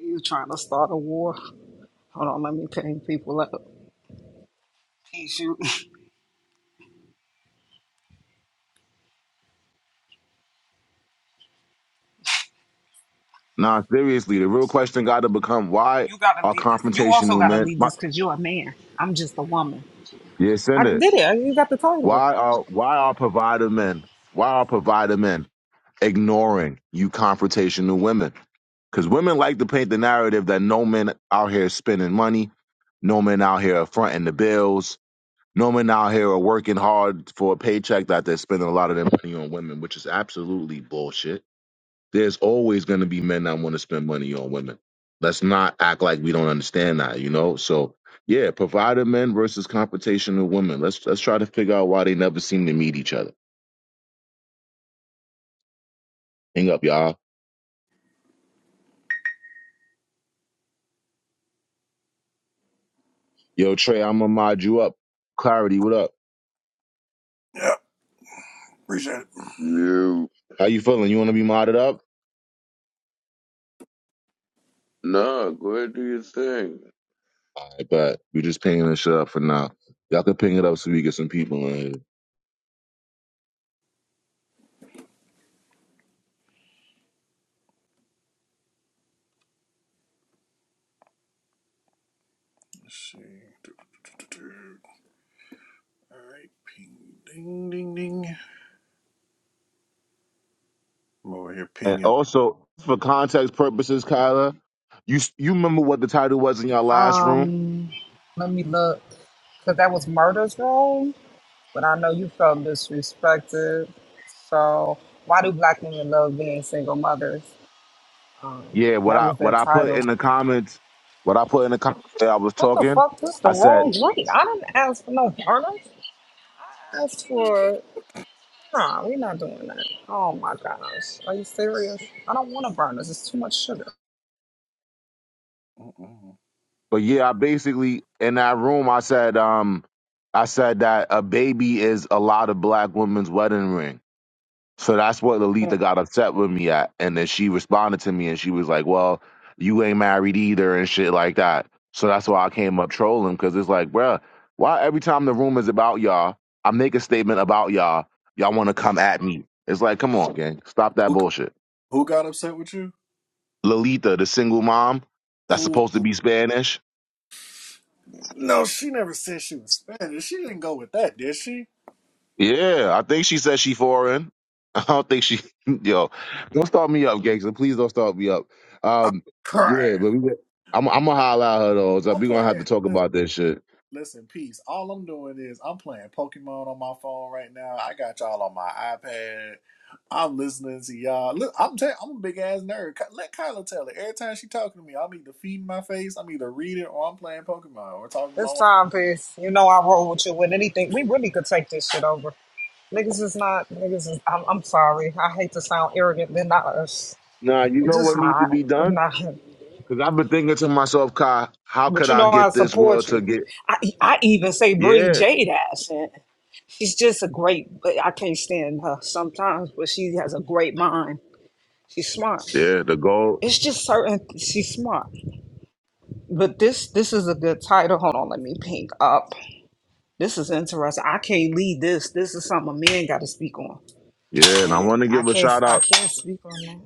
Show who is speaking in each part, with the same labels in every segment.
Speaker 1: You trying to start a war? Hold on, let me ping people up. Peace, you.
Speaker 2: Nah, seriously, the real question got to become why
Speaker 1: You gotta
Speaker 2: are
Speaker 1: lead this. You also
Speaker 2: confrontational
Speaker 1: gotta
Speaker 2: men?
Speaker 1: lead
Speaker 2: Why,
Speaker 1: this because you're a man. I'm just a woman.
Speaker 2: yeah,
Speaker 1: I
Speaker 2: send it.
Speaker 1: did it. You got the title.
Speaker 2: Why are why are provider men? Why are provider men ignoring you confrontational women? Because women like to paint the narrative that no men out here is spending money, no men out here are fronting the bills, no men out here are working hard for a paycheck that they're spending a lot of their money on women, which is absolutely bullshit. There's always going to be men that want to spend money on women. Let's not act like we don't understand that, you know? So, yeah, provider men versus competition of women. Let's let's try to figure out why they never seem to meet each other. Hang up, y'all. Yo, Trey, I'm gonna mod you up. Clarity, what up?
Speaker 3: Yeah, appreciate it.
Speaker 4: You
Speaker 2: How you feeling? You want to be modded up?
Speaker 4: nah, go ahead do your thing.
Speaker 2: All right, but we're just pinging this shit up for now. Y'all can ping it up so we get some people in here.
Speaker 3: Let's see. Do, do, do, do, do. All right, ping, ding, ding, ding. I'm over here
Speaker 2: And
Speaker 3: pinging.
Speaker 2: also, for context purposes, Kyla, you you remember what the title was in your last room?
Speaker 1: Um, let me look. Cause that was murder's role, but I know you felt disrespected. So why do black women love being single mothers? Um,
Speaker 2: Yeah, what
Speaker 1: that
Speaker 2: I
Speaker 1: was their
Speaker 2: what I put
Speaker 1: title.
Speaker 2: in the comments, what I put in the comments that I was
Speaker 1: What the
Speaker 2: talking,
Speaker 1: fuck? This the
Speaker 2: I said,
Speaker 1: wrong drink. I didn't ask for no burner. I asked for. Nah, we're not doing that. Oh my gosh. Are you serious? I don't want to burn this. It's too much sugar.
Speaker 3: Mm-mm.
Speaker 2: but yeah, I basically in that room I said, um, I said that a baby is a lot of black women's wedding ring. So that's what Lolita got upset with me at, and then she responded to me and she was like, well, you ain't married either and shit like that. So that's why I came up trolling because it's like, bruh, why every time the room is about y'all, I make a statement about y'all, y'all want to come at me. It's like, come on, gang, stop that
Speaker 3: Who,
Speaker 2: bullshit.
Speaker 3: who got upset with you?
Speaker 2: Lolita, the single mom that's
Speaker 3: Oh,
Speaker 2: supposed to be Spanish.
Speaker 3: no, she never said she was Spanish. She didn't go with that, did she?
Speaker 2: Yeah, I think she said she foreign. I don't think she. Yo, don't start me up, gangster. Please don't start me up.
Speaker 3: I'm
Speaker 2: Um, yeah,
Speaker 3: crying.
Speaker 2: but we. I'm, I'm gonna holler at her though. So
Speaker 3: I'm
Speaker 2: we gonna have to
Speaker 3: playing.
Speaker 2: talk
Speaker 3: Listen.
Speaker 2: about that shit.
Speaker 3: Listen, peace. All I'm doing is I'm playing Pokemon on my phone right now. I got y'all on my iPad. I'm listening to y'all. Look, I'm tell- I'm a big ass nerd. Let Kyla tell it. Every time she talking to me, I'm either feeding my face, I'm either reading, or I'm playing Pokemon or talking to my
Speaker 1: It's
Speaker 3: wife.
Speaker 1: time, peace. You know I roll with you with anything. We really could take this shit over. Niggas is not, niggas is, I'm, I'm sorry. I hate to sound arrogant. They're not us.
Speaker 2: Nah, you
Speaker 1: They're
Speaker 2: know
Speaker 1: just
Speaker 2: what needs to
Speaker 1: not.
Speaker 2: be
Speaker 1: They're
Speaker 2: done?
Speaker 1: not.
Speaker 2: Cause I've been thinking to myself, Kai, how
Speaker 1: But
Speaker 2: could
Speaker 1: you
Speaker 2: I
Speaker 1: know I
Speaker 2: get this
Speaker 1: support
Speaker 2: world
Speaker 1: you.
Speaker 2: to get?
Speaker 1: I, I even say bring
Speaker 2: Yeah,
Speaker 1: Jade ass in. She's just a great, I can't stand her sometimes, but she has a great mind. She's smart.
Speaker 2: yeah, the gold.
Speaker 1: It's just certain, she's smart. But this this is a good title. Hold on, let me pink up. This is interesting. I can't lead this. This is something a man got to speak on.
Speaker 2: Yeah, and I
Speaker 1: And
Speaker 2: want to
Speaker 1: I
Speaker 2: give a
Speaker 1: can't
Speaker 2: shout
Speaker 1: I
Speaker 2: out.
Speaker 1: can't speak on that.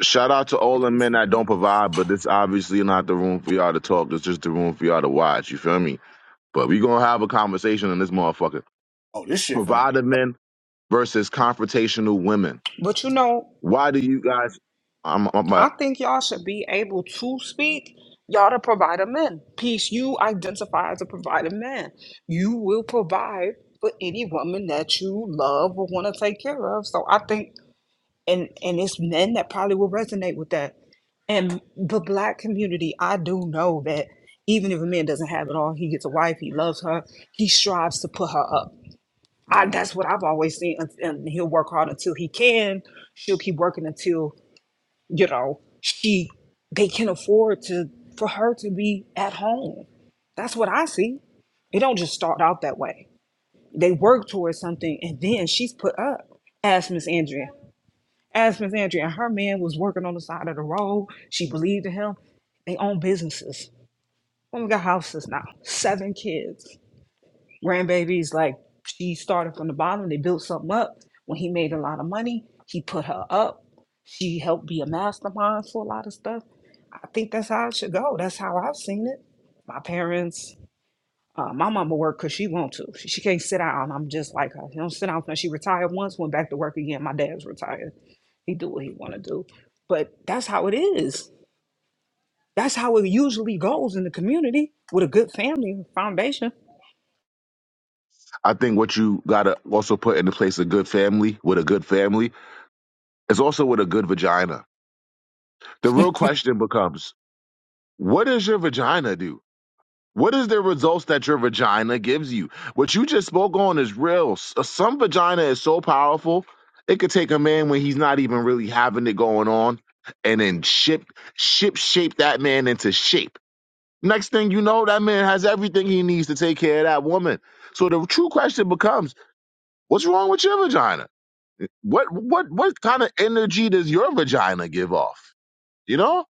Speaker 2: Shout out to all
Speaker 1: I
Speaker 2: the
Speaker 1: can't
Speaker 2: men
Speaker 1: speak
Speaker 2: that
Speaker 1: on.
Speaker 2: don't
Speaker 1: That.
Speaker 2: provide, but it's obviously not the room for y'all to talk. It's just the room for y'all to watch. You feel me? But we gonna have a conversation on this motherfucker.
Speaker 3: Oh, this shit finna.
Speaker 2: Provider men versus confrontational women.
Speaker 1: But you know,
Speaker 2: Why do you guys? I'm, I'm uh,
Speaker 1: I think y'all should be able to speak. Y'all to provide a man. Peace. You identify as a provider man. You will provide for any woman that you love or want to take care of. So I think and and it's men that probably will resonate with that and the black community i do know that even if a man doesn't have it all he gets a wife he loves her he strives to put her up I,
Speaker 3: Mm,
Speaker 1: that's what i've always seen and and he'll work hard until he can she'll keep working until you know she they can afford to for her to be at home that's
Speaker 3: mm.
Speaker 1: what i see it don't just start out that way they work towards something and then she's put up ask miss andrea as Miss Andrea, and her man was working on the side of the road. She believed in him. They own businesses. Woman got houses now, seven kids, grandbabies. Like she started from the bottom. They built something up. When he made a lot of money, he put her up. She helped be a mastermind for a lot of stuff. I think that's how it should go. That's how I've seen it. My parents, uh, my mama worked because she want to. She, she can't sit down. I'm just like her. She don't sit down. She retired once, went back to work again. My dad's retired. He do what he want to do. But that's how it is. That's how it usually goes in the community with a good family foundation.
Speaker 2: I think what you gotta also put into place a good family with a good family is also with a good vagina. The real question becomes, what does your vagina do? What is the results that your vagina gives you? What you just spoke on is real. S- uh, Some vagina is so powerful, it could take a man when he's not even really having it going on, and then ship ship shape that man into shape. Next thing you know, that man has everything he needs to take care of that woman. So the true question becomes, what's wrong with your vagina? What what what kind of energy does your vagina give off? You know?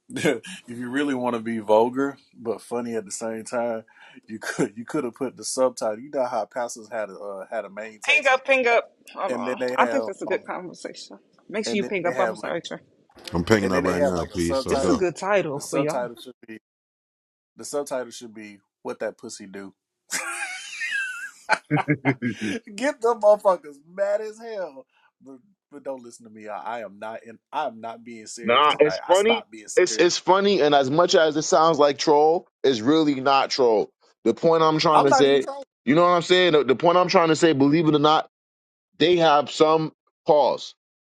Speaker 3: if you really want to be vulgar but funny at the same time, you could you could have put the subtitle. You know how pastors had a uh, had a main
Speaker 1: Ping
Speaker 3: text and,
Speaker 1: up, ping up. Hold
Speaker 3: and then
Speaker 1: on.
Speaker 3: they
Speaker 1: I think
Speaker 3: have
Speaker 1: that's a
Speaker 3: um
Speaker 1: good conversation. Make sure
Speaker 3: and
Speaker 1: you
Speaker 3: then
Speaker 1: ping
Speaker 3: they
Speaker 1: up. I'm
Speaker 3: have like
Speaker 1: sorry, Trey.
Speaker 5: I'm picking
Speaker 3: And
Speaker 5: up
Speaker 3: then they
Speaker 5: right
Speaker 3: have
Speaker 5: now,
Speaker 3: like a
Speaker 5: please. Let's
Speaker 1: This is a
Speaker 5: go.
Speaker 3: subtitle.
Speaker 1: good title
Speaker 3: The
Speaker 1: for y'all.
Speaker 3: subtitle should be the subtitle should be what that pussy do. Get them motherfuckers mad as hell. But, but don't listen to me. I, I am not in I am not being serious
Speaker 2: Nah,
Speaker 3: tonight.
Speaker 2: it's
Speaker 3: I
Speaker 2: funny.
Speaker 3: stopped being
Speaker 2: It's
Speaker 3: serious.
Speaker 2: it's funny, and as much as it sounds like troll, it's really not troll. The point I'm trying
Speaker 3: I'm
Speaker 2: to
Speaker 3: not even
Speaker 2: say, you know what I'm saying? The, the point I'm trying to say, believe it or not, they have some pause.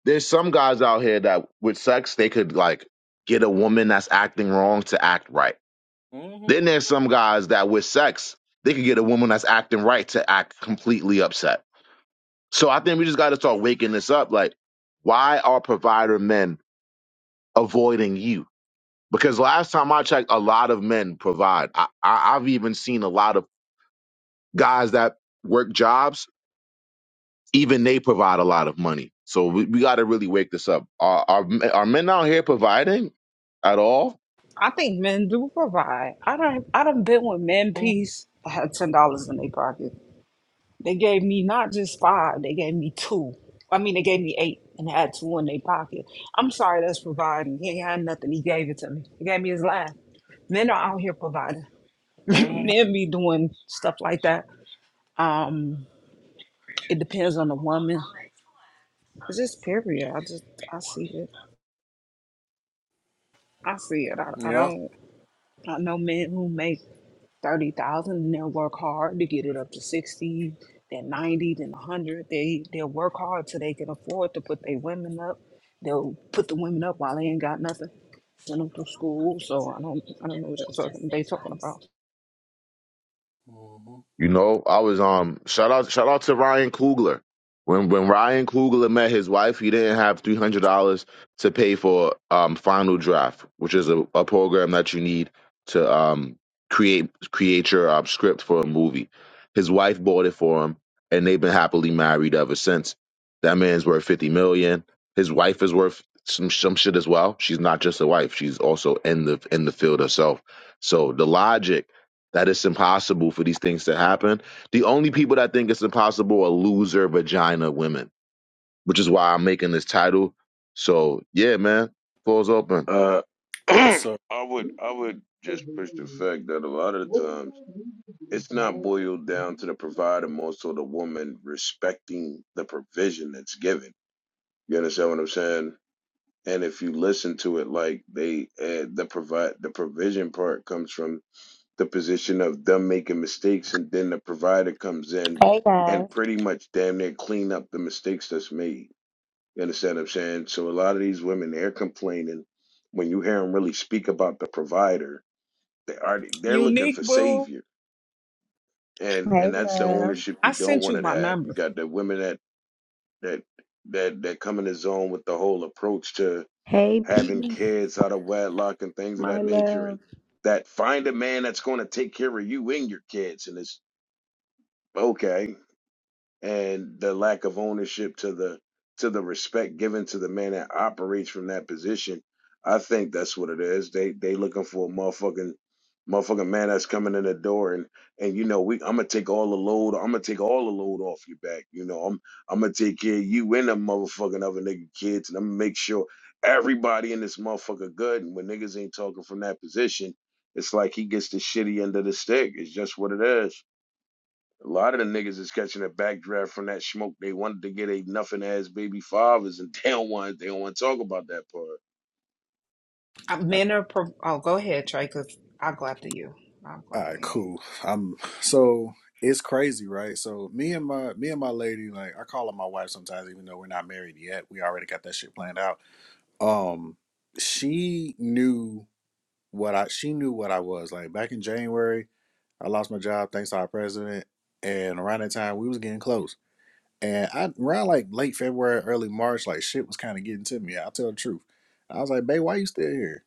Speaker 2: There's some guys out here that with sex they could like get a woman that's acting wrong to act right.
Speaker 3: trying.
Speaker 2: Then there's some guys that with sex they could get a woman that's acting right to act completely upset. So I think we just got to start waking this up. Like, why are provider men avoiding you? Because last time I checked, a lot of men provide. I, I, I've even seen a lot of guys that work jobs, even they provide a lot of money. So we, we got to really wake this up. Are, are, are men out here providing at all?
Speaker 1: I think men do provide. I don't. I done been with men
Speaker 3: hmm
Speaker 1: peace. I had ten dollars in their pocket. They gave me not just five, they gave me two. I mean, they gave me eight and had two in their pocket. I'm sorry that's providing. He ain't had nothing. He gave it to me. He gave me his life. Men are out here providing.
Speaker 3: hmm
Speaker 1: Men be doing stuff like that. Um, it depends on the woman. It's just period. I just I see it. I see it. I, I
Speaker 3: Yeah.
Speaker 1: don't I know men who make thirty thousand, and they'll work hard to get it up to sixty, then ninety, then hundred. They they'll work hard till they can afford to put their women up. They'll put the women up while they ain't got nothing. Send them to school. So I don't I don't know what y'all talking, they talking about.
Speaker 3: hmm
Speaker 2: You know, I was um shout out shout out to Ryan Coogler. When when Ryan Coogler met his wife, he didn't have three hundred dollars to pay for um Final Draft, which is a, a program that you need to um create create your um, script for a movie. His wife bought it for him, and they've been happily married ever since. That man's worth fifty million. His wife is worth some some shit as well. She's not just a wife; she's also in the in the field herself. So the logic that it's impossible for these things to happen. The only people that think it's impossible are loser vagina women, which is why I'm making this title. So yeah, man, floor's open.
Speaker 4: Uh, I
Speaker 3: So
Speaker 4: would I would just push the fact that a lot of the times it's not boiled down to the provider, more so the woman respecting the provision that's given. You understand what I'm saying? And if you listen to it, like they uh, the provide the provision part comes from the position of them making mistakes, and then the provider comes in
Speaker 6: Hey
Speaker 4: and
Speaker 6: guys.
Speaker 4: pretty much damn near clean up the mistakes that's made. You understand what I'm saying? So a lot of these women, they're complaining. When you hear them really speak about the provider, they are they're looking
Speaker 1: Unique
Speaker 4: for
Speaker 1: boo.
Speaker 4: savior, and
Speaker 6: Hey
Speaker 4: and that's the
Speaker 6: love.
Speaker 4: ownership
Speaker 1: I
Speaker 4: you don't
Speaker 1: sent you
Speaker 4: want to
Speaker 1: my
Speaker 4: have. You
Speaker 1: number.
Speaker 4: got the women that that that that come in the zone with the whole approach to
Speaker 6: Hey
Speaker 4: having
Speaker 6: peace,
Speaker 4: kids out of wedlock and things of that
Speaker 6: my
Speaker 4: nature, and
Speaker 6: love.
Speaker 4: that find a man that's going to take care of you and your kids, and it's okay. and the lack of ownership to the to the respect given to the man that operates from that position. I think that's what it is. They they looking for a motherfucking motherfucking man that's coming in the door and and you know we I'm gonna take all the load I'm gonna take all the load off your back. You know I'm I'm gonna take care of you and the motherfucking other nigga kids and I'm gonna make sure everybody in this motherfucker good. And when niggas ain't talking from that position, it's like he gets the shitty end of the stick. It's just what it is. A lot of the niggas is catching a backdraft from that smoke. They wanted to get a nothing ass baby fathers, and they don't want they don't want to talk about that part.
Speaker 1: Uh, Men are. Pro- oh, go ahead, Trey. Cause I'll go after you. I'll go
Speaker 3: all right,
Speaker 1: after you.
Speaker 3: cool. I'm so it's crazy, right? So me and my me and my lady, like I call her my wife sometimes, even though we're not married yet. We already got that shit planned out um she knew what I she knew what I was like back in January I lost my job thanks to our president and around that time we was getting close and I around like late February early March like shit was kind of getting to me I'll tell the truth I was like babe why you still here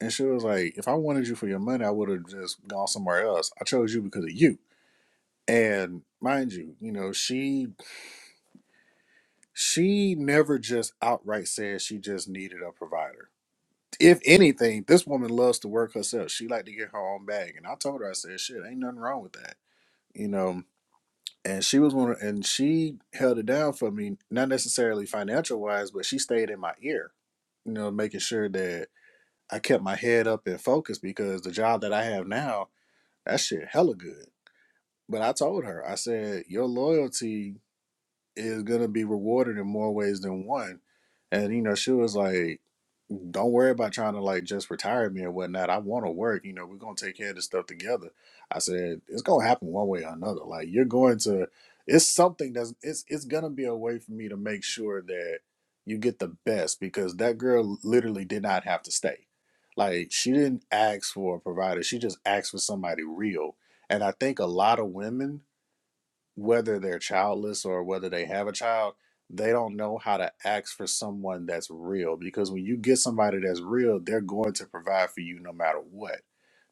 Speaker 3: and she was like if I wanted you for your money I would have just gone somewhere else I chose you because of you and mind you you know she she never just outright said she just needed a provider If anything, this woman loves to work herself. She like to get her own bag. And I told her, I said, shit, ain't nothing wrong with that. You know, and she was one of, and she held it down for me, not necessarily financial wise, but she stayed in my ear, you know, making sure that I kept my head up and focused because the job that I have now, that shit hella good. But I told her, I said, your loyalty is gonna be rewarded in more ways than one. And you know, she was like, don't worry about trying to like just retire me or whatnot. I want to work. You know, we're gonna take care of this stuff together. I said it's gonna happen one way or another. Like you're going to, it's something that's it's it's gonna be a way for me to make sure that you get the best because that girl literally did not have to stay. Like she didn't ask for a provider. She just asked for somebody real. And I think a lot of women whether they're childless or whether they have a child, they don't know how to ask for someone that's real. Because when you get somebody that's real, they're going to provide for you no matter what.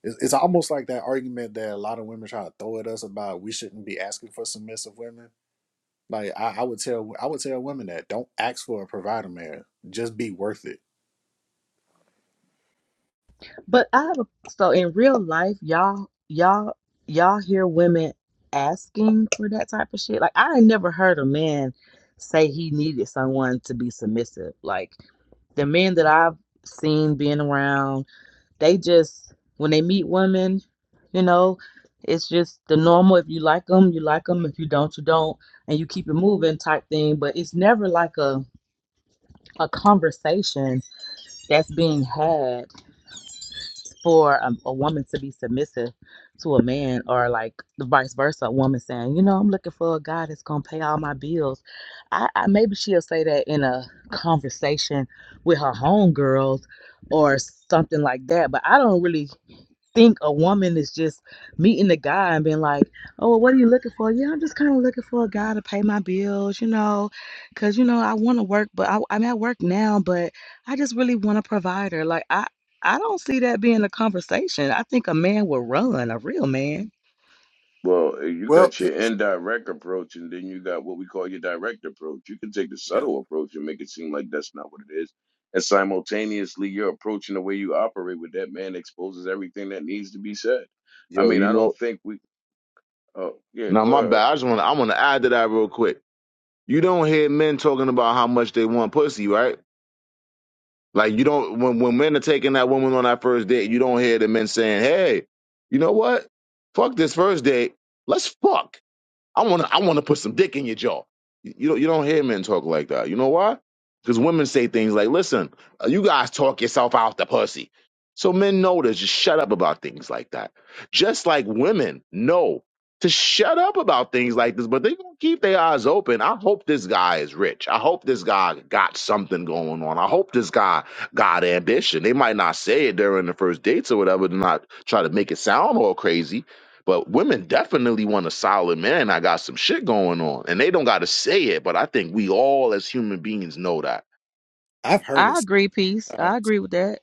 Speaker 3: It's, it's almost like that argument that a lot of women try to throw at us about we shouldn't be asking for submissive women. Like I, I would tell I would tell women that don't ask for a provider man. Just be worth it.
Speaker 7: But I have a, so in real life, y'all, y'all, y'all hear women asking for that type of shit. Like I ain't never heard a man say he needed someone to be submissive. Like the men that I've seen being around, they just when they meet women, you know, it's just the normal. If you like them, you like them. If you don't, you don't, and you keep it moving type thing. But it's never like a a conversation that's being had for um, a woman to be submissive to a man or like the vice versa a woman saying you know i'm looking for a guy that's going to pay all my bills I, I maybe she'll say that in a conversation with her homegirls or something like that but i don't really think a woman is just meeting the guy and being like, "Oh, well, what are you looking for?" Yeah, I'm just kind of looking for a guy to pay my bills, you know, because you know I want to work, but I, I'm at work now, but I just really want a provider. Like I, I don't see that being a conversation. I think a man will run, a real man.
Speaker 4: Well, eh, you
Speaker 3: Well,
Speaker 4: got your indirect approach, and then you got what we call your direct approach. You can take the
Speaker 3: yeah.
Speaker 4: subtle approach and make it seem like that's not what it is, and simultaneously, you're approaching the way you operate with that man exposes everything that needs to be said. I
Speaker 2: Yo,
Speaker 4: mean,
Speaker 2: you
Speaker 4: I don't
Speaker 2: know.
Speaker 4: think we. Oh, yeah,
Speaker 2: Now
Speaker 4: go
Speaker 2: my
Speaker 4: ahead.
Speaker 2: bad. I just want to. I want to add to that real quick. You don't hear men talking about how much they want pussy, right? Like you don't when when men are taking that woman on that first date, you don't hear the men saying, "Hey, you know what? Fuck this first date. Let's fuck." I want to I want to put some dick in your jaw. You you don't, you don't hear men talk like that. You know why? Because women say things like, "Listen, uh, you guys talk yourself out the pussy." So men know to just shut up about things like that. Just like women know to shut up about things like this, but they gonna keep their eyes open. I hope this guy is rich. I hope this guy got something going on. I hope this guy got ambition. They might not say it during the first dates or whatever to not try to make it sound all crazy but women definitely want a solid man. I got some shit going on. And they don't got to say it, but I think we all as human beings know that.
Speaker 3: I've heard
Speaker 7: I
Speaker 3: it.
Speaker 7: agree, peace. I agree with that.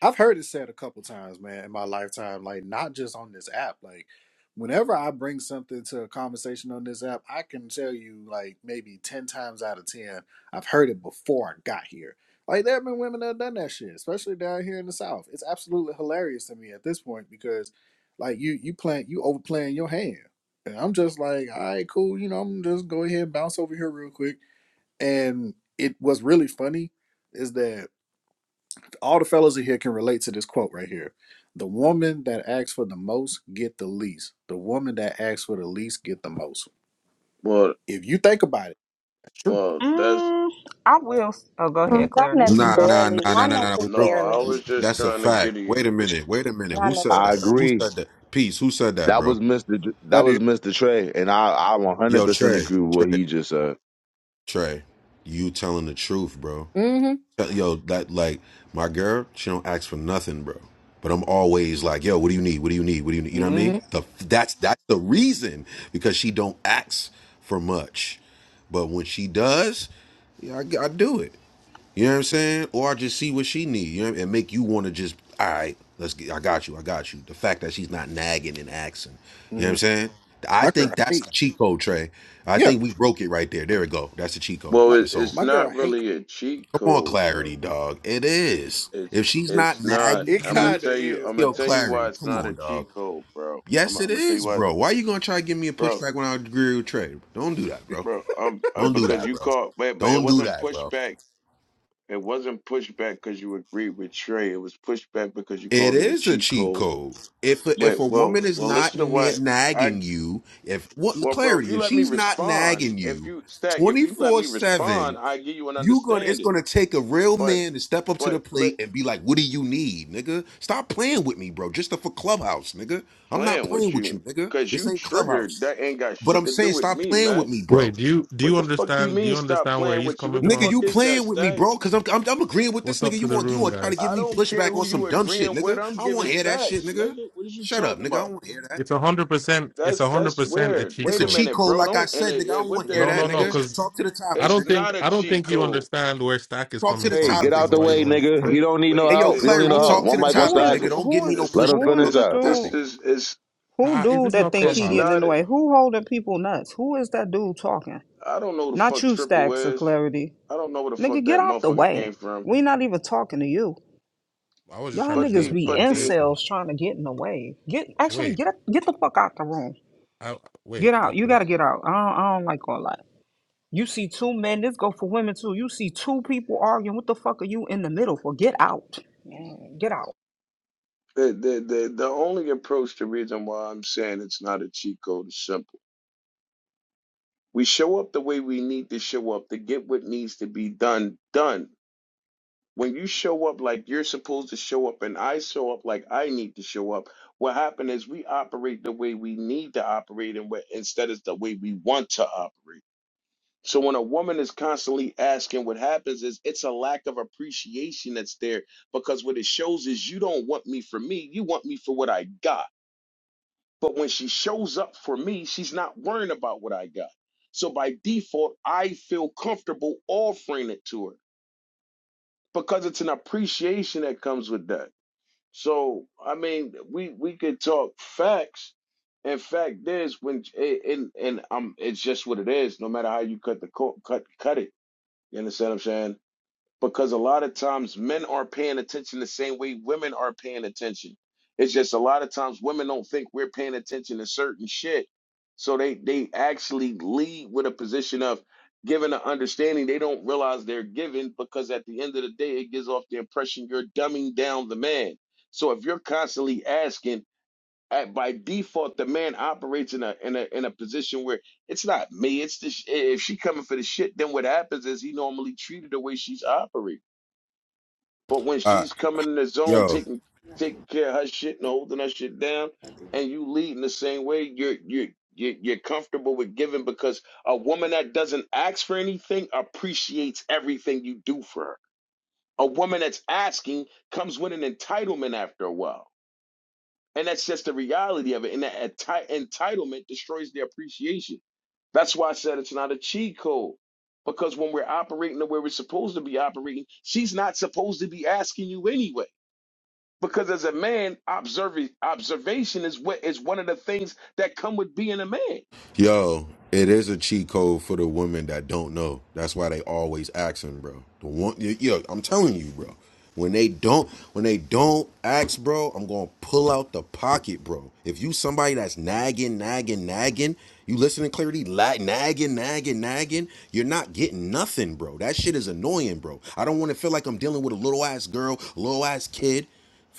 Speaker 3: I've heard it said a couple times, man, in my lifetime, like not just on this app. Like whenever I bring something to a conversation on this app, I can tell you like maybe ten times out of ten, I've heard it before I got here. Like there have been women that have done that shit, especially down here in the South. It's absolutely hilarious to me at this point because like you you playing you overplaying your hand. And I'm just like, all right, cool, you know, I'm just go ahead and bounce over here real quick. And it was really funny is that all the fellas in here can relate to this quote right here. The woman that asks for the most get the least. The woman that asks for the least get the most.
Speaker 4: Well,
Speaker 3: If you think about it, that's true.
Speaker 4: well, that's
Speaker 1: Mm, I will. Oh, go
Speaker 8: Oh,
Speaker 1: ahead,
Speaker 6: Not
Speaker 1: Clarity. You can
Speaker 5: Nah,
Speaker 1: go.
Speaker 5: nah,
Speaker 6: necessarily.
Speaker 5: nah, nah,
Speaker 6: Not
Speaker 5: nah, nah. We
Speaker 4: no.
Speaker 5: broke.
Speaker 4: I
Speaker 6: necessarily.
Speaker 4: was just
Speaker 5: That's a
Speaker 4: trying to
Speaker 5: fact.
Speaker 4: get you.
Speaker 5: Wait a minute. Wait a minute.
Speaker 6: Not
Speaker 5: Who said
Speaker 2: I
Speaker 5: that?
Speaker 6: necessarily.
Speaker 5: Who
Speaker 2: agree.
Speaker 5: said that? Peace. Who said that,
Speaker 2: That
Speaker 5: bro?
Speaker 2: was Mr. J-
Speaker 3: I
Speaker 2: That
Speaker 3: did.
Speaker 2: was Mr. Trey, and I I
Speaker 5: Yo,
Speaker 2: 100%
Speaker 5: Trey,
Speaker 2: agree with what
Speaker 5: Trey,
Speaker 2: he just said.
Speaker 5: Trey. You telling the truth, bro.
Speaker 3: mm hmm
Speaker 5: Tell- Yo, that like my girl. She don't ask for nothing, bro. But I'm always like, yo, what do you need? What do you need? What do you need? You know what I mean?
Speaker 3: Mm-hmm.
Speaker 5: The that's that's the reason because she don't ask for much, but when she does, yeah, I, I do it. You know what I'm saying? Or I just see what she need, you know, and make you want to just, all right, let's get, I got you, I got you. The fact that she's not nagging and axing, you know what I'm
Speaker 3: Mm.
Speaker 5: saying? I
Speaker 3: My girl
Speaker 5: think that's
Speaker 3: hate.
Speaker 5: the cheat code, Trey. I
Speaker 3: Yeah,
Speaker 5: think we broke it right there. There we go. That's the cheat code.
Speaker 4: Well,
Speaker 3: my
Speaker 4: it,
Speaker 5: It's over.
Speaker 4: it's
Speaker 3: my girl
Speaker 4: not
Speaker 3: hate.
Speaker 4: really a cheat
Speaker 5: Come on,
Speaker 4: code
Speaker 5: clarity,
Speaker 4: though.
Speaker 5: dog. It is. If
Speaker 4: It's
Speaker 5: she's not
Speaker 4: it's not.
Speaker 5: nagging
Speaker 3: It
Speaker 4: I'm gonna
Speaker 5: you,
Speaker 3: kinda
Speaker 4: tell you.
Speaker 3: is,
Speaker 4: I'm gonna
Speaker 5: yo,
Speaker 3: bro.
Speaker 4: tell you why
Speaker 5: clarity.
Speaker 4: it's
Speaker 5: Come
Speaker 4: not
Speaker 5: on,
Speaker 4: a
Speaker 5: dog.
Speaker 4: cheat code, bro. I'm,
Speaker 5: Yes,
Speaker 4: I'm
Speaker 5: it
Speaker 4: gonna tell you
Speaker 5: is,
Speaker 4: why, it's,
Speaker 5: bro. Why you gonna try to give me a
Speaker 4: bro,
Speaker 5: pushback when I agree with Trey? Don't do that, bro.
Speaker 4: bro. Um, uh,
Speaker 5: Don't do
Speaker 4: because
Speaker 5: that,
Speaker 4: you
Speaker 5: bro.
Speaker 4: called, but but it
Speaker 5: Don't do
Speaker 4: wasn't
Speaker 5: that, bro.
Speaker 4: pushback. It wasn't pushback because you agreed with Trey. It was pushback because you
Speaker 5: It
Speaker 4: called it a
Speaker 5: is a
Speaker 4: cheat
Speaker 5: cheat
Speaker 4: code.
Speaker 5: code. If a, if
Speaker 4: Wait,
Speaker 5: a
Speaker 4: well,
Speaker 5: woman is
Speaker 4: well,
Speaker 5: not
Speaker 4: listen to
Speaker 5: na-
Speaker 4: what
Speaker 5: nagging
Speaker 4: I.
Speaker 5: you, if what
Speaker 4: Well, bro, if
Speaker 5: clarity,
Speaker 4: you
Speaker 5: if
Speaker 4: let me
Speaker 5: she's not
Speaker 4: respond,
Speaker 5: nagging
Speaker 4: if
Speaker 5: you,
Speaker 4: you stack, if
Speaker 5: twenty
Speaker 4: you let
Speaker 5: four
Speaker 4: me
Speaker 5: seven,
Speaker 4: respond, I give you an
Speaker 5: you gonna it's
Speaker 4: understanding.
Speaker 5: gonna take a real
Speaker 4: But
Speaker 5: man to step up to the
Speaker 4: but let
Speaker 5: plate and be like, "What do you need, nigga? Stop playing with me, bro. Just for clubhouse, nigga. I'm not
Speaker 4: playing
Speaker 5: playing
Speaker 4: with
Speaker 5: with you,
Speaker 4: you
Speaker 5: nigga.
Speaker 4: because
Speaker 5: This
Speaker 4: you
Speaker 5: ain't
Speaker 4: triggered.
Speaker 5: clubhouse.
Speaker 4: That ain't got
Speaker 5: But
Speaker 4: shit
Speaker 5: I'm
Speaker 4: to do
Speaker 5: saying,
Speaker 4: with
Speaker 5: stop
Speaker 4: me,
Speaker 5: playing with
Speaker 4: man.
Speaker 5: me, bro.
Speaker 9: Wait, do you do you
Speaker 4: What the fuck you
Speaker 9: understand? Do
Speaker 4: mean
Speaker 9: you
Speaker 4: stop
Speaker 9: understand where
Speaker 4: playing
Speaker 9: he's
Speaker 4: with you? What
Speaker 9: coming
Speaker 4: the
Speaker 5: Nigga,
Speaker 9: from?
Speaker 4: fuck
Speaker 5: you
Speaker 4: is that,
Speaker 5: playing with me,
Speaker 4: Stack?
Speaker 5: bro? Cause I'm, I'm I'm agreeing with this
Speaker 9: What's up
Speaker 5: nigga. You
Speaker 9: to the
Speaker 5: want you
Speaker 9: room,
Speaker 5: want to try to
Speaker 9: guys?
Speaker 5: give
Speaker 4: I
Speaker 5: me
Speaker 4: don't care
Speaker 5: pushback
Speaker 4: who
Speaker 5: on some
Speaker 4: you
Speaker 5: dumb shit,
Speaker 4: agreeing with.
Speaker 5: nigga?
Speaker 4: I'm
Speaker 5: I don't want
Speaker 4: giving
Speaker 5: to hear that shit,
Speaker 4: facts,
Speaker 5: nigga.
Speaker 4: nigga. What is you
Speaker 5: Shut up, nigga.
Speaker 4: talking
Speaker 5: I
Speaker 4: about?
Speaker 5: don't want to hear that.
Speaker 9: It's a hundred percent. It's
Speaker 4: That's
Speaker 9: a hundred
Speaker 4: that's
Speaker 9: percent a
Speaker 4: weird.
Speaker 9: cheat
Speaker 5: It's
Speaker 4: Wait
Speaker 5: a
Speaker 4: a
Speaker 9: code.
Speaker 5: cheat
Speaker 4: minute,
Speaker 5: code,
Speaker 4: bro.
Speaker 5: like I
Speaker 4: Don't and
Speaker 5: said,
Speaker 4: it,
Speaker 5: nigga. I
Speaker 4: it-
Speaker 5: don't
Speaker 4: what
Speaker 5: want to hear
Speaker 4: the,
Speaker 9: No,
Speaker 5: that,
Speaker 9: no,
Speaker 4: the
Speaker 9: no.
Speaker 5: nigga.
Speaker 4: it's
Speaker 9: Because
Speaker 5: Talk to the
Speaker 9: I
Speaker 5: topic,
Speaker 4: it's
Speaker 9: don't
Speaker 5: nigga.
Speaker 9: think
Speaker 4: not a
Speaker 9: I don't
Speaker 4: cheat
Speaker 9: think you
Speaker 4: code.
Speaker 9: understand where Stack is
Speaker 5: Talk to
Speaker 9: coming
Speaker 5: the
Speaker 2: Hey,
Speaker 9: from,
Speaker 2: get
Speaker 9: which
Speaker 5: topic,
Speaker 2: out
Speaker 9: is
Speaker 2: the
Speaker 9: why you
Speaker 2: way,
Speaker 5: nigga.
Speaker 9: want to.
Speaker 2: nigga. You
Speaker 4: Wait,
Speaker 2: don't need no
Speaker 4: wait.
Speaker 5: Hey, yo,
Speaker 2: help.
Speaker 4: th-
Speaker 2: You don't need
Speaker 5: clarity.
Speaker 2: no help.
Speaker 1: Who
Speaker 5: Talk to
Speaker 2: One
Speaker 5: the
Speaker 2: mic on
Speaker 1: who
Speaker 5: topic,
Speaker 2: side.
Speaker 1: is
Speaker 4: This
Speaker 5: nigga.
Speaker 4: is
Speaker 5: Don't give
Speaker 1: who
Speaker 5: me
Speaker 1: is
Speaker 5: no
Speaker 4: this
Speaker 2: Let him
Speaker 5: pushback.
Speaker 1: who is
Speaker 2: finish
Speaker 5: Talk to
Speaker 1: the
Speaker 4: this
Speaker 2: that.
Speaker 5: the
Speaker 1: dude?
Speaker 4: this
Speaker 5: topic.
Speaker 4: is it's
Speaker 1: Who
Speaker 9: Uh, is
Speaker 1: dude
Speaker 9: this
Speaker 1: that
Speaker 9: not
Speaker 1: think
Speaker 4: it's
Speaker 1: he
Speaker 9: Clubhouse?
Speaker 1: getting in
Speaker 4: not.
Speaker 1: the
Speaker 4: a-
Speaker 1: way? Who holding people nuts? Who is that dude talking?
Speaker 4: I don't know who the
Speaker 1: Not
Speaker 4: fuck
Speaker 1: you,
Speaker 4: triple
Speaker 1: Stacks of
Speaker 4: is.
Speaker 1: Clarity.
Speaker 4: I don't know where the
Speaker 1: Nigga,
Speaker 4: fuck
Speaker 1: get
Speaker 4: that
Speaker 1: out the
Speaker 4: motherfucker came
Speaker 1: way.
Speaker 4: from.
Speaker 1: We not even talking to you.
Speaker 9: I was just
Speaker 1: Y'all
Speaker 9: trying to
Speaker 4: But
Speaker 9: join
Speaker 1: niggas
Speaker 9: the
Speaker 4: the
Speaker 1: be
Speaker 4: but the
Speaker 9: conversation.
Speaker 1: incels trying to get in the way. Get actually
Speaker 9: Wait,
Speaker 1: get get the fuck out the room.
Speaker 9: I, wait.
Speaker 1: Get out. You
Speaker 9: Okay.
Speaker 1: gotta get out. I don't, I don't like all that. You see two men. This go for women too. You see two people arguing. What the fuck are you in the middle for? Get out. Man, Get out.
Speaker 4: The, the, the, the only approach, the reason why I'm saying it's not a cheat code is simple. We show up the way we need to show up to get what needs to be done, done. When you show up like you're supposed to show up and I show up like I need to show up, what happened is we operate the way we need to operate and what, instead is the way we want to operate. So when a woman is constantly asking, what happens is it's a lack of appreciation that's there because what it shows is you don't want me for me, you want me for what I got. But when she shows up for me, she's not worrying about what I got. So by default, I feel comfortable offering it to her because it's an appreciation that comes with that. So I mean, we we could talk facts. And fact is, when and and um, it's just what it is. No matter how you cut the co- cut cut it, you understand what I'm saying? because a lot of times men are paying attention the same way women are paying attention. It's just a lot of times women don't think we're paying attention to certain shit. So they they actually lead with a position of giving an understanding they don't realize they're giving because at the end of the day it gives off the impression you're dumbing down the man. So if you're constantly asking at, by default, the man operates in a in a in a position where it's not me. It's the sh- if she coming for the shit, then what happens is he normally treated the way she's operating. But when
Speaker 5: Uh,
Speaker 4: she's coming in the zone,
Speaker 5: yo.
Speaker 4: taking taking care of her shit and holding her shit down, and you leading the same way, you're you're you're you're comfortable with giving because a woman that doesn't ask for anything appreciates everything you do for her. A woman that's asking comes with an entitlement after a while, and that's just the reality of it. And that enti- entitlement destroys the appreciation. That's why I said it's not a cheat code. Because when we're operating the way we're supposed to be operating, she's not supposed to be asking you anyway. Because as a man, observ- observation is what is one of the things that come with being a man.
Speaker 5: Yo, it is a cheat code for the women that don't know. That's why they always asking, bro. The one, yo, I'm telling you, bro. When they don't, when they don't ask, bro, I'm gonna pull out the pocket, bro. If you somebody that's nagging, nagging, nagging, you listening clarity, la- nagging, nagging, nagging, you're not getting nothing, bro. That shit is annoying, bro. I don't want to feel like I'm dealing with a little ass girl, little ass kid.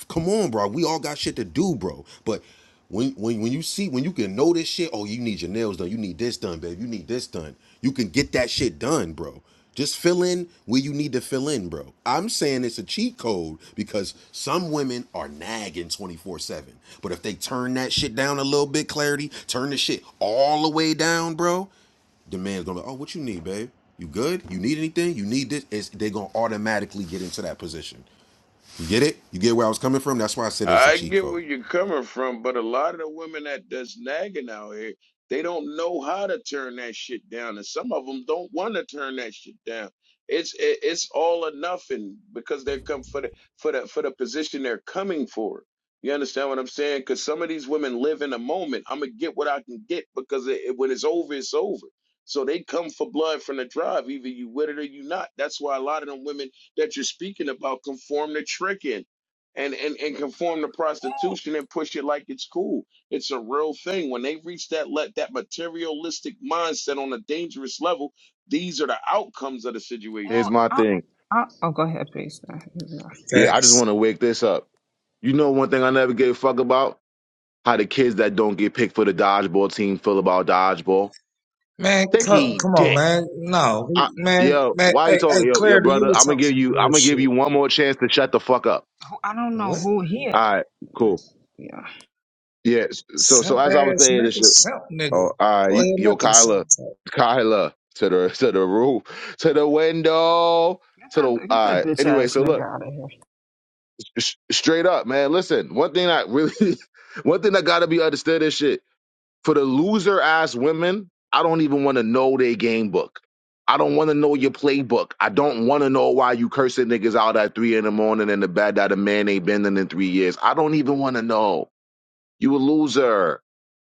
Speaker 5: Come on, bro. We all got shit to do, bro. But when, when when you see when you can know this shit, oh you need your nails done, you need this done, babe, you need this done. You can get that shit done, bro. Just fill in where you need to fill in, bro. I'm saying it's a cheat code because some women are nagging 24/7. But if they turn that shit down a little bit, clarity, turn the shit all the way down, bro. The man's gonna be, like, oh, what you need, babe? You good? You need anything? You need this? It's, they gonna automatically get into that position. You get it? You get where I was coming from? That's why I said it was a
Speaker 4: I
Speaker 5: cheat
Speaker 4: get
Speaker 5: code.
Speaker 4: where you're coming from, but a lot of the women that that's nagging out here, they don't know how to turn that shit down, and some of them don't want to turn that shit down. It's it, it's all or nothing because they come for the for the for the position they're coming for. You understand what I'm saying? Because some of these women live in a moment. I'm gonna get what I can get because it, it- when it's over, it's over. So they come for blood from the drive. Either you with it or you not. That's why a lot of them women that you're speaking about conform to tricking and, and and conform to prostitution and push it like it's cool. It's a real thing. When they reach that let that materialistic mindset on a dangerous level, these are the outcomes of the
Speaker 1: Oh,
Speaker 4: situation.
Speaker 2: Here's my
Speaker 1: I,
Speaker 2: thing.
Speaker 1: I, oh go ahead, please.
Speaker 2: Yeah, I just
Speaker 10: Facts.
Speaker 2: want to wake this up. You know one thing I never gave a fuck about? How the kids that don't get picked for the dodgeball team feel about dodgeball.
Speaker 10: Man,
Speaker 2: They can
Speaker 10: co- come
Speaker 2: eat
Speaker 10: on,
Speaker 2: dick.
Speaker 10: man. No,
Speaker 2: I,
Speaker 10: we- man,
Speaker 2: yo,
Speaker 10: man.
Speaker 2: why you
Speaker 10: Hey, hey,
Speaker 2: talking, yo, yo,
Speaker 10: Claire, do
Speaker 2: brother?
Speaker 10: you
Speaker 2: I'm gonna
Speaker 10: talk
Speaker 2: give
Speaker 10: some
Speaker 2: you,
Speaker 10: real
Speaker 2: I'm gonna give
Speaker 10: shit?
Speaker 2: you one more chance to shut the fuck up.
Speaker 1: I don't know
Speaker 10: What?
Speaker 1: who here.
Speaker 2: All right, cool. Yeah. s- So, so
Speaker 10: Simp
Speaker 2: as I was
Speaker 10: ass
Speaker 2: saying, this
Speaker 10: nigga,
Speaker 2: shit.
Speaker 10: simp
Speaker 2: Oh,
Speaker 10: nigga.
Speaker 2: all right,
Speaker 10: Go
Speaker 2: you-
Speaker 10: ahead,
Speaker 2: yo,
Speaker 10: let the
Speaker 2: Kyla,
Speaker 10: simp talk.
Speaker 2: Kyla, to the to the roof, to the window,
Speaker 1: Get
Speaker 2: to the. All
Speaker 1: that, get that
Speaker 2: right.
Speaker 1: bitch
Speaker 2: Anyway,
Speaker 1: ass
Speaker 2: so
Speaker 1: nigga
Speaker 2: look,
Speaker 1: out of here.
Speaker 2: sh- straight up, man. Listen, one thing I really, one thing that gotta be understood is shit. For the loser ass women, I don't even want to know their game book. I don't want to know your playbook. I don't want to know why you cursing niggas out at three in the morning and the bed that a man ain't been in in three years. I don't even want to know. You a loser.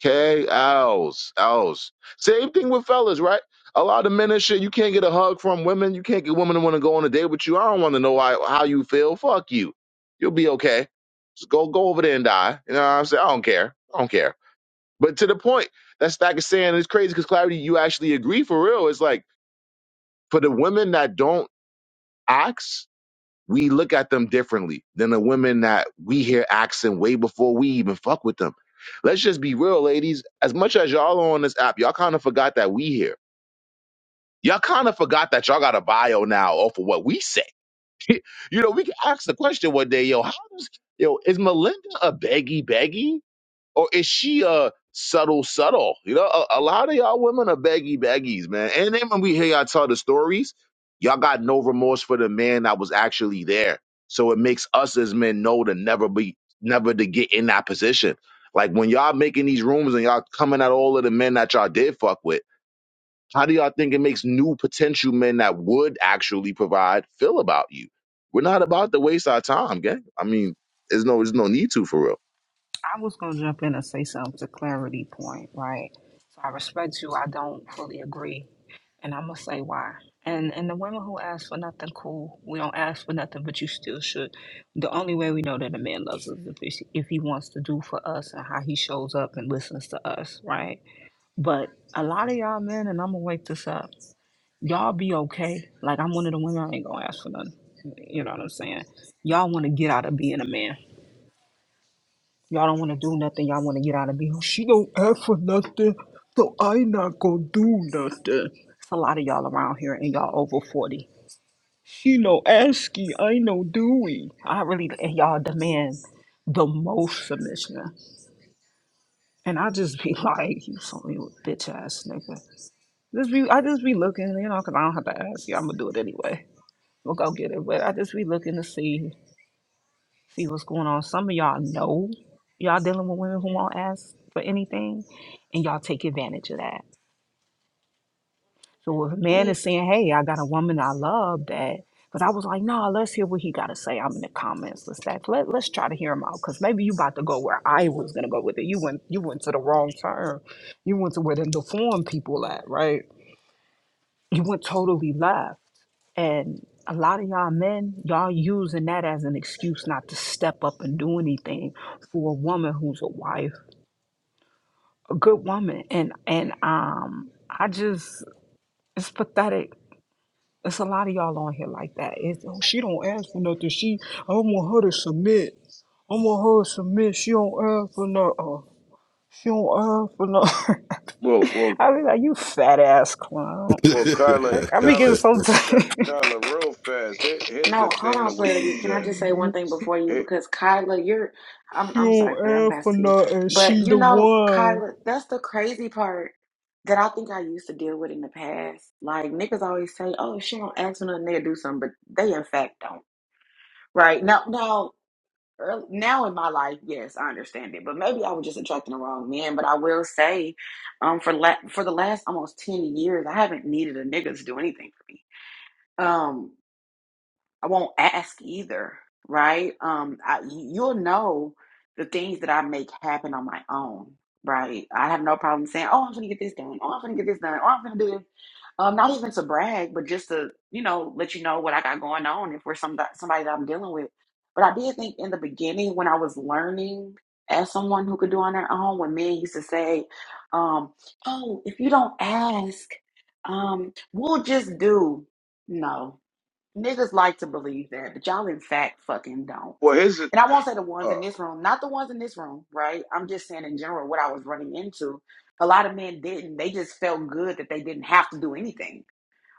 Speaker 2: Okay, else, else. Same thing with fellas, right? A lot of men and shit, you can't get a hug from women. You can't get women to want to go on a date with you. I don't want to know why, how you feel. Fuck you. You'll be okay. Just go go over there and die. You know what I'm saying? I don't care. I don't care but to the point, that's like saying it's crazy because clarity, you actually agree for real. It's like for the women that don't ax, we look at them differently than the women that we hear axing way before we even fuck with them. Let's just be real, ladies. As much as y'all are on this app, y'all kind of forgot that we here. Y'all kind of forgot that y'all got a bio now off of what we say. you know, we can ask the question one day, yo, how does yo is Melinda a beggy beggy? Or is she a subtle, subtle? You know, a, a lot of y'all women are baggy baggies, man. And then when we hear y'all tell the stories, y'all got no remorse for the man that was actually there. So it makes us as men know to never be, never to get in that position. Like when y'all making these rumors and y'all coming at all of the men that y'all did fuck with, how do y'all think it makes new potential men that would actually provide feel about you? We're not about to waste our time, gang. I mean, there's no, there's no need to for real.
Speaker 1: I was gonna jump in and say something to clarity point, right? So I respect you. I don't fully agree, and I'm gonna say why. And and the women who ask for nothing, cool. We don't ask for nothing, but you still should. The only way we know that a man loves us is if, if he wants to do for us and how he shows up and listens to us, right? But a lot of y'all men, and I'm gonna wake this up. Y'all be okay. Like I'm one of the women. I ain't gonna ask for nothing. You know what I'm saying? Y'all want to get out of being a man Y'all don't want to do nothing. Y'all want to get out of here. She don't ask for nothing, so I not gonna do nothing. It's a lot of y'all around here, and y'all over forty. She no asking, I no doing. I really and y'all demand the most submission, and I just be like, you some little bitch ass nigga. Just be, I just be looking, you know, 'cause I don't have to ask you. I'm gonna do it anyway. We'll go get it, but I just be looking to see. see what's going on. Some of y'all know y'all dealing with women who won't ask for anything, and y'all take advantage of that. So if a man
Speaker 11: Hey,
Speaker 1: is saying, "Hey, I got a woman I love that," because I was like, "No, let's hear what he got to say." I'm in the comments. Let's that. Let, let's try to hear him out because maybe you about to go where I was gonna go with it. You went you went to the wrong turn. You went to where the deformed people at, right? You went totally left. And a lot of y'all men, y'all using that as an excuse not to step up and do anything for a woman who's a wife, a good woman. And and um, I just it's pathetic. It's a lot of y'all on here like that. It's, oh, she don't ask for nothing. She I want her to submit. I want her to submit. She don't ask for nothing. She don't ask for nothing.
Speaker 4: Well, well,
Speaker 1: I be like, you fat ass clown.
Speaker 4: well, Carla,
Speaker 1: I, I be getting
Speaker 4: Carla,
Speaker 1: so.
Speaker 4: Ca- Carla, real fast. Here, here's the
Speaker 11: No, hold
Speaker 4: thing to
Speaker 11: on,
Speaker 4: what you
Speaker 11: Clarity. Can I
Speaker 4: said.
Speaker 11: just say one thing before you?
Speaker 4: Hey,
Speaker 11: Because Kyla, you're I'm
Speaker 1: she
Speaker 11: I'm sorry,
Speaker 1: don't
Speaker 11: Claire, I'm
Speaker 1: ask for
Speaker 11: past to you.
Speaker 1: nothing.
Speaker 11: But
Speaker 1: She
Speaker 11: you
Speaker 1: the
Speaker 11: know,
Speaker 1: one.
Speaker 11: Kyla, that's the crazy part that I think I used to deal with in the past. Like niggas always say, Oh, she don't ask for nothing, they'll do something, but they in fact don't. Right. Now now early, now in my life, yes, I understand it. But maybe I was just attracting the wrong man. But I will say, um, for la for the last almost ten years, I haven't needed a nigga to do anything for me. Um. I won't ask either, right? Um, I, you- you'll know the things that I make happen on my own, right? I have no problem saying, "Oh, I'm gonna get this done. Oh, I'm gonna get this done. Oh, I'm gonna do this." Um, not even to brag, but just to you know let you know what I got going on if we're some somebody that I'm dealing with. But I did think in the beginning when I was learning as someone who could do on their own, when men used to say, um, "Oh, if you don't ask, um, we'll just do." No, Niggas like to believe that, but y'all in fact fucking don't.
Speaker 4: well, here's it.
Speaker 11: And I won't say the ones
Speaker 4: uh,
Speaker 11: in this room, not the ones in this room, right? I'm just saying in general what I was running into. A lot of men didn't. They just felt good that they didn't have to do anything,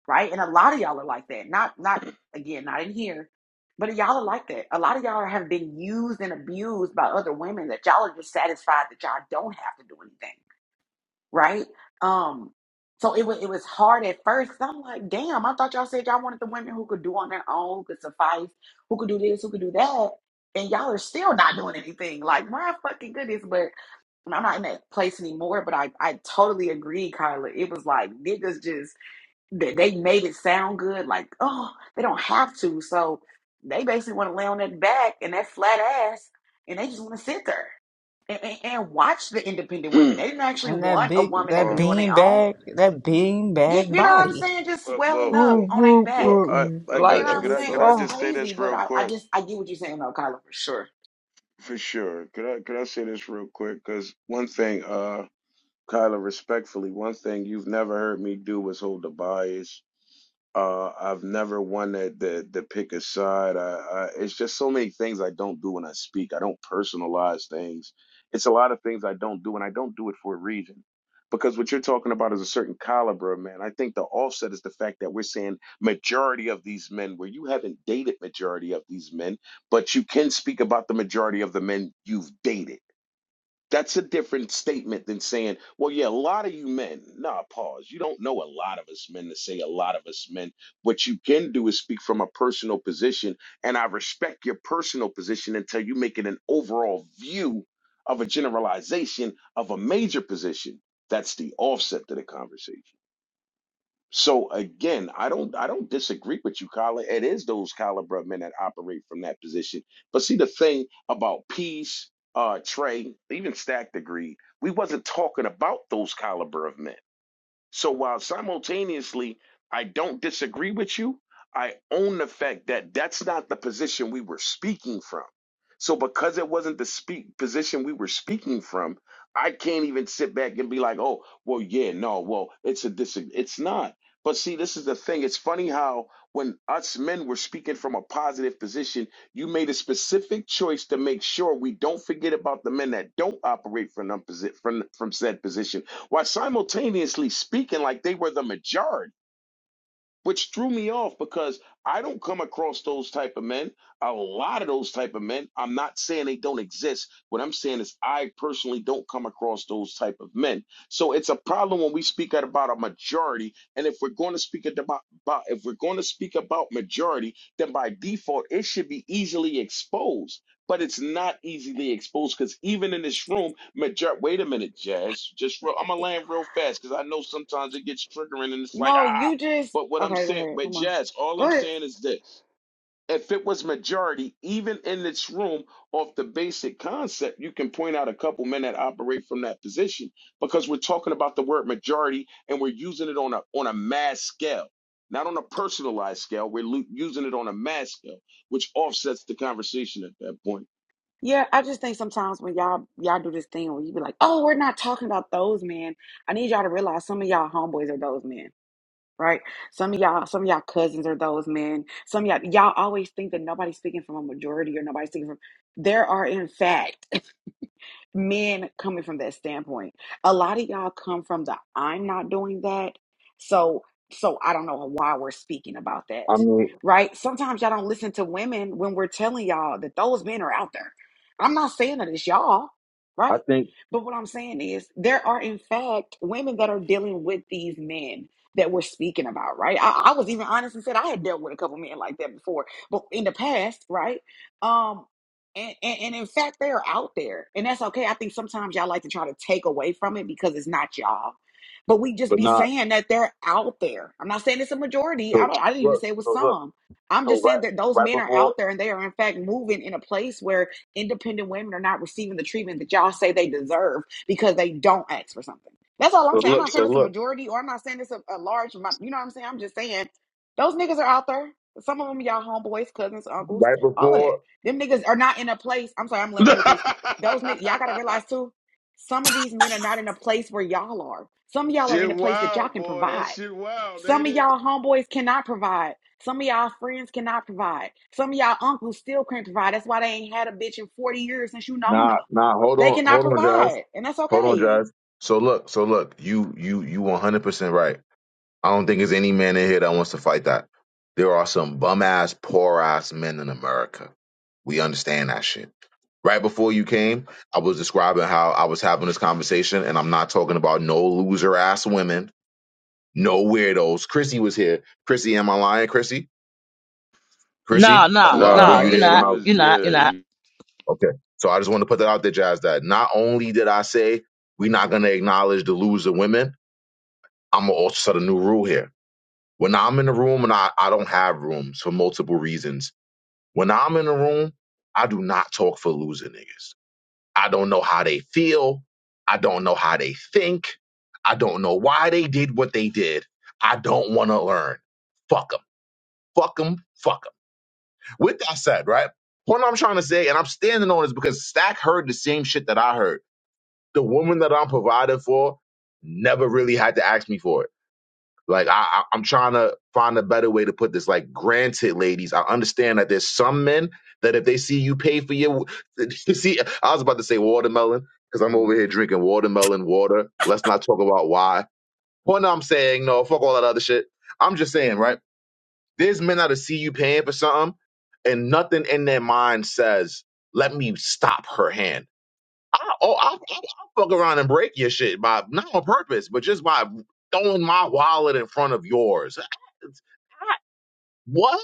Speaker 11: right? And a lot of y'all are like that. Not not again, not in here, but y'all are like that. A lot of y'all have been used and abused by other women that y'all are just satisfied that y'all don't have to do anything right? Um, so it was it was hard at first. i I'm like, damn, I thought y'all said y'all wanted the women who could do on their own, who could suffice, who could do this, who could do that, and y'all are still not doing anything. Like my fucking goodness, but I'm not in that place anymore. But I I totally agree, Kyla. It was like niggas just they, they made it sound good, like, oh, they don't have to. So they basically want to lay on that back and that flat ass, and they just want to sit there and, and, and watch the independent
Speaker 4: hmm,
Speaker 11: women. They didn't actually
Speaker 1: And that
Speaker 11: want a
Speaker 1: big,
Speaker 11: woman that
Speaker 1: that
Speaker 11: could
Speaker 4: um,
Speaker 11: do on their
Speaker 1: bean
Speaker 11: own.
Speaker 1: bag, that bean
Speaker 11: You,
Speaker 1: bag
Speaker 11: you know what I'm
Speaker 1: body.
Speaker 11: saying? Just
Speaker 4: well,
Speaker 11: swelling
Speaker 4: well,
Speaker 11: up
Speaker 4: well,
Speaker 1: Ooh,
Speaker 11: on their
Speaker 1: ooh, ooh.
Speaker 4: well,
Speaker 11: back.
Speaker 4: I,
Speaker 1: ooh.
Speaker 4: I
Speaker 11: You
Speaker 1: Like,
Speaker 11: know
Speaker 4: got
Speaker 11: what
Speaker 4: you.
Speaker 11: I'm
Speaker 1: it's
Speaker 4: Could
Speaker 1: just,
Speaker 4: I,
Speaker 11: saying?
Speaker 4: could
Speaker 11: It
Speaker 4: I
Speaker 11: was
Speaker 1: oh.
Speaker 4: just say
Speaker 11: crazy,
Speaker 4: this
Speaker 11: but
Speaker 4: real
Speaker 11: I, I
Speaker 4: quick?
Speaker 11: just, I get what you're saying, though, Kyla, for sure.
Speaker 4: For sure. Could I, could I say this real quick? Because one thing, uh. Kyla, respectfully, one thing you've never heard me do was hold a bias. Uh, I've never wanted to, to pick a side. I, I, it's just so many things I don't do when I speak. I don't personalize things. It's a lot of things I don't do, and I don't do it for a reason. Because what you're talking about is a certain caliber, man. I think the offset is the fact that we're saying majority of these men, where you haven't dated majority of these men, but you can speak about the majority of the men you've dated that's a different statement than saying, well, yeah, a lot of you men. Nah, pause. You don't know a lot of us men to say a lot of us men. What you can do is speak from a personal position, and I respect your personal position until you make it an overall view of a generalization of a major position. That's the offset to the conversation. So again, I don't I don't disagree with you, Colin. It is those caliber of men that operate from that position. But see the thing about peace, uh, Trey, even stack degree, we wasn't talking about those caliber of men. So while simultaneously I don't disagree with you, I own the fact that that's not the position we were speaking from. So because it wasn't the speak position we were speaking from, I can't even sit back and be like, "Oh, well, yeah, no, well, it's a dis it's not." But see, this is the thing. It's funny how when us men were speaking from a positive position, you made a specific choice to make sure we don't forget about the men that don't operate from them posi- from from said position while simultaneously speaking like they were the majority which threw me off because I don't come across those type of men. A lot of those type of men. I'm not saying they don't exist. What I'm saying is I personally don't come across those type of men. So it's a problem when we speak at about a majority. And if we're going to speak at about, about if we're going to speak about majority, then by default it should be easily exposed. But it's not easily exposed because even in this room, major- wait a minute, Jazz. Just real, I'm gonna land real fast because I know sometimes it gets triggering and it's like
Speaker 11: No,
Speaker 4: ah
Speaker 11: you just,
Speaker 4: but what I'm
Speaker 11: okay, go
Speaker 4: saying,
Speaker 11: ahead.
Speaker 4: but
Speaker 11: Come on.
Speaker 4: Jazz, all
Speaker 11: Go
Speaker 4: I'm
Speaker 11: ahead.
Speaker 4: saying is this. If it was majority, even in this room, off the basic concept, you can point out a couple men that operate from that position because we're talking about the word majority and we're using it on a on a mass scale, not on a personalized scale. We're lu- using it on a mass scale, which offsets the conversation at that point.
Speaker 11: Yeah, I just think sometimes when y'all y'all do this thing where you be like, "Oh, we're not talking about those men." I need y'all to realize some of y'all homeboys are those men, right? Some of y'all, some of y'all cousins are those men. Some of y'all y'all always think that nobody's speaking from a majority or nobody's speaking from. There are in fact men coming from that standpoint. A lot of y'all come from the I'm not doing that. So so I don't know why we're speaking about that.
Speaker 2: I'm,
Speaker 11: Right? Sometimes y'all don't listen to women when we're telling y'all that those men are out there. I'm not saying that it's y'all,
Speaker 2: I
Speaker 11: right?
Speaker 2: think,
Speaker 11: But what I'm saying is there are in fact women that are dealing with these men that we're speaking about, right? I, I was even honest and said I had dealt with a couple men like that before, but in the past, right? Um, and, and, and in fact, they are out there. And that's okay. I think sometimes y'all like to try to take away from it because it's not y'all. But we just
Speaker 2: but
Speaker 11: be
Speaker 2: nah,
Speaker 11: saying that they're out there. I'm not saying it's a majority. I
Speaker 2: So
Speaker 11: don't I didn't even
Speaker 2: look,
Speaker 11: say it was
Speaker 2: so look,
Speaker 11: some. I'm
Speaker 2: so
Speaker 11: just saying
Speaker 2: right,
Speaker 11: that those
Speaker 2: right
Speaker 11: men are
Speaker 2: before,
Speaker 11: out there and they are in fact moving in a place where independent women are not receiving the treatment that y'all say they deserve because they don't ask for something. That's all I'm
Speaker 2: so
Speaker 11: saying. I'm
Speaker 2: look,
Speaker 11: not
Speaker 2: so
Speaker 11: saying it's a
Speaker 2: look,
Speaker 11: majority or I'm not saying it's a, a large amount. You know what I'm saying? I'm just saying those niggas are out there. Some of them y'all homeboys, cousins, uncles,
Speaker 2: right
Speaker 11: all of that.
Speaker 2: before.
Speaker 11: Them niggas are not in a place. I'm sorry, I'm laying right here, peace. Those niggas, y'all gotta realize too, some of these men are not in a place where y'all are. Some of y'all are in
Speaker 4: shit,
Speaker 11: a place that y'all
Speaker 4: wow,
Speaker 11: can
Speaker 4: boy, that
Speaker 11: provide.
Speaker 4: shit wild,
Speaker 11: Some
Speaker 4: ain't
Speaker 11: of
Speaker 4: it?
Speaker 11: y'all homeboys cannot provide. Some of y'all friends cannot provide. Some of y'all uncles still can't provide. That's why they ain't had a bitch in 40 years since you known her.
Speaker 2: Nah, nah, hold
Speaker 11: They
Speaker 2: on,
Speaker 11: cannot
Speaker 2: hold on, Josh,
Speaker 11: provide, and that's
Speaker 2: hold on,
Speaker 11: okay.
Speaker 2: Josh. So look, so look, you, you, you, one hundred percent right. I don't think there's any man in here that wants to fight that. There are some bum ass, poor ass men in America. We understand that shit. Right before you came, I was describing how I was having this conversation, and I'm not talking about no loser ass women, no weirdos. Chrissy was here. Chrissy, am I lying, Chrissy?
Speaker 7: No,
Speaker 2: Chrissy, uh,
Speaker 7: no,
Speaker 2: um, were
Speaker 7: no.
Speaker 2: you
Speaker 4: Nah,
Speaker 7: You're
Speaker 2: there when
Speaker 7: not.
Speaker 4: you
Speaker 2: I?
Speaker 4: was
Speaker 7: You're not.
Speaker 4: yeah.
Speaker 7: You're not.
Speaker 4: You,
Speaker 2: Okay, so I just want to put that out there, Jazz. That not only did I say we're not going to acknowledge the loser women, I'm gonna also set a new rule here. When I'm in the room, and I, I don't have rooms for multiple reasons. When I'm in the room, I do not talk for loser niggas. I don't know how they feel. I don't know how they think. I don't know why they did what they did. I don't want to learn. Fuck them. Fuck 'em. Fuck 'em. Fuck 'em. With that said, right? What I'm trying to say, and I'm standing on is because Stack heard the same shit that I heard. The woman that I'm provided for never really had to ask me for it. Like I, I I'm trying to find a better way to put this. Like, granted, ladies, I understand that there's some men that if they see you pay for your see, I was about to say watermelon because I'm
Speaker 3: mm
Speaker 2: over
Speaker 3: hmm
Speaker 2: here drinking watermelon water. Let's not talk about why. Well, no, I'm saying no. Fuck all that other shit. I'm just saying, right? There's men that'll see you paying for something, and nothing in their mind says, "Let me stop her hand." I oh I, I, I fuck around and break your shit by not on purpose, but just by throwing my wallet in front of yours. What?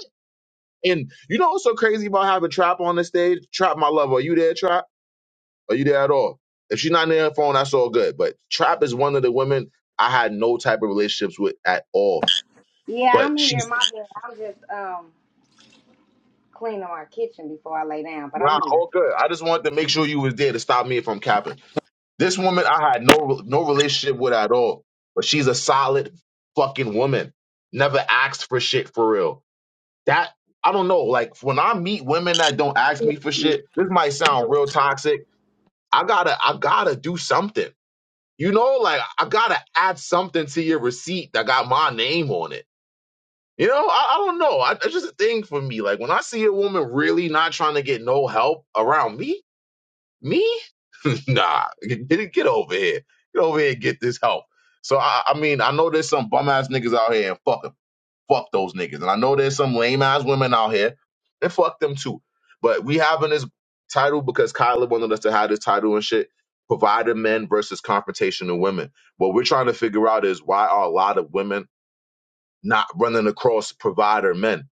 Speaker 2: And you know what's so crazy about having Trap on the stage? Trap, my love, are you there, Trap? Are you there at all? If she's not near her phone, that's all good. But Trap is one of the women I had no type of relationships with at all.
Speaker 6: Yeah,
Speaker 2: But
Speaker 6: I'm
Speaker 2: she
Speaker 6: here. My bad. I'm just um cleaning my kitchen before I lay down, but
Speaker 2: Nah,
Speaker 6: I'm here.
Speaker 2: all good. I just wanted to make sure you was there to stop me from capping. This woman, I had no no relationship with at all, but she's a solid fucking woman. Never asked for shit for real. That I don't know. Like when I meet women that don't ask me for
Speaker 6: Period.
Speaker 2: shit, this might sound real toxic. I gotta I gotta do something. You know, like I gotta add something to your receipt that got my name on it. You know, I, I don't know. I, it's just a thing for me. Like when I see a woman really not trying to get no help around me, me? nah, get, get get over here. Get over here and get this help. So I, I mean, I know there's some bum ass niggas out here and fuck fuck those niggas, and I know there's some lame ass women out here and fuck them too. But we having this title because Kyler wanted us to have this title and shit. Provider men versus confrontational women. What we're trying to figure out is why are a lot of women not running across provider men?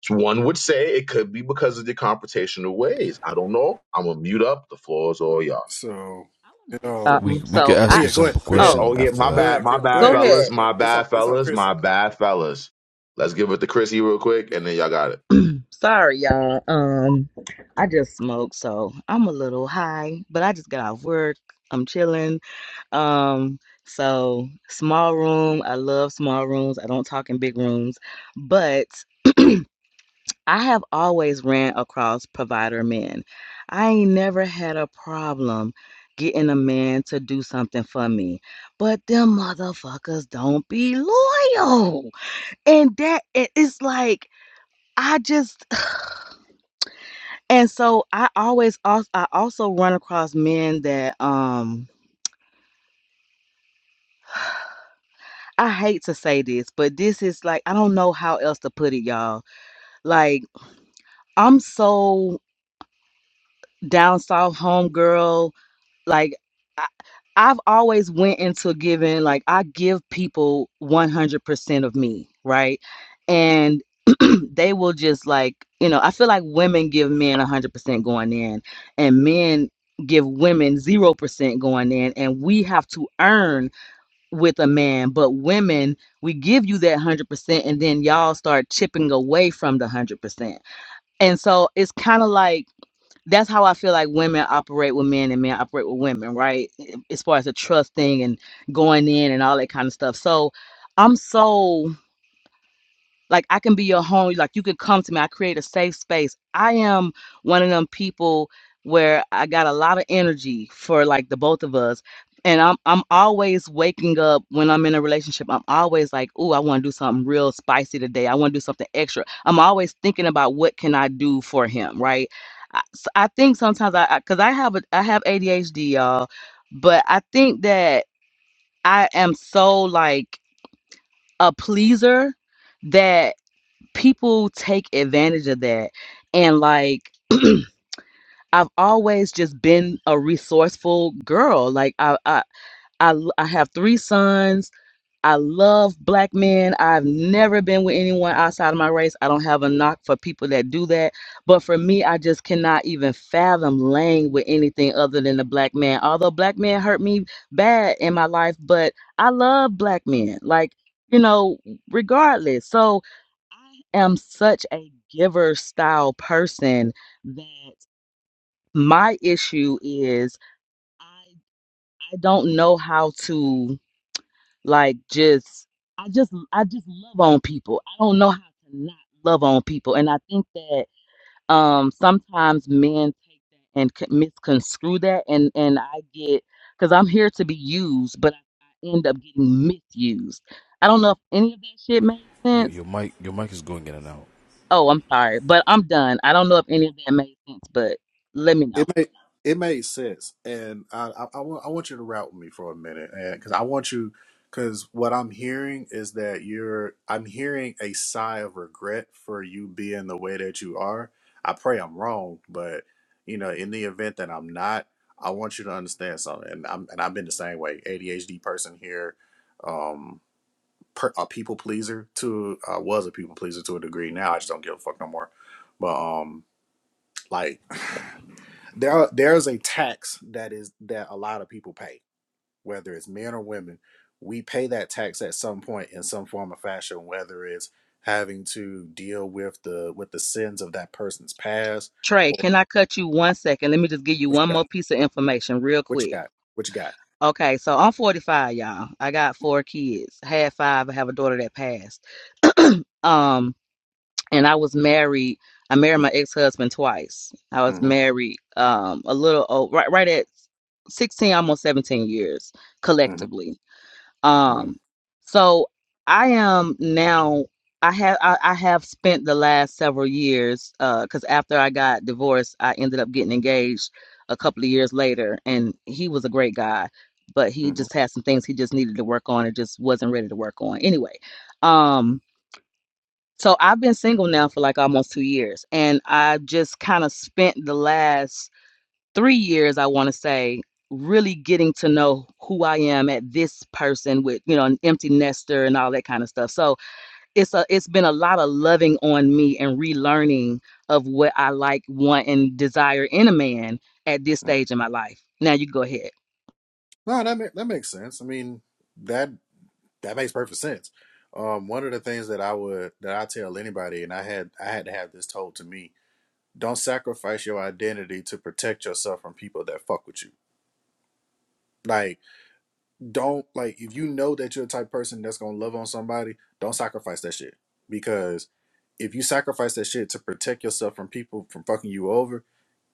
Speaker 2: So one would say it could be because of the confrontational ways. I don't know. I'm gonna mute up. The floor is all yours.
Speaker 3: So
Speaker 7: I want to
Speaker 3: you
Speaker 7: say
Speaker 3: know.
Speaker 12: We
Speaker 7: something.
Speaker 12: we
Speaker 3: Oh,
Speaker 12: could
Speaker 7: So
Speaker 3: oh
Speaker 12: ask
Speaker 7: I.
Speaker 12: a
Speaker 3: yeah. Go ahead.
Speaker 12: simple
Speaker 3: Chris,
Speaker 2: Yeah.
Speaker 7: Oh,
Speaker 12: question
Speaker 2: Oh yeah.
Speaker 12: after
Speaker 2: My
Speaker 3: go
Speaker 12: that.
Speaker 2: bad.
Speaker 3: ahead.
Speaker 2: My
Speaker 3: Chris, go
Speaker 2: bad,
Speaker 7: go
Speaker 3: ahead,
Speaker 7: ahead.
Speaker 3: Chrissy.
Speaker 2: fellas.
Speaker 3: Uh,
Speaker 2: My
Speaker 3: It's on.
Speaker 2: bad,
Speaker 3: It's on
Speaker 2: fellas.
Speaker 3: Chrissy.
Speaker 2: My bad, fellas. Let's give it to Chrissy real quick,
Speaker 3: Yeah.
Speaker 2: and then y'all got it.
Speaker 7: Sorry, y'all. Um, I just smoked, so I'm a little high, but I just got off work. I'm chilling. Um, so small room. I love small rooms. I don't talk in big rooms, but I have always ran across provider men. I ain't never had a problem getting a man to do something for me, but them motherfuckers don't be loyal, and that it is like I just. And so I always also I also run across men that um I hate to say this, but this is like I don't know how else to put it, y'all. Like I'm so down south homegirl. like I, I've always went into giving like I give people 100% of me, right? And they will just like, you know, I feel like women give men 100% going in and men give women 0% going in and we have to earn with a man, but women we give you that 100% and then y'all start chipping away from the 100%. And so it's kind of like that's how I feel like women operate with men and men operate with women, right? As far as the trust thing and going in and all that kind of stuff. So I'm so like I can be your home. Like you can come to me. I create a safe space. I am one of them people where I got a lot of energy for like the both of us. And I'm I'm always waking up when I'm in a relationship. I'm always like, "Ooh, I want to do something real spicy today. I want to do something extra. I'm always thinking about what can I do for him, right? I, s- I think sometimes I because I have a I have ADHD, y'all, but I think that I am so like a pleaser that people take advantage of that and like I've always just been a resourceful girl. Like I, I, I, I have three sons. I love black men. I've never been with anyone outside of my race. I don't have a knock for people that do that. But for me, I just cannot even fathom laying with anything other than a black man. Although black men hurt me bad in my life, but I love black men. Like, you know, regardless. So I am such a giver style person that my issue is I I don't know how to like just I just I just love on people. I don't know how to not love on people, and I think that um sometimes men take that and c- misconstrue that, and and I get because I'm here to be used, but I, I end up getting misused. I don't know if any of that shit made
Speaker 12: Your,
Speaker 7: sense
Speaker 12: your mic your mic is going in and out.
Speaker 7: Oh, I'm sorry, but I'm done. I don't know if any of that made sense, but let me
Speaker 3: It
Speaker 7: know.
Speaker 3: made it made sense, and I I, I, want, I want you to route with me for a minute, and because I want you, because what I'm hearing is that you're I'm hearing a sigh of regret for you being the way that you are. I pray I'm wrong, but you know, in the event that I'm not, I want you to understand something, and I'm and I've been the same way, ADHD person here, um, per, a people pleaser to I was a people pleaser to a degree. Now I just don't give a fuck no more, but um, like. there there's a tax that is that a lot of people pay whether it's men or women we pay that tax at some point in some form or fashion whether it's having to deal with the with the sins of that person's past
Speaker 7: Trey,
Speaker 3: or
Speaker 7: can I cut you one second? Let me just give you
Speaker 3: what
Speaker 7: one
Speaker 3: you got
Speaker 7: more piece of information real
Speaker 3: what you
Speaker 7: quick.
Speaker 3: got what you got
Speaker 7: Okay, so I'm 45, y'all. I got four kids. I had five. I have a daughter that passed. Um, and I was married. I married my ex-husband twice. I was
Speaker 3: Mm,
Speaker 7: married um a little old, right right at 16, almost 17 years
Speaker 3: mm-hmm,
Speaker 7: collectively
Speaker 3: hmm
Speaker 7: Um, so I am now. I have I, I have spent the last several years because after I got divorced, I ended up getting engaged a couple of years later, and he was a great guy, but he
Speaker 3: hmm
Speaker 7: just had some things he just needed to work on and just wasn't ready to work on. Anyway, um, so I've been single now for like almost two years, and I just kind of spent the last three years, I want to say, really getting to know who I am at this person with, you know, an empty nester and all that kind of stuff. So it's a it's been a lot of loving on me and relearning of what I like, want, and desire in a man at this
Speaker 3: hmm
Speaker 7: stage in my life. Now you go ahead.
Speaker 3: no that, ma- that makes sense i mean that that makes perfect sense um, one of the things that i would that i tell anybody and i had i had to have this told to me Don't sacrifice your identity to protect yourself from people that fuck with you. Like, don't like if you know that you're the type of person that's gonna love on somebody, don't sacrifice that shit. Because if you sacrifice that shit to protect yourself from people from fucking you over,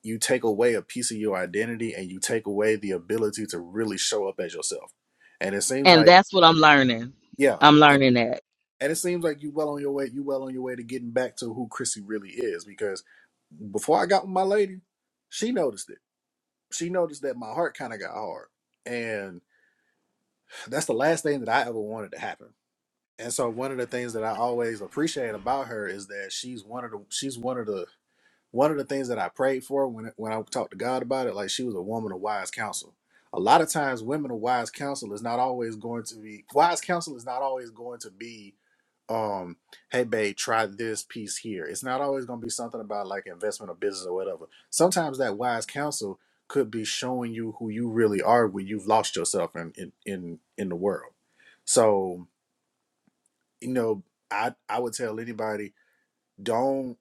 Speaker 3: you take away a piece of your identity and you take away the ability to really show up as yourself. And it seems
Speaker 7: And
Speaker 3: like,
Speaker 7: that's what I'm learning.
Speaker 3: yeah,
Speaker 7: I'm learning that.
Speaker 3: and it seems like you well on your way. You well on your way to getting back to who Chrissy really is because before I got with my lady, she noticed it. she noticed that my heart kind of got hard. And that's the last thing that I ever wanted to happen. And so one of the things that I always appreciate about her is that she's one of the she's one of the one of the things that I prayed for when when I talked to God about it, like she was a woman of wise counsel. A lot of times women of wise counsel is not always going to be wise counsel is not always going to be um hey babe try this piece here it's not always going to be something about like investment or business or whatever sometimes that wise counsel could be showing you who you really are when you've lost yourself in in in, in the world so you know i i would tell anybody don't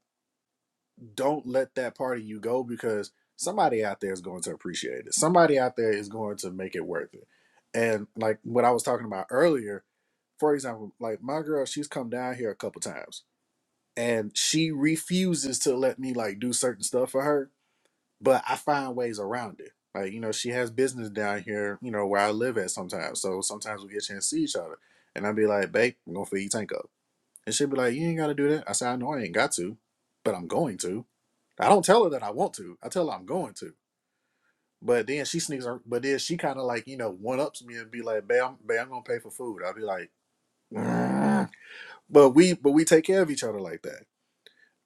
Speaker 3: don't let that part of you go because somebody out there is going to appreciate it somebody out there is going to make it worth it and like what i was talking about earlier for example like my girl she's come down here a couple times and she refuses to let me like do certain stuff for her but i find ways around it like you know she has business down here you know where i live at sometimes so sometimes we get a chance to see each other and i'd be like babe i'm gonna feed your tank up and she'd be like you ain't gotta do that i said i know i ain't got to but i'm going to i don't tell her that i want to i tell her i'm going to but then she sneaks her but then she kind of like you know one ups me and be like babe I'm, babe I'm gonna pay for food i'll be like "Mm." but we but we take care of each other like that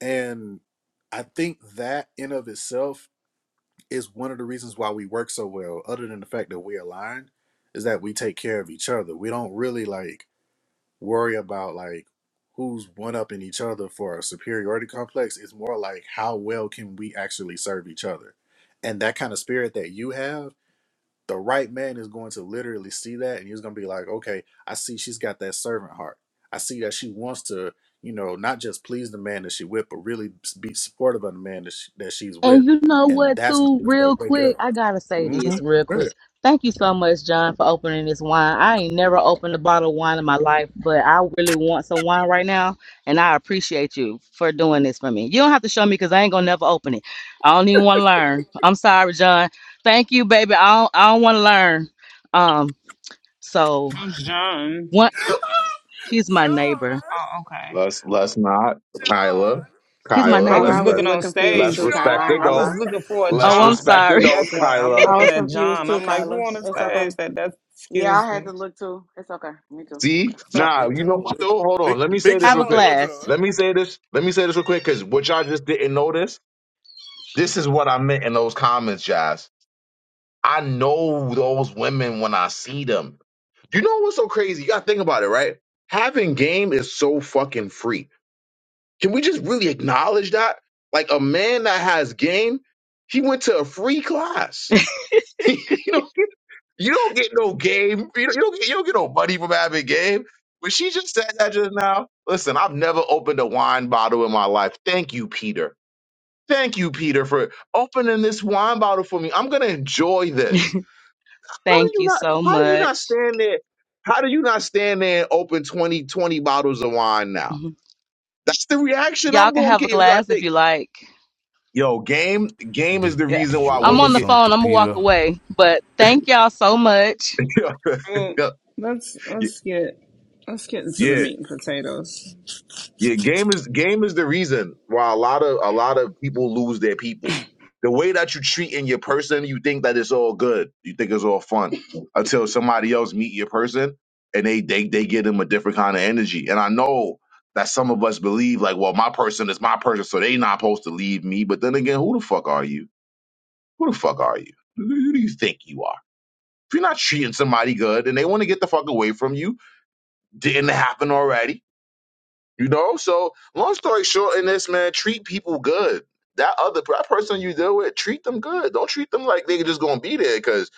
Speaker 3: And I think that in of itself is one of the reasons why we work so well, other than the fact that we're aligned, is that we take care of each other. We don't really like worry about like who's one up in each other for a superiority complex. It's more like how well can we actually serve each other. And that kind of spirit that you have the right man is going to literally see that and he's going to be like, okay, I see she's got that servant heart. I see that she wants to, you know, not just please the man that she with, but really be supportive of the man that, she, that she's
Speaker 7: And
Speaker 3: with.
Speaker 7: you know
Speaker 3: And
Speaker 7: what,
Speaker 3: that's
Speaker 7: too,
Speaker 3: going to
Speaker 7: real
Speaker 3: wake it
Speaker 7: quick,
Speaker 3: up.
Speaker 7: I gotta say
Speaker 3: Mm-hmm.
Speaker 7: this real quick. Thank you so much, John, for opening this wine. I ain't never opened a bottle of wine in my life, but I really want some wine right now, and I appreciate you for doing this for me. You don't have to show me because I ain't gonna never open it. I don't even want to learn. I'm sorry, John. Thank you, baby. I don't, I don't want to learn. Um, so
Speaker 1: Who's John?
Speaker 7: what? He's my
Speaker 3: John,
Speaker 7: neighbor.
Speaker 1: Oh, okay.
Speaker 2: Let's let's not
Speaker 3: John,
Speaker 2: Kyla,
Speaker 7: He's
Speaker 11: Yeah,
Speaker 7: my
Speaker 2: Kyla.
Speaker 1: I
Speaker 11: Kyla,
Speaker 2: Let's
Speaker 1: was
Speaker 11: I
Speaker 7: neighbor.
Speaker 11: was a
Speaker 1: looking
Speaker 2: let's
Speaker 11: little
Speaker 1: on
Speaker 11: confused
Speaker 1: stage.
Speaker 2: let's
Speaker 11: too, Kyla.
Speaker 2: respect
Speaker 11: I ain't
Speaker 1: I
Speaker 11: gonna
Speaker 3: John.
Speaker 1: was
Speaker 11: lie.
Speaker 2: adults.
Speaker 1: looking for a
Speaker 2: Let's
Speaker 7: Oh, I'm
Speaker 1: John.
Speaker 2: respect
Speaker 7: sorry.
Speaker 1: That's
Speaker 2: adults,
Speaker 1: why I'm
Speaker 2: Kyla.
Speaker 11: I
Speaker 1: looking
Speaker 11: was
Speaker 1: at
Speaker 11: confused
Speaker 1: John.
Speaker 11: too,
Speaker 1: I'm like, who
Speaker 11: Kyla.
Speaker 1: on the
Speaker 11: It's
Speaker 1: stage?
Speaker 11: okay.
Speaker 1: That that
Speaker 11: Yeah,
Speaker 1: excuse
Speaker 11: I had to
Speaker 1: me.
Speaker 11: look too. It's okay. Me too.
Speaker 2: See,
Speaker 3: Is
Speaker 1: So,
Speaker 2: nah,
Speaker 3: Big
Speaker 2: you know.
Speaker 3: John a
Speaker 2: what,
Speaker 3: little John?
Speaker 2: Hold on.
Speaker 3: Big,
Speaker 2: Let me say
Speaker 3: Big
Speaker 2: this
Speaker 7: have a
Speaker 2: real
Speaker 3: John a
Speaker 2: quick.
Speaker 3: little
Speaker 7: glass.
Speaker 3: John?
Speaker 2: Let me say this. Let me say this real quick, because what y'all just didn't notice. This is what I meant in those comments, Jazz. I know those women when I see them. You know what's so crazy? You gotta think about it, right? Having game is so fucking free. Can we just really acknowledge that? Like a man that has game, he went to a free class. you know, you don't get no game. You don't, you don't get you don't get no money from having game. But she just said that just now. Listen, I've never opened a wine bottle in my life. Thank you, Peter. Thank you, Peter, for opening this wine bottle for me. I'm gonna enjoy this how do
Speaker 7: Thank
Speaker 2: you
Speaker 7: you
Speaker 2: not?
Speaker 7: so
Speaker 2: How do you
Speaker 7: much.
Speaker 2: not stand there? How do you not stand there and open 20 20 bottles of wine now?
Speaker 7: Mm-hmm.
Speaker 2: That's the reaction
Speaker 7: Y'all
Speaker 2: I'm
Speaker 7: can
Speaker 2: going
Speaker 7: have
Speaker 2: to
Speaker 7: a
Speaker 2: get. You got to
Speaker 7: glass if
Speaker 2: think,
Speaker 7: you like.
Speaker 2: yo, game, game is
Speaker 12: Did
Speaker 2: the
Speaker 7: Yeah.
Speaker 2: reason
Speaker 12: did
Speaker 2: why
Speaker 12: you
Speaker 7: I'm
Speaker 12: offer
Speaker 2: women
Speaker 7: on the
Speaker 2: get.
Speaker 12: something to
Speaker 7: phone. I'm gonna walk
Speaker 12: Peter?
Speaker 7: away. But thank y'all so much.
Speaker 1: well, let's let's get let's get into the
Speaker 2: yeah,
Speaker 1: meat and potatoes.
Speaker 2: Yeah, game is game is the reason why a lot of a lot of people lose their people. The way that you treat in your person, you think that it's all good. You think it's all fun until somebody else meet your person and they they they get them a different kind of energy. And I know that some of us believe like, well, my person is my person, so they not supposed to leave me. But then again, who the fuck are you? Who the fuck are you? Who who do you think you are? If you're not treating somebody good and they want to get the fuck away from you, didn't happen already you know, so long story short, in this man, treat people good. That other that person you deal with, treat them good. Don't treat them like they just gonna be there, cause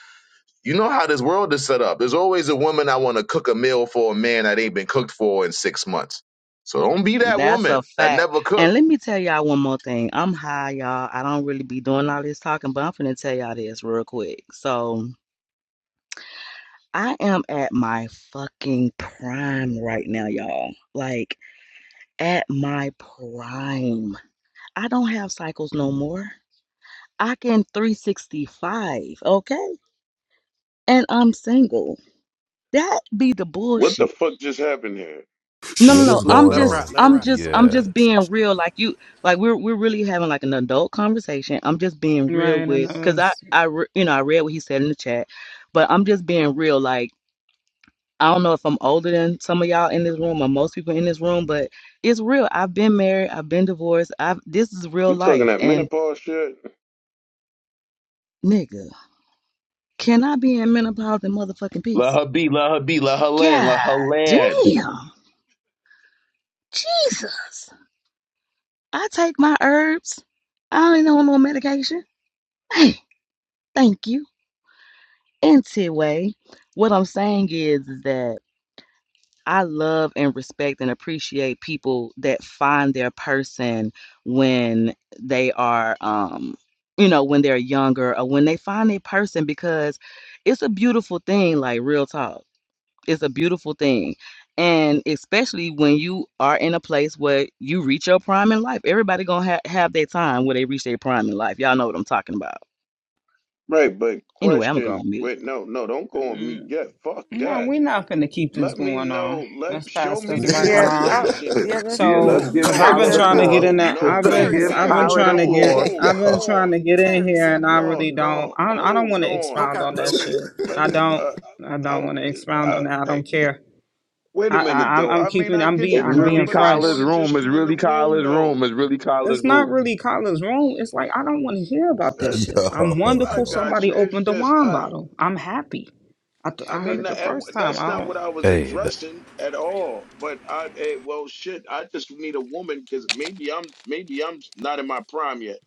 Speaker 2: you know how this world is set up. There's always a woman I want to cook a meal for a man that ain't been cooked for in six months. So don't be that
Speaker 7: That's a
Speaker 2: woman that
Speaker 7: fact.
Speaker 2: never
Speaker 7: And
Speaker 2: cooked.
Speaker 7: let me tell y'all one more thing. I'm high, y'all. I don't really be doing all this talking, but I'm finna tell y'all this real quick. So I am at my fucking prime right now, y'all. Like at my prime. I don't have cycles no more. I can 365, okay? And I'm single. That be the
Speaker 4: what
Speaker 7: bullshit.
Speaker 4: the fuck just happened here?
Speaker 7: No, no,
Speaker 5: What
Speaker 7: no.
Speaker 5: is
Speaker 3: Let,
Speaker 7: I'm
Speaker 5: going
Speaker 3: let her
Speaker 5: on?
Speaker 7: just,
Speaker 3: ride. Let her
Speaker 7: I'm
Speaker 3: ride.
Speaker 7: just, I'm
Speaker 12: Yeah.
Speaker 7: just being real. Like you, like we're we're really having like an adult conversation. I'm just being real
Speaker 1: Right, and
Speaker 7: with, cause I,
Speaker 1: those.
Speaker 7: I, re- you know, I read what he said in the chat, but I'm just being real. Like I don't know if I'm older than some of y'all in this room or most people in this room, but it's real. I've been married. I've been divorced. I've this is real
Speaker 4: You talking
Speaker 7: life.
Speaker 4: that
Speaker 7: And
Speaker 4: menopause shit?
Speaker 7: nigga, can I be in menopause and motherfucking
Speaker 2: Let
Speaker 7: peace?
Speaker 2: her be, let her be, let her land,
Speaker 7: God
Speaker 2: let her land.
Speaker 7: damn, Jesus! I take my herbs. I don't even know no medication. Man. Thank you. anyway. what I'm saying is, is that I love and respect and appreciate people that find their person when they are, um, you know, when they're younger or when they find their person because it's a beautiful thing, like real talk. It's a beautiful thing. And especially when you are in a place where you reach your prime in life. Everybody gonna ha- have their time where they reach their prime in life. Y'all know what I'm talking about.
Speaker 4: Right, but
Speaker 7: Anyway, I'm gonna go
Speaker 4: question
Speaker 7: on mute.
Speaker 4: wait, no, no, don't go on mute yet. Fuck
Speaker 1: No,
Speaker 4: that.
Speaker 1: we're not finna keep this
Speaker 4: Let me
Speaker 1: going on
Speaker 4: know, let
Speaker 1: as
Speaker 4: show
Speaker 1: fast
Speaker 4: me
Speaker 1: as
Speaker 4: the
Speaker 1: Michael.
Speaker 11: Yeah,
Speaker 1: Raw.
Speaker 11: I,
Speaker 4: correlation.
Speaker 11: yeah, that's
Speaker 2: yeah,
Speaker 11: please.
Speaker 2: let's
Speaker 4: No,
Speaker 1: So,
Speaker 2: give
Speaker 1: cause
Speaker 4: no,
Speaker 1: I've
Speaker 3: Clarity,
Speaker 2: Tyler
Speaker 1: been
Speaker 2: the
Speaker 3: sit
Speaker 4: no,
Speaker 11: Cause,
Speaker 1: trying to
Speaker 3: down.
Speaker 1: get
Speaker 2: floor.
Speaker 1: in
Speaker 4: no,
Speaker 1: there,
Speaker 4: no,
Speaker 1: I've
Speaker 2: let's
Speaker 1: been,
Speaker 4: wait,
Speaker 3: Clarity,
Speaker 2: give
Speaker 3: sit
Speaker 4: wait,
Speaker 1: I've been
Speaker 3: down.
Speaker 2: Tyler
Speaker 4: hold
Speaker 1: trying
Speaker 2: the
Speaker 1: to
Speaker 4: on,
Speaker 1: get,
Speaker 2: floor.
Speaker 5: yo,
Speaker 4: hold
Speaker 1: I've been
Speaker 4: on.
Speaker 1: trying to get in
Speaker 3: Clarity,
Speaker 1: here,
Speaker 3: sit
Speaker 1: and
Speaker 3: down.
Speaker 1: I
Speaker 4: No,
Speaker 1: really don't,
Speaker 4: no,
Speaker 1: I, I don't
Speaker 4: hold
Speaker 1: want to
Speaker 3: Go,
Speaker 4: on.
Speaker 1: expound
Speaker 3: Kyler.
Speaker 1: on
Speaker 4: Let
Speaker 1: that
Speaker 3: Go, Kyler.
Speaker 4: me
Speaker 1: shit.
Speaker 4: let
Speaker 1: I
Speaker 4: me
Speaker 1: don't,
Speaker 4: uh uh,
Speaker 1: I don't
Speaker 4: I'm
Speaker 1: want to expound
Speaker 4: I,
Speaker 1: on that. I don't
Speaker 4: I
Speaker 1: care.
Speaker 4: wait a
Speaker 1: I, I,
Speaker 4: minute
Speaker 1: I'm
Speaker 4: though.
Speaker 1: I'm
Speaker 4: I mean
Speaker 1: keeping,
Speaker 4: I
Speaker 1: I'm
Speaker 4: get
Speaker 1: being,
Speaker 2: It's
Speaker 4: you,
Speaker 1: I'm
Speaker 4: Colin,
Speaker 1: being
Speaker 2: really
Speaker 4: but it's
Speaker 1: fresh.
Speaker 2: Kyler's
Speaker 4: more than
Speaker 2: room.
Speaker 4: just
Speaker 2: It's
Speaker 4: you in the
Speaker 2: really
Speaker 4: room
Speaker 2: Kyler's
Speaker 4: though.
Speaker 2: room. It's really
Speaker 1: It's
Speaker 2: Kyler's
Speaker 1: not
Speaker 2: room.
Speaker 1: really Kyler's room. It's like I don't want to hear about this
Speaker 4: That's
Speaker 1: shit. I'm
Speaker 4: I
Speaker 1: wonderful.
Speaker 5: Yo.
Speaker 4: got
Speaker 1: Somebody
Speaker 4: you. It's
Speaker 1: opened a
Speaker 4: just
Speaker 1: wine
Speaker 4: I
Speaker 1: bottle. I'm happy. I, th-
Speaker 4: I
Speaker 1: I heard
Speaker 4: mean,
Speaker 1: it the
Speaker 4: that-
Speaker 1: first time.
Speaker 4: that's
Speaker 1: I
Speaker 4: not
Speaker 1: don't.
Speaker 4: what I was
Speaker 12: Hey, that,
Speaker 4: addressing at all. But I, eh, well, shit, I just need a woman because maybe I'm, maybe I'm not in my prime yet.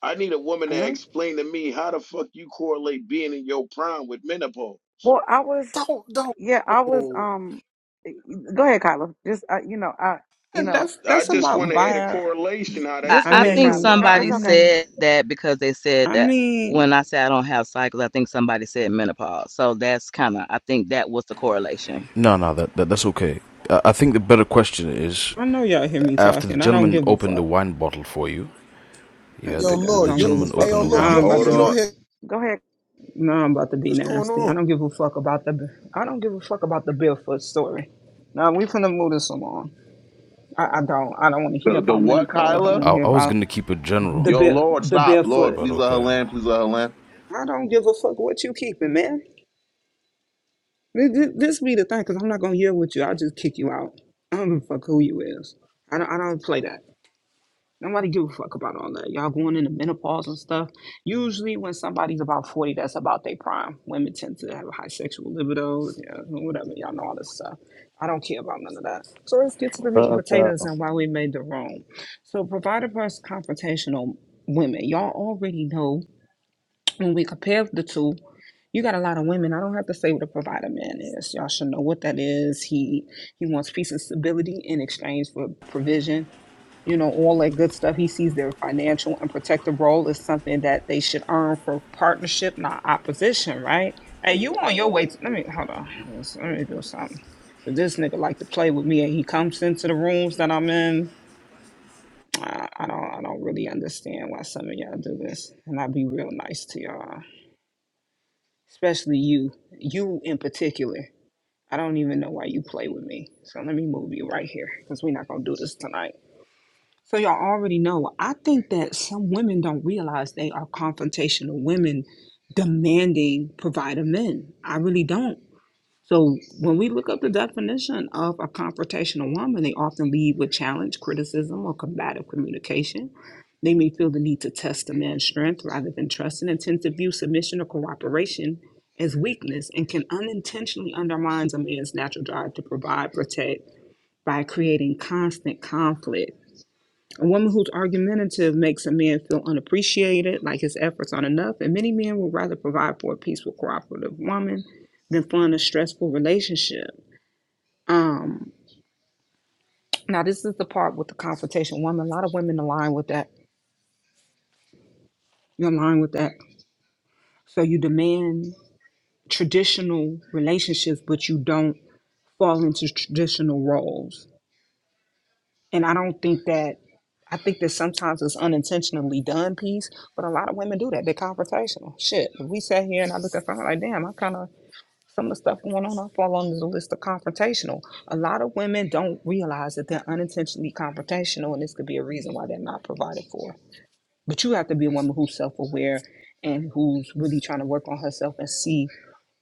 Speaker 4: I need a woman to
Speaker 1: Huh?
Speaker 4: explain to me how the fuck you correlate being in your prime with menopause.
Speaker 11: well, I was,
Speaker 3: Don't don't.
Speaker 11: yeah, I was,
Speaker 3: Oh,
Speaker 11: um, eh, go ahead, Kyla. Just, uh, you know, I, you
Speaker 1: And
Speaker 11: know,
Speaker 1: That's
Speaker 4: I
Speaker 1: that's
Speaker 4: just want
Speaker 1: about
Speaker 4: to hear the
Speaker 1: bio.
Speaker 4: correlation how
Speaker 7: I,
Speaker 11: just
Speaker 1: I
Speaker 4: that's
Speaker 11: go
Speaker 7: I
Speaker 11: ahead,
Speaker 4: in
Speaker 7: think
Speaker 4: your
Speaker 11: Kyla.
Speaker 1: mean,
Speaker 11: No,
Speaker 1: I
Speaker 4: prime,
Speaker 11: it's
Speaker 7: somebody
Speaker 11: okay.
Speaker 1: mean,
Speaker 7: said that because they said
Speaker 1: I
Speaker 7: that
Speaker 1: mean.
Speaker 7: when I say I don't have cycles, I think somebody said menopause. So that's kind of I think that was the correlation.
Speaker 12: no, no, that, that that's okay. I, I think the better question is
Speaker 1: I know y'all hear me
Speaker 12: after the
Speaker 1: talking. I don't
Speaker 12: gentleman
Speaker 1: give a
Speaker 12: opened the
Speaker 1: fuck.
Speaker 12: wine bottle for you.
Speaker 1: Uh,
Speaker 12: Yeah,
Speaker 5: yo,
Speaker 12: the the,
Speaker 1: nigga, I
Speaker 5: Lord,
Speaker 12: the
Speaker 1: don't
Speaker 5: yo,
Speaker 1: give a
Speaker 12: gentleman
Speaker 5: hey,
Speaker 1: fuck.
Speaker 12: opened
Speaker 5: yo,
Speaker 12: the
Speaker 5: Lord, you
Speaker 1: Now
Speaker 12: wine
Speaker 1: I'm
Speaker 5: don't, you,
Speaker 1: about
Speaker 5: you
Speaker 2: Hold
Speaker 5: you
Speaker 1: to
Speaker 5: don't
Speaker 2: on.
Speaker 5: hear
Speaker 11: Go ahead,
Speaker 1: now I'm about to be
Speaker 5: What's going
Speaker 1: nasty. I
Speaker 5: on?
Speaker 1: don't give a fuck about the I don't give a fuck about the barefoot story. Now we finna move this along. I, I don't I don't want to hear
Speaker 2: The the
Speaker 1: about
Speaker 2: what,
Speaker 1: menopause.
Speaker 12: bottle.
Speaker 1: I don't
Speaker 2: Kyler?
Speaker 1: want to hear
Speaker 12: I, I was
Speaker 1: about
Speaker 12: gonna keep it general,
Speaker 1: the
Speaker 2: Yo,
Speaker 1: bare
Speaker 2: Lord,
Speaker 1: the
Speaker 2: stop, Lord,
Speaker 1: barefoot.
Speaker 12: but
Speaker 2: please let her
Speaker 12: okay.
Speaker 2: land, please let her land.
Speaker 1: I don't give a fuck what you keeping, man. Th- th- This be the thing, cause I'm not gonna hear with you. I'll just kick you out. I don't give a fuck who you is. I don't I don't play that. Nobody give a fuck about all that. Y'all going into menopause and stuff. Usually, when somebody's about 40, that's about their prime. Women tend to have a high sexual libido, yeah, whatever. Y'all know all this stuff. I don't care about none of that. So, let's get to the meat and
Speaker 13: Uh,
Speaker 1: potatoes and why we made the wrong. So, provider versus confrontational women. Y'all already know when we compare the two, you got a lot of women. I don't have to say what a provider man is. Y'all should know what that is. He he wants peace and stability in exchange for provision you know, all that good stuff. He sees their financial and protective role as something that they should earn for partnership, not opposition, right? Hey, you on your way to, let me, hold on, let me, let me do something. 'Cause this nigga like to play with me and he comes into the rooms that I'm in. I, I don't, I don't really understand why some of y'all do this. And I'll be real nice to y'all, especially you, you in particular. I don't even know why you play with me. So let me move you right here because we're not going to do this tonight. So y'all already know. I think that some women don't realize they are confrontational women demanding provider men. I really don't. So when we look up the definition of a confrontational woman, they often lead with challenge, criticism, or combative communication. They may feel the need to test a man's strength rather than trust and tend to view submission or cooperation as weakness and can unintentionally undermine a man's natural drive to provide, protect by creating constant conflict a woman who's argumentative makes a man feel unappreciated, like his efforts aren't enough, and many men would rather provide for a peaceful, cooperative woman than fund a stressful relationship. Um, now, this is the part with the confrontation. Woman, a lot of women align with that. You align with that. So you demand traditional relationships, but you don't fall into traditional roles. And I don't think that I think that sometimes it's unintentionally done piece, but a lot of women do that. They're confrontational. Shit. If we sat here and I looked at something like, damn, I kind of, some of the stuff going on, I fall under the list of confrontational. A lot of women don't realize that they're unintentionally confrontational, and this could be a reason why they're not provided for. But you have to be a woman who's self aware and who's really trying to work on herself and see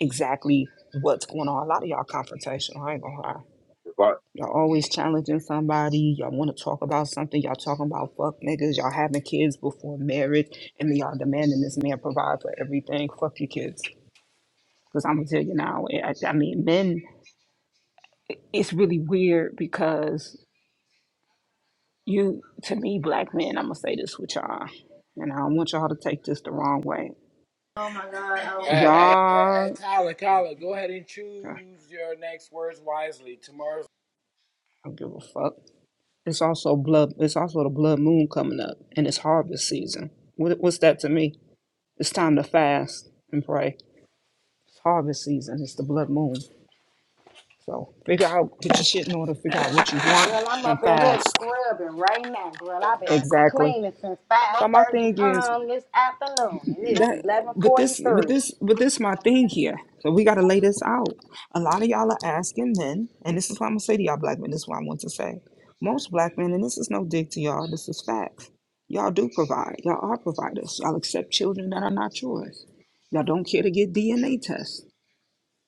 Speaker 1: exactly what's going on. A lot of y'all confrontational. I ain't gonna lie.
Speaker 2: If I-
Speaker 1: Y'all always challenging somebody. Y'all want to talk about something. Y'all talking about fuck niggas. Y'all having kids before marriage. And then y'all demanding this man provide for everything. Fuck your kids. Because I'm going to tell you now, eh, I, I mean, men, it's really weird because you, to me, black men, I'm going to say this with y'all. And I don't want y'all to take this the wrong way.
Speaker 14: Oh my God, I Hey, hey, hey, hey,
Speaker 1: Y'all,
Speaker 14: Tyler, Tyler, go ahead and
Speaker 1: I
Speaker 14: choose your next words wisely. Tomorrow's
Speaker 1: don't give a fuck. It's also blood. It's also the blood moon coming up, and it's harvest season. What, what's that to me? It's time to fast and pray harvest season. It's the blood moon. So figure out, get your shit in order, figure out what you want
Speaker 6: Girl, I'm
Speaker 1: and
Speaker 6: up in here
Speaker 1: fast.
Speaker 6: scrubbing right now. Girl, I've been
Speaker 1: Exactly.
Speaker 6: cleaning since five
Speaker 1: So my
Speaker 6: thirty
Speaker 1: thing is
Speaker 6: um this afternoon, and it is
Speaker 1: that
Speaker 6: eleven
Speaker 1: but
Speaker 6: forty
Speaker 1: this but
Speaker 6: three.
Speaker 1: this but this my thing here. So we gotta lay this out. A lot of y'all are asking men, and this is what I'm gonna say to y'all black men, this is what I want to say. Most black men, and this is no dig to y'all, this is facts. Y'all do provide. Y'all are providers. Y'all accept children that are not yours. Y'all don't care to get DNA tests.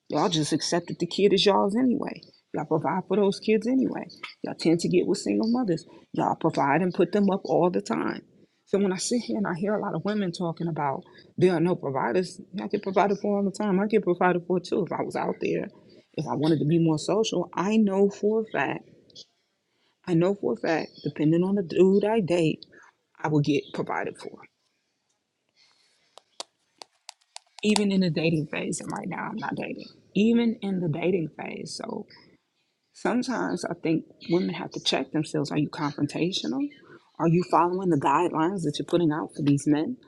Speaker 1: Y'all just accepted the kid as y'all's anyway. Y'all provide for those kids anyway. Y'all tend to get with single mothers. Y'all provide and put them up all the time. So when I sit here and I hear a lot of women talking about there are no providers, I get provided for all the time. I get provided for too. If I was out there, if I wanted to be more social, I know for a fact, I know for a fact, depending on the dude I date, I will get provided for. Even in the dating phase, and right now I'm not dating. Even in the dating phase. So Sometimes I think women have to check themselves. Are you confrontational? Are you following the guidelines that you're putting out for these men?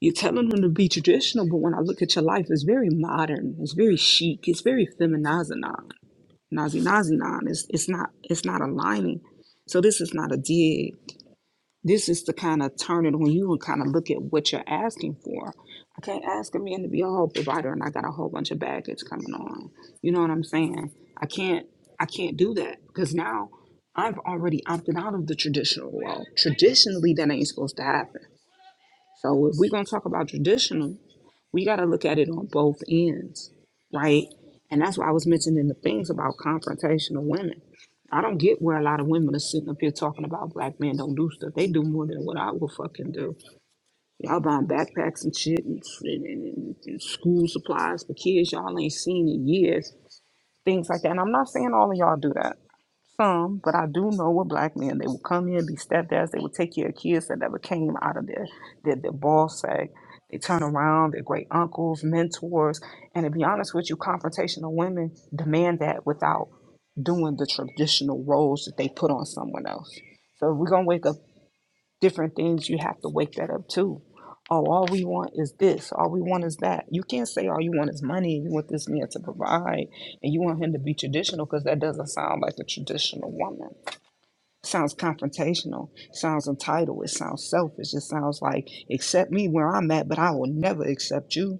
Speaker 1: You're telling them to be traditional, but when I look at your life, it's very modern, it's very chic, it's very feminazinon, nazi nazinon. It's it's not it's not aligning. So this is not a dig. This is the kind of turning when you kind of look at what you're asking for. I can't ask a man to be a whole provider and I got a whole bunch of baggage coming on. You know what I'm saying? I can't I can't do that because now I've already opted out of the traditional role. Traditionally, that ain't supposed to happen. So if we're gonna talk about traditional we got to look at it on both ends, right? And that's why I was mentioning the things about confrontational women. I don't get where a lot of women are sitting up here talking about black men don't do stuff. They do more than what I will fucking do. Y'all buying backpacks and shit and, and, and- and school supplies for kids y'all ain't seen in years, things like that. And I'm not saying all of y'all do that some, but I do know what black men. They will come in, be stepdads. They will take care of kids that never came out of their their, their ball sack. They turn around. they're great uncles, mentors, and to be honest with you, confrontational women demand that without doing the traditional roles that they put on someone else. So if we're gonna wake up different things you have to wake that up too. oh all we want is this all we want is that you can't say all you want is money and you want this man to provide and you want him to be traditional because that doesn't sound like a traditional woman sounds confrontational sounds entitled it sounds selfish it sounds like accept me where i'm at but i will never accept you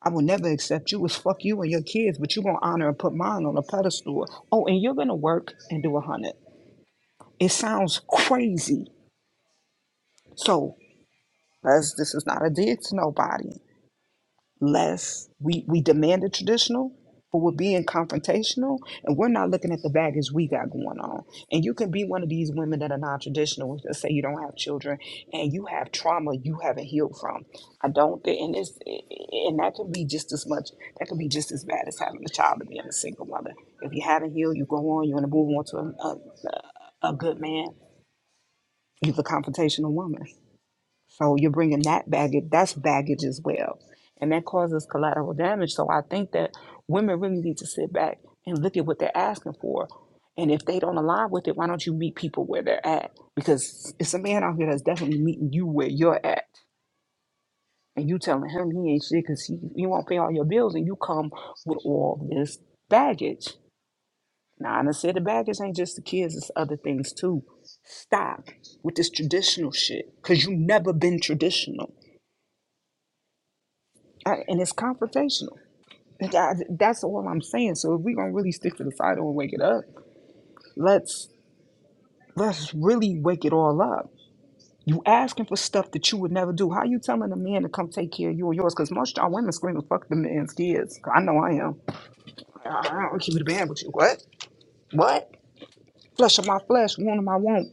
Speaker 1: I will never accept you as fuck you and your kids, but you gonna honor and put mine on a pedestal. Oh, and you're gonna work and do a hundred. It sounds crazy. So. Let's, this is not a dig to nobody. Let's, we, we demanded traditional, but we're being confrontational and we're not looking at the baggage we got going on. And you can be one of these women that are non traditional, that say you don't have children and you have trauma you haven't healed from. I don't, thi- and it's, and that can be just as much, that can be just as bad as having a child and being a single mother. If you haven't healed, you go on, you want to move on to a, a, a good man. You're the confrontational woman. So you're bringing that baggage, that's baggage as well. And that causes collateral damage. So I think that women really need to sit back and look at what they're asking for. And if they don't align with it, why don't you meet people where they're at? Because it's a man out here that's definitely meeting you where you're at. And you telling him he ain't shit because he, he won't pay all your bills and you come with all this baggage. Now, and I said the baggage ain't just the kids, it's other things too. Stop with this traditional shit because you never been traditional I, and it's confrontational. And that's all I'm saying. So if we're gonna really stick to the title and wake it up, let's let's really wake it all up. You asking for stuff that you would never do. How you telling a man to come take care of you or yours? Because most of y'all women screaming, "Fuck the man's kids." I know I am. I I don't keep it a band with you. What? What? Flesh of my flesh, wound of my womb.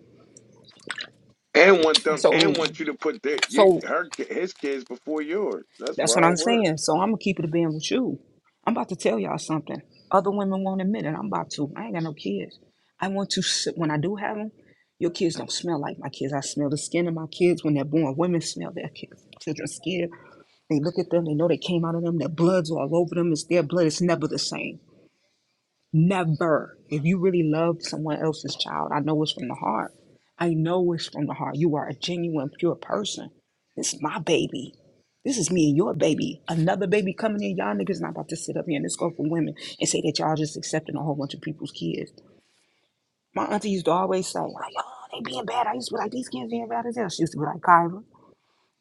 Speaker 4: and want them,
Speaker 1: So,
Speaker 4: and want you to put their, your,
Speaker 1: so
Speaker 4: her, ki- his kids before yours. That's
Speaker 1: That's what I'm
Speaker 4: wild work.
Speaker 1: saying. So I'm gonna keep it a being with you. I'm about to tell y'all something. Other women won't admit it. I'm about to. I ain't got no kids. I want to. s- When I do have them, your kids don't smell like my kids. I smell the skin of my kids when they're born. Women smell their kids. Children's skin. They look at them. They know they came out of them. Their blood's all over them. It's their blood. It's never the same. Never. If you really love someone else's child, I know it's from the heart. I know it's from the heart. You are a genuine, pure person. This is my baby. This is me and your baby. Another baby coming in, y'all niggas not about to sit up here and this go for women and say that y'all just accepting a whole bunch of people's kids. My auntie used to always say, like, oh, they being bad. I used to be like, these kids being bad as hell. She used to be like, Kyra.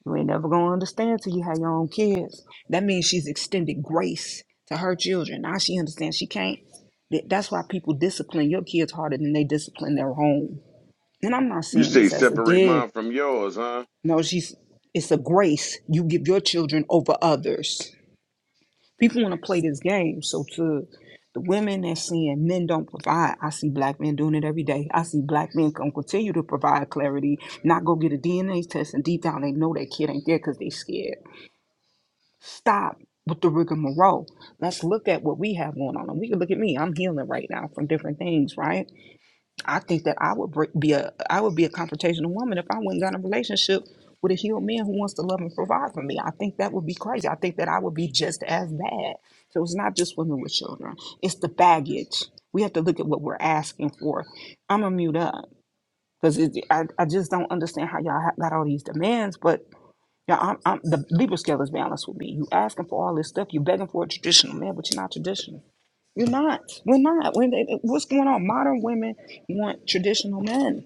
Speaker 1: You ain't never gonna understand till you have your own kids. That means she's extended grace to her children. Now she understands she can't. Th- That's why people discipline your kids harder than they discipline their own. And I'm not
Speaker 4: You
Speaker 1: saying
Speaker 4: say
Speaker 1: this as a
Speaker 4: separate
Speaker 1: dig.
Speaker 4: mine from yours, huh?
Speaker 1: No, she's it's a grace you give your children over others. People want to play this game. So to the women that's saying men don't provide, I see black men doing it every day. I see black men gonna continue to provide clarity, not go get a DNA test, and deep down they know that kid ain't there because they scared. Stop with the rigmarole. Let's look at what we have going on. And we can look at me. I'm healing right now from different things, right? I think that I would break, be a I would be a confrontational woman if I went and got in a relationship with a healed man who wants to love and provide for me. I think that would be crazy. I think that I would be just as bad. So it's not just women with children. It's the baggage. We have to look at what we're asking for. I'm gonna mute up because I, I just don't understand how y'all ha- got all these demands, but yeah, I'm, I'm the Libra scale is balanced with me. You asking for all this stuff, you begging for a traditional man, but you're not traditional. You're not. We're not. When they, what's going on? Modern women want traditional men,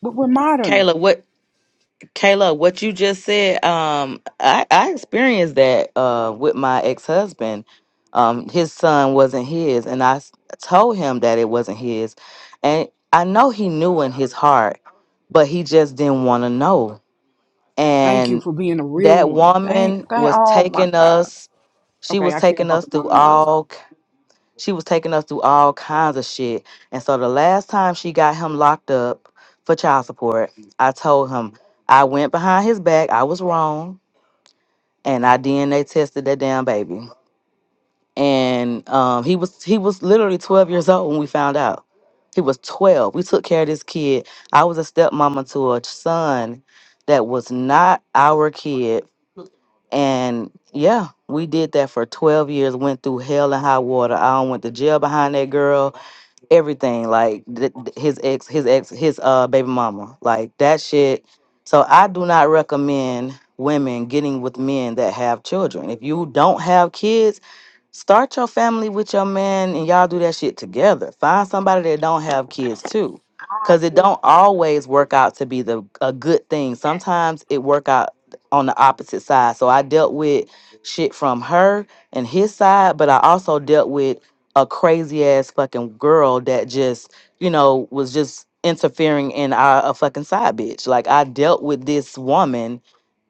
Speaker 1: but we're modern.
Speaker 7: Kayla, what Kayla, what you just said, um, I, I experienced that uh with my ex-husband. Um, his son wasn't his, and I s- told him that it wasn't his. And I know he knew in his heart, but he just didn't want to know.
Speaker 1: Thank you
Speaker 7: and
Speaker 1: for being a real
Speaker 7: that
Speaker 1: one. Thank,
Speaker 7: woman
Speaker 1: thank.
Speaker 7: was
Speaker 1: Oh my
Speaker 7: taking
Speaker 1: God.
Speaker 7: us she
Speaker 1: Okay,
Speaker 7: was
Speaker 1: I care
Speaker 7: taking
Speaker 1: about
Speaker 7: us
Speaker 1: the
Speaker 7: through
Speaker 1: wine bottle.
Speaker 7: all k- she was taking us through all kinds of shit and so the last time she got him locked up for child support i told him i went behind his back i was wrong and i dna tested that damn baby and um, he was he was literally 12 years old when we found out he was 12 we took care of this kid i was a stepmama to a son that was not our kid and yeah, we did that for 12 years, went through hell and high water. I done went to jail behind that girl, everything. Like th- th- his ex, his ex, his uh baby mama. Like that shit. So I do not recommend women getting with men that have children. If you don't have kids, Start your family with your man and y'all do that shit together. Find somebody that don't have kids too.
Speaker 6: I
Speaker 7: Cause it
Speaker 6: do
Speaker 7: don't always work out to be the a good thing.
Speaker 6: that.
Speaker 7: Sometimes it work out on the opposite side. So I dealt with shit from her and his side, but I also dealt with a crazy ass fucking girl that just, you know, was just interfering in our a fucking side bitch. Like I dealt with this woman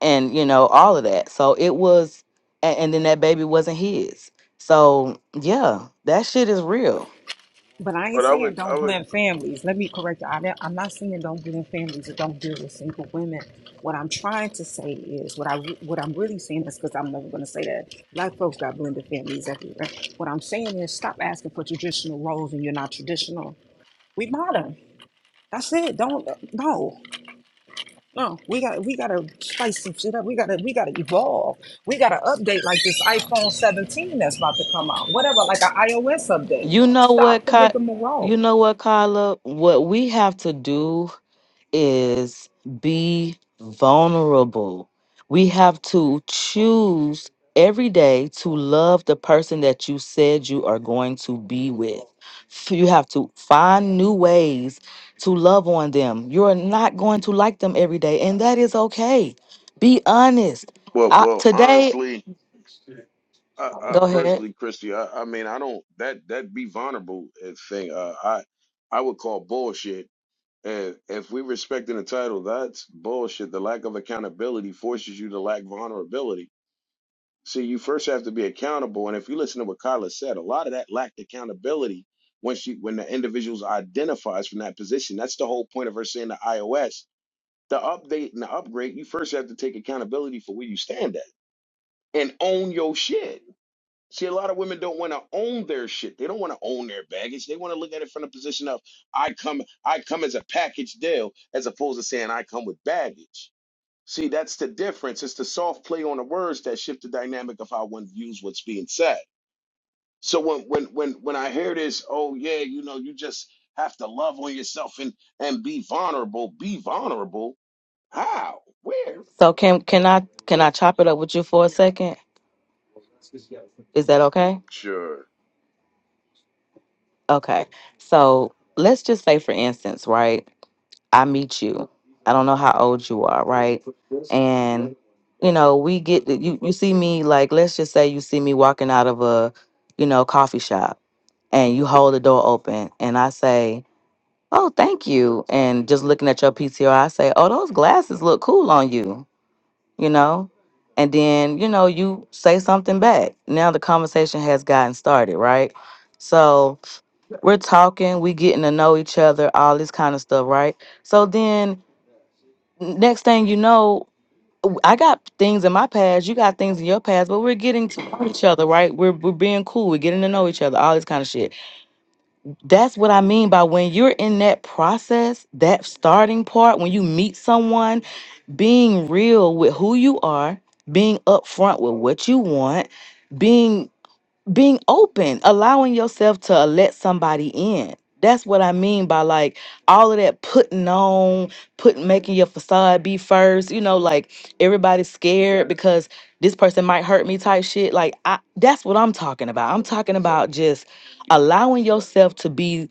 Speaker 7: and, you know, all of that. So it was and, and then that baby wasn't his so yeah, that shit is real.
Speaker 1: But I ain't
Speaker 4: But I would,
Speaker 1: saying
Speaker 4: I
Speaker 1: don't
Speaker 4: would,
Speaker 1: blend families. Let me correct you. I, don't- I'm not saying don't blend families or don't deal with single women. What I'm trying to say is what I re- what I'm really saying is because I'm never going to say that black folks got blended families everywhere. What I'm saying is stop asking for traditional roles and you're not traditional. We modern. That's it. Don't no no. We got we got to spice some shit up. We got to we got to evolve. We got to update like this iPhone 17 that's about to come out. Whatever, like an iOS update.
Speaker 7: You know
Speaker 1: Stop
Speaker 7: what,
Speaker 1: the
Speaker 7: Ky-
Speaker 1: rigmarole.
Speaker 7: you know what, Kyla? What we have to do is be vulnerable. We have to choose every day to love the person that you said you are going to be with. F- You have to find new ways to love on them. You're not going to like them every day, and that is okay. Be honest.
Speaker 4: well,
Speaker 7: I,
Speaker 4: well,
Speaker 7: today,
Speaker 4: honestly. I, I
Speaker 7: go ahead.
Speaker 4: personally, Christy, I, I mean, I don't that that be vulnerable uh, thing. Uh, I I would call bullshit. And if we respecting the title, that's bullshit. The lack of accountability forces you to lack vulnerability. See, you first have to be accountable. And if you listen to what Kyla said, a lot of that lacked accountability when she when the individuals identifies from that position. That's the whole point of her saying the iOS, the update and the upgrade. You first have to take accountability for where you stand at and own your shit See, a lot of women don't want to own their shit. They don't want to own their baggage. They want to look at it from the position of I come, I come as a package deal, as opposed to saying I come with baggage. See, that's the difference. It's the soft play on the words that shift the dynamic of how one views what's being said. So when when when when I hear this, oh yeah, you know, you just have to love on yourself and and be vulnerable. Be vulnerable. How? Where?
Speaker 7: So can can I can I
Speaker 4: When?
Speaker 7: chop it up with you for a second? Is that okay?
Speaker 4: Sure.
Speaker 7: Okay. So let's just say for instance, right? I meet you. I don't know how old you are, right? And you know, we get you you see me like let's just say you see me walking out of a, you know, coffee shop and you hold the door open and I say, "Oh, thank you." And just looking at your PTR, I say, "Oh, those glasses look cool on you." you know? And then, you know, you say something back. Now the conversation has gotten started, right? So we're talking, we getting to know each other, all this kind of stuff, right? So then n- next thing you know, w- I got things in my past, you got things in your past, but we're getting to know each other, right? We're we're being cool, we're getting to know each other, all this kind of shit. That's what I mean by when you're in that process, that starting part, when you meet someone being real with who you are, being upfront with what you want, being being open, allowing yourself to uh, let somebody in. That's what I mean by like all of that putting on, putting making your facade be first, you know, like everybody's scared because this person might hurt me type shit. Like I that's what I'm talking about. I'm talking about just allowing yourself to be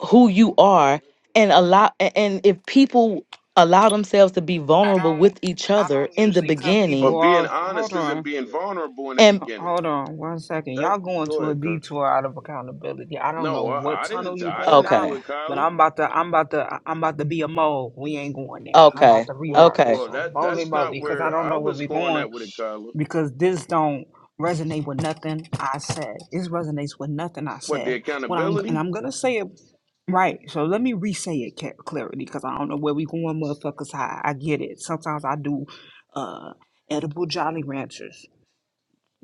Speaker 7: who you are and allow a- and if people allow themselves to be vulnerable
Speaker 1: don't
Speaker 7: with each
Speaker 1: I
Speaker 7: other
Speaker 1: don't
Speaker 7: in the
Speaker 1: usually cut
Speaker 7: beginning
Speaker 1: people
Speaker 4: But being
Speaker 1: off. Hold
Speaker 4: honest
Speaker 1: on.
Speaker 4: isn't being vulnerable in the
Speaker 7: and
Speaker 4: beginning.
Speaker 1: Hold on one second.
Speaker 4: That
Speaker 1: Y'all going
Speaker 4: go
Speaker 1: to a
Speaker 4: ahead.
Speaker 1: detour out of accountability. I don't know
Speaker 4: No,
Speaker 1: what
Speaker 4: I, I
Speaker 1: tunnel
Speaker 4: didn't.
Speaker 1: you
Speaker 4: I
Speaker 1: going
Speaker 4: didn't
Speaker 1: down,
Speaker 4: do
Speaker 7: okay
Speaker 4: it,
Speaker 1: but
Speaker 4: Kyler.
Speaker 1: I'm about to I'm about to I'm about to be a mole. We ain't going there. I'm about
Speaker 7: okay
Speaker 1: to
Speaker 4: Well,
Speaker 1: reroute
Speaker 7: okay
Speaker 1: us.
Speaker 4: well,
Speaker 1: So
Speaker 4: that
Speaker 1: boldly
Speaker 4: that's not
Speaker 1: boldly because I
Speaker 4: where
Speaker 1: don't
Speaker 4: I
Speaker 1: know where
Speaker 4: was
Speaker 1: we
Speaker 4: going
Speaker 1: going
Speaker 4: at with it, Kyler.
Speaker 1: because this don't resonate with nothing I said. This resonates with nothing I
Speaker 4: What the
Speaker 1: said. What I'm and
Speaker 4: accountability?
Speaker 1: I'm gonna say it Right. So let me re-say it ca- clarity because I don't know where we going, motherfuckers. I, I get it. Sometimes I do uh edible Jolly Ranchers.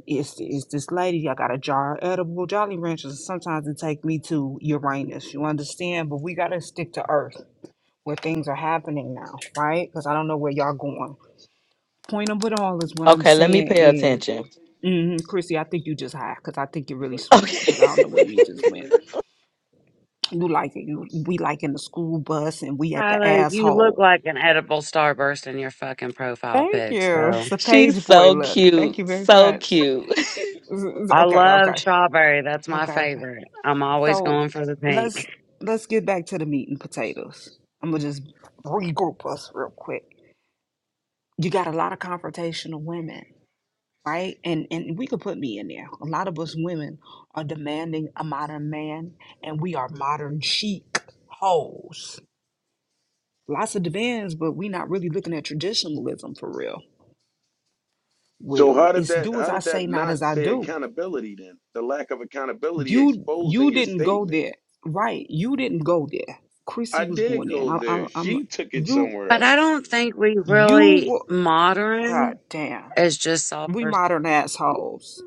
Speaker 1: It's, it's this lady, I got a jar of edible Jolly Ranchers. Sometimes it take me to Uranus. You understand? But we got to stick to Earth where things are happening now, right? Because I don't know where y'all going. Point of it all is what I'm
Speaker 7: Okay, let me
Speaker 1: saying
Speaker 7: pay
Speaker 1: is,
Speaker 7: attention.
Speaker 1: hmm Chrissy, I think you just high because I think you're really sweet
Speaker 7: Okay.
Speaker 1: because I don't know where we just went you like it. You, we like in the school bus and we at the
Speaker 15: Tyler, you look
Speaker 1: asshole.
Speaker 15: like an edible starburst in your fucking profile
Speaker 1: Thank
Speaker 15: pic.
Speaker 1: you. It's
Speaker 15: So
Speaker 1: a
Speaker 7: She's
Speaker 1: page boy
Speaker 7: so
Speaker 1: look. Thank you
Speaker 7: cute.
Speaker 1: very
Speaker 7: So
Speaker 1: much.
Speaker 7: cute.
Speaker 1: Z- z-
Speaker 15: I
Speaker 1: Okay,
Speaker 15: love
Speaker 1: okay,
Speaker 15: strawberry. That's my
Speaker 1: okay, okay.
Speaker 15: favorite. I'm always
Speaker 1: So
Speaker 15: going for the pink.
Speaker 1: let's let's get back to the meat and potatoes. I'm gonna just regroup us real quick. You got a lot of confrontational women, right? And and we could put me in there. A lot of us women are demanding a modern man, and we are modern chic hoes. Lots of demands, but we not really looking at traditionalism for real. We,
Speaker 4: So
Speaker 1: we-
Speaker 4: how did
Speaker 1: it's
Speaker 4: that?
Speaker 1: do as
Speaker 4: How
Speaker 1: I
Speaker 4: did
Speaker 1: say,
Speaker 4: that
Speaker 1: not as
Speaker 4: not
Speaker 1: I
Speaker 4: say
Speaker 1: do
Speaker 4: accountability then? The lack of accountability
Speaker 1: You
Speaker 4: exposed
Speaker 1: you
Speaker 4: in your
Speaker 1: didn't go
Speaker 4: statement.
Speaker 1: there, right? You didn't go there. Chrissy
Speaker 4: I
Speaker 1: was
Speaker 4: did
Speaker 1: going there, and
Speaker 4: go
Speaker 1: I, I,
Speaker 4: there.
Speaker 1: I'm
Speaker 4: She took it
Speaker 1: you
Speaker 4: somewhere
Speaker 15: But
Speaker 4: else.
Speaker 15: I don't think we
Speaker 1: you
Speaker 15: really
Speaker 1: were God
Speaker 15: modern
Speaker 1: damn.
Speaker 15: is just self
Speaker 1: We modern assholes.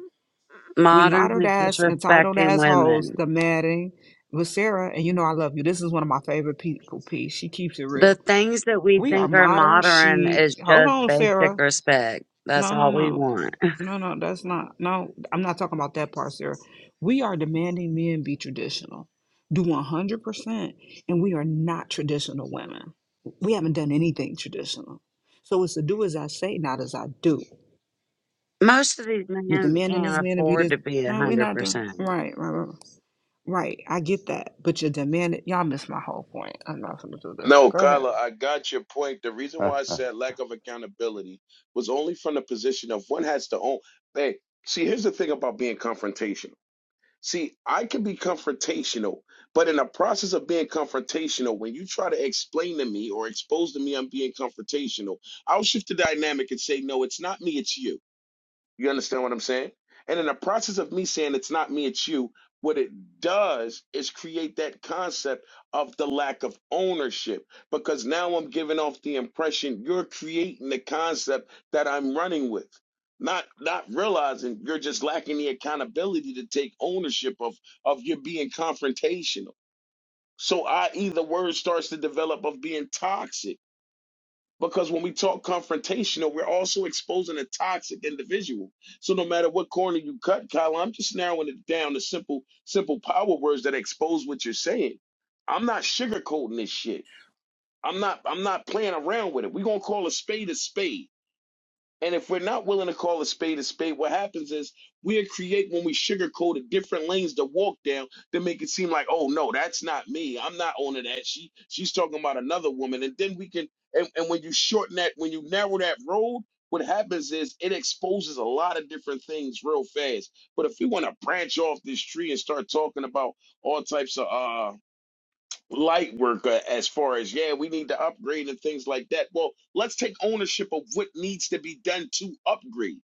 Speaker 1: We
Speaker 15: modern
Speaker 1: modern
Speaker 15: is just
Speaker 1: ass entitled
Speaker 15: respecting
Speaker 1: assholes
Speaker 15: women.
Speaker 1: The demanding with Sarah, and you know I love you. This is one of my favorite people. Piece. She keeps it
Speaker 15: The
Speaker 1: real.
Speaker 15: things that we
Speaker 1: We are
Speaker 15: think are
Speaker 1: modern.
Speaker 15: modern
Speaker 1: She
Speaker 15: is
Speaker 1: hold
Speaker 15: just
Speaker 1: on,
Speaker 15: basic
Speaker 1: Sarah.
Speaker 15: respect. That's
Speaker 1: No, no,
Speaker 15: all we
Speaker 1: no.
Speaker 15: want.
Speaker 1: No, no, that's not. No, I'm not talking about that part, Sarah. We are demanding men be traditional, do 100%, and we are not traditional women. We haven't done anything traditional. So it's to do as I say, not as I do.
Speaker 15: Most of these
Speaker 1: You're
Speaker 15: men
Speaker 1: demanding this
Speaker 15: can't
Speaker 1: man to be
Speaker 15: afford
Speaker 1: this.
Speaker 15: to be a
Speaker 1: No, we're
Speaker 15: hundred
Speaker 1: not doing.
Speaker 15: percent.
Speaker 1: Right, right, right. Right, I get that. But you're demanding. Y'all missed my whole point. I'm not going to do this.
Speaker 4: No,
Speaker 1: Go ahead.
Speaker 4: Kyler, I got your point. The reason
Speaker 13: uh,
Speaker 4: why I said lack of accountability was only from the position of one has to own. Hey, see, here's the thing about being confrontational. See, I can be confrontational, but in the process of being confrontational, when you try to explain to me or expose to me I'm being confrontational, I'll shift the dynamic and say, no, it's not me, it's you. You understand what I'm saying? And in the process of me saying it's not me, it's you, what it does is create that concept of the lack of ownership because now I'm giving off the impression you're creating the concept that I'm running with. Not not realizing you're just lacking the accountability to take ownership of of you being confrontational. So I.e. the word starts to develop of being toxic because when we talk confrontational, we're also exposing a toxic individual. So no matter what corner you cut, Kyle, I'm just narrowing it down to simple, simple power words that expose what you're saying. I'm not sugarcoating this shit. I'm not I'm not playing around with it. We're gonna call a spade a spade. And if we're not willing to call a spade a spade, what happens is we create when we sugarcoat it different lanes to walk down to make it seem like, oh no, that's not me. I'm not owning that. She she's talking about another woman. And then we can and, and when you shorten that, when you narrow that road, what happens is it exposes a lot of different things real fast. But if we want to branch off this tree and start talking about all types of uh light worker as far as yeah we need to upgrade and things like that well let's take ownership of what needs to be done to upgrade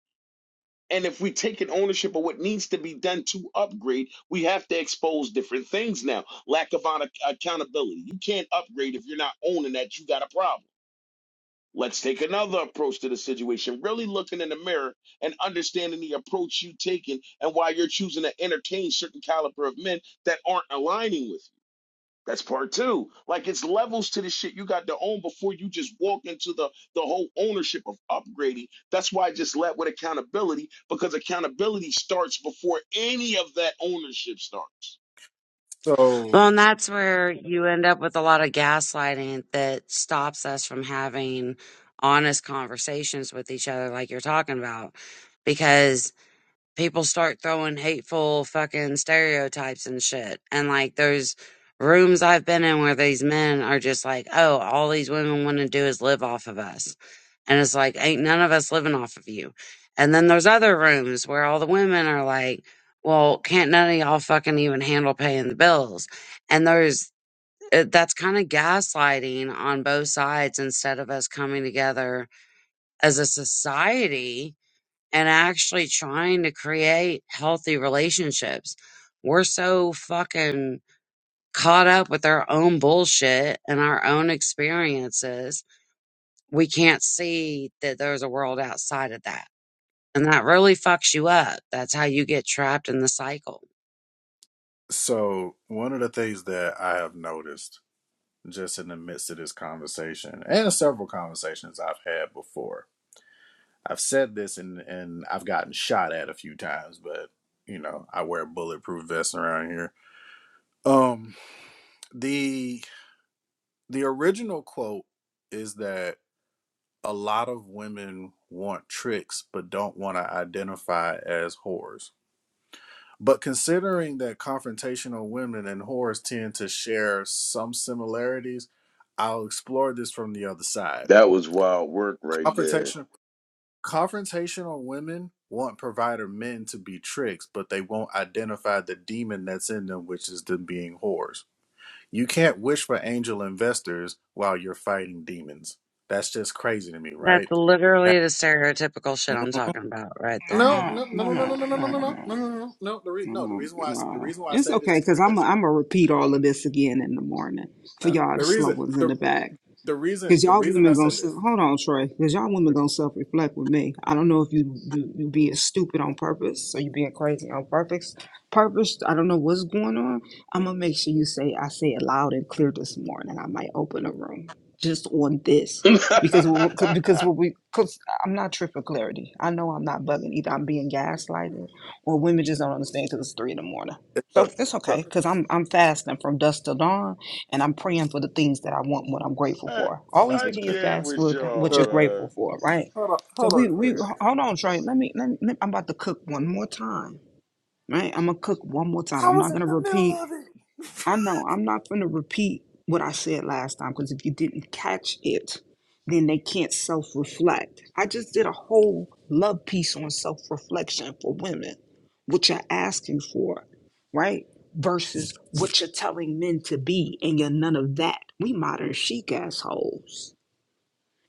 Speaker 4: and if we take an ownership of what needs to be done to upgrade we have to expose different things now lack of on- accountability you can't upgrade if you're not owning that you got a problem let's take another approach to the situation really looking in the mirror and understanding the approach you're taking and why you're choosing to entertain certain caliber of men that aren't aligning with you that's part two. Like it's levels to the shit you got to own before you just walk into the the whole ownership of upgrading. That's why I just led with accountability because accountability starts before any of that ownership starts.
Speaker 3: So,
Speaker 15: Well, and that's where you end up with a lot of gaslighting that stops us from having honest conversations with each other, like you're talking about. Because people start throwing hateful fucking stereotypes and shit. And like there's rooms I've been in where these men are just like, oh, all these women want to do is live off of us. And it's like, ain't none of us living off of you. And then there's other rooms where all the women are like, well, can't none of y'all fucking even handle paying the bills. And there's, uh, that's kind of gaslighting on both sides instead of us coming together as a society and actually trying to create healthy relationships. We're so fucking caught up with our own bullshit and our own experiences. We can't see that there's a world outside of that. And that really fucks you up. That's how you get trapped in the cycle.
Speaker 3: so one of the things that I have noticed just in the midst of this conversation and several conversations I've had before, I've said this and and I've gotten shot at a few times, but you know I wear bulletproof vests around here. Um, the the original quote is that a lot of women want tricks but don't want to identify as whores. But considering that confrontational women and whores tend to share some similarities, I'll explore this from the other side.
Speaker 4: That was wild work right there.
Speaker 3: Confrontation, confrontational women want provider men to be tricks, but they won't identify the demon that's in them, which is them being whores. You can't wish for angel investors while you're fighting demons. That's just crazy to me,
Speaker 15: That's
Speaker 3: right? That-
Speaker 15: literally the stereotypical shit I'm
Speaker 3: Mhm.
Speaker 15: talking about right
Speaker 3: No,
Speaker 15: there.
Speaker 1: No,
Speaker 3: no, no,
Speaker 1: no,
Speaker 3: no, no,
Speaker 1: no,
Speaker 3: no, no, no, no, no,
Speaker 1: no, no, no.
Speaker 3: no,
Speaker 1: no.
Speaker 3: no, no, no. no, The re- no, the
Speaker 1: Oh
Speaker 3: reason why I, s- the
Speaker 1: God,
Speaker 3: reason why I
Speaker 1: it's
Speaker 3: say
Speaker 1: okay
Speaker 3: this
Speaker 1: because
Speaker 3: is
Speaker 1: I'm i I'm gonna repeat all of this again in the morning for
Speaker 3: No,
Speaker 1: y'all the
Speaker 3: the
Speaker 1: slow
Speaker 3: reason
Speaker 1: ones in
Speaker 3: the
Speaker 1: the back.
Speaker 3: the reason
Speaker 1: Cause
Speaker 3: the
Speaker 1: y'all
Speaker 3: reason I
Speaker 1: women gonna
Speaker 3: said this
Speaker 1: self, hold on, Trey. Cause y'all women gonna self reflect with me. I don't know if you you you being stupid on purpose, or you being crazy on purpose. Purpose. I don't know what's going on. I'm gonna make sure you say I say it loud and clear this morning. I might open a room just on this
Speaker 4: I
Speaker 1: because what- what- because what we cause I'm not tripping clarity. I know I'm not bugging either. I'm being gaslighted or women just don't understand because it's three in the morning.
Speaker 3: is so,
Speaker 1: So it's
Speaker 3: so,
Speaker 1: okay because I'm I'm fasting from dusk till dawn and I'm praying for the things that I want, and what I'm grateful for. Always begin your
Speaker 4: can't
Speaker 1: fast
Speaker 4: with
Speaker 1: with what
Speaker 4: y'all,
Speaker 1: you're
Speaker 3: so
Speaker 4: man.
Speaker 1: grateful for, right?
Speaker 3: hold on
Speaker 1: So
Speaker 3: hold on
Speaker 1: we we
Speaker 3: clarity.
Speaker 1: hold on, Trey. Let me, let me let- I'm about to cook one more time, right? I'm gonna cook one more time.
Speaker 3: I
Speaker 1: I'm
Speaker 3: was
Speaker 1: not
Speaker 3: in
Speaker 1: gonna
Speaker 3: the middle
Speaker 1: repeat.
Speaker 3: of it.
Speaker 1: I know I'm not gonna repeat what I said last time because if you didn't catch it, then they can't self-reflect. I just did a whole love piece on self-reflection for women, what you're asking for, right? Versus what you're telling men to be, and you're none of that. We modern chic assholes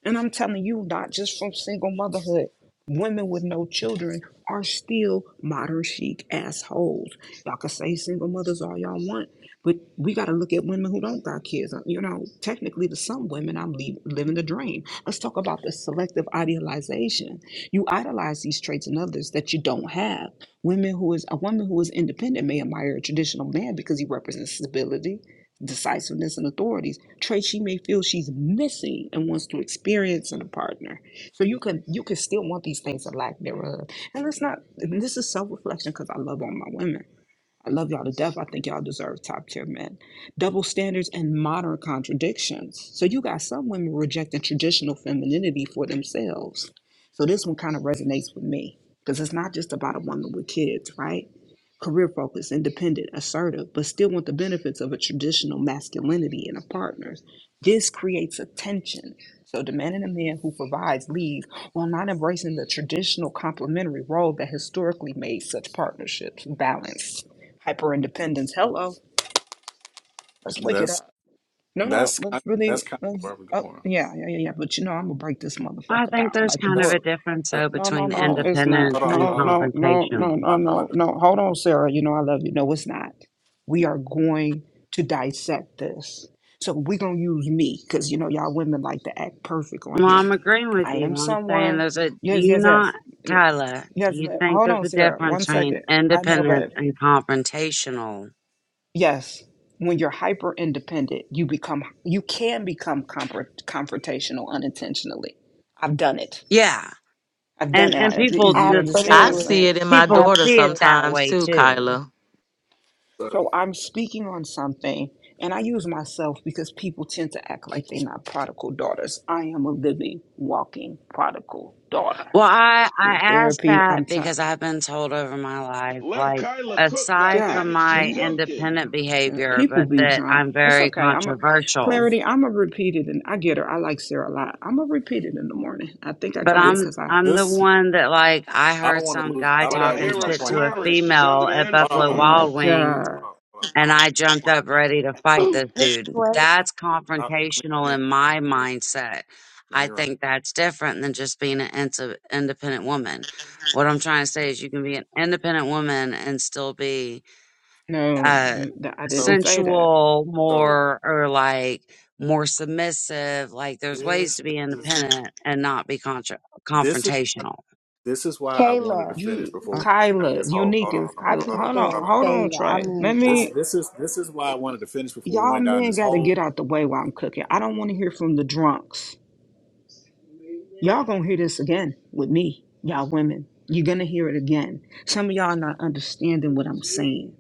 Speaker 1: and I'm telling you, not just from single motherhood, women with no children are still modern chic assholes. Y'all can say single mothers all y'all want, but we got to look at women who don't got kids. Uh, You know, technically, to some women, I'm leave, living the dream. Let's talk about the selective idealization. You idolize these traits in others that you don't have. Women who is a woman who is independent may admire a traditional man because he represents stability, decisiveness, and authority trait she may feel she's missing and wants to experience in a partner. So you can you can still want these things or lack thereof. And let's not and this is self-reflection because I love all my women. I love y'all to death. I think y'all deserve top tier men. Double standards and modern contradictions. So you got some women rejecting traditional femininity for themselves. So this one kind of resonates with me. Because it's not just about a woman with kids, right? career focused, independent, assertive, but still want the benefits of a traditional masculinity in a partner. This creates a tension. So, demanding a man who provides leads while not embracing the traditional complementary role that historically made such partnerships balanced. Hyper independence. Hello, let's wake it
Speaker 3: That's
Speaker 1: up. No, no,
Speaker 3: that's kind
Speaker 1: let's
Speaker 3: that's
Speaker 1: really,
Speaker 3: kind of
Speaker 1: let's,
Speaker 3: where I'm
Speaker 1: oh,
Speaker 3: going.
Speaker 1: yeah, yeah, yeah, yeah. But you know, I'm gonna break this
Speaker 15: I
Speaker 1: motherfucker
Speaker 15: think
Speaker 1: down
Speaker 15: there's
Speaker 1: like a
Speaker 15: kind of
Speaker 3: That's
Speaker 15: a
Speaker 1: book.
Speaker 15: difference
Speaker 3: that,
Speaker 15: though
Speaker 1: No, no,
Speaker 15: between
Speaker 3: mm.
Speaker 1: no, it's not.
Speaker 15: independence
Speaker 3: hold on hold on
Speaker 15: and
Speaker 1: No,
Speaker 3: hold on.
Speaker 1: no, no,
Speaker 15: confrontational.
Speaker 1: no,
Speaker 3: I'm
Speaker 1: no,
Speaker 3: about I'm about
Speaker 1: no,
Speaker 3: to-
Speaker 1: no. Hold on, Sarah. You know, I love you. No, it's not we are going to dissect this. So we're gonna use me, because you know y'all women like to act perfect on
Speaker 15: Well,
Speaker 1: here.
Speaker 15: I'm agreeing with
Speaker 1: I
Speaker 15: you.
Speaker 1: am
Speaker 15: I'm saying
Speaker 1: someone.
Speaker 15: there's a, do
Speaker 1: Yes,
Speaker 15: you
Speaker 1: yes,
Speaker 15: not,
Speaker 1: yes. Y-
Speaker 15: Kyla, do
Speaker 1: Yes,
Speaker 15: you
Speaker 1: ma-
Speaker 15: think
Speaker 1: hold
Speaker 15: there's
Speaker 1: on,
Speaker 15: a
Speaker 1: Sarah. One
Speaker 15: difference between
Speaker 1: second. I know,
Speaker 15: independence
Speaker 1: babe.
Speaker 15: and confrontational?
Speaker 1: yes, when you're hyper independent, you become you can become compro- confrontational unintentionally. I've done it.
Speaker 15: Yeah.
Speaker 1: I've done
Speaker 15: And,
Speaker 1: it.
Speaker 15: and
Speaker 1: I, you
Speaker 15: people
Speaker 1: you
Speaker 15: just,
Speaker 1: understand what
Speaker 7: I
Speaker 1: I'm
Speaker 6: Absolutely.
Speaker 7: see
Speaker 1: saying?
Speaker 7: it in my
Speaker 15: people
Speaker 7: daughter
Speaker 15: see it
Speaker 6: Absolutely.
Speaker 15: that
Speaker 7: sometimes
Speaker 15: way
Speaker 7: too,
Speaker 15: too.
Speaker 7: Kyla.
Speaker 3: so
Speaker 1: So I'm speaking on something, and I use myself because people tend to act like they're not prodigal daughters. I am a living, walking prodigal daughter.
Speaker 15: Well, I,
Speaker 1: I'm
Speaker 15: I
Speaker 1: in
Speaker 15: asked
Speaker 1: therapy. I'm
Speaker 15: that because
Speaker 1: trying.
Speaker 15: I've been told over my life,
Speaker 4: Let
Speaker 15: like,
Speaker 4: Kyla cook. God
Speaker 15: aside
Speaker 1: God
Speaker 4: damn
Speaker 15: from
Speaker 4: it, she
Speaker 15: my
Speaker 1: damn,
Speaker 4: cooking.
Speaker 15: independent
Speaker 1: Uh,
Speaker 15: behavior,
Speaker 1: people
Speaker 15: but
Speaker 1: be
Speaker 15: that
Speaker 1: drunk.
Speaker 15: I'm
Speaker 1: It's
Speaker 15: very
Speaker 1: okay. I'm a
Speaker 15: controversial.
Speaker 1: clarity. I'm a repeated, and I get her. I like Sarah a lot. I'm a repeated in the morning. I think I
Speaker 15: But
Speaker 1: got it
Speaker 3: this
Speaker 15: I'm
Speaker 1: because I.
Speaker 15: I'm the
Speaker 3: this
Speaker 15: one that like I
Speaker 3: I don't
Speaker 15: heard
Speaker 3: want to
Speaker 15: some
Speaker 3: lose
Speaker 15: guy
Speaker 3: I don't
Speaker 4: But I
Speaker 3: want to
Speaker 15: talking
Speaker 4: hear
Speaker 3: lose my
Speaker 4: her
Speaker 15: shit
Speaker 3: point. That
Speaker 15: to a
Speaker 3: I was
Speaker 4: slurring. She's under
Speaker 15: female
Speaker 4: the
Speaker 15: at
Speaker 3: hold on
Speaker 15: Buffalo
Speaker 3: hold on hold
Speaker 1: My
Speaker 15: Wild
Speaker 4: influence.
Speaker 3: on hold
Speaker 15: Wings
Speaker 1: God,
Speaker 3: on. Hold on. I
Speaker 15: and
Speaker 3: don't want
Speaker 15: I
Speaker 3: to lose my
Speaker 15: jumped
Speaker 3: point.
Speaker 15: up
Speaker 3: That
Speaker 15: ready to fight this dude.
Speaker 6: Praise
Speaker 15: That's
Speaker 3: I, I- let me let
Speaker 15: confrontational
Speaker 3: me
Speaker 15: in my
Speaker 3: let me
Speaker 15: mindset.
Speaker 3: let
Speaker 15: I
Speaker 3: me run.
Speaker 15: think that's different than just being an int- independent woman. What I'm trying to say is you can be an independent woman and still be
Speaker 1: no,
Speaker 15: uh,
Speaker 1: th- th- I
Speaker 3: So
Speaker 1: didn't say that.
Speaker 15: sensual,
Speaker 3: so
Speaker 15: more or like more submissive. Like there's ways
Speaker 3: this
Speaker 15: to be
Speaker 3: is
Speaker 15: independent and not be contra-
Speaker 3: this
Speaker 15: confrontational.
Speaker 3: This is why I wanted to
Speaker 6: Kayla.
Speaker 3: finish
Speaker 1: You,
Speaker 3: before we went down
Speaker 1: Kyla,
Speaker 3: this hole. Hold
Speaker 1: unique
Speaker 3: on, hold
Speaker 1: is
Speaker 3: on,
Speaker 6: I
Speaker 1: Kyla.
Speaker 3: hold on,
Speaker 6: keep
Speaker 1: Hold on,
Speaker 3: hold
Speaker 6: saying
Speaker 3: on, hold
Speaker 1: hold
Speaker 3: on.
Speaker 1: on,
Speaker 6: Kayla. I
Speaker 1: Trey. Let
Speaker 6: mean
Speaker 3: This
Speaker 1: me.
Speaker 6: Kyla.
Speaker 3: this is this is why I wanted to finish before we
Speaker 1: Y'all
Speaker 3: went down
Speaker 1: men
Speaker 3: this
Speaker 1: got to
Speaker 3: hole.
Speaker 1: get out the way while I'm cooking. I don't want to hear from the drunks. Y'all gonna hear this again with me, y'all women. You're gonna hear it again. Some of y'all not understanding what I'm saying.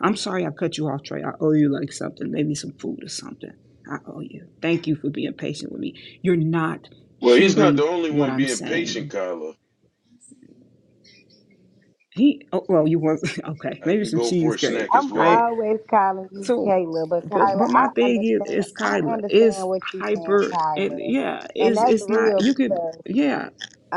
Speaker 1: I'm sorry I cut you off, Trey. I owe you like something, maybe some food or something. I owe you. Thank you for being patient with me. You're not
Speaker 4: Well, he's not the
Speaker 1: hearing
Speaker 4: only
Speaker 1: what
Speaker 4: one
Speaker 1: I'm
Speaker 4: being patient,
Speaker 1: saying.
Speaker 4: Kyla.
Speaker 1: He, oh, well, you want okay,
Speaker 4: I
Speaker 1: maybe
Speaker 4: can
Speaker 1: some
Speaker 4: go for a
Speaker 1: cheesecake,
Speaker 4: snack as
Speaker 6: I'm
Speaker 1: right?
Speaker 4: well.
Speaker 6: always calling you
Speaker 1: So,
Speaker 6: Kayla, but
Speaker 1: but
Speaker 6: Kyla,
Speaker 1: but my
Speaker 6: I
Speaker 1: thing
Speaker 6: understand.
Speaker 1: is, is
Speaker 6: I
Speaker 1: Kyla
Speaker 6: understand
Speaker 1: is
Speaker 6: what you're saying,
Speaker 1: hyper, and
Speaker 6: Kyla,
Speaker 1: yeah,
Speaker 6: and
Speaker 1: is
Speaker 6: that's
Speaker 1: it's not.
Speaker 6: real
Speaker 1: You could,
Speaker 6: because
Speaker 1: yeah,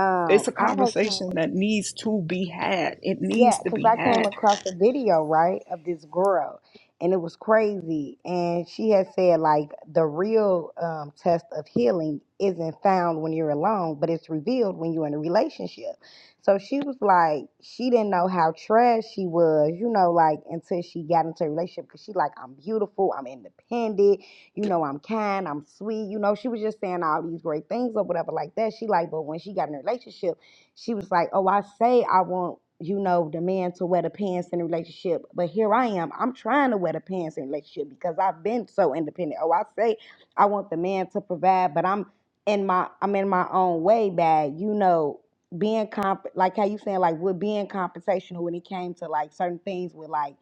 Speaker 6: um
Speaker 1: it's a
Speaker 6: I had came
Speaker 1: conversation that needs to be had. It
Speaker 6: Yeah,
Speaker 1: needs to
Speaker 6: because
Speaker 1: be
Speaker 6: I came
Speaker 1: had.
Speaker 6: across a video, right, of this girl, and it was crazy. And she had said, like, the real um, test of healing isn't found when you're alone, but it's revealed when you're in a relationship. So she was like, she didn't know how trash she was, you know, like, until she got into a relationship, because she, like, I'm beautiful, I'm independent, you know, I'm kind, I'm sweet, you know, she was just saying all these great things or whatever, like that. She, like, but when she got in a relationship, she was like, Oh, I say I want, you know, the man to wear the pants in a relationship, but here I am. I'm trying to wear the pants in a relationship because I've been so independent. Oh, I say I want the man to provide, but I'm in my I'm in my own way bag, you know, being comp like how you saying, like we're being confrontational when it came to like certain things with like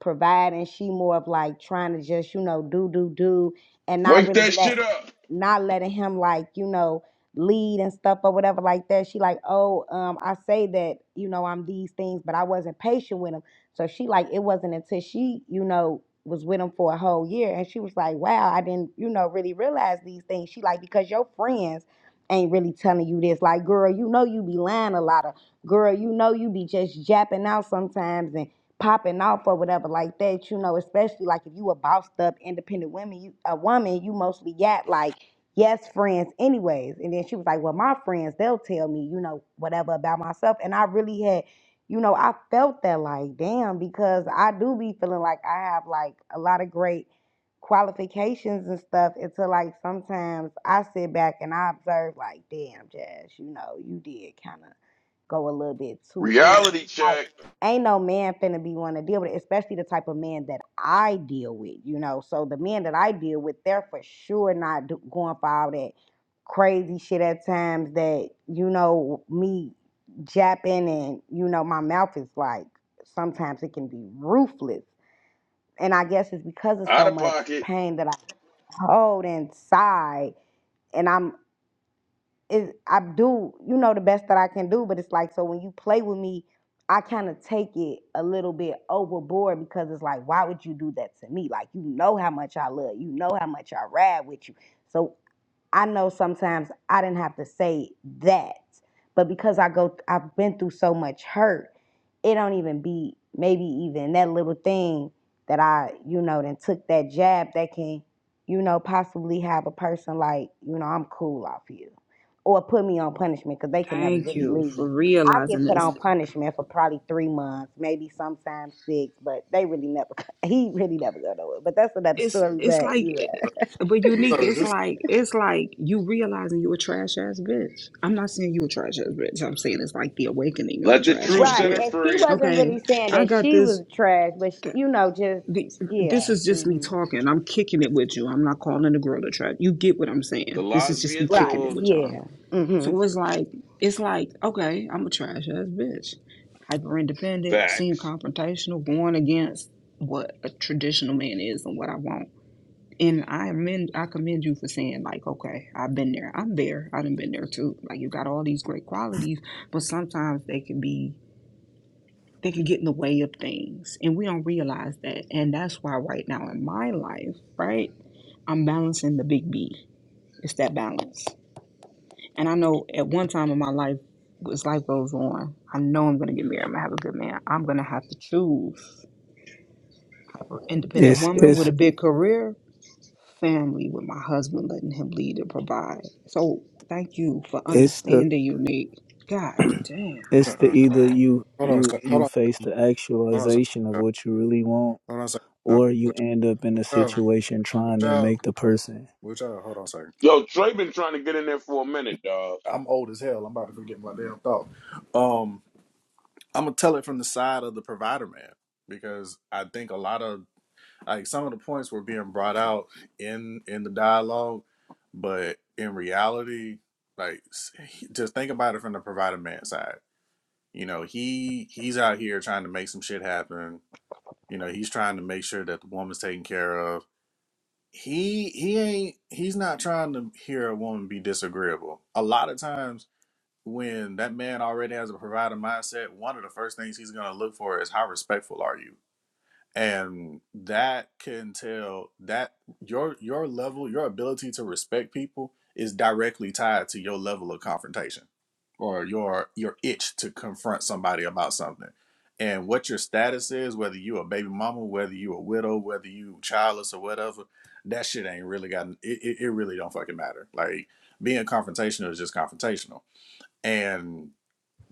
Speaker 6: providing. She more of like trying to just, you know, do, do, do and not
Speaker 4: Wake
Speaker 6: really
Speaker 4: that shit
Speaker 6: let
Speaker 4: up.
Speaker 6: not letting him like, you know, lead and stuff or whatever like that. She like, oh, um, I say that you know I'm these things, but I wasn't patient with him. So she like, it wasn't until she, you know, was with him for a whole year, and she was like, wow, I didn't, you know, really realize these things. She like because your friends ain't really telling you this. Like, girl, you know you be lying a lot of girl, you know you be just japping out sometimes and popping off or whatever like that. You know, especially like if you a bossed up independent woman, you a woman, you mostly got like yes, friends, anyways. And then she was like, well, my friends, they'll tell me, you know, whatever about myself. And I really had, you know, I felt that like, damn, because I do be feeling like I have like a lot of great qualifications and stuff until like sometimes I sit back and I observe like, damn, Jazz, you know, you did kind of go a little bit too in. It's
Speaker 4: Reality
Speaker 6: Like,
Speaker 4: check.
Speaker 6: ain't no man finna be want to deal with it, especially the type of man that I deal with, you know. So the men that I deal with, they're for sure not do- going for all that crazy shit at times that, you know, me japping and, you know, my mouth is like, sometimes it can be ruthless. And I guess it's because of
Speaker 4: Out
Speaker 6: so
Speaker 4: of
Speaker 6: much
Speaker 4: pocket.
Speaker 6: pain that I hold inside. and I'm it, I do, you know, the best that I can do. But it's like, so when you play with me, I kind of take it a little bit overboard because it's like, why would you do that to me? Like, you know how much I love you, You know how much I ride with you. So I know sometimes I didn't have to say that, but because I go, I've been through so much hurt, it don't even be maybe even that little thing that I, you know, then took that jab that can, you know, possibly have a person like, you know, I'm cool off you, or put me on punishment because they can never
Speaker 1: Thank
Speaker 6: really
Speaker 1: you for
Speaker 6: leave. I get
Speaker 1: realizing
Speaker 6: put
Speaker 1: this.
Speaker 6: on punishment for probably three months, maybe sometimes six, but they really never, he really never go nowhere. But that's another
Speaker 1: It's
Speaker 6: story.
Speaker 1: it's
Speaker 6: But yeah.
Speaker 1: like,
Speaker 3: So
Speaker 1: but unique.
Speaker 3: is
Speaker 1: It's
Speaker 3: this?
Speaker 1: like it's like you realizing you a trash ass bitch. I'm not saying you a trash ass bitch. I'm saying it's like the awakening of a
Speaker 4: Let the
Speaker 1: trash
Speaker 4: truth
Speaker 1: ass
Speaker 4: set
Speaker 6: Right.
Speaker 4: her
Speaker 1: bitch.
Speaker 6: And she
Speaker 4: free.
Speaker 6: wasn't
Speaker 1: Okay,
Speaker 6: really saying
Speaker 1: I
Speaker 6: that
Speaker 1: got
Speaker 6: she
Speaker 1: this.
Speaker 6: was trash, but sh- you know, just
Speaker 1: th- this
Speaker 6: yeah.
Speaker 1: is just me
Speaker 6: hmm
Speaker 1: talking. I'm kicking it with you. I'm not calling the girl a trap. You get what I'm saying.
Speaker 4: The
Speaker 1: This is
Speaker 4: lies
Speaker 1: just me
Speaker 4: being
Speaker 6: Right.
Speaker 1: kicking it
Speaker 4: told.
Speaker 1: with y'all.
Speaker 6: Yeah. hmm
Speaker 1: So it's like, it's like, okay, I'm a trash ass bitch. Hyper independent, seem
Speaker 4: Facts.
Speaker 1: confrontational, going against what a traditional man is and what I want. And I amend, I commend you for saying like, okay, I've been there. I'm there. I done been there too. Like you got all these great qualities, but sometimes they can be they can get in the way of things, and we don't realize that. And that's why, right now in my life, right, I'm balancing the big B. It's that balance. And I know at one time in my life, as life goes on, I know I'm going to get married. I'm going to have a good man. I'm going to have to choose an independent
Speaker 16: It's
Speaker 1: woman with
Speaker 16: it's
Speaker 1: a big career, family with my husband, letting him lead and provide. So thank you for
Speaker 16: it's the
Speaker 1: understanding, unique. God damn.
Speaker 16: it's the
Speaker 3: Uh-uh.
Speaker 16: either you
Speaker 3: Hold on, a
Speaker 16: you
Speaker 3: sec- hold
Speaker 16: you
Speaker 3: on,
Speaker 16: face the
Speaker 3: hold on, a second.
Speaker 16: actualization of
Speaker 3: uh,
Speaker 16: what you really want,
Speaker 3: hold on, a second. uh,
Speaker 16: or you
Speaker 3: Which
Speaker 16: end up in
Speaker 3: which
Speaker 16: a situation trying to
Speaker 3: which
Speaker 16: make the person.
Speaker 3: which hold on a second.
Speaker 4: Yo, Trey been trying to get in there for a minute, dog.
Speaker 3: I'm old as hell. I'm about to forget my damn thought. Um, I'm gonna tell it from the side of the provider man because I think a lot of like some of the points were being brought out in in the dialogue, but in reality, like he- just think about it from the provider man side. You know, he he's out here trying to make some shit happen. You know, he's trying to make sure that the woman's taken care of. He he ain't he's not trying to hear a woman be disagreeable. A lot of times when that man already has a provider mindset, one of the first things he's gonna look for is how respectful are you and that can tell that your your level your ability to respect people is directly tied to your level of confrontation or your your itch to confront somebody about something and what your status is whether you a baby mama whether you a widow whether you childless or whatever that shit ain't really got it, it, it really don't fucking matter like being confrontational is just confrontational and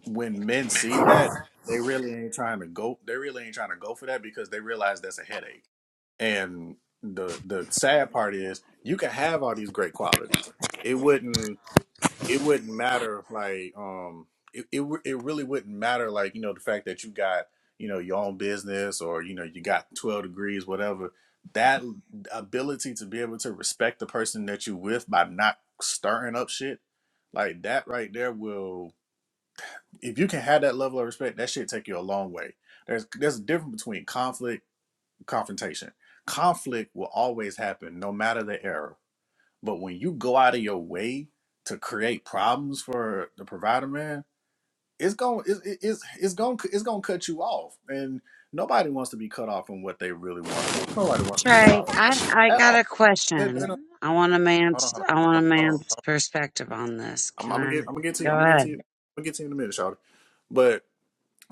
Speaker 3: when men see that, they really ain't trying to go. They really ain't trying to go for that because they realize that's a headache. And the the sad part is, you can have all these great qualities. It wouldn't. It wouldn't matter. Like um, it it, w- it really wouldn't matter. Like you know, the fact that you got you know your own business or you know you got twelve degrees, whatever. That ability to be able to respect the person that you with by not stirring up shit, like that right there will if you can have that level of respect, that shit take you a long way. There's there's a difference between conflict and confrontation. Conflict will always happen no matter the error. But when you go out of your way to create problems for the provider man, it's going it's it- it's it's going to it's going to cut you off. And nobody wants to be cut off from what they really want. Nobody wants to be cut
Speaker 15: Trey,
Speaker 3: off from that
Speaker 15: I,
Speaker 3: shit
Speaker 15: I
Speaker 3: at
Speaker 15: got
Speaker 3: all.
Speaker 15: a
Speaker 3: That, that don't,
Speaker 15: question. I want a
Speaker 3: hold on, hold
Speaker 15: man's
Speaker 3: on,
Speaker 15: I want
Speaker 3: hold
Speaker 15: a
Speaker 3: on, hold on.
Speaker 15: man's perspective on this.
Speaker 3: I'm,
Speaker 15: Can
Speaker 3: I'm gonna
Speaker 15: I
Speaker 3: get I'm gonna get to you.
Speaker 15: go
Speaker 3: I'm gonna get to you.
Speaker 15: ahead?
Speaker 3: I'm gonna get to you in a minute, Charlie. But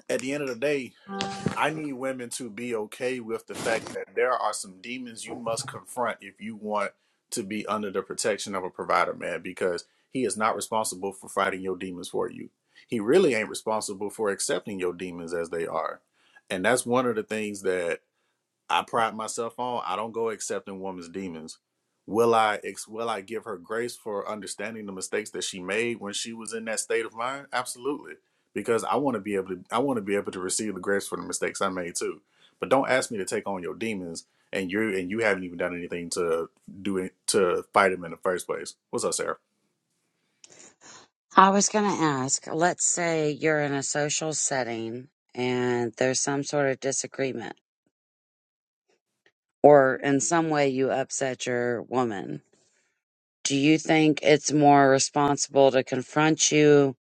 Speaker 3: at the end of the day, I need women to be okay with the fact that there are some demons you must confront if you want to be under the protection of a provider, man, because he is not responsible for fighting your demons for you. He really ain't responsible for accepting your demons as they are. And that's one of the things that I pride myself on I don't go accepting woman's demons. Will I ex- will I give her grace for understanding the mistakes that she made when she was in that state of mind? Absolutely. Because I want to be able to I want to be able to receive the grace for the mistakes I made too. But don't ask me to take on your demons and you and you haven't even done anything to do it to fight them in the first place. What's up, Sarah?
Speaker 15: I was gonna ask, let's say you're in a social setting and there's some sort of disagreement or in some way you upset your woman. Do you think it's more responsible to confront you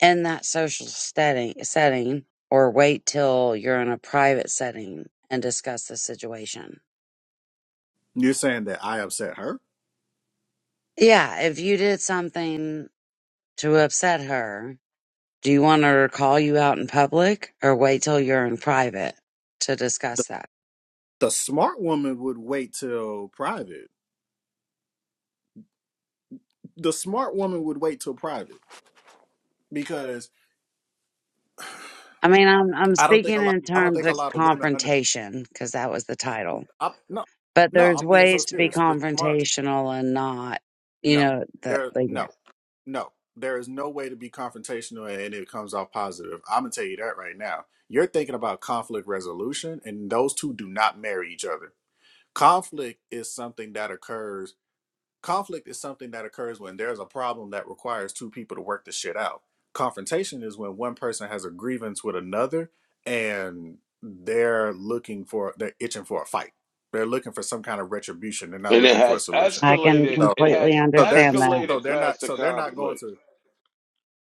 Speaker 15: in that social setting setting or wait till you're in a private setting and discuss the situation?
Speaker 3: You're saying that I upset her?
Speaker 15: Yeah, if you did something to upset her, do you want her to call you out in public or wait till you're in private to
Speaker 3: The,
Speaker 15: discuss that?
Speaker 3: the smart woman would wait till private. The smart woman would wait till private because.
Speaker 15: I mean, I'm I'm
Speaker 3: I don't think a
Speaker 15: speaking
Speaker 3: lot.
Speaker 15: in
Speaker 3: I don't
Speaker 15: terms
Speaker 3: think a
Speaker 15: of
Speaker 3: lot of women under.
Speaker 15: confrontation because that was the title.
Speaker 3: I, no,
Speaker 15: But
Speaker 3: no.
Speaker 15: there's
Speaker 3: I'm being so
Speaker 15: ways to be
Speaker 3: serious. The smart.
Speaker 15: confrontational and not, you
Speaker 3: No,
Speaker 15: know, that
Speaker 3: there.
Speaker 15: like yeah,
Speaker 3: No, no. There is no way to be confrontational and it comes off positive. I'm gonna tell you that right now. You're thinking about conflict resolution, and those two do not marry each other. Conflict is something that occurs conflict is something that occurs when there's a problem that requires two people to work the shit out. Confrontation is when one person has a grievance with another and they're looking for they're itching for a fight. They're looking for some kind of retribution. They're not
Speaker 4: And it
Speaker 3: looking for a
Speaker 4: has
Speaker 3: solution.
Speaker 15: I can
Speaker 4: escalated.
Speaker 3: So
Speaker 4: It
Speaker 15: completely
Speaker 4: has
Speaker 3: so they're
Speaker 15: understand that.
Speaker 3: so
Speaker 4: escalated
Speaker 3: they're
Speaker 4: past
Speaker 3: not
Speaker 4: the
Speaker 3: so they're not going
Speaker 4: conflict.
Speaker 3: to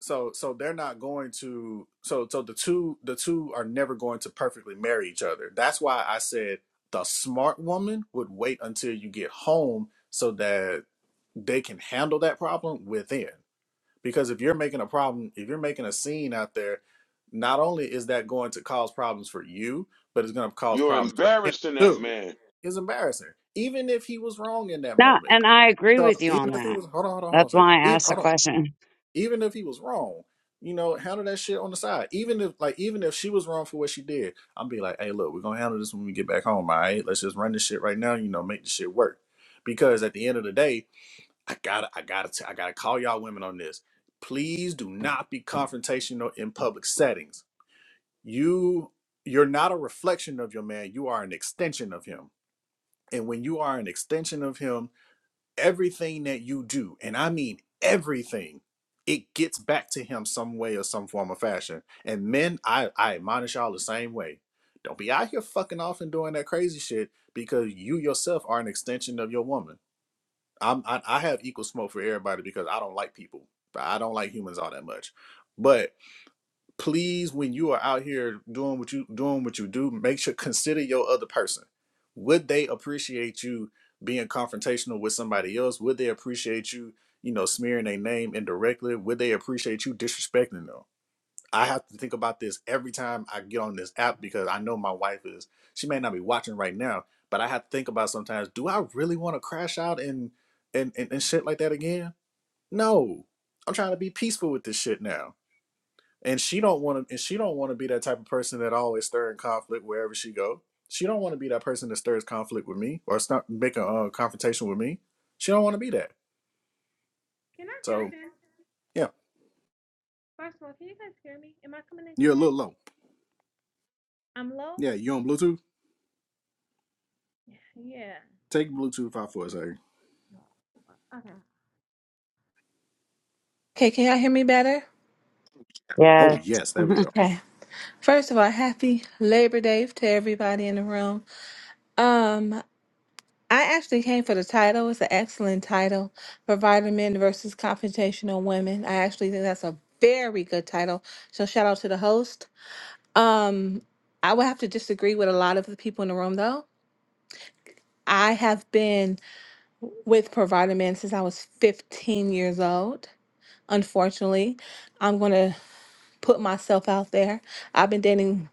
Speaker 3: so so they're not going to so so the two the two are never going to perfectly marry each other. That's why I said the smart woman would wait until you get home so that they can handle that problem within. Because if you're making a problem, if you're making a scene out there, not only is that going to cause problems for you, but it's going to cause
Speaker 4: You're
Speaker 3: problems for him
Speaker 4: embarrassing that
Speaker 3: too.
Speaker 4: man.
Speaker 3: It's embarrassing, even if he was wrong in that
Speaker 15: No,
Speaker 3: moment.
Speaker 15: and I agree
Speaker 3: So
Speaker 15: with you
Speaker 3: even
Speaker 15: on
Speaker 3: if he
Speaker 15: that.
Speaker 3: was, hold on, hold on, hold on,
Speaker 15: That's
Speaker 3: sir.
Speaker 15: why I
Speaker 3: Even,
Speaker 15: asked the
Speaker 3: hold on.
Speaker 15: question.
Speaker 3: Even if he was wrong, you know, handle that shit on the side. Even if, like, even if she was wrong for what she did, I'm be like, hey, look, we're gonna handle this when we get back home. All right, let's just run this shit right now. You know, make the shit work. Because at the end of the day, I gotta, I gotta, t- I gotta call y'all women on this. Please do not be confrontational in public settings. You, you're not a reflection of your man. You are an extension of him. And when you are an extension of him, everything that you do, and I mean everything, it gets back to him some way or some form or fashion. And men, I, I admonish y'all the same way. Don't be out here fucking off and doing that crazy shit because you yourself are an extension of your woman I'm I, I have equal smoke for everybody because I don't like people. I don't like humans all that much. But please, when you are out here doing what you doing what you do, make sure consider your other person. Would they appreciate you being confrontational with somebody else? Would they appreciate you, you know, smearing their name indirectly? Would they appreciate you disrespecting them? I have to think about this every time I get on this app because I know my wife is, she may not be watching right now, but I have to think about sometimes, do I really want to crash out and, and, and, and shit like that again? No, I'm trying to be peaceful with this shit now. And she don't want to, and she don't want to be that type of person that always stirring conflict wherever she go. She don't want to be that person that stirs conflict with me or start make a uh, confrontation with me. She don't want to be that. So yeah, you're a little low. Yeah, you on Bluetooth? Take Bluetooth out for a second.
Speaker 17: Okay, can y'all hear me better?
Speaker 3: Oh
Speaker 15: Yes.
Speaker 3: yes, there we go.
Speaker 17: Okay. First of all, happy Labor Day to everybody in the room. Um, I actually came for the title. It's an excellent title for Vitamin versus Confrontational Women. I actually think that's a very good title. So shout out to the host. Um, I would have to disagree with a lot of the people in the room though. I have been with Provider Men since I was 15 years old. Unfortunately, I'm going to put myself out there. I've been dating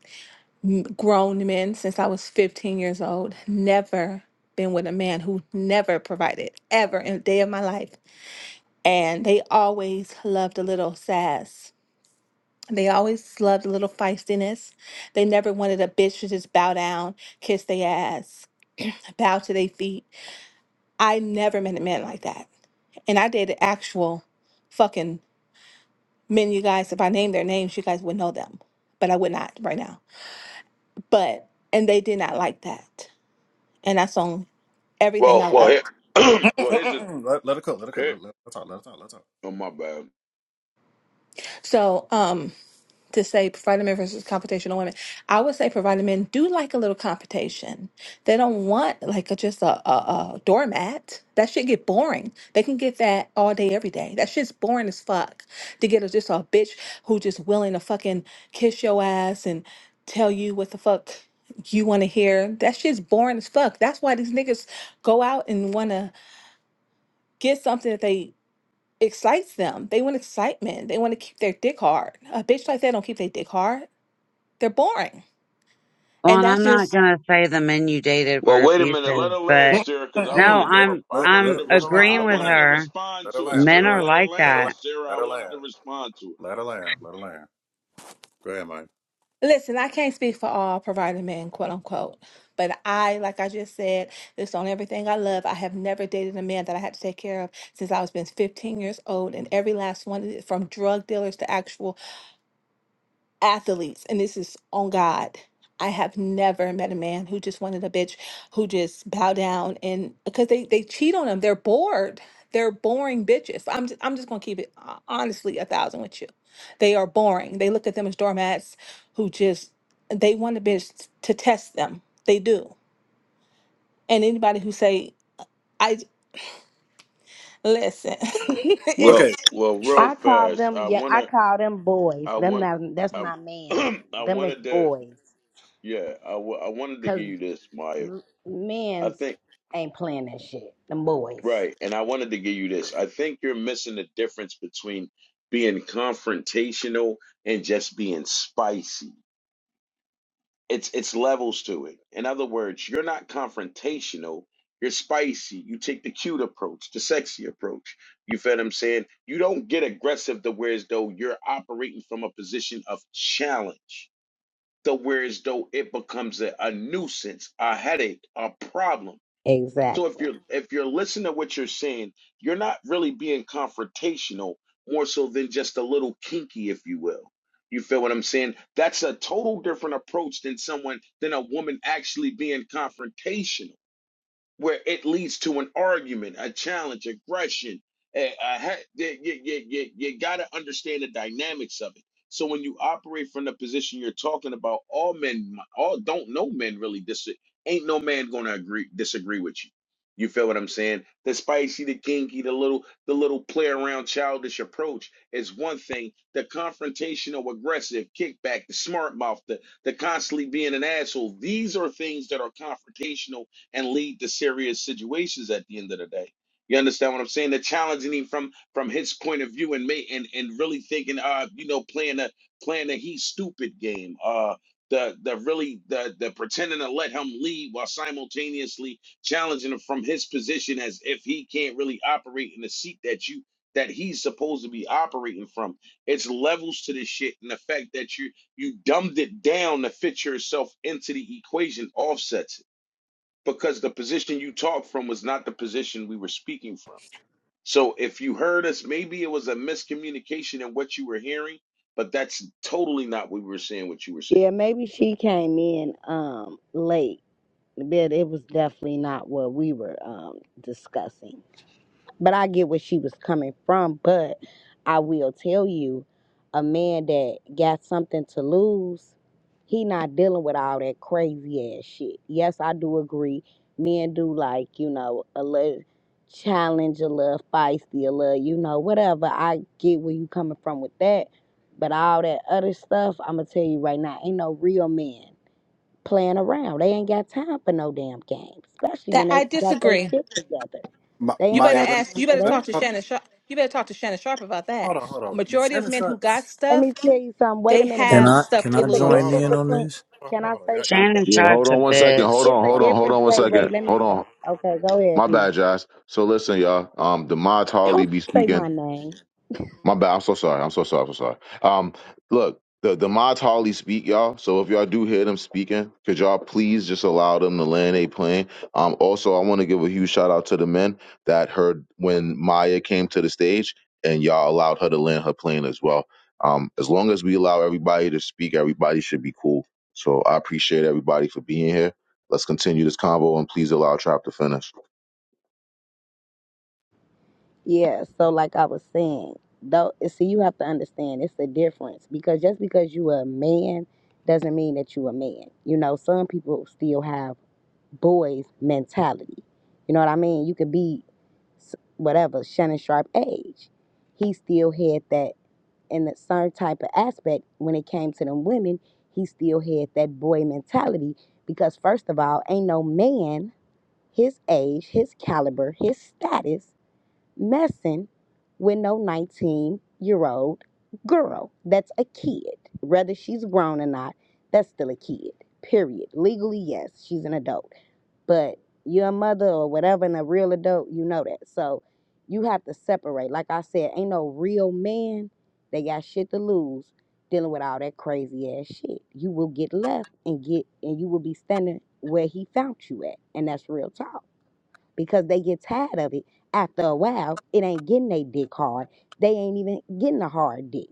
Speaker 17: grown men since I was 15 years old. Never been with a man who never provided ever in a day of my life. And they always loved a little sass. They always loved a little feistiness. They never wanted a bitch to just bow down, kiss their ass, bow to their feet. I never met a man like that. And I dated actual fucking men, you guys. If I named their names, you guys would know them. But I would not right now. But, and they did not like that. And that's on everything
Speaker 4: Well,
Speaker 17: I
Speaker 4: well,
Speaker 17: love.
Speaker 4: here, well, here's the.
Speaker 3: Mm-mm-mm. Let, let her cook. Let her cook.
Speaker 4: Here,
Speaker 3: Let, let, let her talk. Let her talk. Let
Speaker 4: oh my bad.
Speaker 17: So, um, to say provided men versus competition on women, I would say provided men do like a little competition. They don't want like a, just a, a, a doormat. That shit get boring. They can get that all day, every day. That shit's boring as fuck. To get a, just a bitch who just willing to fucking kiss your ass and tell you what the fuck you want to hear. That shit's boring as fuck. That's why these niggas go out and want to get something that they excites them. They want excitement. They want to keep their dick hard. A bitch like that don't keep their dick hard. They're boring.
Speaker 15: Well,
Speaker 17: And
Speaker 15: and
Speaker 17: that's
Speaker 15: I'm not
Speaker 17: just
Speaker 15: gonna say the men you dated
Speaker 4: Well,
Speaker 15: were
Speaker 4: wait a minute. Let
Speaker 15: abusive,
Speaker 4: her land,
Speaker 15: but
Speaker 3: her talk.
Speaker 4: Sarah, because I
Speaker 15: no,
Speaker 3: Mm-mm-mm.
Speaker 4: wanted to.
Speaker 3: Let,
Speaker 4: Re-
Speaker 15: I'm
Speaker 4: I
Speaker 3: let, let,
Speaker 4: wanted
Speaker 15: I'm
Speaker 3: her,
Speaker 4: to
Speaker 3: let her land.
Speaker 4: respond. I
Speaker 15: agreeing
Speaker 3: Let her
Speaker 15: with
Speaker 3: land.
Speaker 4: wanted to
Speaker 15: her.
Speaker 4: respond
Speaker 3: Let her
Speaker 4: to it,
Speaker 3: land. Let
Speaker 15: Men
Speaker 3: her
Speaker 4: Sarah.
Speaker 3: land.
Speaker 15: are
Speaker 4: Let her
Speaker 15: like
Speaker 3: Let her land.
Speaker 4: land,
Speaker 15: that.
Speaker 4: Sarah.
Speaker 3: Let
Speaker 4: I
Speaker 3: her
Speaker 4: wanted to
Speaker 3: land.
Speaker 4: respond to it.
Speaker 3: Let her land. Let her land. Go ahead, Mike.
Speaker 17: listen, I can't speak for all provider men, quote unquote. But I, like I just said, this on everything I love. I have never dated a man that I had to take care of since I was been 15 years old, and every last one, from drug dealers to actual athletes, and this is on God. I have never met a man who just wanted a bitch who just bow down and because they they cheat on them. They're bored. They're boring bitches. I'm just, I'm just gonna keep it uh, honestly a thousand with you. They are boring. They look at them as doormats who just they want a bitch t- to test them. They do. And anybody who say I listen,
Speaker 4: Well,
Speaker 3: Okay,
Speaker 17: it's
Speaker 4: well, real
Speaker 6: I call
Speaker 4: fast.
Speaker 6: them.
Speaker 4: I
Speaker 6: Yeah, I
Speaker 4: wanna.
Speaker 6: call them boys.
Speaker 4: I
Speaker 6: Them
Speaker 4: want.
Speaker 6: not. That's
Speaker 4: Um,
Speaker 6: not man's.
Speaker 4: I
Speaker 6: Them is
Speaker 4: wanted to.
Speaker 6: boys.
Speaker 4: Yeah, I, w- I wanted to give
Speaker 6: Cause
Speaker 4: you this, Maya.
Speaker 6: r-
Speaker 4: I
Speaker 6: men's
Speaker 4: think
Speaker 6: ain't playing that shit. Them boys.
Speaker 4: right, and I wanted to give you this. I think you're missing the difference between being confrontational and just being spicy it's it's levels to it. In other words, you're not confrontational. You're spicy. You take the cute approach, the sexy approach. You feel what I'm saying? You don't get aggressive to where as though you're operating from a position of challenge. To where as though it becomes a, a nuisance, a headache, a problem. So if
Speaker 6: Exactly.
Speaker 4: you're if you're listening to what you're saying, you're not really being confrontational, more so than just a little kinky, if you will. You feel what I'm saying? That's a total different approach than someone than a woman actually being confrontational where it leads to an argument, a challenge, aggression. eh, a ha- You, you, got to understand the dynamics of it. So when you operate from the position you're talking about, all men, all don't know men really dis. Ain't no man gonna agree disagree with you. You feel what I'm saying? The spicy, the kinky, the little, the little play around, childish approach is one thing. The confrontational, aggressive, kickback, the smart mouth, the the constantly being an asshole. These are things that are confrontational and lead to serious situations at the end of the day. You understand what I'm saying? They're challenging him from from his point of view and may and and really thinking, uh, you know, playing a playing a he's stupid game. Uh the the really the the pretending to let him lead while simultaneously challenging him from his position as if he can't really operate in the seat that you that he's supposed to be operating from. It's levels to this shit and the fact that you you dumbed it down to fit yourself into the equation offsets it because the position you talked from was not the position we were speaking from. So if you heard us, maybe it was a miscommunication in what you were hearing, but that's totally not what we were saying. What you were saying.
Speaker 6: Yeah. Maybe she came in um late, but it was definitely not what we were um discussing. But I get where she was coming from. But I will tell you, a man that got something to lose, he not dealing with all that crazy ass shit. Yes, I do agree. Men do like, you know, a little challenge, a little feisty, a little, you know, whatever. I get where you coming from with that. But all that other stuff, I'ma tell you right now, ain't no real men playing around. They ain't got time for no damn games. Especially
Speaker 17: that
Speaker 6: when they
Speaker 17: I
Speaker 6: got their
Speaker 17: disagree.
Speaker 6: shit together.
Speaker 3: Ma-
Speaker 6: They
Speaker 17: You
Speaker 6: ain't
Speaker 17: better
Speaker 3: Maya.
Speaker 6: got
Speaker 3: Let,
Speaker 17: ask.
Speaker 6: time
Speaker 17: You
Speaker 6: for
Speaker 17: better
Speaker 3: let,
Speaker 6: that.
Speaker 17: talk to
Speaker 3: hold
Speaker 17: Shannon. Sharp. You better talk to Shannon Sharp about that.
Speaker 3: on. Hold on. Hold
Speaker 17: A
Speaker 3: on.
Speaker 17: majority of
Speaker 3: Shannon
Speaker 17: men who
Speaker 3: Sharp.
Speaker 17: got
Speaker 6: Let
Speaker 17: stuff,
Speaker 6: me tell you something. Wait a
Speaker 17: they
Speaker 6: minute,
Speaker 3: Let
Speaker 16: Can
Speaker 17: have
Speaker 3: me.
Speaker 6: baby.
Speaker 16: I
Speaker 17: stuff
Speaker 16: can
Speaker 17: to
Speaker 16: I
Speaker 6: It's a
Speaker 3: Hold on.
Speaker 16: join
Speaker 3: Hold
Speaker 17: lose.
Speaker 3: on.
Speaker 6: difference
Speaker 16: in
Speaker 3: Hold on.
Speaker 16: on
Speaker 6: between.
Speaker 16: this?
Speaker 3: Hold on. Hold
Speaker 6: Can
Speaker 3: on.
Speaker 6: I
Speaker 3: Hold on.
Speaker 6: say
Speaker 3: Yeah, yeah,
Speaker 6: something?
Speaker 15: Shannon
Speaker 2: Yeah, hold
Speaker 15: Sharp's a
Speaker 2: on one
Speaker 3: hold on, hold on,
Speaker 2: second,
Speaker 3: hold
Speaker 2: hold
Speaker 3: on.
Speaker 15: bitch.
Speaker 6: It's
Speaker 2: on,
Speaker 6: a
Speaker 2: hold on, hold
Speaker 6: difference.
Speaker 2: on one
Speaker 6: Wait, wait.
Speaker 2: second,
Speaker 6: Let
Speaker 2: hold
Speaker 6: me say.
Speaker 2: on.
Speaker 6: Okay, go ahead,
Speaker 2: My
Speaker 6: please.
Speaker 2: bad, Josh. So listen, y'all. Um, Demond Harley
Speaker 6: Don't
Speaker 2: be
Speaker 6: say
Speaker 2: speaking.
Speaker 6: my name.
Speaker 2: My bad. I'm so sorry. I'm so sorry. I'm so sorry. Um, look, the the mods hardly speak, y'all. So if y'all do hear them speaking, could y'all please just allow them to land a plane? Um, also, I want to give a huge shout out to the men that heard when Maya came to the stage, and y'all allowed her to land her plane as well. Um, as long as we allow everybody to speak, everybody should be cool. So I appreciate everybody for being here. Let's continue this convo, and please allow Trap to finish.
Speaker 6: Yeah. So, like I was saying, though, see, you have to understand. It's a difference because just because you a man doesn't mean that you a man. You know, some people still have boys mentality. You know what I mean? You could be s- whatever Shannon Sharp age. He still had that in a certain type of aspect when it came to them women, he still had that boy mentality because first of all, ain't no man his age, his caliber, his status messing with no 19 year old girl. That's a kid. Whether she's grown or not, that's still a kid. Period. Legally, yes, she's an adult but you're a mother or whatever and a real adult, you know that. So you have to separate. Like I said, ain't no real man that got shit to lose dealing with all that crazy ass shit. You will get left and get and you will be standing where he found you at. And that's real talk. Because they get tired of it after a while, it ain't getting they dick hard. They ain't even getting a hard dick.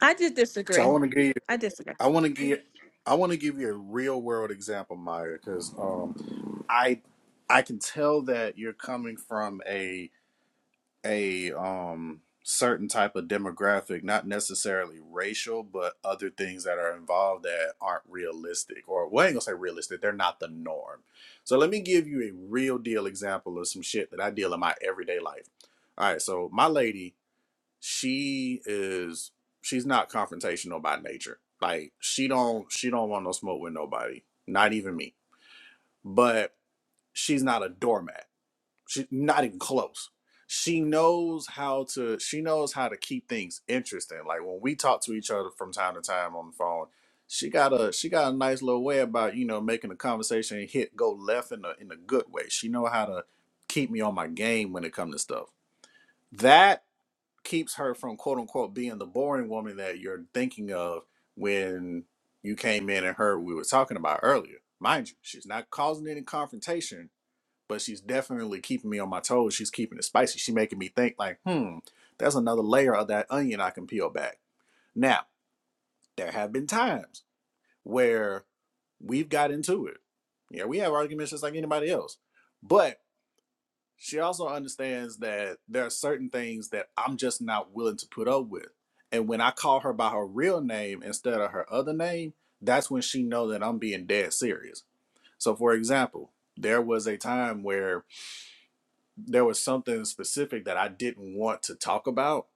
Speaker 17: I just
Speaker 3: So I
Speaker 17: disagree.
Speaker 3: want to give you.
Speaker 17: I disagree.
Speaker 3: I want to give. I want to give you a real world example, Maya, because um, I I can tell that you're coming from a a um certain type of demographic, not necessarily racial, but other things that are involved that aren't realistic, or well, I ain't gonna say realistic, they're not the norm. So let me give you a real deal example of some shit that I deal in my everyday life. All right, so my lady, she is she's not confrontational by nature. Like she don't she don't want no smoke with nobody, not even me. But she's not a doormat She's not even close. She knows how to she knows how to keep things interesting. Like when we talk to each other from time to time on the phone, she got a she got a nice little way about, you know, making the conversation hit go left in a in a good way. She know how to keep me on my game when it comes to stuff. That keeps her from quote unquote being the boring woman that you're thinking of when you came in and heard what we were talking about earlier. Mind you, she's not causing any confrontation but she's definitely keeping me on my toes. She's keeping it spicy. She's making me think like, hmm, there's another layer of that onion I can peel back. Now, there have been times where we've got into it. Yeah, we have arguments just like anybody else. But she also understands that there are certain things that I'm just not willing to put up with. And when I call her by her real name instead of her other name, that's when she know that I'm being dead serious. So for example, there was a time where there was something specific that I didn't want to talk about.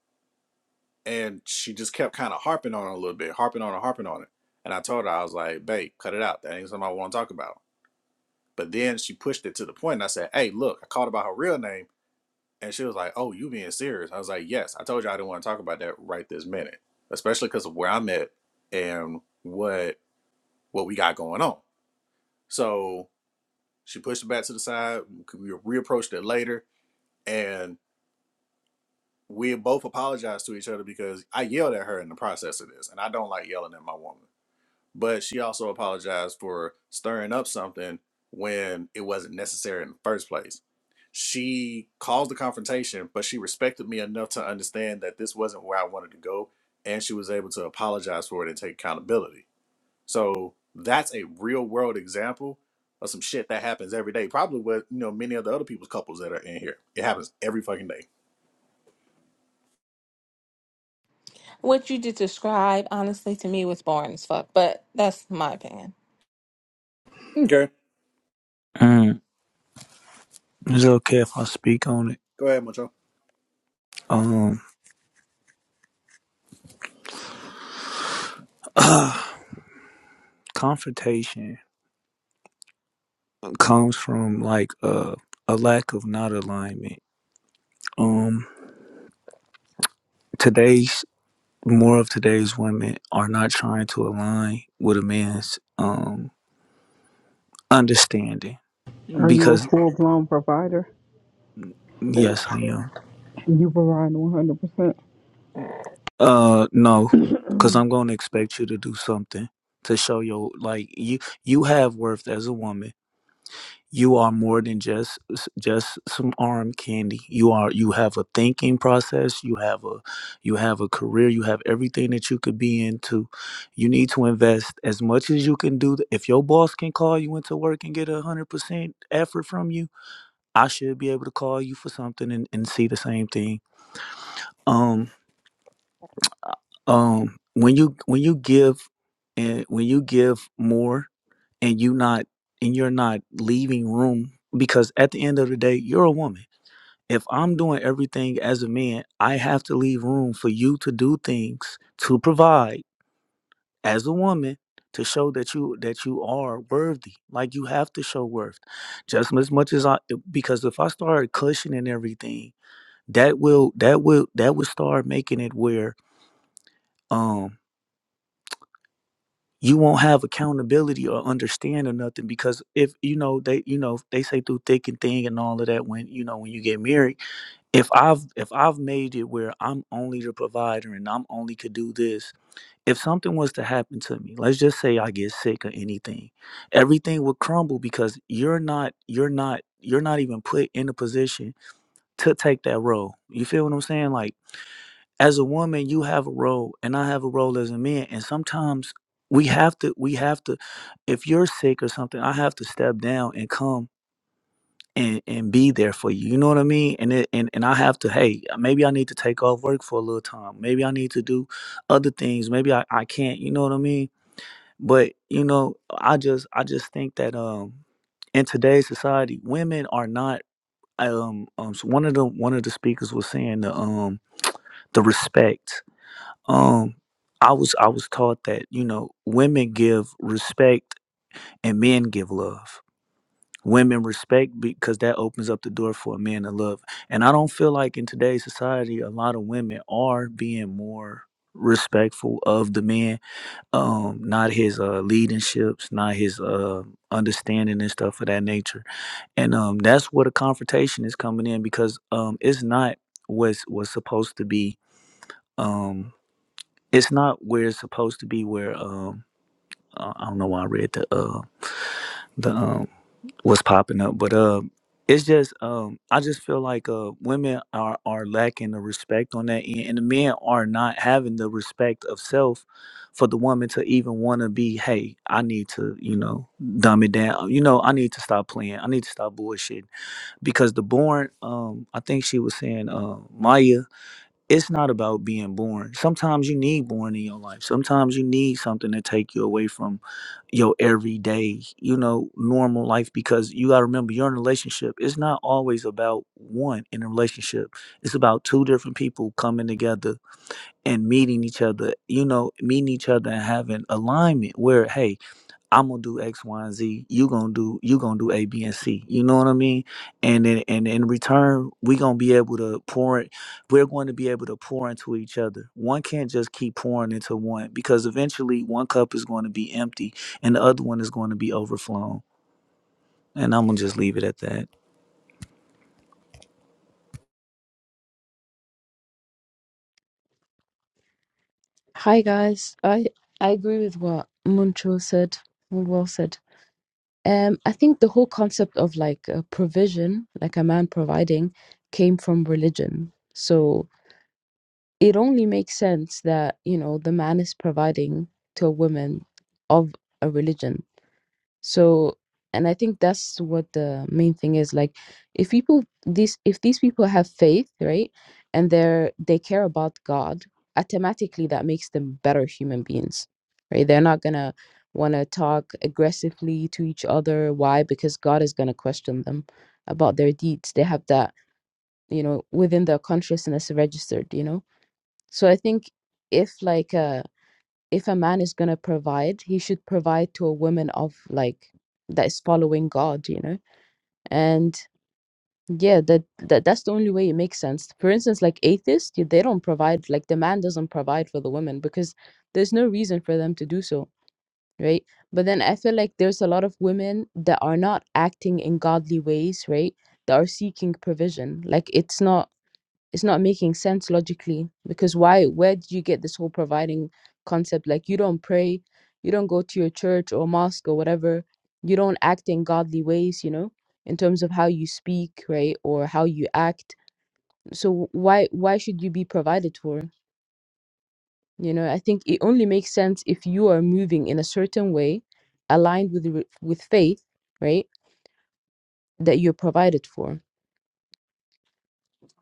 Speaker 3: And she just kept kind of harping on it a little bit, harping on it, harping on it. And I told her, I was like, babe, cut it out. That ain't something I want to talk about. But then she pushed it to the point, And I said, hey, look, I called about her real name. And she was like, oh, you being serious? I was like, yes, I told you I didn't want to talk about that right this minute, especially because of where I'm at and what what we got going on. So she pushed it back to the side. We reapproached it later. And we both apologized to each other because I yelled at her in the process of this, and I don't like yelling at my woman. But she also apologized for stirring up something when it wasn't necessary in the first place. She caused the confrontation, but she respected me enough to understand that this wasn't where I wanted to go, and she was able to apologize for it and take accountability. So that's a real world example of some shit that happens every day. Probably with you know many of the other people's couples that are in here. It happens every fucking day.
Speaker 17: What you just described, honestly, to me was boring as fuck. But that's my opinion.
Speaker 3: Okay.
Speaker 16: Mm, is it okay if I speak on it?
Speaker 3: Go ahead, Macho.
Speaker 16: Um, confrontation comes from like a a lack of not alignment. Um, today's more of today's women are not trying to align with a man's um understanding
Speaker 1: Are you a
Speaker 16: Because
Speaker 1: full blown provider?
Speaker 16: yes, I am.
Speaker 1: You provide 100%.
Speaker 16: Uh, no, because I'm gonna expect you to do something to show your like you you have worth as a woman. You are more than just just some arm candy. You are you have a thinking process. You have a you have a career. You have everything that you could be into. You need to invest as much as you can do. If your boss can call you into work and get a hundred percent effort from you, I should be able to call you for something and, and see the same thing. Um. um when you when you give and when you give more and you not and you're not leaving room because at the end of the day you're a woman if i'm doing everything as a man i have to leave room for you to do things to provide as a woman to show that you that you are worthy like you have to show worth just as much as i because if i start cushioning everything that will that will that will start making it where um, you won't have accountability or understand or nothing because if you know they you know they say through thick and thin and all of that when you know when you get married if i've if i've made it where i'm only the provider and i'm only could do this if something was to happen to me let's just say i get sick or anything everything would crumble because you're not you're not you're not even put in a position to take that role you feel what i'm saying like as a woman you have a role and i have a role as a man and sometimes we have to we have to if you're sick or something i have to step down and come and, and be there for you you know what i mean and it, and and i have to hey maybe i need to take off work for a little time maybe i need to do other things maybe i, I can't you know what i mean but you know i just i just think that um in today's society women are not um, um so one of the one of the speakers was saying the um the respect um i was i was taught that you know women give respect and men give love women respect because that opens up the door for a man to love and i don't feel like in today's society a lot of women are being more respectful of the man um not his uh leaderships not his uh understanding and stuff of that nature and um that's where the confrontation is coming in because um it's not what's was supposed to be um. It's not where it's supposed to be. Where um, uh, I don't know why I read the uh the um what's popping up, but uh, it's just um, I just feel like uh women are are lacking the respect on that end, and the men are not having the respect of self for the woman to even want to be. Hey, I need to you know dumb it down. You know, I need to stop playing. I need to stop bullshitting because the born um, I think she was saying uh, Maya it's not about being born. Sometimes you need born in your life. Sometimes you need something to take you away from your everyday, you know, normal life because you got to remember you're in a relationship. It's not always about one in a relationship. It's about two different people coming together and meeting each other, you know, meeting each other and having alignment where hey, I'm gonna do X, Y, and Z. You gonna do you gonna do A, B, and C. You know what I mean? And then and in return, we gonna be able to pour it. We're going to be able to pour into each other. One can't just keep pouring into one because eventually one cup is going to be empty and the other one is going to be overflowing. And I'm gonna just leave it at that.
Speaker 18: Hi guys. I I agree with what Muncho said. Well well said. Um, I think the whole concept of like a provision, like a man providing, came from religion. So it only makes sense that you know the man is providing to a woman of a religion so and i think that's what the main thing is like if people these if these people have faith right and they're they care about god automatically that makes them better human beings right they're not gonna want to talk aggressively to each other why because god is gonna question them about their deeds they have that you know within their consciousness registered you know so i think if like uh if a man is going to provide, he should provide to a woman of like that is following God, you know? And yeah, that, that that's the only way it makes sense. For instance, like atheists, yeah, they don't provide, like the man doesn't provide for the woman because there's no reason for them to do so, right? But then I feel like there's a lot of women that are not acting in godly ways, right? That are seeking provision. Like it's not it's not making sense logically because why where did you get this whole providing concept like you don't pray you don't go to your church or mosque or whatever you don't act in godly ways you know in terms of how you speak right or how you act so why why should you be provided for you know i think it only makes sense if you are moving in a certain way aligned with re- with faith right that you're provided for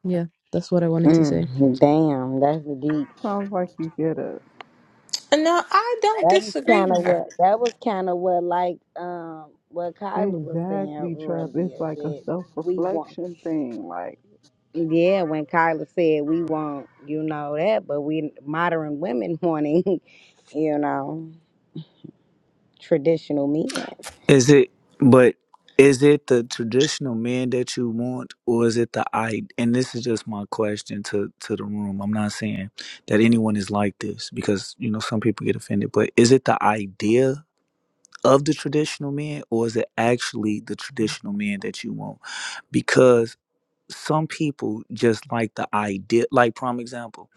Speaker 18: yeah that's what i wanted to say
Speaker 6: Mm, damn, that's deep.
Speaker 1: Sounds like you get it.
Speaker 17: No, I don't
Speaker 6: That was
Speaker 17: disagree
Speaker 6: kind
Speaker 17: with
Speaker 6: of
Speaker 17: her.
Speaker 6: what. That was kind of what, like, um, what Kyla was saying
Speaker 1: Exactly, Trap.
Speaker 6: earlier.
Speaker 1: It's like a
Speaker 6: That
Speaker 1: self
Speaker 6: we want.
Speaker 1: reflection thing. Like,
Speaker 6: Yeah, when Kyla said we want, you know that, but we modern women wanting, you know, traditional men.
Speaker 16: Is it, but is it the traditional man that you want, or is it the I? And this is just my question to to the room. I'm not saying that anyone is like this because you know some people get offended. But is it the idea of the traditional man, or is it actually the traditional man that you want? Because some people just like the idea. Like prime example,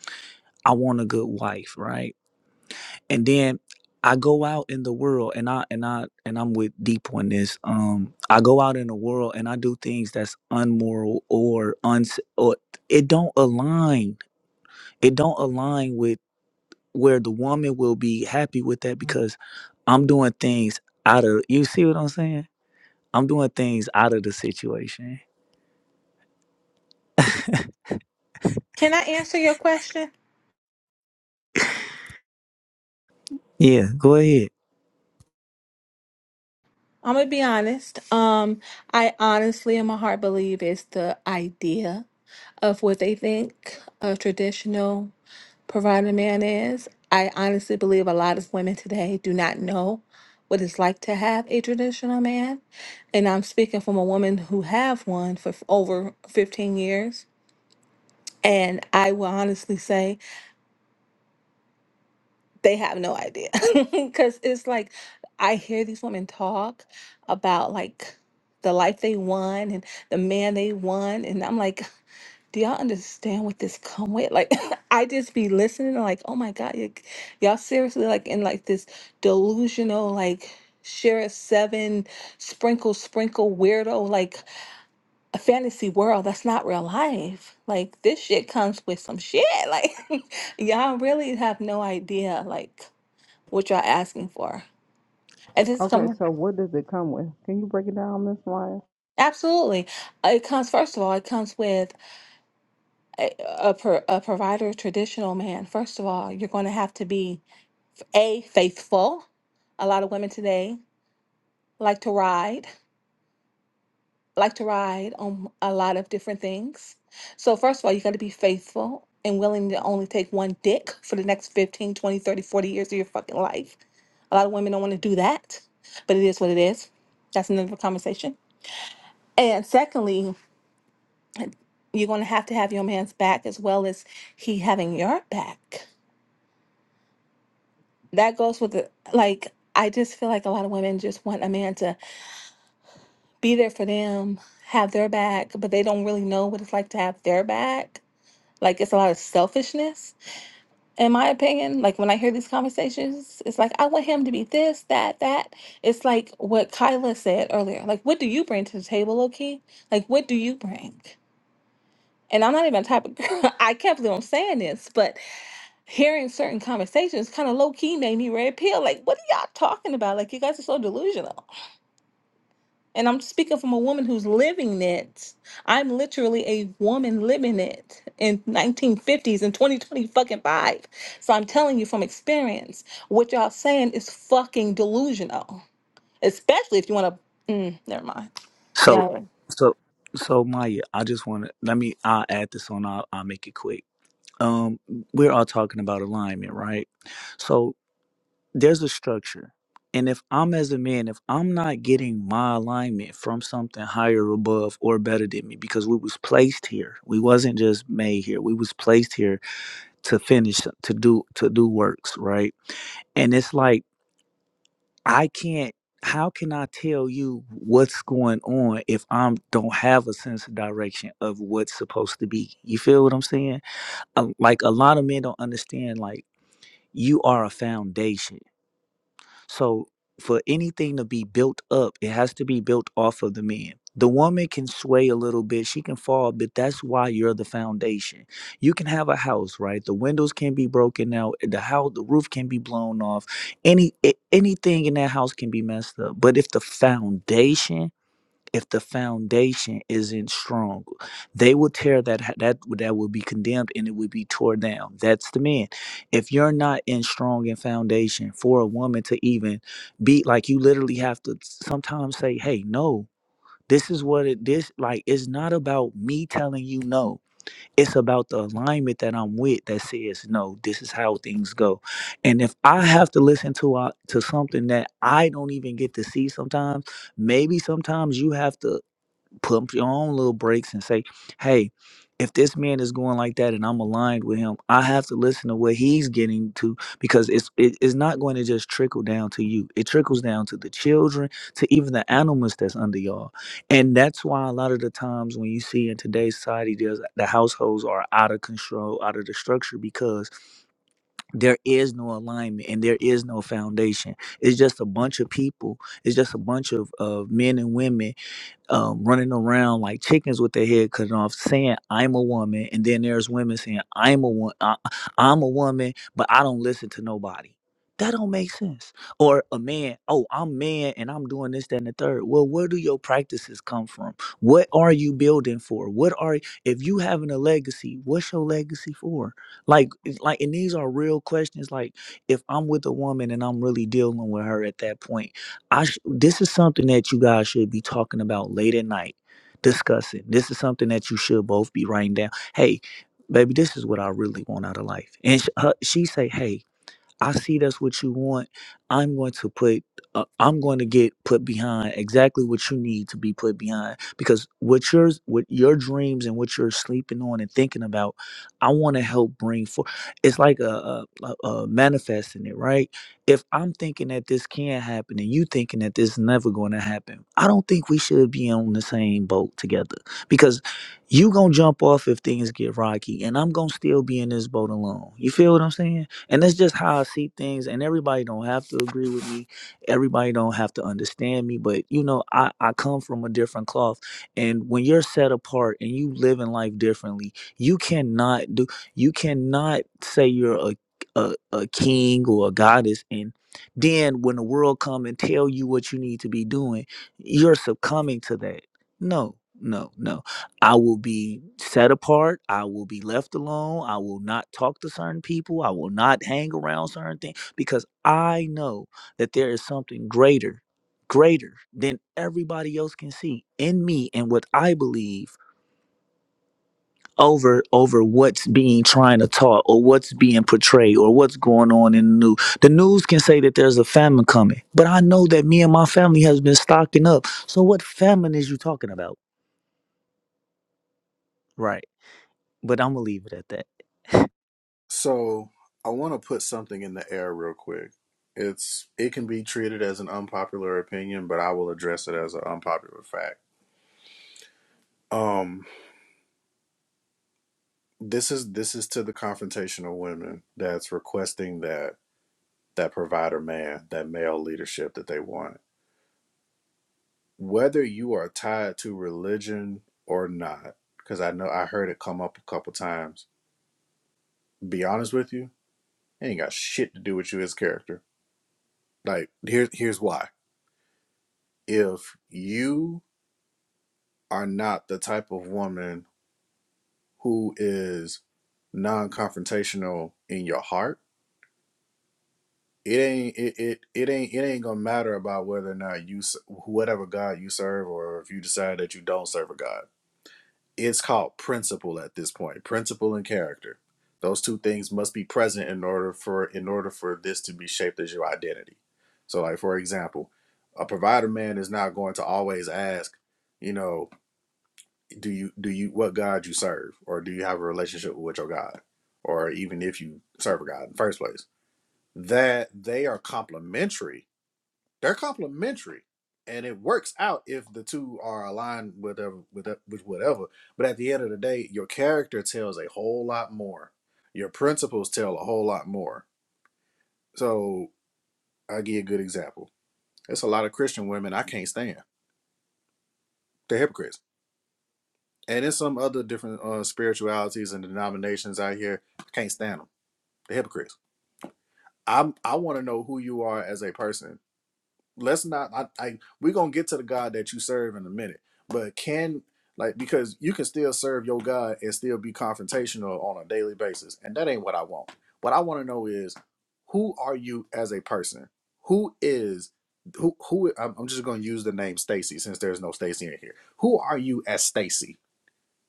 Speaker 16: I want a good wife, right? and then I go out in the world and I and I and I'm with deep on this. Um I go out in the world and I do things that's unmoral or uns or it don't align. It don't align with where the woman will be happy with that because I'm doing things out of you see what I'm saying? I'm doing things out of the situation.
Speaker 17: Can I answer your question?
Speaker 16: Yeah, go ahead.
Speaker 17: I'm gonna be honest. Um, I honestly, in my heart, believe it's the idea of what they think a traditional provider man is. I honestly believe a lot of women today do not know what it's like to have a traditional man, and I'm speaking from a woman who have one for f- over 15 years. And I will honestly say they have no idea because it's like i hear these women talk about like the life they won and the man they won and i'm like do y'all understand what this come with like i just be listening and like oh my god y- y'all seriously like in like this delusional like share a seven sprinkle sprinkle weirdo like a fantasy world that's not real life like this shit comes with some shit like y'all really have no idea like what y'all asking for. And this
Speaker 1: okay,
Speaker 17: comes
Speaker 1: so what does it come with? Can you break it down, Miss Maya?
Speaker 17: absolutely. It comes first of all. It comes with a a, pro, a provider, traditional man. First of all, you're going to have to be a faithful. A lot of women today like to ride, like to ride on a lot of different things. So first of all, you got to be faithful and willing to only take one dick for the next 15, 20, 30, 40 years of your fucking life. A lot of women don't want to do that, but it is what it is. That's another conversation. And secondly, You're going to have to have your man's back as well as he having your back. That goes with the, like, I just feel like a lot of women just want a man to be there for them, have their back, but they don't really know what it's like to have their back. Like, it's a lot of selfishness, in my opinion. Like, when I hear these conversations, it's like, I want him to be this, that, that. It's like what Kyla said earlier. Like, what do you bring to the table, Loki? Like, what do you bring? And I'm not even a type of girl. I can't believe I'm saying this, but hearing certain conversations kind of low key made me red pill. Like, what are y'all talking about? Like, you guys are so delusional. And I'm speaking from a woman who's living it. I'm literally a woman living it in 1950s and 2020 fucking five. So I'm telling you from experience, what y'all saying is fucking delusional. Especially if you want to. Mm, never mind.
Speaker 16: So
Speaker 17: Yeah.
Speaker 16: so so Maya, I just wanna let me I'll add this on, I'll I'll make it quick um, we're all talking about alignment, right? So there's a structure. And if I'm as a man, if I'm not getting my alignment from something higher above or better than me, because we was placed here, we wasn't just made here. We was placed here to finish, to do, to do works, right? and it's like i can't how can i tell you what's going on if i'm don't have a sense of direction of what's supposed to be you feel what i'm saying Uh, like a lot of men don't understand like you are a foundation. So for anything to be built up, it has to be built off of the man. The woman can sway a little bit, she can fall, but that's why you're the foundation. You can have a house, right? The windows can be broken out, eh, the house, the roof can be blown off. Any a- anything in that house can be messed up. But if the foundation if the foundation isn't strong they will tear that that that will be condemned and it will be torn down that's the man if you're not in strong in foundation for a woman to even be like you literally have to sometimes say hey no this is what it this like it's not about me telling you no it's about the alignment that i'm with that says no this is how things go and if i have to listen to uh, to something that i don't even get to see sometimes maybe sometimes you have to put up your own little breaks and say, hey, if this man is going like that and I'm aligned with him, I have to listen to what he's getting to because it's it, it's not going to just trickle down to you. It trickles down to the children, to even the animals that's under y'all. And that's why a lot of the times when you see in today's society, there's, the households are out of control, out of the structure because there is no alignment and there is no foundation. It's just a bunch of people. It's just a bunch of, of men and women um, running around like chickens with their head cut off, saying "I'm a woman," and then there's women saying "I'm a woman," "I'm a woman," but I don't listen to nobody. That don't make sense. Or a man, oh, I'm man and I'm doing this, that, and the third. Well, where do your practices come from? What are you building for? What are if you having a legacy? What's your legacy for? Like, it's like, and these are real questions. Like, if I'm with a woman and I'm really dealing with her at that point I sh- this is something that you guys should be talking about late at night, discussing. This is something that you should both be writing down. Hey, baby, this is what I really want out of life. And sh- her, she say, "Hey, I see that's what you want. I'm going to put, uh, I'm going to get put behind exactly what you need to be put behind because what your what your dreams and what you're sleeping on and thinking about, I want to help bring forth. It's like a, a, a a manifesting it, right? If I'm thinking that this can happen and you thinking that this is never going to happen, I don't think we should be on the same boat together because you gonna jump off if things get rocky and I'm gonna still be in this boat alone. You feel what I'm saying? and that's just how i see things and everybody don't have to agree with me everybody don't have to understand me but you know i i come from a different cloth and when you're set apart and you live in life differently you cannot do you cannot say you're a a, a king or a goddess and then when the world come and tell you what you need to be doing you're succumbing to that no no no I will be set apart. I will be left alone. I will not talk to certain people. I will not hang around certain things because I know that there is something greater, greater than everybody else can see in me and what I believe over over what's being trying to taught or what's being portrayed or what's going on in the news. The news can say that there's a famine coming, but I know that me and my family has been stocking up. So what famine is you talking about? Right. But I'm gonna leave it at that.
Speaker 3: So I want to put something in the air real quick. It's it can be treated as an unpopular opinion, but I will address it as an unpopular fact. Um, this is this is to the confrontational women that's requesting that that provider man, that male leadership that they want. Whether you are tied to religion or not, because I know I heard it come up a couple times. Be honest with you, it ain't got shit to do with you as a character. Like here's here's why. If you are not the type of woman who is non-confrontational in your heart it ain't it, it it ain't it ain't gonna matter about whether or not you whatever god you serve or if you decide that you don't serve a god it's called principle at this point principle and character those two things must be present in order for in order for this to be shaped as your identity so like for example a provider man is not going to always ask you know do you do you what God you serve, or do you have a relationship with your God, or even if you serve a God in the first place? That they are complementary. They're complementary, and it works out if the two are aligned with whatever, with with whatever. But at the end of the day, your character tells a whole lot more. Your principles tell a whole lot more. So I give you a good example. It's a lot of Christian women I can't stand. They're hypocrites, and there's some other different uh, spiritualities and denominations out here. I can't stand stand them. the hypocrites. I'm I want to know who you are as a person. Let's not I, I we're gonna get to the God that you serve in a minute. But can like because you can still serve your God and still be confrontational on a daily basis. And that ain't what I want. What I want to know is who are you as a person? Who is who who I'm I'm just gonna use the name Stacy since there's no Stacy in here. Who are you as Stacy?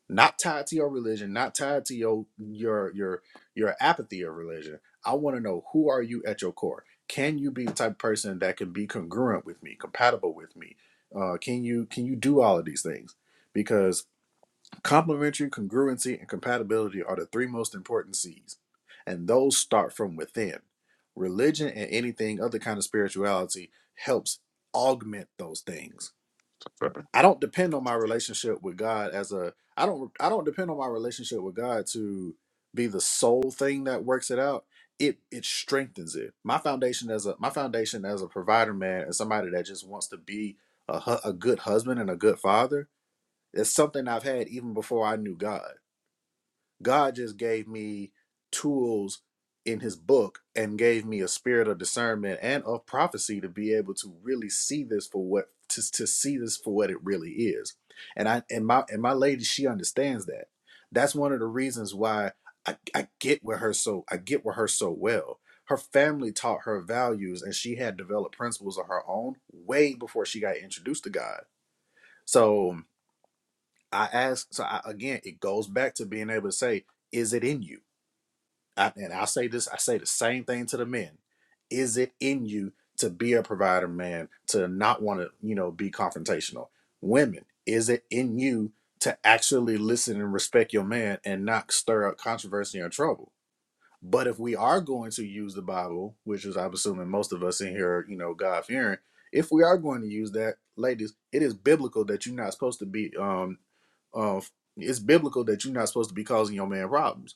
Speaker 3: not tied to your religion, not tied to your your your your apathy of religion. I want to know who are you at your core? Can you be the type of person that can be congruent with me, compatible with me? Uh, can you can you do all of these things? Because complementary, congruency, and compatibility are the three most important C's, and those start from within. Religion and anything other kind of spirituality helps augment those things I don't depend on my relationship with God as a I don't I don't depend on my relationship with God to be the sole thing that works it out. It it strengthens it. My foundation as a my foundation as a provider man and somebody that just wants to be a hu- a good husband and a good father is something I've had even before I knew God. God just gave me tools in his book and gave me a spirit of discernment and of prophecy to be able to really see this for what to, to see this for what it really is. And I and my and my lady, she understands that. That's one of the reasons why I, I get with her so I get with her so well. Her family taught her values and she had developed principles of her own way before she got introduced to God. So I asked, so I, again, it goes back to being able to say, is it in you? I, and I'll say this, I say the same thing to the men. Is it in you to be a provider, man, to not want to, you know, be confrontational? Women, is it in you to actually listen and respect your man and not stir up controversy or trouble? But if we are going to use the Bible, which is I'm assuming most of us in here, are, you know, God fearing, if we are going to use that, ladies, it is biblical that you're not supposed to be um uh, it's biblical that you're not supposed to be causing your man problems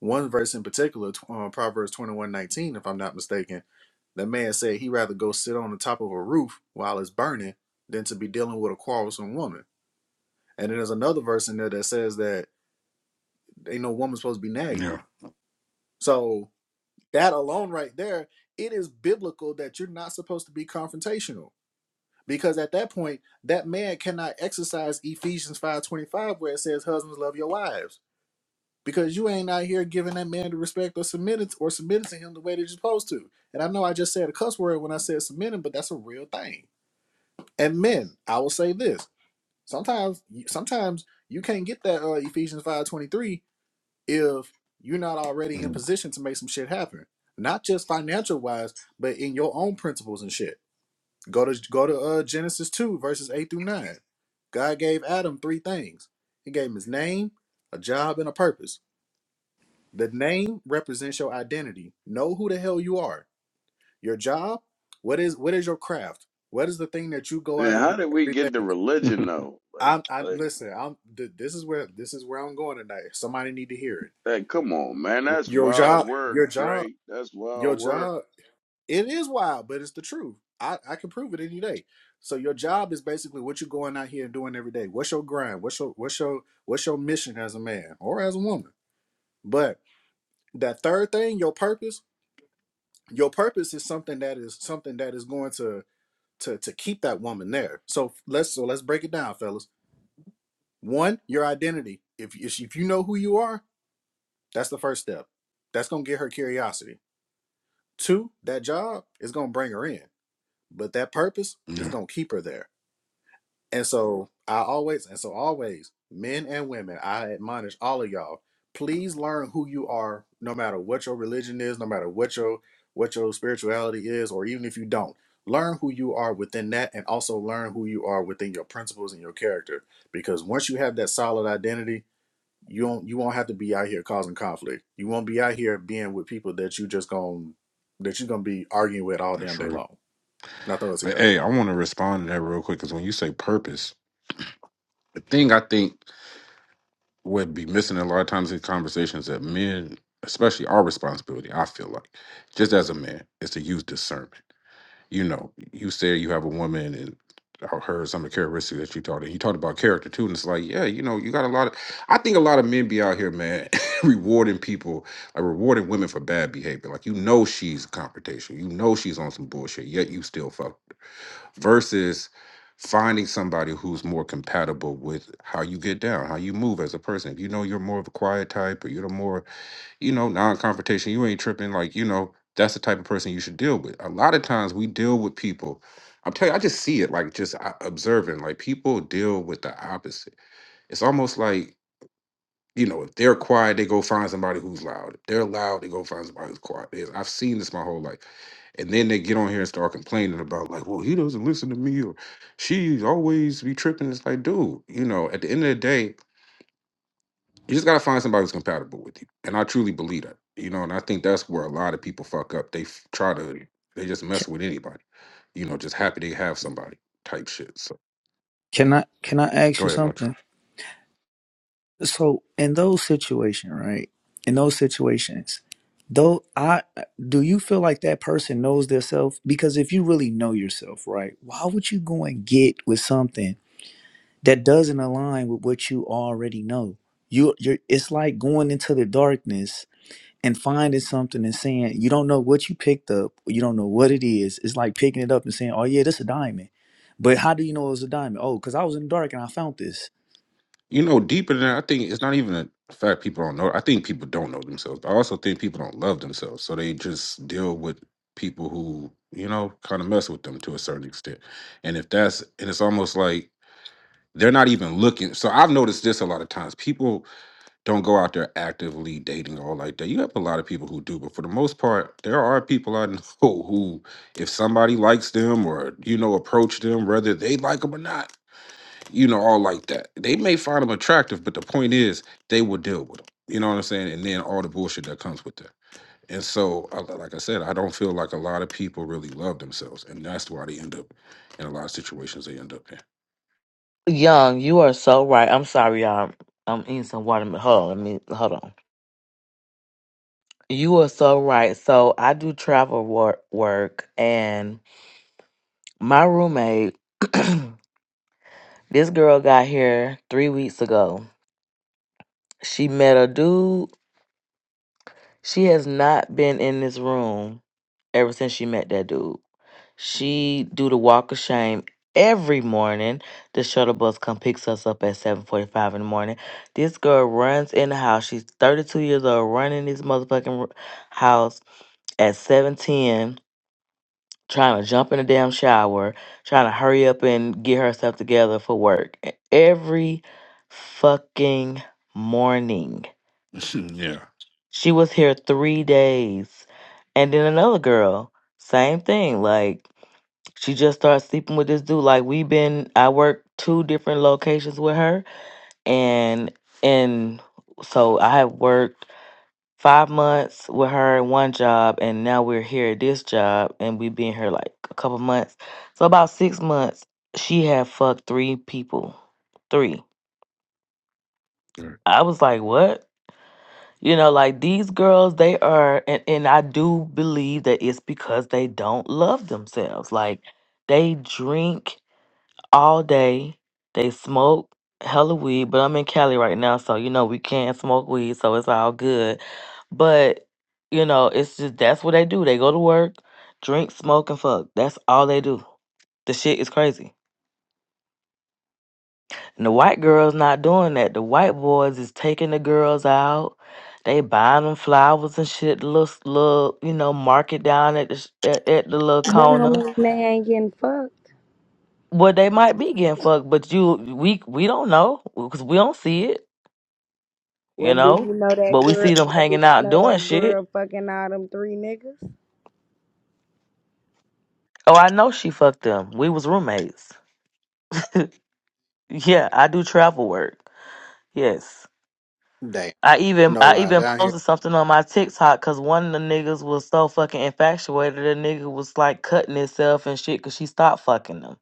Speaker 3: one verse in particular, tw- uh, Proverbs twenty one nineteen, if I'm not mistaken, that man said he'd rather go sit on the top of a roof while it's burning than to be dealing with a quarrelsome woman. And then there's another verse in there that says that ain't no woman supposed to be nagging him.
Speaker 19: Yeah.
Speaker 3: So that alone right there, it is biblical that you're not supposed to be confrontational. Because at that point, that man cannot exercise Ephesians 5.25 where it says husbands love your wives because you ain't out here giving that man the respect or submitting or submitting to him the way that you're supposed to. And I know I just said a cuss word when I said submitting, but that's a real thing. And men, I will say this: sometimes, sometimes you can't get that uh, Ephesians five twenty three if you're not already in
Speaker 19: Mm.
Speaker 3: position to make some shit happen. Not just financial wise, but in your own principles and shit. Go to go to uh, Genesis two verses eight through nine. God gave Adam three things. He gave him his name, a job, and a purpose the name represents your identity. Know who the hell you are. Your job, what is what is your craft? What is the thing that you go
Speaker 4: Man,
Speaker 3: out and do
Speaker 4: how did we
Speaker 3: every
Speaker 4: get the
Speaker 3: day?
Speaker 4: religion though? Like,
Speaker 3: I'm I
Speaker 4: like
Speaker 3: listen, I'm th- this is where this is where I'm going tonight. Somebody need to hear
Speaker 4: like, Come on, man,
Speaker 3: it.
Speaker 4: that's
Speaker 3: Your
Speaker 4: wild
Speaker 3: job, your
Speaker 4: work,
Speaker 3: job,
Speaker 4: Trey. That's
Speaker 3: your
Speaker 4: wild work.
Speaker 3: job, it is wild, but it's the truth. I, I can prove it any day. So your job is basically what you are going out here and doing every day. What's your grind? What's your what's your what's your mission as a man or as a woman? But that third thing, your purpose, your purpose is something that is something that is going to to to keep that woman there so let's so let's break it down fellas one your identity if if if you know who you are that's the first step that's going to get her curiosity two that job is going to bring her in but that purpose is
Speaker 19: yeah,
Speaker 3: going to keep her there And so I always, and so always, men and women, I admonish all of y'all, please learn who you are, no matter what your religion is, no matter what your what your spirituality is, or even if you don't. Learn who you are within that and also learn who you are within your principles and your character. Because once you have that solid identity, you won't you won't have to be out here causing conflict. You won't be out here being with people that you just going that you're gonna be arguing with all
Speaker 19: that's
Speaker 3: damn day
Speaker 19: true.
Speaker 3: long. Not those
Speaker 19: But
Speaker 3: here.
Speaker 19: hey, I want to respond to that real quick because when you say purpose, the thing I think would be missing a lot of times in conversations that men, especially our responsibility, I feel like, just as a man, is to use discernment. you know, you said you have a woman and I heard some of the characteristics that you taught, and you talked about character too. And it's like, yeah, you know, you got a lot of. I think a lot of men be out here, man, rewarding people, like rewarding women for bad behavior. Like you know she's confrontational, you know she's on some bullshit, yet you still fuck. Versus finding somebody who's more compatible with how you get down, how you move as a person. If you know you're more of a quiet type, or you're the more you know, non-confrontation. You ain't tripping. Like, you know, that's the type of person you should deal with. A lot of times we deal with people. I'm telling you, I just see it, like just uh, observing. Like people deal with the opposite. It's almost like you know, if they're quiet, they go find somebody who's loud. If they're loud, they go find somebody who's quiet. There's- I've seen this my whole life. And then they get on here and start complaining about like, well, he doesn't listen to me or she's always be tripping. It's like, dude, you know, at the end of the day, you just gotta find somebody who's compatible with you, and I truly believe that. You know, and I think that's where a lot of people fuck up. They f- try to, they just mess with anybody. You know, just happy they have somebody type shit. So
Speaker 16: Can I can I ask
Speaker 19: go
Speaker 16: you
Speaker 19: ahead, Montreal.
Speaker 16: something? So in those situations, right? In those situations, though I do you feel like that person knows themselves? Because if you really know yourself, right, why would you go and get with something that doesn't align with what you already know? You you're it's like going into the darkness and finding something and saying you don't know what you picked up, you don't know what it is. It's like picking it up and saying, Oh yeah, this a diamond. But how do you know it was a diamond? Oh, because I was in the dark and I found this.
Speaker 19: You know, deeper than that, I think it's not even a fact people don't know. I think people don't know themselves. But I also think people don't love themselves, so they just deal with people who you know kind of mess with them to a certain extent. And if that's, and it's almost like they're not even looking. So I've noticed this a lot of times. People don't go out there actively dating or like that. You have a lot of people who do, but for the most part, there are people I know who, if somebody likes them or you know approach them, whether they like them or not, you know, all like that. They may find them attractive, but the point is, they will deal with them. You know what I'm saying? And then all the bullshit that comes with that. And so, I- like I said, I don't feel like a lot of people really love themselves, and that's why they end up in a lot of situations they end up
Speaker 7: Young, you are so right. I'm sorry, y'all. I'm eating some watermelon. Hold on, let me hold on. You are so right. So I do travel work, work and my roommate, this girl got here three weeks ago. She met a dude. She has not been in this room ever since she met that dude. She do the walk of shame every morning. The shuttle bus come picks us up at 7:45 in the morning. This girl runs in the house. She's 32 years old, running this motherfucking r- house at 7:10, trying to jump in the damn shower, trying to hurry up and get herself together for work. E- Every fucking morning.
Speaker 19: in. yeah.
Speaker 7: She was here 3 days. And then another girl, same thing, like she just started sleeping with this dude. Like we've been, I work two different locations with her, and and so I have worked five months with her in one job, and now we're here at this job, and we've been here like a couple months. So about six months, she had fucked three people, three.
Speaker 19: Yeah.
Speaker 7: I was like, what? You know, like these girls, they are, and, and I do believe that it's because they don't love themselves. Like they drink all day. They smoke hella weed, but I'm in Cali right now, so you know we can't smoke weed, so it's all good. But you know, it's just that's what they do. They go to work, drink, smoke, and fuck. That's all they do. The shit is crazy. And the white girls not doing that. The white boys is taking the girls out. They buying them flowers and shit. Little, s- little, you know, market down at the sh- at, at the little
Speaker 6: That don't
Speaker 7: corner.
Speaker 6: they ain't getting fucked.
Speaker 7: Well, they might be getting fucked, but you, we, we don't know because we don't see it. you
Speaker 6: What do you
Speaker 7: know?
Speaker 6: know that
Speaker 7: But we
Speaker 6: girl?
Speaker 7: see them
Speaker 6: What do
Speaker 7: hanging
Speaker 6: you
Speaker 7: out
Speaker 6: know
Speaker 7: doing
Speaker 6: that
Speaker 7: shit.
Speaker 6: girl fucking all them three niggas?
Speaker 7: Oh, I know she fucked them. We was roommates. Yeah, I do travel work. Yes.
Speaker 3: Damn.
Speaker 7: I even
Speaker 3: No
Speaker 7: I
Speaker 3: lie.
Speaker 7: even
Speaker 3: Down
Speaker 7: posted something on my TikTok because one of the niggas was so fucking infatuated. The nigga was like cutting himself and shit because she stopped fucking him,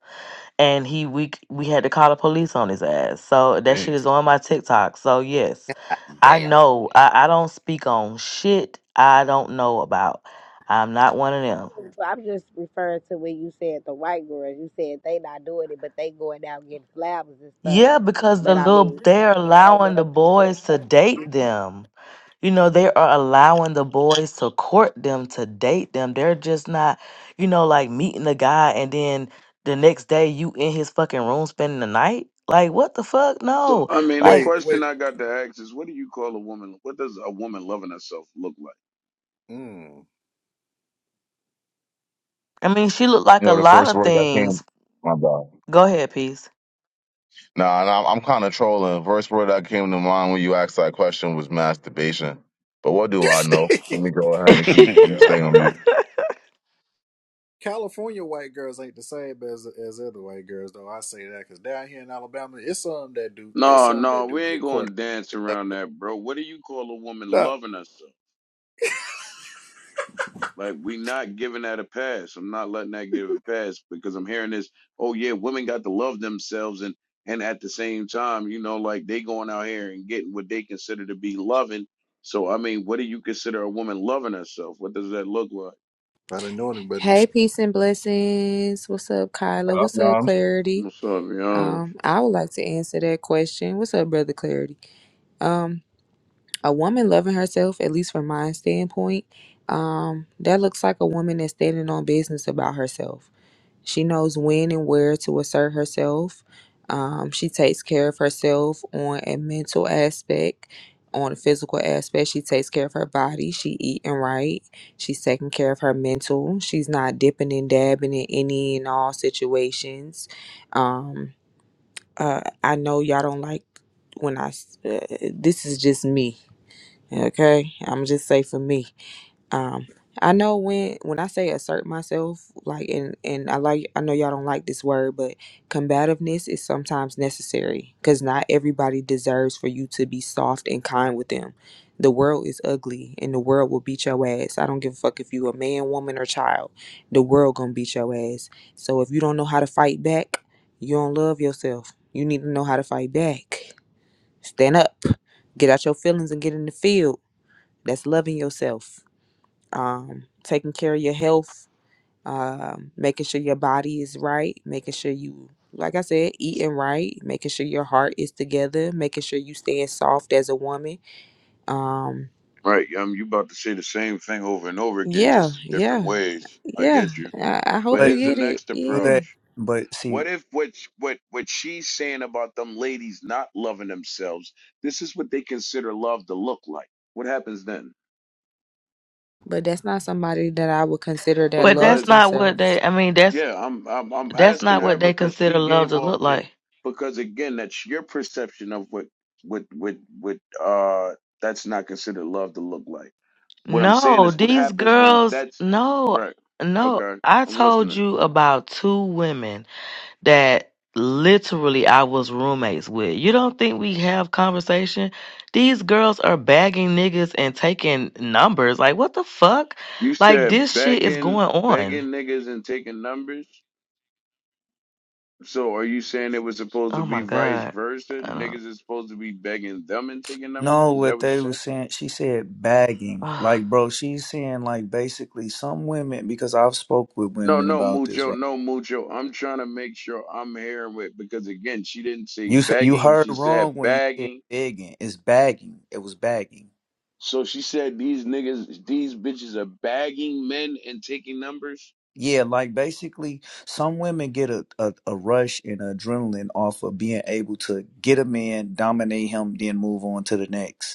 Speaker 7: and he we we had to call the police on his ass. So that shit
Speaker 19: Damn.
Speaker 7: is on my TikTok. So yes, I
Speaker 3: here.
Speaker 7: know I, I don't speak on shit I don't know about. I'm not one of them.
Speaker 6: Well, I'm just referring to when you said the white girls. You said they not doing it, but they going out getting flowers and stuff.
Speaker 7: Yeah, because the
Speaker 6: But I
Speaker 7: little
Speaker 6: mean,
Speaker 7: they're
Speaker 6: shit, we don't know
Speaker 7: allowing the
Speaker 6: if they getting
Speaker 7: boys to date
Speaker 6: fucked.
Speaker 7: them. You know, they are allowing the boys to court them, to date them. They're just not, you know, like meeting the guy and then the next day you in his fucking room spending the night. Like, what the fuck?
Speaker 4: So
Speaker 7: No.
Speaker 4: I mean, the
Speaker 3: Wait,
Speaker 7: Like,
Speaker 3: wait.
Speaker 4: question I got to ask is, what do you call a woman? What does a woman loving herself look like?
Speaker 3: Mm.
Speaker 7: I mean, she looked like
Speaker 2: You
Speaker 7: a
Speaker 2: know, the
Speaker 7: lot
Speaker 2: first
Speaker 7: of
Speaker 2: word that
Speaker 7: things.
Speaker 2: came. My bad.
Speaker 7: Go ahead, peace.
Speaker 2: Nah, nah I'm kind of trolling. First word that came to mind when you asked that question was masturbation. But what do
Speaker 3: You
Speaker 2: I know?
Speaker 3: see,
Speaker 2: Let me go ahead and keep. I'm
Speaker 19: Yeah. I
Speaker 2: staying on mute.
Speaker 3: California white girls ain't the same as as other white girls, though. I say that because down here in Alabama, it's some that do. There's
Speaker 4: No,
Speaker 3: some
Speaker 4: no,
Speaker 3: that do
Speaker 4: we ain't
Speaker 3: get
Speaker 4: gonna
Speaker 3: caught.
Speaker 4: dance around that, bro. What do you call a woman
Speaker 3: Nah,
Speaker 4: loving herself? Like we not giving that a pass. I'm not letting that give a pass because I'm hearing this. Oh yeah, women got to love themselves and and at the same time, you know, like they going out here and getting what they consider to be loving. So I mean, what do you consider a woman loving herself? What does that look like?
Speaker 3: I didn't know anybody. You
Speaker 20: Hey,
Speaker 3: should.
Speaker 20: peace and blessings. What's up, Kyla?
Speaker 2: Yup,
Speaker 20: What's up,
Speaker 2: Yums.
Speaker 20: Clarity?
Speaker 4: What's up, young?
Speaker 20: Um, I would like to answer that question. What's up, brother Clarity? Um, a woman loving herself, at least from my standpoint, um, that looks like a woman that's standing on business about herself. She knows when and where to assert herself. Um, she takes care of herself on a mental aspect, on a physical aspect. She takes care of her body. She eating right. She's taking care of her mental. She's not dipping and dabbing in any and all situations. Um, uh, I know y'all don't like when I. s- Uh, this is just me. Okay, I'm just say for me um i know when when i say assert myself like and and i like i know y'all don't like this word but combativeness is sometimes necessary because not everybody deserves for you to be soft and kind with them the world is ugly and the world will beat your ass i don't give a fuck if you a man woman or child the world gonna beat your ass so if you don't know how to fight back you don't love yourself you need to know how to fight back stand up get out your feelings and get in the field that's loving yourself um, taking care of your health, um, making sure your body is right, making sure you, like I said, eating right, making sure your heart is together, making sure you staying soft as a woman. Um,
Speaker 4: Right, um, you about to say the same thing over and over again,
Speaker 20: yeah,
Speaker 4: just in different
Speaker 20: yeah,
Speaker 4: ways. I
Speaker 20: yeah.
Speaker 4: get you.
Speaker 20: I, I
Speaker 4: But
Speaker 20: hope you
Speaker 16: But
Speaker 4: here's the
Speaker 20: get it.
Speaker 4: next
Speaker 16: do
Speaker 4: approach.
Speaker 20: Yeah.
Speaker 16: that. But
Speaker 4: What
Speaker 16: see,
Speaker 4: if what sh- what what she's saying about them ladies not loving themselves? This is what they consider love to look like. What happens then?
Speaker 20: But that's not somebody that I would consider that
Speaker 7: But
Speaker 20: loves
Speaker 7: that's
Speaker 4: Because
Speaker 7: not what they
Speaker 20: themselves.
Speaker 7: I mean, that's
Speaker 4: yeah, I'm I'm I'm
Speaker 7: that's
Speaker 4: asking
Speaker 7: not
Speaker 4: her
Speaker 7: what they
Speaker 4: because
Speaker 7: consider
Speaker 4: she
Speaker 7: love
Speaker 4: gave
Speaker 7: to
Speaker 4: off
Speaker 7: look
Speaker 4: the
Speaker 7: like.
Speaker 4: because again that's your perception of what what what what uh that's not considered love to look like. What I'm saying
Speaker 7: No,
Speaker 4: is what
Speaker 7: these
Speaker 4: happens when
Speaker 7: girls,
Speaker 4: that's
Speaker 7: no,
Speaker 4: right.
Speaker 7: no.
Speaker 4: Okay,
Speaker 7: I
Speaker 4: I'm
Speaker 7: told
Speaker 4: listening.
Speaker 7: you about two women that literally I was roommates with. You don't think we have conversation? These girls are bagging niggas and taking numbers. Like, what the fuck?
Speaker 4: You
Speaker 7: Like,
Speaker 4: said
Speaker 7: this shit is
Speaker 4: begging
Speaker 7: going on.
Speaker 4: begging niggas and taking numbers. So are you saying it was supposed to
Speaker 7: Oh
Speaker 4: be
Speaker 7: my
Speaker 4: vice
Speaker 7: God.
Speaker 4: versa?
Speaker 7: I
Speaker 4: Niggas is supposed to be begging them and taking numbers?
Speaker 16: no,
Speaker 4: Is that
Speaker 16: what
Speaker 4: what
Speaker 16: they
Speaker 4: you're saying?
Speaker 16: was saying, she said bagging.
Speaker 7: don't.
Speaker 16: Like, bro, she's saying like basically some women because I've spoke with
Speaker 4: No,
Speaker 16: women
Speaker 4: no,
Speaker 16: about this,
Speaker 4: mucho,
Speaker 16: right?
Speaker 4: no, mucho. I'm trying to make sure I'm hearing it because again, she didn't say
Speaker 16: You s- you
Speaker 4: begging,
Speaker 16: heard
Speaker 4: she said
Speaker 16: wrong when you said
Speaker 4: bagging.
Speaker 16: begging. It's bagging. It was bagging.
Speaker 4: So she said these niggas, these bitches are bagging men and taking numbers.
Speaker 16: Yeah, like basically some women get a, a, a rush and adrenaline off of being able to get a man, dominate him, then move on to the next.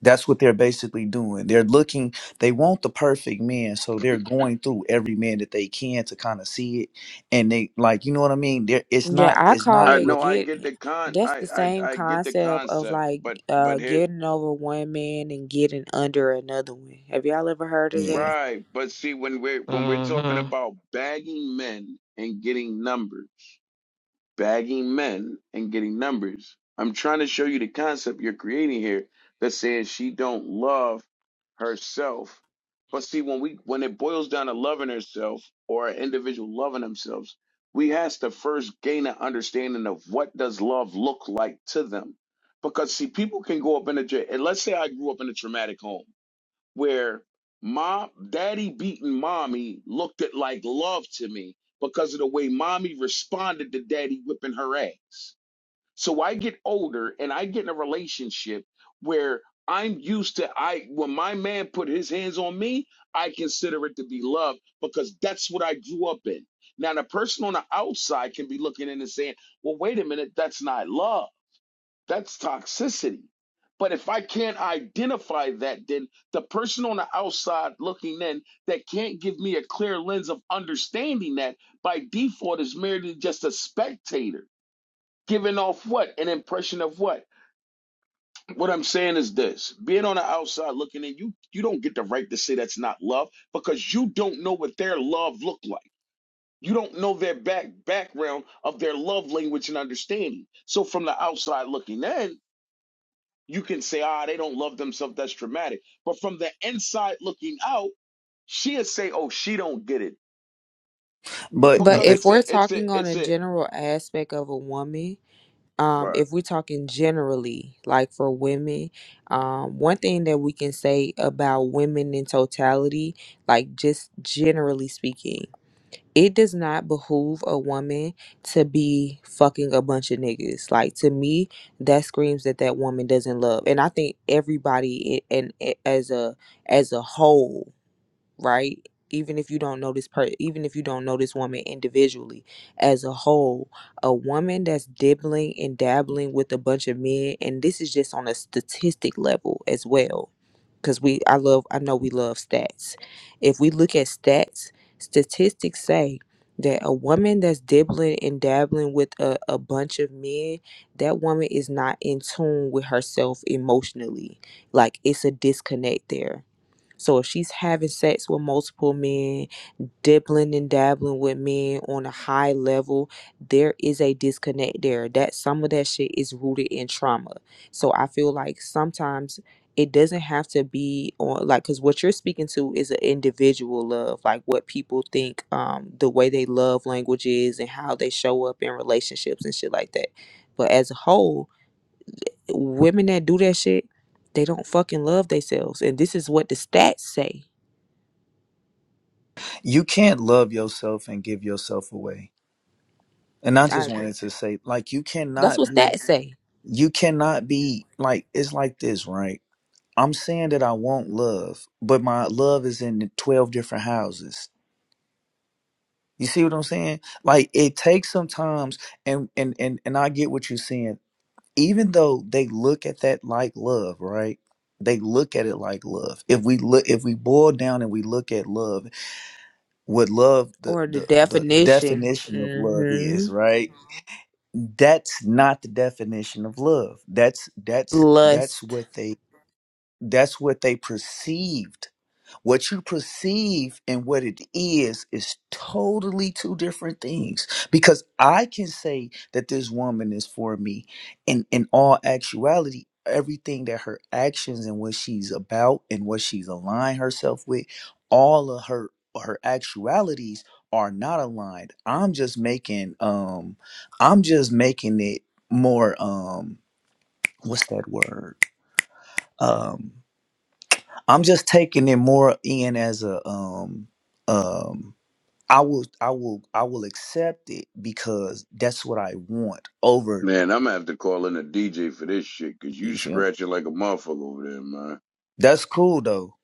Speaker 16: That's what they're basically doing. They're looking, they want the perfect man. So they're going through every man that they can to kind of see it. And they like, you know what I mean? There it's
Speaker 20: Yeah,
Speaker 16: not
Speaker 20: I
Speaker 16: it's
Speaker 20: call
Speaker 16: not
Speaker 4: I
Speaker 20: it
Speaker 16: really
Speaker 4: know I
Speaker 20: get.
Speaker 4: get
Speaker 20: yeah,
Speaker 4: the con,
Speaker 20: That's
Speaker 4: I
Speaker 20: the
Speaker 4: I
Speaker 20: same
Speaker 4: I get the
Speaker 20: concept of
Speaker 4: concept,
Speaker 20: like
Speaker 4: but
Speaker 20: uh,
Speaker 4: but here,
Speaker 20: getting over one man and getting under another one. Have y'all ever heard of that?
Speaker 16: yeah.
Speaker 4: right? But see, when we're when we're talking
Speaker 7: hmm
Speaker 4: about bagging men and getting numbers. bagging men and getting numbers. I'm trying to show you the concept you're creating here that says she don't love herself. But see, when we when it boils down to loving herself or an individual loving themselves, we has to first gain an understanding of what does love look like to them. Because see, people can go up in a and let's say I grew up in a traumatic home where mom daddy beating mommy looked at like love to me because of the way mommy responded to daddy whipping her ass so i get older and i get in a relationship where i'm used to i when my man put his hands on me i consider it to be love because that's what i grew up in now the person on the outside can be looking in and saying well wait a minute that's not love that's toxicity. But if I can't identify that, then the person on the outside looking in that can't give me a clear lens of understanding that by default is merely just a spectator, giving off what? An impression of what? What I'm saying is this being on the outside looking in, you, you don't get the right to say that's not love because you don't know what their love looked like. You don't know their back background of their love language and understanding. So from the outside looking in, you can say, ah, they don't love themselves. That's dramatic. But from the inside looking out, she'll say, oh, she don't get it
Speaker 16: But
Speaker 20: But
Speaker 4: because
Speaker 16: but
Speaker 20: if
Speaker 4: it's
Speaker 20: we're
Speaker 4: a, it's
Speaker 20: talking
Speaker 4: a,
Speaker 20: on
Speaker 4: it's
Speaker 20: a
Speaker 4: a,
Speaker 20: general aspect of a woman, um,
Speaker 4: Right,
Speaker 20: if we're talking generally, like for women, um, one thing that we can say about women in totality, like just generally speaking, it does not behoove a woman to be fucking a bunch of niggas. Like to me, that screams that that woman doesn't love. And I think everybody, i- and i- as a as a whole, right? Even if you don't know this per even if you don't know this woman individually as a whole, a woman that's dibbling and dabbling with a bunch of men, and this is just on a statistic level as well. Cause we I love I know we love stats. If we look at stats, statistics say that a woman that's dibbling and dabbling with a, a bunch of men, that woman is not in tune with herself emotionally. Like it's a disconnect there so if she's having sex with multiple men, dibbling and dabbling with men on a high level, there is a disconnect there. That some of that shit is rooted in trauma. So I feel like sometimes it doesn't have to be on like because what you're speaking to is an individual love, like what people think, um, the way they love language is and how they show up in relationships and shit like that. But as a whole, women that do that shit, they don't fucking love themselves. And this is what the stats say
Speaker 16: you can't love yourself and give yourself away. And I
Speaker 20: I
Speaker 16: just
Speaker 20: agree.
Speaker 16: wanted to say, like, you
Speaker 20: That's
Speaker 16: cannot
Speaker 20: what
Speaker 16: be
Speaker 20: stats say.
Speaker 16: you cannot be like it's like this, right? I'm saying that I want love, but my love is in 12 different houses. You see what I'm saying? Like it takes sometimes and and and and I get what you're saying. Even though they look at that like love, right? They look at it like love. If we look if we boil down and we look at love, what love the
Speaker 20: Or the
Speaker 16: the the
Speaker 20: definition.
Speaker 16: definition of love
Speaker 20: Mm-hmm.
Speaker 16: is, right? That's not the definition of love. That's that's that's
Speaker 20: Lust.
Speaker 16: what they that's what they perceived what you perceive and what it is is totally two different things. Because I can say that this woman is for me, and in all actuality, everything that her actions and what she's about and what she's aligned herself with, all of her her actualities are not aligned. I'm just making um, I'm just making it more um, what's that word? Um, I'm just taking it more in as a um um I will I will I will accept it because that's what I want over
Speaker 4: Man, I'm gonna have to call in a DJ for this shit, cause you
Speaker 16: you feel me?
Speaker 4: scratching like a motherfucker over there, man.
Speaker 16: that's cool though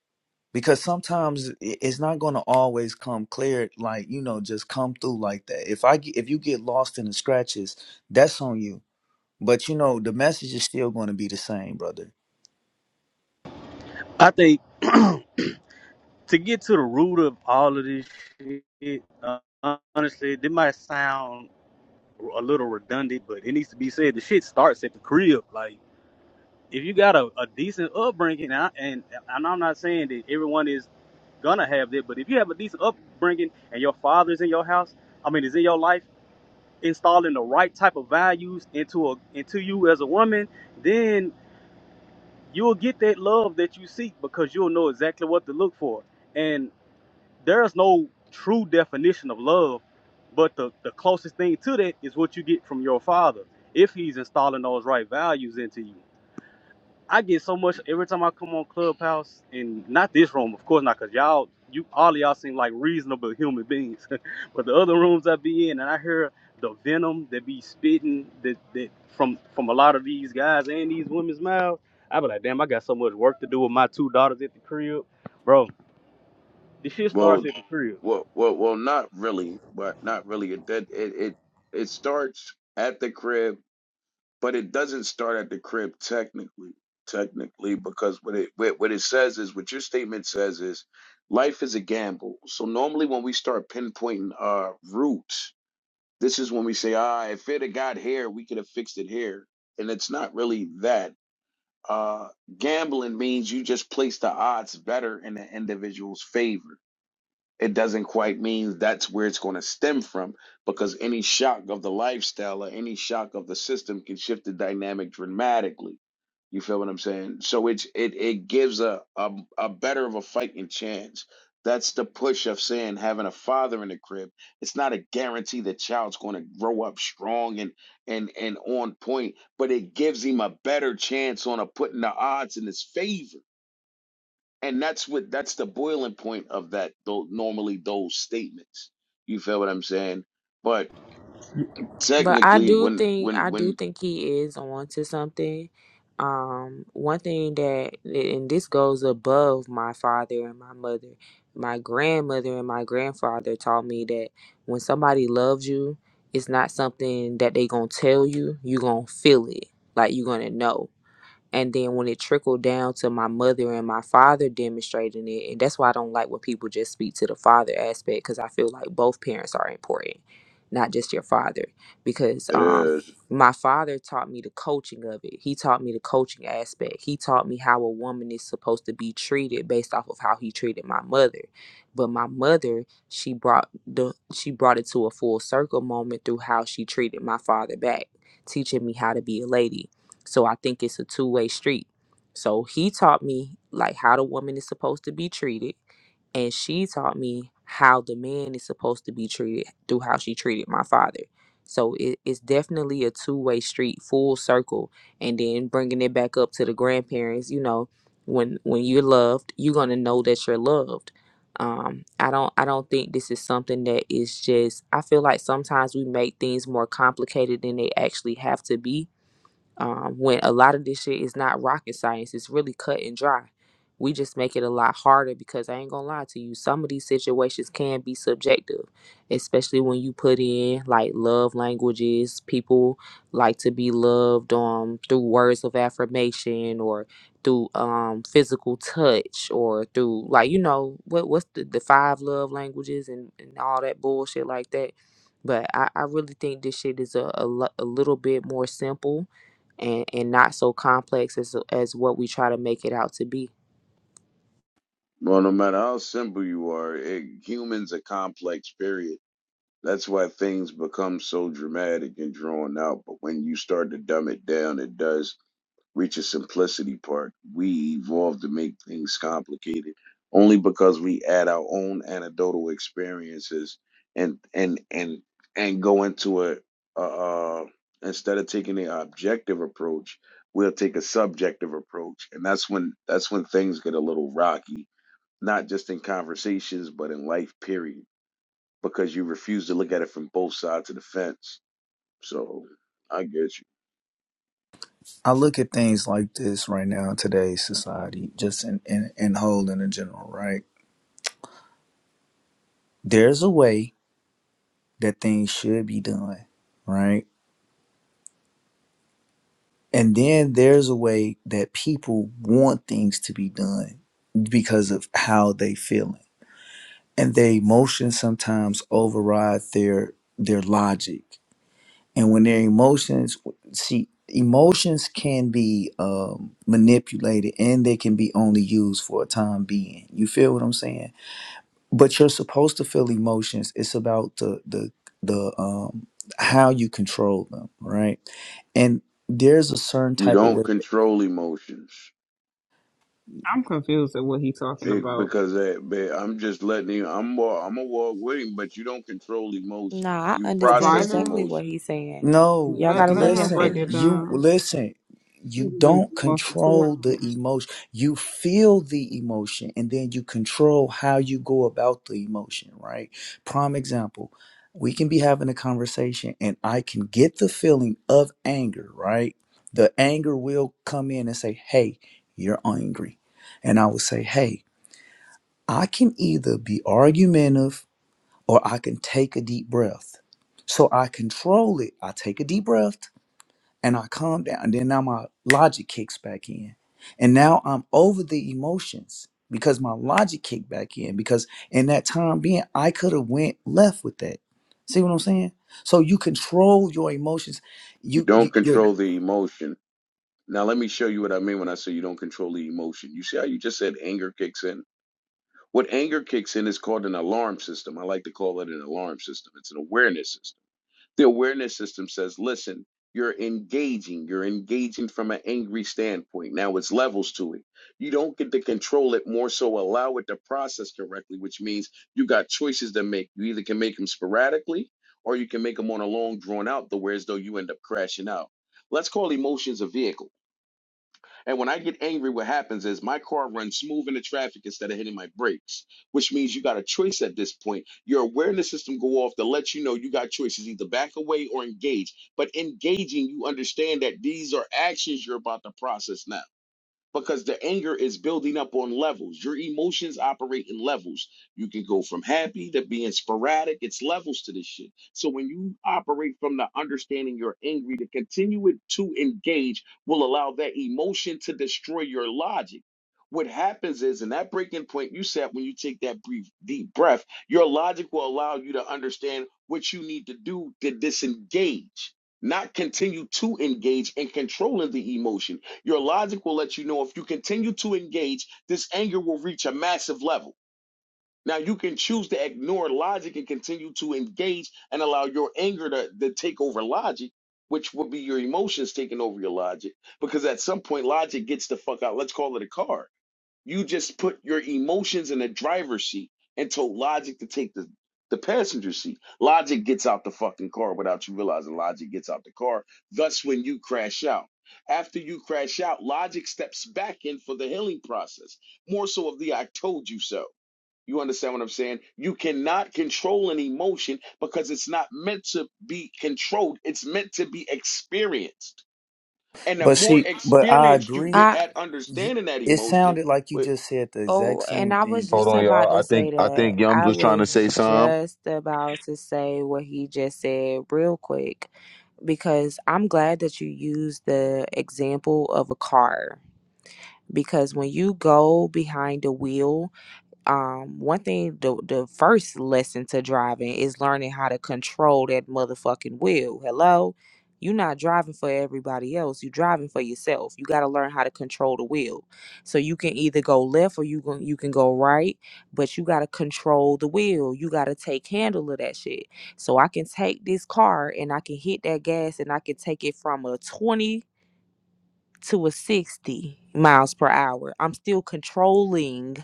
Speaker 16: because sometimes i- it's not going to always come clear like you know just come through like that if I get, if you get lost in the scratches that's on you but you know the message is still going to be the same brother
Speaker 21: I think to get to the root of all of this shit, uh, honestly, it might sound a little redundant, but it needs to be said. The shit starts at the crib. Like, if you got a, a decent upbringing, and, I, and and I'm not saying that everyone is gonna have that, but if you have a decent upbringing and your father's in your house, I mean, is in your life, installing the right type of values into a into you as a woman, then you'll get that love that you seek because you'll know exactly what to look for. there's no true definition of love, but the, the closest thing to that is what you get from your father if he's installing those right values into you. I get so much every time I come on Clubhouse and not this room, of course not, cause y'all you all of y'all seem like reasonable human beings. but the other rooms I be in and I hear the venom that be spitting that, that from from a lot of these guys and these women's mouths, I be like, damn, I got so much work to do with my two daughters at the crib. Bro, this shit starts
Speaker 4: Well,
Speaker 21: at the crib
Speaker 4: well, well, well, not really, but not really. It that it it, it starts at the crib but it doesn't start at the crib technically technically because what it what what it says is what your statement says is life is a gamble so normally when we start pinpointing our roots this is when we say ah if it had got here we could have fixed it here and it's not really that uh gambling means you just place the odds better in the individual's favor it doesn't quite mean that's where it's going to stem from because any shock of the lifestyle or any shock of the system can shift the dynamic dramatically. You feel what I'm saying? So it's it it gives a a, a better of a fighting chance. That's the push of saying having a father in the crib. It's not a guarantee the child's going to grow up strong and and and on point, but it gives him a better chance on a putting the odds in his favor and that's what that's the boiling point of that though normally those statements you feel what i'm saying but
Speaker 20: But I
Speaker 4: technically
Speaker 20: do
Speaker 4: when
Speaker 20: think
Speaker 4: when
Speaker 20: I do
Speaker 4: when
Speaker 20: think he is on to something. Um, one thing that and this goes above my father and my mother. My grandmother and my grandfather taught me that when somebody loves you, it's not something that they gonna tell you. You gonna feel it, like you gonna know and then when it trickled down to my mother and my father demonstrating it and that's why i don't like when people just speak to the father aspect because i feel like both parents are important not just your father because
Speaker 4: it
Speaker 20: um
Speaker 4: is
Speaker 20: my father taught me the coaching of it he taught me the coaching aspect he taught me how a woman is supposed to be treated based off of how he treated my mother but my mother she brought the she brought it to a full circle moment through how she treated my father back teaching me how to be a lady so I think it's a two way street. So he taught me like how the woman is supposed to be treated, and she taught me how the man is supposed to be treated through how she treated my father. So it, it's definitely a two way street, full circle, and then bringing it back up to the grandparents. You know, when when you're loved, you're gonna know that you're loved. Um, I don't I don't think this is something that is just. I feel like sometimes we make things more complicated than they actually have to be um, when a lot of this shit is not rocket science. It's really cut and dry. We just make it a lot harder because I ain't gonna lie to you. Some of these situations can be subjective, especially when you put in like love languages. People like to be loved um through words of affirmation or through um physical touch or through like you know what what's the, the five love languages and, and all that bullshit like that. But I, I really think this shit is a, a, lo- a little bit more simple and and not so complex as as what we try to make it out to be.
Speaker 4: well no matter how simple you are it, humans are complex period that's why things become so dramatic and drawn out but when you start to dumb it down it does reach a simplicity part. We evolve to make things complicated only because we add our own anecdotal experiences and and and and go into a uh, uh instead of taking an objective approach, we'll take a subjective approach, and that's when that's when things get a little rocky, not just in conversations but in life period, because you refuse to look at it from both sides of the fence. So I get you.
Speaker 16: I look at things like this right now in today's society just in in, in whole and in general right there's a way that things should be done, right? And then there's a way that people want things to be done because of how they feeling. And their emotions sometimes override their their logic. And when their emotions see emotions can be um, manipulated and they can be only used for a time being. You feel what I'm saying? but you're supposed to feel emotions it's about the the the um how you control them right and there's a certain
Speaker 4: You
Speaker 16: type of
Speaker 4: don't
Speaker 16: way
Speaker 4: control emotions
Speaker 1: I'm confused at what he's talking
Speaker 4: It,
Speaker 1: about.
Speaker 4: because that, man, I'm just letting you. I'm more. I'm a walk with him, but you don't control emotion.
Speaker 20: Nah, I
Speaker 4: You
Speaker 20: understand
Speaker 4: process
Speaker 1: Provider,
Speaker 20: exactly what
Speaker 4: emotion.
Speaker 20: he's saying.
Speaker 16: No,
Speaker 20: Y'all
Speaker 1: let,
Speaker 20: gotta
Speaker 1: let
Speaker 20: let
Speaker 1: him
Speaker 20: him
Speaker 1: break
Speaker 16: listen,
Speaker 1: it
Speaker 20: finish.
Speaker 16: you
Speaker 1: down.
Speaker 16: listen. You
Speaker 1: We've been
Speaker 16: don't
Speaker 1: going on for two
Speaker 16: control the
Speaker 1: hours.
Speaker 16: emotion. You feel the emotion and then you control how you go about the emotion, right? Prime example. We can be having a conversation and I can get the feeling of anger, right? The anger will come in and say, "Hey, you're angry." And I will say, "Hey, I can either be argumentative or I can take a deep breath." So I control it. I take a deep breath and I calm down. And then now my logic kicks back in. And now I'm over the emotions because my logic kicked back in because in that time being I could have went left with that. See what I'm saying? So you control your emotions.
Speaker 4: You
Speaker 16: You
Speaker 4: don't
Speaker 16: you you're,
Speaker 4: control the emotion. Now let me show you what I mean when I say you don't control the emotion. You see how you just said anger kicks in. What anger kicks in is called an alarm system. I like to call it an alarm system. It's an awareness system The awareness system says, listen, you're engaging. You're engaging from an angry standpoint. Now it's levels to it. You don't get to control it, more so allow it to process correctly, which means you got choices to make. You either can make them sporadically or you can make them on a long drawn out, the whereas though you end up crashing out. Let's call emotions a vehicle and when I get angry, what happens is my car runs smooth into traffic instead of hitting my brakes, which means you got a choice at this point. Your awareness system go off to let you know you got choices, either back away or engage. But engaging, you understand that these are actions you're about to process now because the anger is building up on levels. Your emotions operate in levels. You can go from happy to being sporadic. It's levels to this shit. So when you operate from the understanding you're angry, to continue it to engage will allow that emotion to destroy your logic. What happens is, in that breaking point you said, when you take that brief, deep breath, your logic will allow you to understand what you need to do to disengage, not continue to engage in controlling the emotion your logic will let you know if you continue to engage, this anger will reach a massive level. Now, you can choose to ignore logic and continue to engage and allow your anger to, to take over logic, which would be your emotions taking over your logic, because at some point, logic gets the fuck out. Let's call it a car you just put your emotions in the driver's seat and told logic to take the the passenger seat. Logic gets out the fucking car without you realizing logic gets out the car. Thus, when you crash out, after you crash out, logic steps back in for the healing process. More so of the I told you so. You understand what I'm saying? You cannot control an emotion because it's not meant to be controlled. It's meant to be experienced. And the
Speaker 16: but
Speaker 4: more
Speaker 16: see, but I
Speaker 4: experienced you
Speaker 16: agree.
Speaker 4: get
Speaker 20: I
Speaker 4: at
Speaker 16: You,
Speaker 4: understanding that
Speaker 16: it
Speaker 4: emotion,
Speaker 16: sounded like you just said the
Speaker 20: oh,
Speaker 16: exact
Speaker 20: and
Speaker 16: same
Speaker 20: I
Speaker 16: thing
Speaker 20: was
Speaker 16: as
Speaker 2: Hold
Speaker 20: just
Speaker 16: me.
Speaker 2: on,
Speaker 20: about
Speaker 2: y'all.
Speaker 20: to
Speaker 2: I think
Speaker 20: say
Speaker 2: I
Speaker 20: that.
Speaker 2: think Yums
Speaker 20: I
Speaker 2: was trying to say
Speaker 20: was
Speaker 2: something.
Speaker 20: just about to say what he just said real quick because I'm glad that you used the example of a car because when you go behind the wheel um one thing the the first lesson to driving is learning how to control that motherfucking wheel. Hello? You're not driving for everybody else. You're driving for yourself. You got to learn how to control the wheel. So you can either go left or you can you can go right, but you got to control the wheel. You got to take handle of that shit. So I can take this car and I can hit that gas and I can take it from a 20 to a 60 miles per hour. I'm still controlling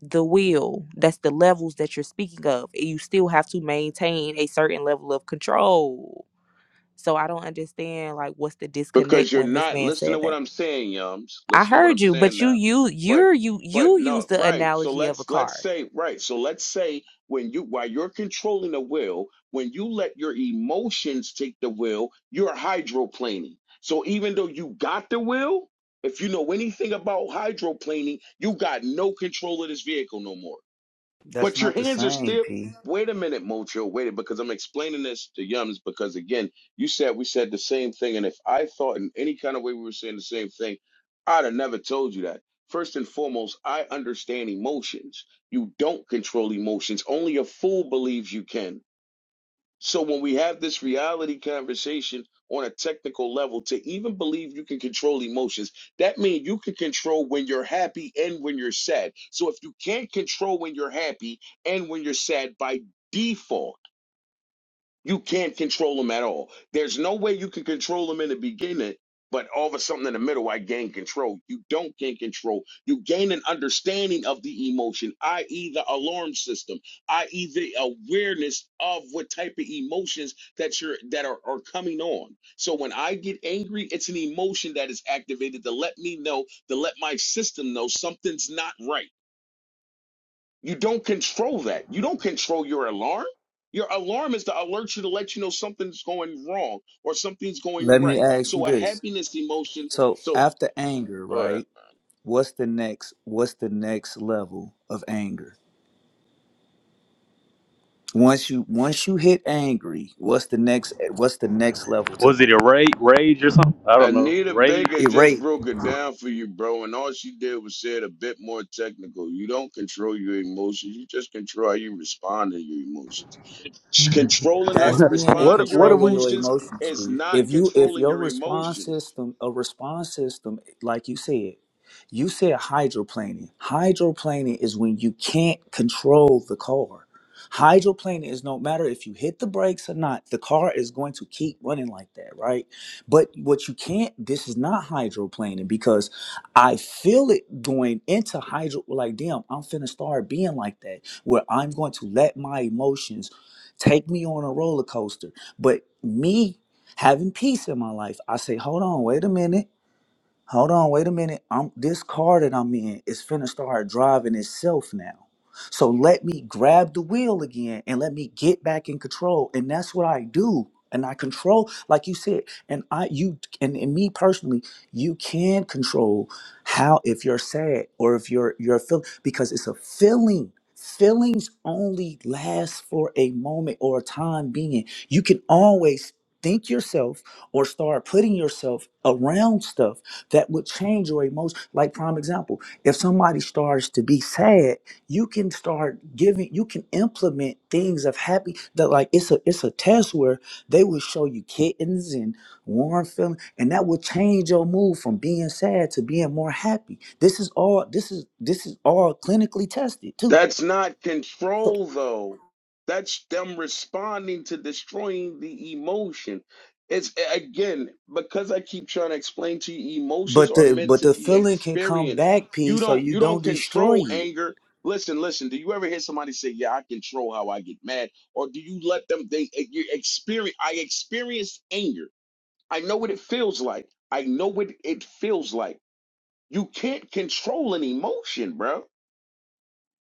Speaker 20: the will that's the levels that you're speaking of and you still have to maintain a certain level of control so i don't understand like what's the disconnect
Speaker 4: because you're
Speaker 20: when this
Speaker 4: not
Speaker 20: man
Speaker 4: listen to
Speaker 20: said
Speaker 4: what
Speaker 20: that
Speaker 4: I'm saying, Yums.
Speaker 20: i
Speaker 4: Listen to what
Speaker 20: heard
Speaker 4: I'm
Speaker 20: you
Speaker 4: saying
Speaker 20: but you
Speaker 4: now.
Speaker 20: you
Speaker 4: But
Speaker 20: you're you you
Speaker 4: but
Speaker 20: use
Speaker 4: no,
Speaker 20: the
Speaker 4: right. So
Speaker 20: analogy of a
Speaker 4: let's let's
Speaker 20: car
Speaker 4: say right. So let's say when you while you're controlling the will, when you let your emotions take the will, you're hydroplaning. So even though you got the will, if you know anything about hydroplaning, you got no control of this vehicle no more.
Speaker 16: That's
Speaker 4: But your
Speaker 16: not the
Speaker 4: hands are
Speaker 16: same,
Speaker 4: still.
Speaker 16: P.
Speaker 4: Wait a minute, Mojo. Wait, because I'm explaining this to Yums. Because again, you said we said the same thing, and if I thought in any kind of way we were saying the same thing, I'd have never told you that. First and foremost, I understand emotions. You don't control emotions. Only a fool believes you can. So when we have this reality conversation on a technical level, to even believe you can control emotions, that means you can control when you're happy and when you're sad. So if you can't control when you're happy and when you're sad by default, you can't control them at all. There's no way you can control them in the beginning, but all of a sudden in the middle, I gain control. You don't gain control. You gain an understanding of the emotion, i.e., the alarm system, i.e., the awareness of what type of emotions that you're that are, are coming on. So when I get angry, it's an emotion that is activated to let me know, to let my system know something's not right. You don't control that. You don't control your alarm. Your alarm is to alert you to let you know something's going wrong or something's going
Speaker 16: Let me
Speaker 4: right.
Speaker 16: ask you
Speaker 4: So a
Speaker 16: this.
Speaker 4: happiness emotion.
Speaker 16: So
Speaker 4: So
Speaker 16: after anger,
Speaker 4: go ahead.
Speaker 16: right? what's the next what's the next level of anger once you once you hit angry what's the next what's the next level to
Speaker 21: Was
Speaker 16: that
Speaker 21: it a rage, rage or something? I don't know.
Speaker 4: Anita
Speaker 21: Rage.
Speaker 4: Baker
Speaker 16: it
Speaker 4: just
Speaker 16: right
Speaker 4: broke it down for you, bro, and all she did was say it a bit more technical. You don't control your emotions, you just control how you respond to your emotions. Sh- Controlling how
Speaker 16: That's
Speaker 4: you
Speaker 16: being in
Speaker 4: respond to your
Speaker 16: control of your
Speaker 4: emotions
Speaker 16: emotions,
Speaker 4: is
Speaker 16: P.
Speaker 4: not
Speaker 16: If you if
Speaker 4: controlling
Speaker 16: your
Speaker 4: your emotions.
Speaker 16: response system, a response system, like you said, you said hydroplaning. Hydroplaning is when you can't control the car. Hydroplaning is no matter if you hit the brakes or not, the car is going to keep running like that, right? But what you can't, this is not hydroplaning because I feel it going into hydro, like, damn, I'm finna start being like that, where I'm going to let my emotions Take me on a roller coaster. But me having peace in my life, I say, hold on, wait a minute. Hold on, wait a minute. I'm this car that I'm in is finna start driving itself now. So let me grab the wheel again and let me get back in control. And that's what I do. And I control, like you said, and I you and, and me personally, you can control how if you're sad or if you're you're feeling because it's a feeling. Feelings only last for a moment or a time being. You can always think yourself or start putting yourself around stuff that would change your emotion. Like prime example, if somebody starts to be sad, you can start giving, you can implement things of happy that like it's a it's a test where they will show you kittens and warm feeling, and that will change your mood from being sad to being more happy. This is all this is this is all clinically tested too.
Speaker 4: That's not control, though. That's them responding to destroying the emotion. It's again, because I keep trying to explain to you, emotions
Speaker 16: But
Speaker 4: are
Speaker 16: the
Speaker 4: meant
Speaker 16: but
Speaker 4: to
Speaker 16: the
Speaker 4: be
Speaker 16: feeling can come
Speaker 4: experienced.
Speaker 16: back, P,
Speaker 4: You
Speaker 16: so
Speaker 4: don't
Speaker 16: you
Speaker 4: you don't
Speaker 16: don't destroy
Speaker 4: control
Speaker 16: it.
Speaker 4: anger. Listen, listen. Do you ever hear somebody say, "Yeah, I control how I get mad," or do you let them? They eh, you experience. I experienced anger. I know what it feels like. I know what it feels like. You can't control an emotion, bro.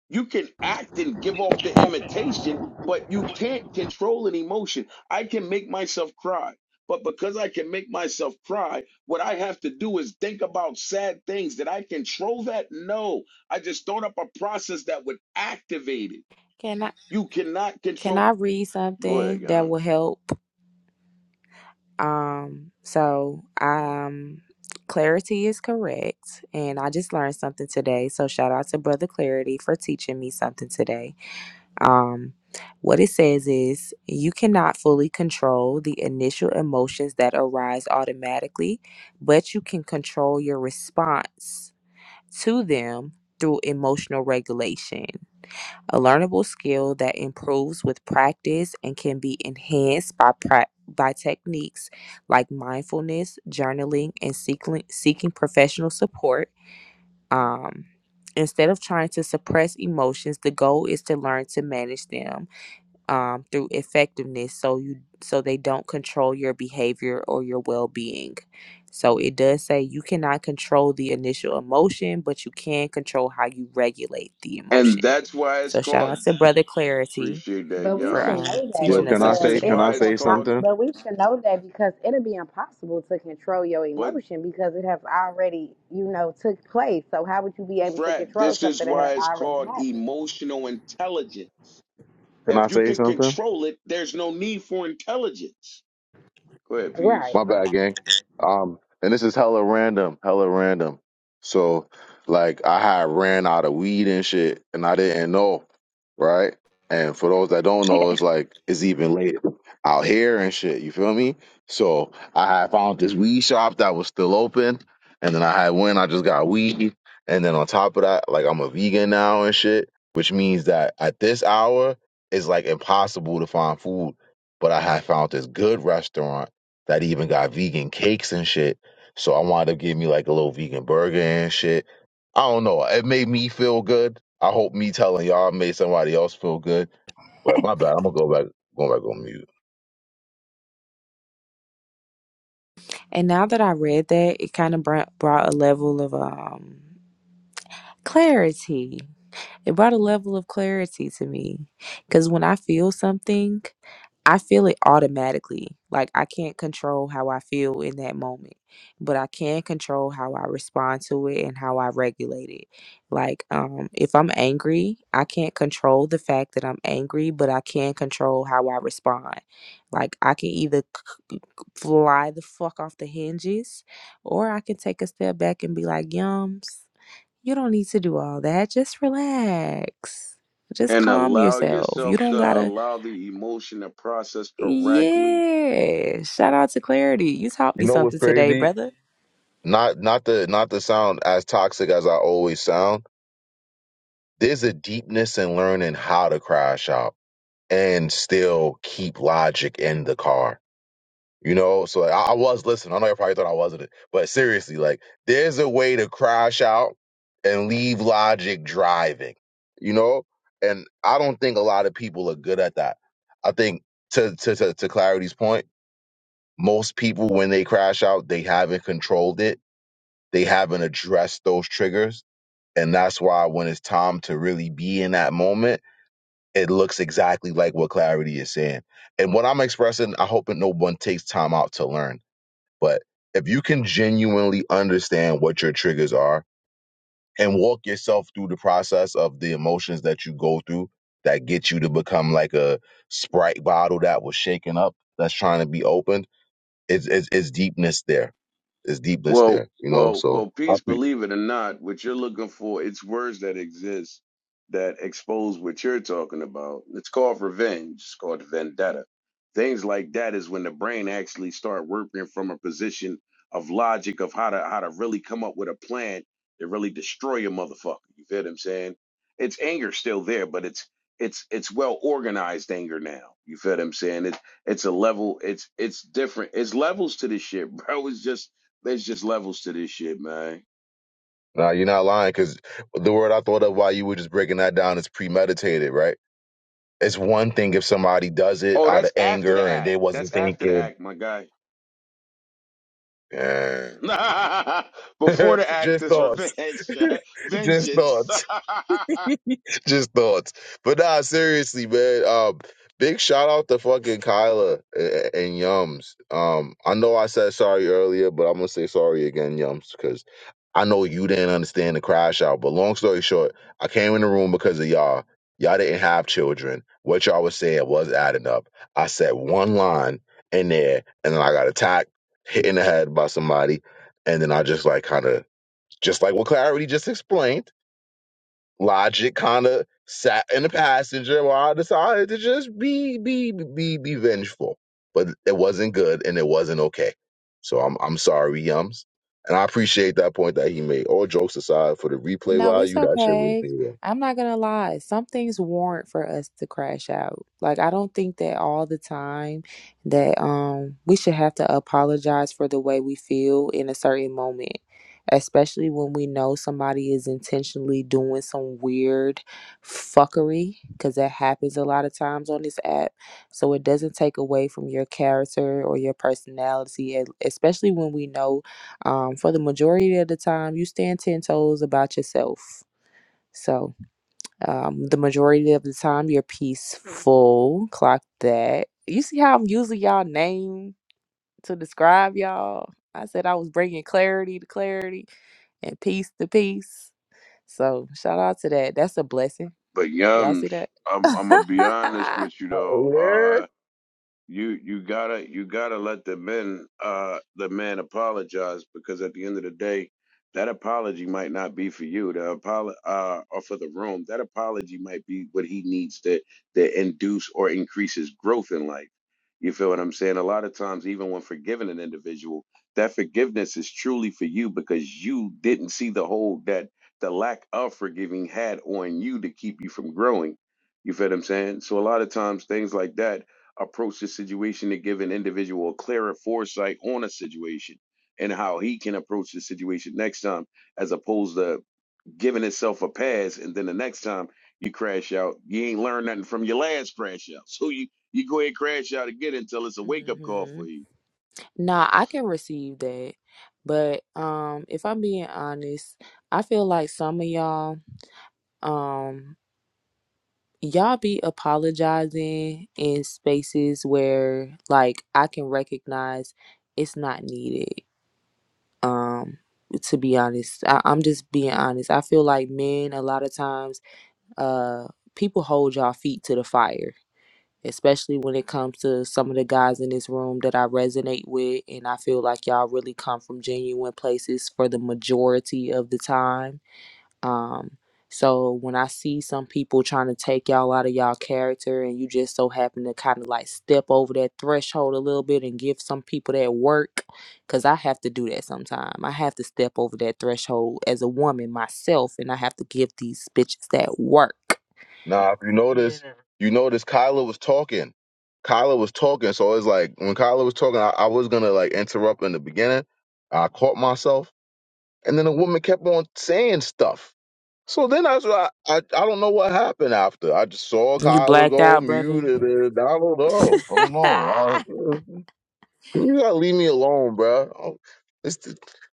Speaker 4: You can act and give off the imitation, but you can't control an emotion. I can make myself cry. But because I can make myself cry, what I have to do is think about sad things. Did I control that? No. I just thought up a process that would activate it.
Speaker 20: can i
Speaker 4: You cannot
Speaker 20: can
Speaker 4: control.
Speaker 20: i read
Speaker 4: Go ahead,
Speaker 20: something that will
Speaker 4: Yams.
Speaker 20: help um so um clarity is correct and i just learned something today so shout out to brother clarity for teaching me something today Um, what it says is you cannot fully control the initial emotions that arise automatically, but you can control your response to them through emotional regulation, a learnable skill that improves with practice and can be enhanced by pra- by techniques like mindfulness, journaling, and seeking seeking professional support. Um, instead of trying to suppress emotions, the goal is to learn to manage them um, through effectiveness so you so they don't control your behavior or your well-being so it does say you cannot control the initial emotion but you can control how you regulate the
Speaker 4: And
Speaker 20: emotion
Speaker 4: that's why it's
Speaker 20: so shout
Speaker 4: called.
Speaker 20: out to brother clarity
Speaker 4: Appreciate that,
Speaker 6: But we
Speaker 20: for
Speaker 6: should
Speaker 4: Yams.
Speaker 20: um,
Speaker 6: know that
Speaker 2: Yo,
Speaker 20: teaching
Speaker 4: But
Speaker 20: us
Speaker 2: can I
Speaker 4: this
Speaker 20: something
Speaker 6: because
Speaker 2: say?
Speaker 4: is
Speaker 6: it'll
Speaker 2: Can
Speaker 20: today
Speaker 2: I
Speaker 4: why
Speaker 6: be
Speaker 4: it's
Speaker 2: say
Speaker 6: impo-
Speaker 4: called.
Speaker 2: something?
Speaker 6: But we should know that because it'll be impossible to control your
Speaker 4: But,
Speaker 6: emotion because it has already, you know, took place. So how would you be able to
Speaker 4: Frat,
Speaker 6: control
Speaker 4: this is
Speaker 6: something that had
Speaker 4: why it's
Speaker 6: already
Speaker 4: called
Speaker 6: happened?
Speaker 4: emotional intelligence
Speaker 2: Can I
Speaker 4: If you
Speaker 2: say
Speaker 4: can
Speaker 2: something?
Speaker 4: control it, there's no need for intelligence. Go ahead,
Speaker 6: Right.
Speaker 4: peace.
Speaker 2: My bad, gang. Um, and this is hella random, hella random. So, like, I had ran out of weed and shit, and I didn't know, right? And for those that don't know, it's like it's even late out here and shit. You feel me? So I had found this weed shop that was still open, and then I had went. I just got weed, and then on top of that, like I'm a vegan now and shit, which means that at this hour it's like impossible to find food. But I had found this good restaurant that even got vegan cakes and shit. So I wanted to give me like a little vegan burger and shit. I don't know. It made me feel good. I hope me telling y'all made somebody else feel good. But my bad. I'm gonna go back going back on mute.
Speaker 20: And now that I read that, it kind of brought, brought a level of um, clarity it brought a level of clarity to me because when I feel something, I feel it automatically. Like I can't control how I feel in that moment, but I can control how I respond to it and how I regulate it. Like um if I'm angry, I can't control the fact that I'm angry, but I can control how I respond. Like I can either c- fly the fuck off the hinges or I can take a step back and be like, "Yums." You don't need to do all that. Just relax. Just
Speaker 4: And
Speaker 20: calm
Speaker 4: allow
Speaker 20: yourself. You
Speaker 4: yourself
Speaker 20: don't
Speaker 4: to
Speaker 20: gotta.
Speaker 4: allow the emotion to process correctly
Speaker 20: Yeah. Shout out to Clarity. You taught
Speaker 2: You
Speaker 20: me
Speaker 2: know what's
Speaker 20: something today,
Speaker 2: crazy?
Speaker 20: brother.
Speaker 2: Not not the not to sound as toxic as I always sound. There's a deepness in learning how to crash out and still keep logic in the car You know, so like, I, I was listening. I know you probably thought I wasn't, it, but seriously, like, there's a way to crash out and leave logic driving. You know, and I don't think a lot of people are good at that. I think to to to, to Clarity's point, most people when they crash out, they haven't controlled it. They haven't addressed those triggers, and that's why when it's time to really be in that moment, it looks exactly like what Clarity is saying. And what I'm expressing, I hope that no one takes time out to learn but if you can genuinely understand what your triggers are and walk yourself through the process of the emotions that you go through that get you to become like a Sprite bottle that was shaken up, that's trying to be opened, it's, it's, it's deepness there. It's deepness
Speaker 4: Well,
Speaker 2: there, you know?
Speaker 4: well,
Speaker 2: So,
Speaker 4: well,
Speaker 2: I
Speaker 4: peace,
Speaker 2: pre-
Speaker 4: believe it or not, what you're looking for, it's words that exist that expose what you're talking about. It's called revenge, it's called vendetta. Things like that is when the brain actually start working from a position of logic of how to how to really come up with a plan to really destroy a motherfucker. You feel what I'm saying? It's anger still there, but it's it's it's well organized anger now. You feel what I'm saying? It's it's a level, it's it's different. It's levels to this shit, bro. It's just there's just levels to this shit, man.
Speaker 2: nah, you're not lying because the word I thought of while you were just breaking that down is premeditated, right? It's one thing if somebody does it
Speaker 4: Oh,
Speaker 2: out of
Speaker 4: that's after the
Speaker 2: anger and they
Speaker 4: act. That's
Speaker 2: wasn't
Speaker 4: after the
Speaker 2: thinking.
Speaker 4: act, my guy.
Speaker 2: Yeah.
Speaker 4: Before the act
Speaker 2: just
Speaker 4: is
Speaker 2: thoughts.
Speaker 4: revenge,
Speaker 2: just
Speaker 4: vengeance.
Speaker 2: thoughts. Just thoughts. But nah, seriously, man. Um, big shout out to fucking Kyla and, and Yums. Um, I know I said sorry earlier, but I'm gonna say sorry again, Yums, because I know you didn't understand the crash out. But long story short, I came in the room because of y'all. Y'all didn't have children. What y'all was saying was adding up. I said one line in there, and then I got attacked, hit in the head by somebody, and then I just like kind of just like what Clarity just explained, logic kind of sat in the passenger while I decided to just be be be be vengeful. But it wasn't good and it wasn't okay. So I'm I'm sorry, Yums. And I appreciate that point that he made. All jokes aside, for the replay
Speaker 20: No, it's
Speaker 2: value, that shit was
Speaker 20: okay.
Speaker 2: there.
Speaker 20: I'm not gonna lie. Some things warrant for us to crash out. Like I don't think that all the time that um we should have to apologize for the way we feel in a certain moment. Especially when we know somebody is intentionally doing some weird fuckery, because that happens a lot of times on this app. So it doesn't take away from your character or your personality, e- especially when we know um, for the majority of the time, you stand 10 toes about yourself. So, um, the majority of the time, you're peaceful. Clock that. You see how I'm using y'all name to describe y'all? I said I was bringing clarity to clarity and peace to peace. So, shout out to that. That's a blessing.
Speaker 4: but
Speaker 20: Y'all see
Speaker 4: yums,
Speaker 20: that?
Speaker 4: I'm I'm gonna be honest with you
Speaker 2: Oh,
Speaker 4: though.
Speaker 2: yeah.
Speaker 4: you you gotta you gotta let the men uh the man apologize because at the end of the day that apology might not be for you the apolo- uh or for the room that apology might be what he needs to to induce or increase his growth in life you feel what i'm saying a lot of times even when forgiving an individual that forgiveness is truly for you because you didn't see the hold that the lack of forgiving had on you to keep you from growing you feel what i'm saying so a lot of times things like that approach the situation to give an individual a clearer foresight on a situation and how he can approach the situation next time, as opposed to giving itself a pass and then the next time you crash out, you ain't learned nothing from your last crash out. So you you go ahead and crash out again until it's a wake up call
Speaker 20: hmm
Speaker 4: for you.
Speaker 20: Nah, I can receive that. But um, if I'm being honest, I feel like some of y'all. um y'all be apologizing in spaces where like I can recognize it's not needed. Um to be honest, I, I'm just being honest. I feel like men a lot of times uh people hold y'all feet to the fire, especially when it comes to some of the guys in this room that I resonate with and I feel like y'all really come from genuine places for the majority of the time um, so when I see some people trying to take y'all out of y'all character and you just so happen to kind of like step over that threshold a little bit and give some people that work, because I have to do that sometime. I have to step over that threshold as a woman myself and I have to give these bitches that work.
Speaker 2: Now, if you notice, you notice Kyla was talking. Kyla was talking, so it's like when Kyla was talking, I, I was gonna like interrupt in the beginning. I caught myself And then the woman kept on saying stuff. So then I, so I, I, I don't know what happened after. I just saw
Speaker 20: You
Speaker 2: Kyler
Speaker 20: blacked
Speaker 2: go
Speaker 20: out, brother?
Speaker 2: muted. And I don't know. I don't know. I, uh, you gotta leave me alone, bro. Oh, This, this-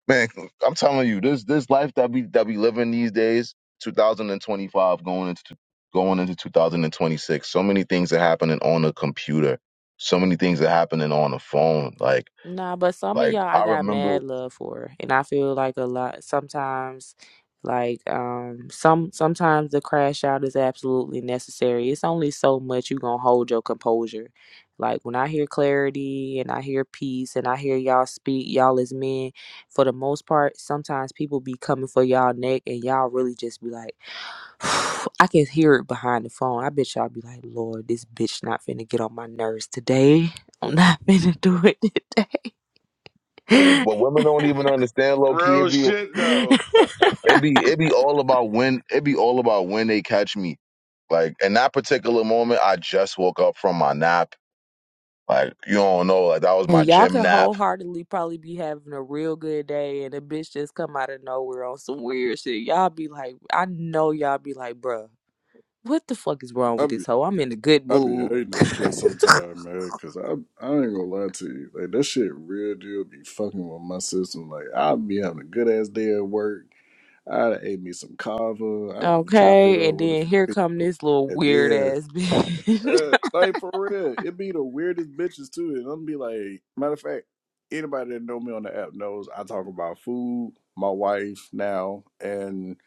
Speaker 2: man, I'm telling you, this this life that we that we living these days, 2025 going into going into 2026. So many things are happening on the computer. So many things are happening on the phone. Like
Speaker 20: Nah, but some of
Speaker 2: like
Speaker 20: y'all I
Speaker 2: I
Speaker 20: got
Speaker 2: remember
Speaker 20: mad love for, and I feel like a lot sometimes, like um, some sometimes the crash out is absolutely necessary. It's only so much you gonna hold your composure. Like when I hear clarity and I hear peace and I hear y'all speak, y'all as men, for the most part, sometimes people be coming for y'all neck and y'all really just be like, I can hear it behind the phone. I bet y'all be like, Lord, this bitch not finna get on my nerves today. I'm not finna do it today.
Speaker 2: what, what women don't even understand, low
Speaker 4: Real
Speaker 2: key.
Speaker 4: shit though.
Speaker 2: It be it be all about when it be all about when they catch me. Like in that particular moment, I just woke up from my nap. Like you don't know, like that was my
Speaker 20: And y'all
Speaker 2: gym
Speaker 20: can
Speaker 2: nap.
Speaker 20: wholeheartedly probably be having a real good day, and a bitch just come out of nowhere on some weird shit. Y'all be like, I know y'all be like, bruh, what the fuck is wrong
Speaker 3: I
Speaker 20: with
Speaker 3: be
Speaker 20: this hoe? I'm in a good
Speaker 3: I be
Speaker 20: mood.
Speaker 3: hating that shit sometime, man. Cause I I ain't gonna lie to you, like that shit real deal be fucking with my system. Like I be having a good ass day at work. I done ate me some kava. I done chopped it
Speaker 20: Okay,
Speaker 3: up
Speaker 20: and
Speaker 3: with a
Speaker 20: then
Speaker 3: few
Speaker 20: here
Speaker 3: people,
Speaker 20: come this little
Speaker 3: and
Speaker 20: weird
Speaker 3: then
Speaker 20: ass bitch.
Speaker 3: Uh, like for real, it be the weirdest bitches too. And I'm be like, matter of fact, anybody that know me on the app knows I talk about food, my wife now, and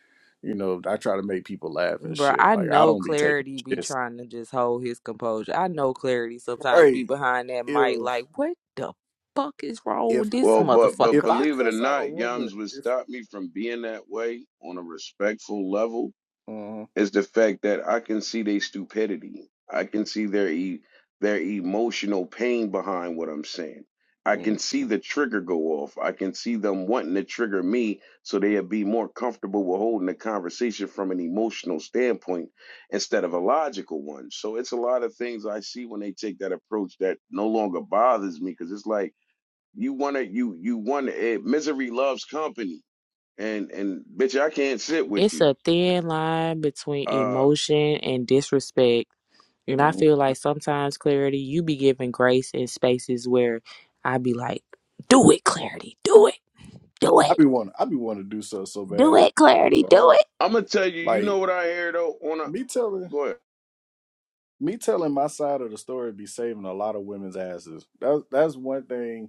Speaker 3: you know I try to make people laugh and
Speaker 20: Bruh,
Speaker 3: shit.
Speaker 20: I
Speaker 3: Like I
Speaker 20: know
Speaker 3: don't be taking
Speaker 20: Clarity be
Speaker 3: shit.
Speaker 20: trying to just hold his composure. I know Clarity sometimes be
Speaker 3: Right?
Speaker 20: behind that mic
Speaker 3: If
Speaker 20: like, what the fuck is wrong
Speaker 3: if
Speaker 20: with this
Speaker 3: I,
Speaker 4: Well, but but
Speaker 20: motherfucker?
Speaker 3: if I
Speaker 4: believe it or
Speaker 3: cuss out a
Speaker 4: not,
Speaker 3: woman,
Speaker 4: Yums would
Speaker 3: if
Speaker 4: stop me from being that way on a respectful level
Speaker 3: Mhm.
Speaker 4: is the fact that I can see their stupidity. I can see their e- their emotional pain behind what I'm saying. I
Speaker 3: Mhm.
Speaker 4: can see the trigger go off. I can see them wanting to trigger me so they'll be more comfortable with holding the conversation from an emotional standpoint instead of a logical one. So it's a lot of things I see when they take that approach that no longer bothers me because it's like you wanna you you wanna eh, misery loves company and and bitch I can't sit with
Speaker 20: It's
Speaker 4: you.
Speaker 20: a thin line between
Speaker 4: Uh
Speaker 20: emotion and disrespect. And I
Speaker 3: mhm.
Speaker 20: feel like sometimes, Clarity, you be giving grace in spaces where I be like, do it, Clarity, do it, do
Speaker 3: I
Speaker 20: it,
Speaker 3: be want I be want to do so so
Speaker 20: do
Speaker 3: bad, man.
Speaker 20: it, Clarity, do
Speaker 3: Oh,
Speaker 20: it.
Speaker 4: I'm gonna tell you, you
Speaker 3: Like
Speaker 4: know what I hear though. On a
Speaker 3: me telling
Speaker 4: go ahead.
Speaker 3: me telling my side of the story be saving a lot of women's asses. That's that's one thing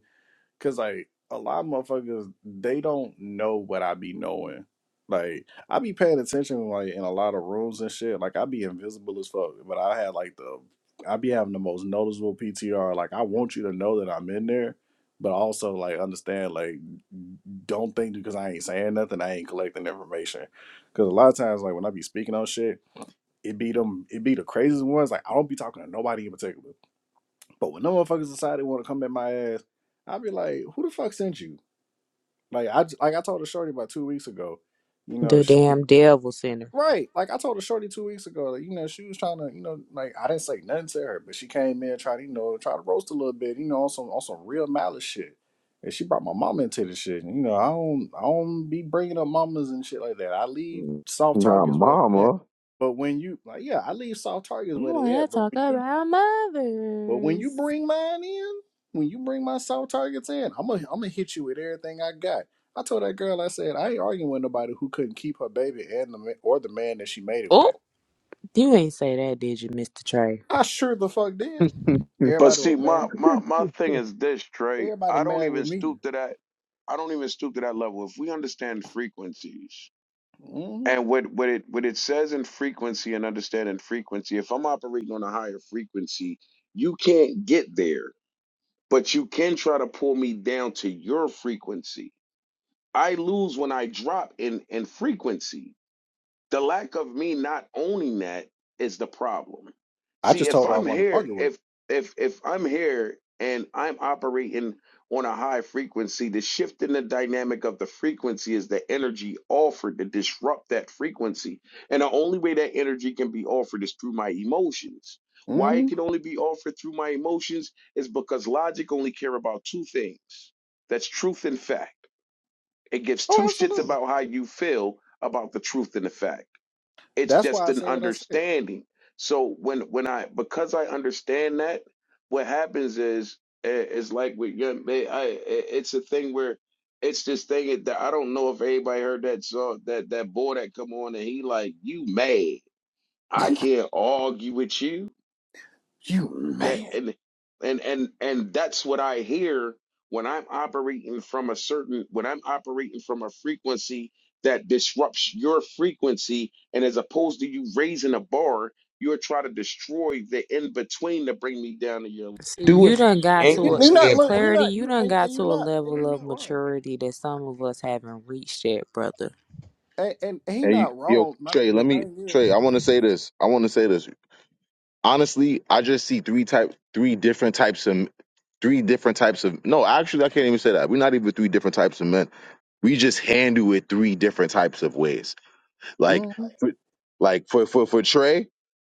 Speaker 3: Cause like a lot of motherfuckers, they don't know what I be knowing. Like I be paying attention like in a lot of rooms and shit. Like I be invisible as fuck, but I had like the I be having the most noticeable PTR. Like I want you to know that I'm in there, but also like understand like don't think because I ain't saying nothing, I ain't collecting information. Cause a lot of times like when I be speaking on shit, it be them it be the craziest ones. Like I don't be talking to nobody in particular. But when them motherfuckers decide they want to come at my ass, I'd be like, who the fuck sent you? Like I, like I told a shorty about two weeks ago, you know,
Speaker 20: The
Speaker 3: she,
Speaker 20: damn devil center.
Speaker 3: right? Like I told a shorty two weeks ago, like, you know, she was trying to, you know, like I didn't say nothing to her, but she came in trying to, you know, try to roast a little bit, you know, on some on some real malice shit. And she brought my mama into this shit. And, you know, I don't I don't be bringing up mamas and shit like that. I leave soft
Speaker 2: Nah,
Speaker 3: targets where they at.
Speaker 2: mama.
Speaker 3: But when you like, yeah, I leave soft targets
Speaker 20: You
Speaker 3: where
Speaker 20: want
Speaker 3: they
Speaker 20: to
Speaker 3: at. But
Speaker 20: talk
Speaker 3: when you
Speaker 20: about
Speaker 3: but when
Speaker 20: mothers.
Speaker 3: you bring mine in, when you bring my soft targets in, I'm gonna I'm gonna hit you with everything I got. I told that girl, I said, I ain't arguing with nobody who couldn't keep her baby and the ma- or the man that she made it
Speaker 20: Oh,
Speaker 3: with.
Speaker 20: you ain't say that, did you, Mr. Trey?
Speaker 3: I sure the fuck did.
Speaker 4: But
Speaker 3: Everybody was
Speaker 4: see,
Speaker 3: mad.
Speaker 4: my my my thing is this, Trey.
Speaker 3: Everybody
Speaker 4: I don't
Speaker 3: mad with
Speaker 4: even
Speaker 3: me.
Speaker 4: stoop to that. I don't even stoop to that level. If we understand frequencies
Speaker 3: hmm
Speaker 4: and what what it what it says in frequency and understanding frequency, if I'm operating on a higher frequency, you can't get there. But you can try to pull me down to your frequency. I lose when I drop in in frequency the lack of me not owning that is the problem.
Speaker 3: I
Speaker 4: See,
Speaker 3: just
Speaker 4: if
Speaker 3: told her I
Speaker 4: I'm
Speaker 3: wasn't gonna
Speaker 4: here,
Speaker 3: argue with.
Speaker 4: if if if I'm here and I'm operating on a high frequency, the shift in the dynamic of the frequency is the energy offered to disrupt that frequency. And the only way that energy can be offered is through my emotions.
Speaker 3: Her.
Speaker 4: Why
Speaker 3: hmm
Speaker 4: it can only be offered through my emotions is because logic only care about two things. That's truth and fact. It gives two
Speaker 3: Oh,
Speaker 4: shits
Speaker 3: absolutely.
Speaker 4: about how you feel about the truth and the fact it's
Speaker 3: That's why
Speaker 4: just
Speaker 3: I
Speaker 4: an
Speaker 3: said what I said.
Speaker 4: understanding so when when i because i understand that what happens is eh, it's like with young man i eh, it's a thing where it's this thing that i don't know if anybody heard that song that that boy that come on and he like you mad i can't argue with you
Speaker 3: You
Speaker 4: that
Speaker 3: mad?
Speaker 4: and and and and that's what I hear when I'm operating from a certain when I'm operating from a frequency that disrupts your frequency and as opposed to you raising a bar you're trying to destroy the in between to bring me down to your
Speaker 20: See,
Speaker 4: Do
Speaker 20: you
Speaker 4: it from
Speaker 20: done got
Speaker 3: You,
Speaker 20: to a
Speaker 3: you're not. Look, you're
Speaker 20: Clarity,
Speaker 3: not.
Speaker 20: you
Speaker 3: You
Speaker 20: done
Speaker 3: and,
Speaker 20: got
Speaker 3: and
Speaker 20: to
Speaker 3: you're
Speaker 20: a
Speaker 3: not. And
Speaker 20: level
Speaker 3: you're
Speaker 20: of
Speaker 3: not wrong.
Speaker 20: maturity that some of us haven't reached yet, brother.
Speaker 3: And, and he
Speaker 2: Hey, you-
Speaker 3: not
Speaker 2: yo,
Speaker 3: wrong. My,
Speaker 2: Trey,
Speaker 3: the
Speaker 2: let me
Speaker 3: thing is.
Speaker 2: Trey. I want to say this. I want to say this. Honestly, I just see three type, three different types of, three different types of. No, actually, I can't even say that. We're not even three different types of men. We just handle it three different types of ways. Like,
Speaker 3: hmm
Speaker 2: like for for for Trey,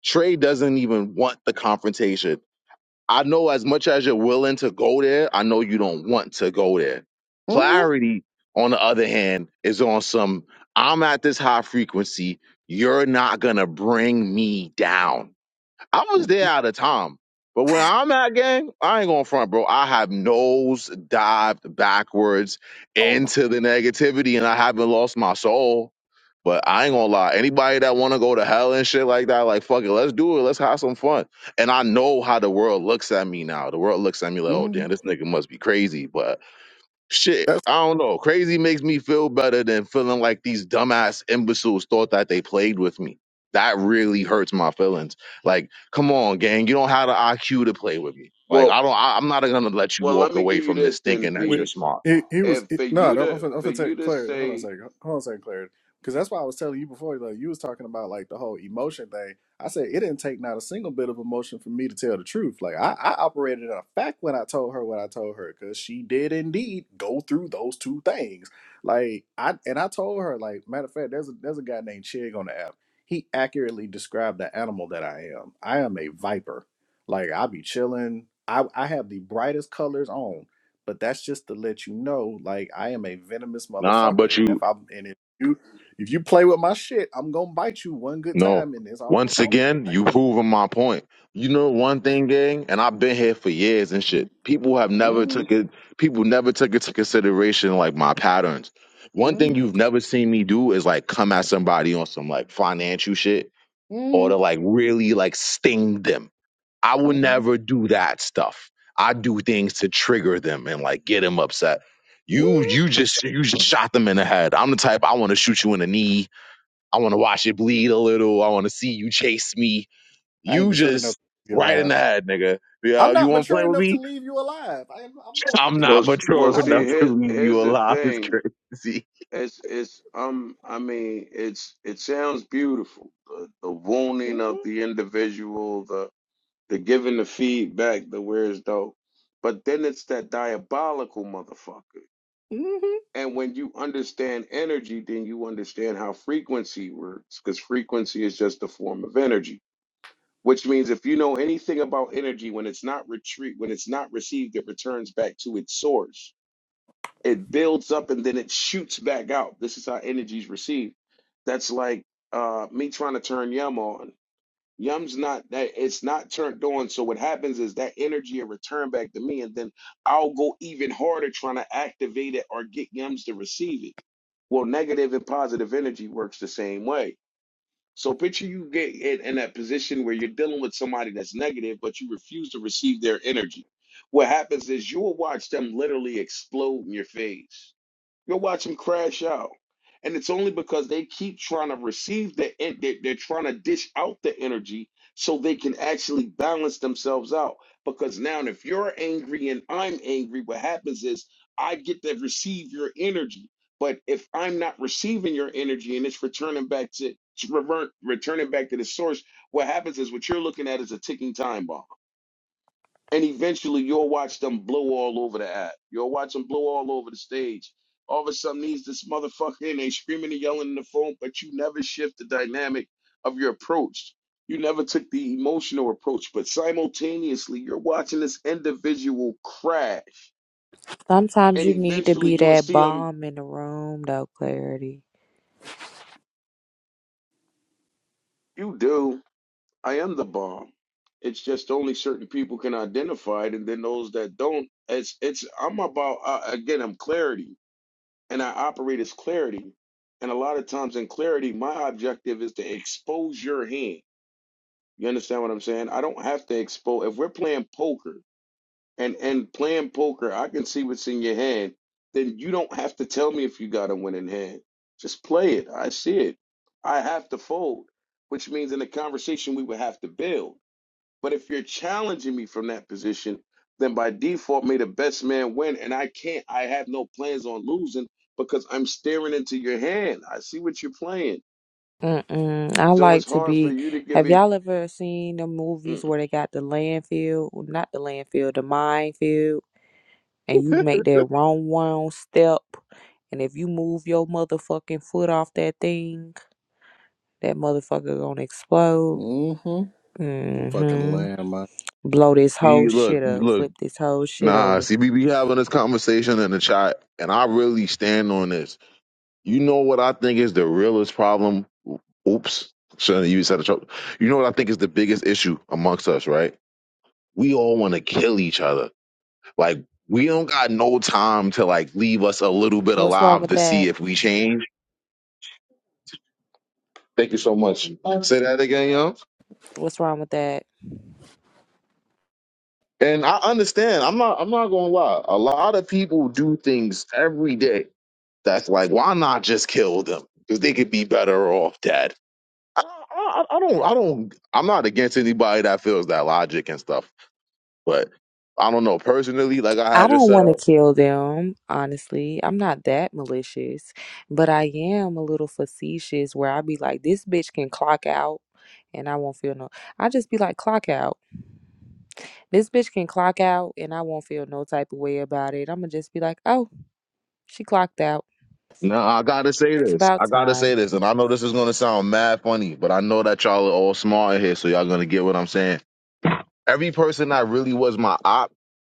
Speaker 2: Trey doesn't even want the confrontation. I know as much as you're willing to go there, I know you don't want to go there.
Speaker 3: hmm
Speaker 2: Clarity, on the other hand, is on some. I'm at this high frequency. You're not gonna bring me down. I was there out of time. But when I'm at game, I ain't going to front, bro. I have nose dived backwards
Speaker 3: Oh my
Speaker 2: into the negativity and I haven't lost my soul. But I ain't gonna lie, anybody that wanna go to hell and shit like that, like fuck it, let's do it. Let's have some fun. And I know how the world looks at me now. The world looks at me like, oh
Speaker 3: Mhm.
Speaker 2: damn, this nigga must be crazy. But Shit,
Speaker 3: That
Speaker 2: I don't know. Crazy makes me feel better than feeling like these dumbass imbeciles thought that they played with me. That really hurts my feelings. Like, come on, gang, you don't have the IQ to play with me. Like,
Speaker 4: well
Speaker 2: I don't. I, I'm not gonna let you
Speaker 4: well let
Speaker 2: walk
Speaker 4: me
Speaker 2: away
Speaker 4: give you
Speaker 2: from this
Speaker 4: this then
Speaker 2: thinking that
Speaker 3: When
Speaker 2: you're
Speaker 4: peace
Speaker 2: smart.
Speaker 3: he he was
Speaker 4: and
Speaker 3: he,
Speaker 4: for
Speaker 3: no,
Speaker 4: you
Speaker 3: I'm I'm
Speaker 4: to
Speaker 3: finna, I'm
Speaker 4: for
Speaker 3: finna
Speaker 4: you
Speaker 3: take
Speaker 4: to
Speaker 3: clarity. Hold on a
Speaker 4: say
Speaker 3: second. Hold on a second, clarity. Because that's why I was telling you before. Like you was talking about like the whole emotion thing. I said it didn't take not a single bit of emotion for me to tell the truth. Like I, I operated in a fact when I told her what I told her because she did indeed go through those two things. Like I and I told her like matter of fact, there's a there's a guy named Chig on the app. He accurately described the animal that I am. I am a viper. Like I be chilling. I I have the brightest colors on but that's just to let you know like i am a venomous
Speaker 2: Nah, but
Speaker 3: motherfucker
Speaker 2: you.
Speaker 3: and if i'm and if you if you play with my shit i'm gonna bite you one good
Speaker 2: No.
Speaker 3: time and it's all it's
Speaker 2: Once
Speaker 3: all it's
Speaker 2: again,
Speaker 3: gonna
Speaker 2: you
Speaker 3: take
Speaker 2: proving my point. You know one thing, gang, and I've been here for years and shit. People have never
Speaker 3: mm-hmm,
Speaker 2: took it. People never took into consideration like my patterns. One thing
Speaker 3: mm
Speaker 2: you've never seen me do is like come at somebody on some like financial shit or
Speaker 3: mm
Speaker 2: to like really like sting them. I would
Speaker 3: mm
Speaker 2: never do that stuff. I do things to trigger them and like get them upset.
Speaker 3: mm.
Speaker 2: You you just you just shot them in the head. I'm the type I want to shoot you in the knee. I want to watch it bleed a little. I want to see you chase me.
Speaker 3: i ain't
Speaker 2: You
Speaker 3: mature enough
Speaker 2: just
Speaker 3: to leave you
Speaker 2: right in
Speaker 3: alive
Speaker 2: the head, nigga. Yeah,
Speaker 3: i'm
Speaker 2: you
Speaker 3: not
Speaker 2: want to play
Speaker 3: mature
Speaker 2: with
Speaker 3: enough to
Speaker 2: me?
Speaker 3: leave you alive I am, i'm
Speaker 2: I'm
Speaker 3: not
Speaker 4: well
Speaker 2: not
Speaker 4: s- well
Speaker 2: mature
Speaker 3: i will
Speaker 4: see
Speaker 2: enough to
Speaker 4: here's
Speaker 2: leave
Speaker 4: here's
Speaker 2: you
Speaker 4: the
Speaker 2: alive. It's
Speaker 4: thing
Speaker 2: crazy.
Speaker 4: It's it's um I mean it's it sounds beautiful the the wounding of
Speaker 3: mm-hmm,
Speaker 4: the individual the the giving the feedback the where's though but then it's that diabolical motherfucker
Speaker 3: mm-hmm,
Speaker 4: and when you understand energy then you understand how frequency works because frequency is just a form of energy which means if you know anything about energy when it's not retreat when it's not received it returns back to its source it builds up and then it shoots back out. This is how energy is received. That's like uh, me trying to turn yum on. Yum's not that it's not turned on. So what happens is that energy will return back to me, and then I'll go even harder trying to activate it or get yums to receive it. Well, negative and positive energy works the same way. So picture you get in, in that position where you're dealing with somebody that's negative, but you refuse to receive their energy. What happens is you will watch them literally explode in your face You'll watch them crash out. And it's only because they keep trying to receive the en- they- they're trying to dish out the energy so they can actually balance themselves out. Because now if you're angry and I'm angry, what happens is I get to receive your energy. But if I'm not receiving your energy and it's returning back to, to revert, returning back to the source, what happens is what you're looking at is a ticking time bomb and eventually you'll watch them blow all over the app. You'll watch them blow all over the stage. All of a sudden, these this motherfucker and they screaming and yelling in the phone, but you never shift the dynamic of your approach. You never took the emotional approach, but simultaneously, you're watching this individual crash,
Speaker 20: Sometimes
Speaker 4: and
Speaker 20: you need to
Speaker 4: eventually,
Speaker 20: be
Speaker 4: you'll
Speaker 20: that
Speaker 4: see them.
Speaker 20: bomb in the room, though, Clarity.
Speaker 4: You do. I am the bomb. It's just only certain people can identify it, and then those that don't. It's it's. I'm about uh, again. I'm clarity. and I operate as clarity. And a lot of times in clarity, my objective is to expose your hand. You understand what I'm saying? I don't have to expose. If we're playing poker and and playing poker, I can see what's in your hand. Then you don't have to tell me if you got a winning hand. Just play it. I see it. I have to fold, which means in the conversation we would have to build. But if you're challenging me from that position, then by default, may the best man win. And I can't, I have no plans on losing because I'm staring into your hand. I see what you're playing.
Speaker 20: Mm-mm. I
Speaker 4: So
Speaker 20: like
Speaker 4: it's
Speaker 20: to
Speaker 4: hard for
Speaker 20: be.
Speaker 4: you to give
Speaker 20: Have
Speaker 4: it.
Speaker 20: y'all ever seen the movies
Speaker 4: Mm.
Speaker 20: where they got the landfill? well, Not the landfill, the minefield. And you make that wrong one step. And if you move your motherfucking foot off that thing, that motherfucker gonna explode.
Speaker 3: mm-hmm. i'm fucking
Speaker 20: Mm-hmm.
Speaker 3: lamb man.
Speaker 20: Blow this whole
Speaker 2: He- look,
Speaker 20: shit up.
Speaker 2: look.
Speaker 20: Flip this whole shit
Speaker 2: Nah,
Speaker 20: over.
Speaker 2: see, we be having this conversation in the chat, and I really stand on this. You know what I think is the realest problem? Oops, shouldn't have used that. You know what I think is the biggest issue amongst us, right? We all want to kill each other Like we don't got no time to like leave us a little bit
Speaker 20: What's wrong
Speaker 2: alive
Speaker 20: with
Speaker 2: to
Speaker 20: that?
Speaker 2: see if we change. Thank you so much. Say that again, yo.
Speaker 20: What's wrong with that?
Speaker 2: And I understand. I'm not. I'm not gonna lie. A lot of people do things every day. That's like, why not just kill them? Because they could be better off dead. I, I, I don't. I don't. I'm not against anybody that feels that logic and stuff. But I don't know personally. Like I
Speaker 20: I
Speaker 2: had just
Speaker 20: don't
Speaker 2: said.
Speaker 20: want to kill them, honestly. I'm not that malicious, but I am a little facetious where I be like, this bitch can clock out and I won't feel no. I just be like, clock out. This bitch can clock out and I won't feel no type of way about it. I'm going to just be like, oh, she clocked out.
Speaker 2: No, I gotta say
Speaker 20: It's
Speaker 2: this.
Speaker 20: about
Speaker 2: I gotta
Speaker 20: time.
Speaker 2: say this, and I know this is gonna sound mad funny, but I know that y'all are all smart in here, so y'all gonna get what I'm saying. Every person that really was my op,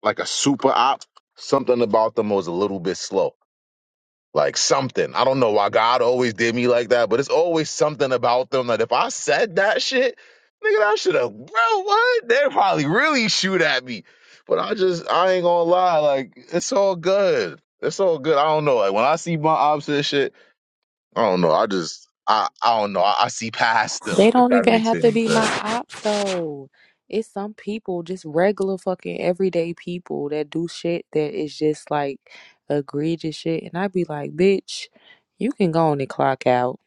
Speaker 2: like a super op, something about them was a little bit slow. Like something. I don't know why God always did me like that, but it's always something about them that if I said that shit, nigga, that should have, bro, what? They probably really shoot at me. But I just, I ain't gonna lie, like, it's all good. It's all good. I don't know. Like, when I see my ops and shit, I don't know. I just I I don't know. I, I see past them
Speaker 20: They
Speaker 2: if
Speaker 20: don't
Speaker 2: that
Speaker 20: even
Speaker 2: makes
Speaker 20: have to
Speaker 2: any
Speaker 20: be my
Speaker 2: sense.
Speaker 20: op though. It's some people, just regular fucking everyday people that do shit that is just like egregious shit. And I'd be like, bitch, you can go on and clock out.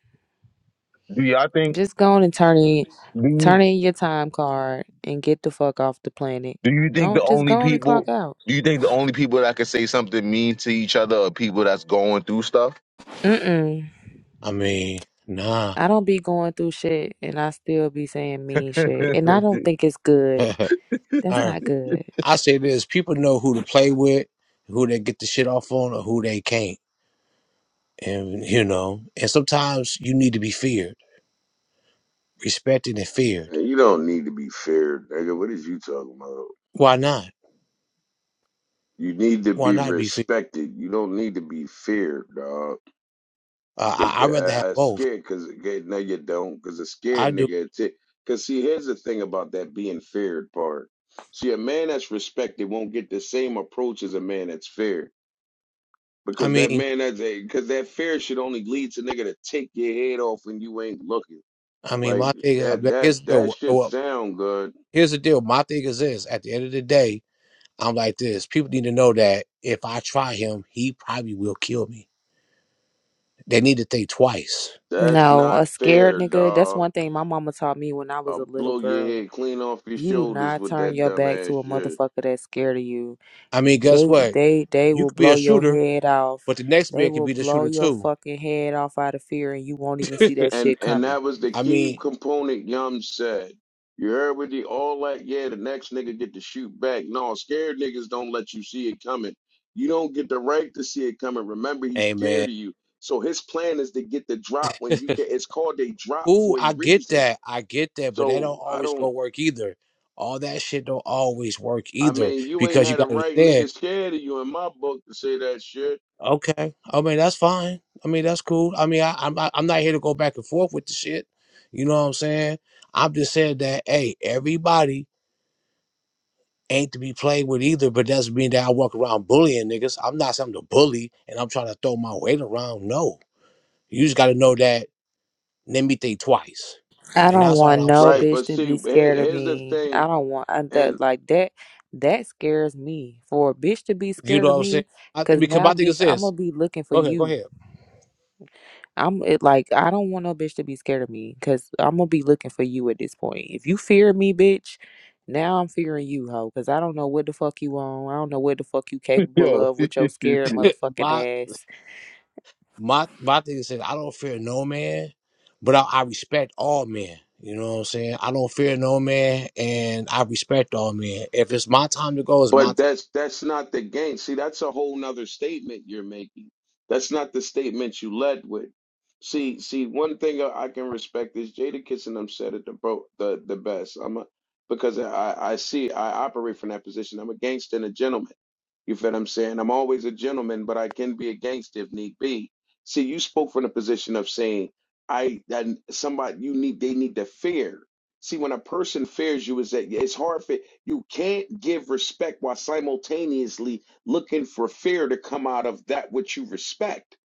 Speaker 2: Do y'all think
Speaker 20: Just go on and turn in
Speaker 2: do you,
Speaker 20: turn in your time card and get the fuck off the planet.
Speaker 2: do you think
Speaker 20: Go
Speaker 2: the
Speaker 20: just
Speaker 2: only
Speaker 20: go on and clock
Speaker 2: people
Speaker 20: out.
Speaker 2: do you think the only people that can say something mean to each other are people that's going through stuff?
Speaker 20: Mm-mm.
Speaker 22: I mean, nah.
Speaker 20: I don't be going through shit and I still be saying mean shit. And I don't think it's good.
Speaker 22: I,
Speaker 20: That's not good.
Speaker 22: I say this: people know who to play with, who they get the shit off on, or who they can't. And you know, and sometimes you need to be feared, respected, and feared.
Speaker 4: Man, you don't need to be feared, nigga. What is you talking about?
Speaker 22: Why not?
Speaker 4: You need to
Speaker 22: Why
Speaker 4: be
Speaker 22: not be feared?
Speaker 4: respected. You don't need to be feared, dog.
Speaker 22: Uh,
Speaker 4: Cause
Speaker 22: I, I'd
Speaker 4: the
Speaker 22: rather have
Speaker 4: I uh,
Speaker 22: both.
Speaker 4: scared, cause okay, no, you don't, cause a scared
Speaker 22: I do.
Speaker 4: nigga. it's it. Cause see, here's the thing about that being feared part. See, a man that's respected won't get the same approach as a man that's feared,
Speaker 22: I
Speaker 4: because that
Speaker 22: mean,
Speaker 4: man that's a, cause that fear should only lead to nigga to take your head off when you ain't looking.
Speaker 22: I mean,
Speaker 4: Like
Speaker 22: my thing is
Speaker 4: that,
Speaker 22: like,
Speaker 4: that,
Speaker 22: here's the deal.
Speaker 4: that
Speaker 22: uh,
Speaker 4: shit
Speaker 22: Well,
Speaker 4: sound good.
Speaker 22: here's the deal. My thing is this: at the end of the day, I'm like this. People need to know that if I try him, he probably will kill me. They need to think twice
Speaker 4: That's
Speaker 20: No,
Speaker 4: not
Speaker 20: a scared
Speaker 4: fair,
Speaker 20: nigga. That's
Speaker 4: dog.
Speaker 20: one thing my mama taught me when I was a
Speaker 4: I'll
Speaker 20: little
Speaker 4: blow your
Speaker 20: girl.
Speaker 4: head clean off your
Speaker 20: You do
Speaker 4: shoulders
Speaker 20: not
Speaker 4: with
Speaker 20: turn
Speaker 4: that
Speaker 20: your back
Speaker 4: dumbass
Speaker 20: to a
Speaker 4: shit.
Speaker 20: motherfucker that's scared of you.
Speaker 22: I mean,
Speaker 20: They
Speaker 22: guess what?
Speaker 20: they they
Speaker 22: You
Speaker 20: will
Speaker 22: could be
Speaker 20: blow
Speaker 22: a
Speaker 20: your
Speaker 22: shooter,
Speaker 20: head off.
Speaker 22: but the next
Speaker 20: They
Speaker 22: man could
Speaker 20: will
Speaker 22: be the
Speaker 20: blow
Speaker 22: shooter
Speaker 20: your
Speaker 22: too.
Speaker 20: fucking head off out of fear and you won't even see that
Speaker 4: And
Speaker 20: shit
Speaker 4: and
Speaker 20: coming.
Speaker 4: that was the
Speaker 22: I
Speaker 4: key
Speaker 22: mean,
Speaker 4: component Yum said. You heard with the all that, yeah, the next nigga get to shoot back. No, scared niggas don't let you see it coming. You don't get the right to see it coming. Remember, he's
Speaker 22: hey
Speaker 4: scared
Speaker 22: man.
Speaker 4: of you. So his plan is to get the drop when you get it's called a drop
Speaker 22: Ooh,
Speaker 4: for a
Speaker 22: I get
Speaker 4: reason.
Speaker 22: that. I get that, but that don't
Speaker 4: So I
Speaker 22: always go
Speaker 4: don't
Speaker 22: work either. All that shit don't always work
Speaker 4: I
Speaker 22: either
Speaker 4: mean, you ain't
Speaker 22: because you
Speaker 4: had a
Speaker 22: got to
Speaker 4: right
Speaker 22: understand.
Speaker 4: nigga scared of you in my book to say that shit.
Speaker 22: Okay, I mean that's fine. I mean that's cool. I mean I, I'm not, I'm not here to go back and forth with the shit. You know what I'm saying? I'm just saying that hey, everybody ain't to be played with either, but doesn't mean that I walk around bullying niggas. I'm not something to bully and I'm trying to throw my weight around. No. You just gotta know that let me think twice.
Speaker 20: I
Speaker 22: And
Speaker 20: don't
Speaker 22: that's all
Speaker 20: want
Speaker 22: I'm
Speaker 20: no
Speaker 22: saying.
Speaker 4: Right,
Speaker 20: bitch
Speaker 4: but
Speaker 20: to be
Speaker 4: see, here-
Speaker 20: scared of
Speaker 4: here's the
Speaker 20: me. I
Speaker 4: thing,
Speaker 20: don't want I,
Speaker 4: and.
Speaker 20: that like that that scares me. For a bitch to be
Speaker 22: You
Speaker 20: scared
Speaker 22: know
Speaker 20: of
Speaker 22: what I'm saying?
Speaker 20: me
Speaker 22: I,
Speaker 20: cuz
Speaker 22: because
Speaker 20: now
Speaker 22: my thing is
Speaker 20: bitch I'm
Speaker 22: this.
Speaker 20: going to be looking for
Speaker 22: Okay, go
Speaker 20: you.
Speaker 22: ahead.
Speaker 20: I'm it like I don't want no bitch to be scared of me because I'm gonna be looking for you at this point. If you fear me, bitch, now I'm fearing you, hoe, because I don't know what the fuck you on. I don't know what the fuck you capable
Speaker 2: Yo,
Speaker 20: of
Speaker 2: you
Speaker 20: with your scared
Speaker 22: My
Speaker 20: motherfucking ass.
Speaker 22: My my thing is, I don't fear no man, but I, I respect all men. You know what I'm saying? I don't fear no man, and I respect all men. If it's my time to go, it's my.
Speaker 4: But
Speaker 22: T-
Speaker 4: that's that's not the game. See, that's a whole nother statement you're making. That's not the statement you led with. See, see, one thing I I can respect is Jada Kissing them said it the bro, the the best. I'm a, because I I see I operate from that position. I'm a gangster and a gentleman. You feel what I'm saying? I'm always a gentleman, but I can be a gangster if need be. See, you spoke from the position of saying I that somebody you need they need to fear. See, when a person fears you, is that it's hard for you can't give respect while simultaneously looking for fear to come out of that which you respect.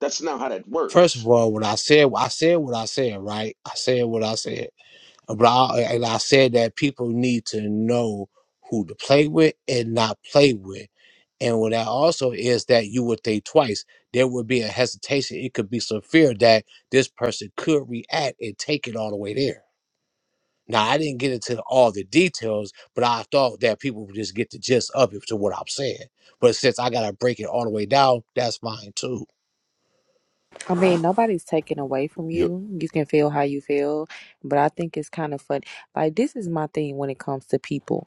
Speaker 4: That's not how that
Speaker 22: First of
Speaker 4: works.
Speaker 22: all, when I said I said what I said, right? I said what I said, but I, and I said that people need to know who to play with and not play with. And what that also is that you would think twice. There would be a hesitation. It could be some fear that this person could react and take it all the way there. Now I didn't get into all the details, but I thought that people would just get the gist of it to what I'm saying. But since I gotta break it all the way down, that's fine too.
Speaker 20: I mean, nobody's taken away from
Speaker 23: Yo,
Speaker 20: you. You can feel how you feel, but I think it's kind of fun. Like this is my thing when it comes to people.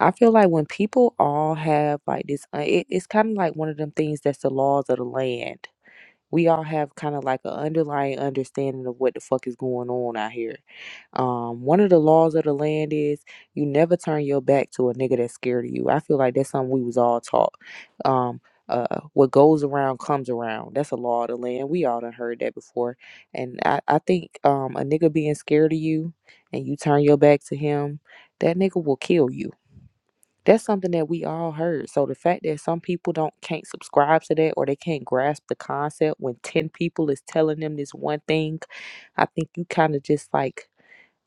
Speaker 20: I feel like when people all have like this, uh, it, it's kind of like one of them things that's the laws of the land we all have kind of like an underlying understanding of what the fuck is going on out here. Um, one of the laws of the land is you never turn your back to a nigga that's scared of you. I feel like that's something we was all taught. Um, uh, what goes around comes around. That's a law of the land. We all done heard that before. And I, I think um, a nigga being scared of you and you turn your back to him, that nigga will kill you that's something that we all heard. So the fact that some people don't can't subscribe to that or they can't grasp the concept when 10 people is telling them this one thing, I think you kind of just like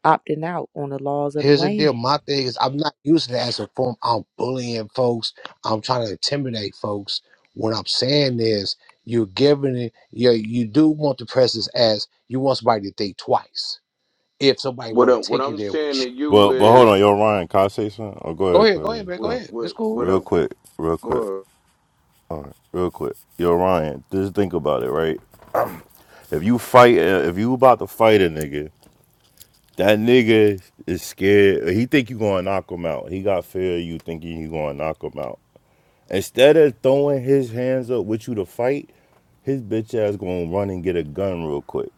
Speaker 20: opting out on the laws of the
Speaker 22: Here's the
Speaker 20: land.
Speaker 22: deal. My thing is I'm not using it as a form I'm bullying folks. I'm trying to intimidate folks. What I'm saying is you're giving it you you do want the presence as you want somebody to think twice. If somebody
Speaker 4: What
Speaker 22: were to
Speaker 4: up? What
Speaker 22: take it
Speaker 4: I'm
Speaker 22: there
Speaker 4: saying
Speaker 22: with
Speaker 4: to
Speaker 22: you.
Speaker 4: you
Speaker 23: well, but hold
Speaker 4: is,
Speaker 23: on, yo, Ryan, can I say something? Oh, go
Speaker 22: Go
Speaker 23: ahead,
Speaker 22: ahead, go
Speaker 23: Claire.
Speaker 22: ahead, man.
Speaker 23: Go
Speaker 22: Go
Speaker 4: what
Speaker 23: on.
Speaker 22: ahead.
Speaker 4: what
Speaker 22: It's cool.
Speaker 4: what
Speaker 23: Real
Speaker 4: up?
Speaker 23: quick, real quick.
Speaker 4: What,
Speaker 23: All right, real quick. Yo, Ryan, just think about it, right? If you fight, uh, if you about to fight a nigga, that nigga is scared. He think you gonna knock him out. He got fear of you thinking you gonna knock him out. Instead of throwing his hands up with you to fight, his bitch ass gonna run and get a gun real quick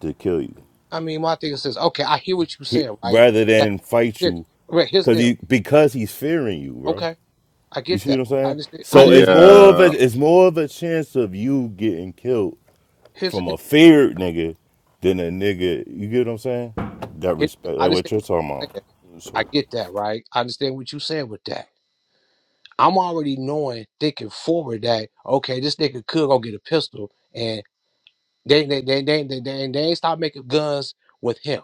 Speaker 23: to kill you.
Speaker 22: I mean my thing is okay, I hear what you're
Speaker 23: He
Speaker 22: saying, right? Okay,
Speaker 23: rather
Speaker 22: That's
Speaker 23: than fight
Speaker 22: it.
Speaker 23: you,
Speaker 22: Right, here's
Speaker 23: cause
Speaker 22: the deal.
Speaker 23: he because he's fearing you, bro.
Speaker 22: Okay, I
Speaker 23: You
Speaker 22: get
Speaker 23: see what
Speaker 22: that.
Speaker 23: I'm
Speaker 22: I
Speaker 23: saying?
Speaker 22: understand. I
Speaker 23: So
Speaker 22: just,
Speaker 23: it's more of a
Speaker 24: Yeah,
Speaker 23: it's more of a chance of you getting killed
Speaker 22: here's the
Speaker 23: from
Speaker 22: deal.
Speaker 23: a feared nigga than a nigga. You get what I'm saying? That
Speaker 22: Here's the-
Speaker 23: respect,
Speaker 22: I
Speaker 23: like what
Speaker 22: understand
Speaker 23: you're
Speaker 22: what
Speaker 23: talking
Speaker 22: you're
Speaker 23: about.
Speaker 22: saying. I
Speaker 23: So
Speaker 22: get that, right? I understand what you're saying with that. I'm already knowing, thinking forward that okay, this nigga could go get a pistol, and they they they they they, they, they ain't stop making guns with him.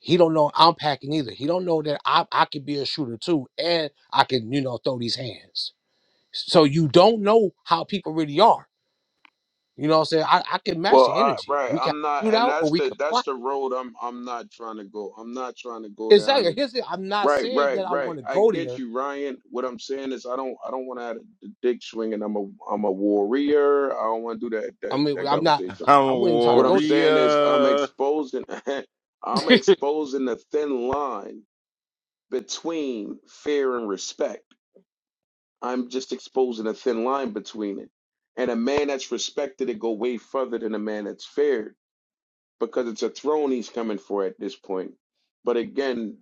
Speaker 22: He don't know I'm packing either. He don't know that I I could be a shooter too, and I can you know throw these hands. So you don't know how people really are. You know what I'm saying? I, I can match
Speaker 4: well,
Speaker 22: the
Speaker 4: I,
Speaker 22: energy.
Speaker 4: right.
Speaker 22: We can
Speaker 4: I'm not,
Speaker 22: shoot
Speaker 4: and
Speaker 22: out or
Speaker 4: that's
Speaker 22: we can
Speaker 4: the
Speaker 22: fight.
Speaker 4: that's the road I'm I'm not trying to go. I'm not trying to go down
Speaker 22: Exactly.
Speaker 4: the.
Speaker 22: Here's the, I'm not
Speaker 4: Right,
Speaker 22: saying
Speaker 4: right,
Speaker 22: that I want
Speaker 4: right.
Speaker 22: to
Speaker 4: I
Speaker 22: go
Speaker 4: get
Speaker 22: there.
Speaker 4: you, Ryan. What I'm saying is, I don't I don't want to have the dick swinging. I'm a I'm a warrior. I don't want to do that
Speaker 22: I
Speaker 4: that
Speaker 22: mean,
Speaker 4: that
Speaker 22: I'm not.
Speaker 4: conversation.
Speaker 24: I'm a
Speaker 22: I wouldn't even try to
Speaker 4: What I'm
Speaker 22: go
Speaker 4: saying is I'm
Speaker 24: warrior.
Speaker 4: exposing I'm
Speaker 22: there.
Speaker 4: exposing the thin line between fear and respect. I'm just exposing a thin line between it. And a man that's respected it go way further than a man that's feared because it's a throne he's coming for at this point. But again,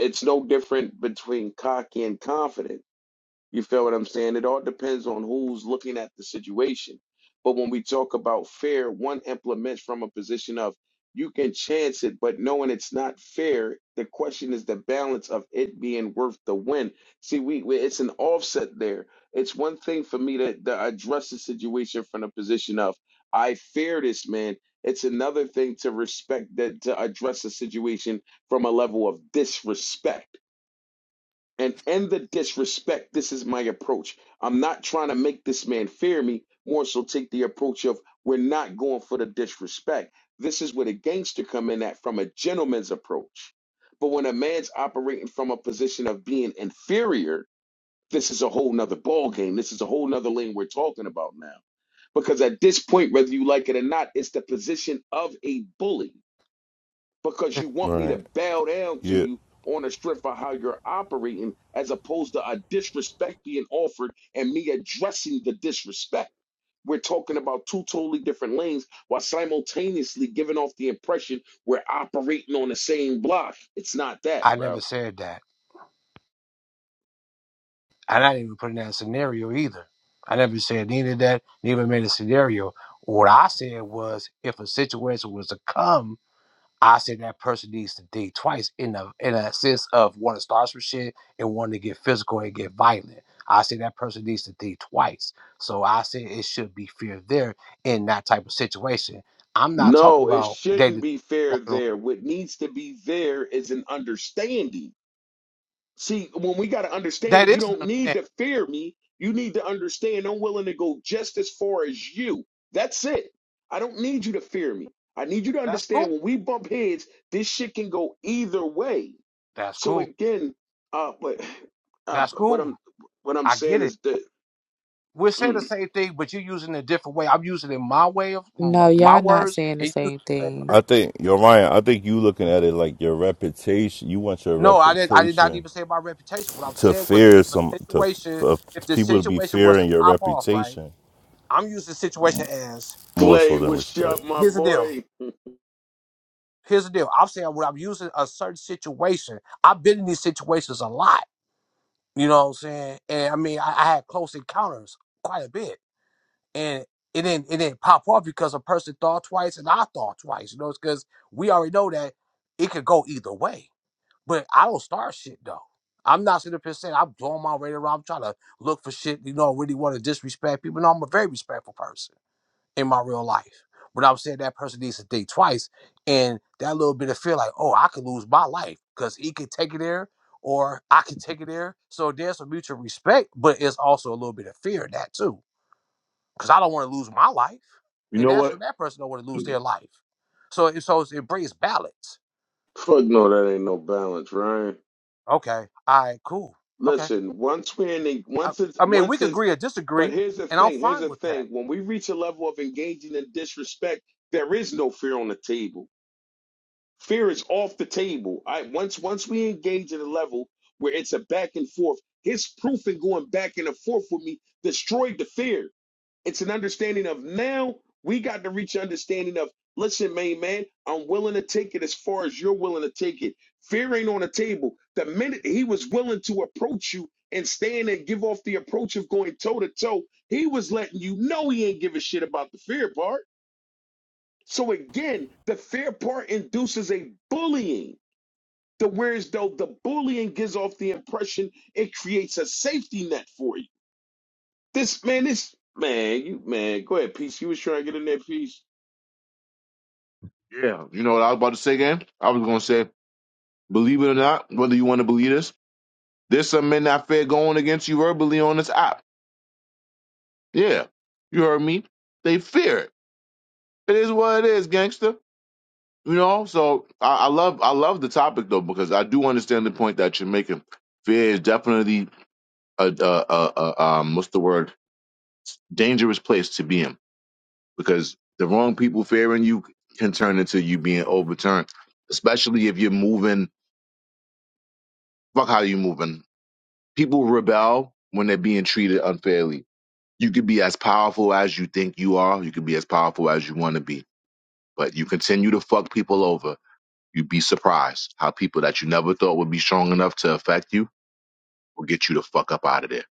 Speaker 4: it's no different between cocky and confident you feel what I'm saying? It all depends on who's looking at the situation. But when we talk about fair, one implements from a position of you can chance it, but knowing it's not fair, the question is the balance of it being worth the win. See, we, we it's an offset there. It's one thing for me to, to address the situation from a position of I fear this man. It's another thing to respect that to address the situation from a level of disrespect. And end the disrespect, this is my approach. I'm not trying to make this man fear me, more so take the approach of we're not going for the disrespect. This is where the gangster come in at from a gentleman's approach. But when a man's operating from a position of being inferior, this is a whole nother ball game. This is a whole nother lane we're talking about now. Because at this point, whether you like it or not, it's the position of a bully because you want me
Speaker 23: right,
Speaker 4: to bow down to
Speaker 23: yeah.
Speaker 4: you on the strength of how you're operating, as opposed to a disrespect being offered and me addressing the disrespect. We're talking about two totally different lanes while simultaneously giving off the impression we're operating on the same block. It's not that,
Speaker 22: I never
Speaker 4: bro.
Speaker 22: said that, and I didn't even put in that scenario either. I never said neither that, neither made a scenario. What I said was, if a situation was to come. I say that person needs to date twice in a in a sense of one to start some shit and one to get physical and get violent. I say that person needs to date twice. So I say it should be fear there in that type of situation. I'm not talking
Speaker 4: No, it
Speaker 22: about
Speaker 4: shouldn't
Speaker 22: dating.
Speaker 4: be fair there. What needs to be there is an understanding See, when we got to understand
Speaker 22: That
Speaker 4: it, you
Speaker 22: is an
Speaker 4: don't need
Speaker 22: understanding.
Speaker 4: to fear me. You need to understand I'm willing to go just as far as you. That's it. I don't need you to fear me. I need you to
Speaker 22: That's
Speaker 4: understand
Speaker 22: cool.
Speaker 4: when we bump heads, this shit can go either way.
Speaker 22: That's
Speaker 4: So
Speaker 22: cool.
Speaker 4: again, uh, but uh,
Speaker 22: That's
Speaker 4: what I'm
Speaker 22: cool.
Speaker 4: what I'm
Speaker 22: I get
Speaker 4: saying
Speaker 22: it.
Speaker 4: is that
Speaker 22: We're saying the
Speaker 4: mm.
Speaker 22: same thing, but you're using it a different way. I'm using it my way of my,
Speaker 20: No,
Speaker 22: my
Speaker 20: y'all not
Speaker 22: words.
Speaker 20: saying the
Speaker 22: And
Speaker 20: same thing.
Speaker 22: you
Speaker 23: I think you're Ryan. I think you looking at it like your reputation. You want your
Speaker 22: No, I did. I did not
Speaker 23: reputation
Speaker 22: even say my reputation. What I'm
Speaker 23: to
Speaker 22: saying was,
Speaker 23: fear
Speaker 22: if a
Speaker 23: some to
Speaker 22: situation,
Speaker 23: for
Speaker 22: if the
Speaker 23: people to be
Speaker 22: situation was to
Speaker 23: fearing your
Speaker 22: pop off, right?
Speaker 23: reputation
Speaker 22: I'm using the situation as
Speaker 23: more so
Speaker 4: Clay,
Speaker 23: than
Speaker 4: what's
Speaker 23: respect.
Speaker 4: up, my
Speaker 22: here's the deal.
Speaker 4: boy?
Speaker 22: Here's the deal. I'm saying when I'm using a certain situation, I've been in these situations a lot. You know what I'm saying? And I mean, I, I had close encounters quite a bit, and it didn't it didn't pop off because a person thought twice and I thought twice. You know, it's because we already know that it could go either way. But I don't start shit though. I'm not sitting up here saying I'm blowing my radar. around. I'm trying to look for shit. You know, really want to disrespect people. No, I'm a very respectful person in my real life. But I'm saying that person needs to think twice, and that little bit of fear, like, oh, I could lose my life because he could take it there, or I could take it there. So there's a mutual respect, but it's also a little bit of fear in that too, because I don't want to lose my life, and
Speaker 2: know
Speaker 22: that's
Speaker 2: what?
Speaker 22: what that person don't want to lose their life. So it so it brings balance.
Speaker 4: Fuck no, that ain't no balance, right?
Speaker 22: Okay, all right, cool. Okay
Speaker 4: Listen, once we're in, the,
Speaker 22: I,
Speaker 4: once it's
Speaker 22: I mean, we
Speaker 4: once
Speaker 22: could
Speaker 4: it's
Speaker 22: agree or
Speaker 4: But
Speaker 22: disagree,
Speaker 4: here's the
Speaker 22: and I'm
Speaker 4: thing. Here's
Speaker 22: fine
Speaker 4: the
Speaker 22: with that.
Speaker 4: thing. When we reach a level of engaging in disrespect, there is no fear on the table. Fear is off the table. I once once we engage at a level where it's a back and forth, his proof in going back and forth with me destroyed the fear. It's an understanding of now we got to reach understanding of listen, main man, I'm willing to take it as far as you're willing to take it. Fear ain't on the table. The minute he was willing to approach you and stand and give off the approach of going toe to toe, he was letting you know he ain't give a shit about the fear part. So again, the fear part induces a bullying. The whereas though the bullying gives off the impression it creates a safety net for you. This man, this man, you man, go ahead, peace. You was trying to get in that piece.
Speaker 2: Yeah, you know what I was about to say again? I was gonna say, believe it or not, whether you want to believe this, there's some men that fear going against you verbally on this app. Yeah, you heard me. They fear it. It is what it is, gangster. You know, so I, I love I love the topic though because I do understand the point that you're making. Fear is definitely a, a, a, a um what's the word dangerous place to be in because the wrong people fearing you can turn into you being overturned, especially if you're moving. Fuck how you moving. People rebel when they're being treated unfairly. You could be as powerful as you think you are. You could be as powerful as you want to be, but you continue to fuck people over You'd be surprised how people that you never thought would be strong enough to affect you will get you the fuck up out of there.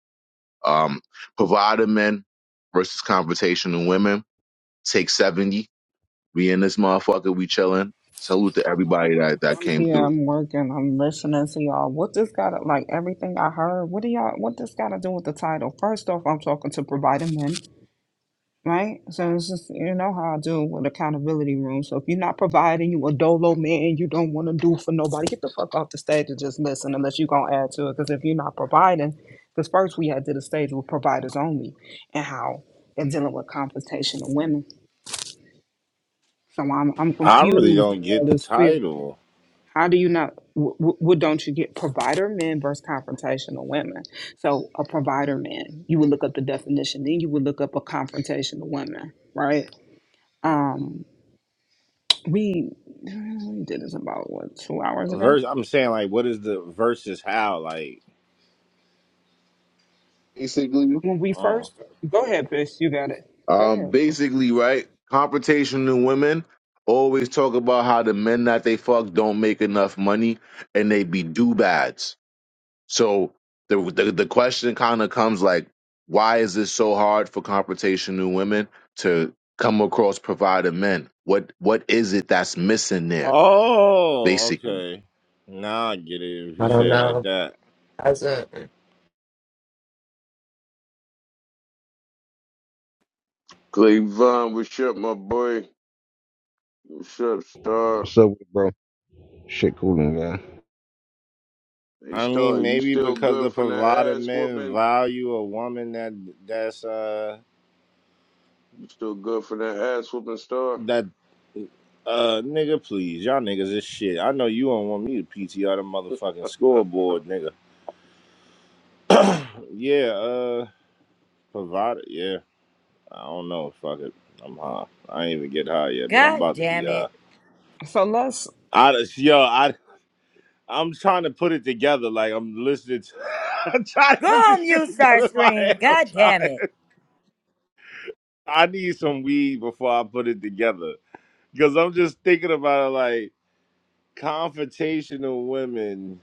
Speaker 2: Um, provider men versus confrontational women. Take 70. We in this motherfucker. We chilling. Salute to everybody that, that
Speaker 1: I'm
Speaker 2: came
Speaker 1: here,
Speaker 2: through.
Speaker 1: I'm working, I'm listening to y'all. What this got to, like everything I heard, what do y'all, what this got to do with the title? First off, I'm talking to provider men. right? So it's just you know how I do with accountability room. So if you're not providing, you a dolo man, you don't want to do for nobody. Get the fuck off the stage and just listen, unless you gonna add to it. Because if you're not providing, because first we had did a stage with providers only, and how they're dealing with compensation of women. So I'm I'm
Speaker 24: I really
Speaker 1: confused at
Speaker 24: don't
Speaker 1: all
Speaker 24: get the
Speaker 1: this fear.
Speaker 24: title.
Speaker 1: How do you not? wh- wh- What don't you get? Provider men versus confrontational women. So a provider man, you would look up the definition, then you would look up a confrontational woman, right? Um, we we did this about what two hours ago
Speaker 24: Verse. I'm saying like, what is the versus? How? Like,
Speaker 2: Basically,
Speaker 1: when we
Speaker 24: oh,
Speaker 1: first go ahead bitch, you got it go
Speaker 2: um,
Speaker 1: ahead
Speaker 2: basically, right? Confrontational women always talk about how the men that they fuck don't make enough money and they be do bads So the the, the question kind of comes like, why is this so hard for confrontational women to come across provider men? What what is it that's missing there,
Speaker 24: oh,
Speaker 2: basically?
Speaker 24: okay. Now I get it if you
Speaker 25: I don't
Speaker 24: say it like
Speaker 25: know.
Speaker 24: that.
Speaker 25: As a
Speaker 4: Cleavon, what's up, my boy? What's up, Star?
Speaker 26: What's up, bro? Shit, coolin', man.
Speaker 4: Hey,
Speaker 24: I
Speaker 4: Star,
Speaker 24: mean,
Speaker 4: you
Speaker 24: maybe
Speaker 4: still
Speaker 24: because
Speaker 4: good
Speaker 24: the
Speaker 4: from that
Speaker 24: provider
Speaker 4: ass
Speaker 24: men
Speaker 4: whooping?
Speaker 24: value a woman that that's uh
Speaker 4: You still good from that ass whooping, Star?
Speaker 24: that uh nigga, please, y'all niggas is shit. I know you don't want me to PTR the motherfucking scoreboard, nigga. yeah, uh, provider, yeah. I don't know. Fuck it. I'm high. I ain't even get high yet, but I'm
Speaker 27: God
Speaker 24: about to be
Speaker 27: damn
Speaker 24: high.
Speaker 27: it.
Speaker 1: so let's
Speaker 24: I just, yo, I I'm trying to put it together. Like I'm listening. To, I'm trying to
Speaker 27: Go
Speaker 24: put
Speaker 27: on
Speaker 24: this shit
Speaker 27: mute,
Speaker 24: together in my
Speaker 27: Starscream.
Speaker 24: head. I'm
Speaker 27: God damn
Speaker 24: trying.
Speaker 27: it.
Speaker 24: I need some weed before I put it together because I'm just thinking about it. Like confrontational women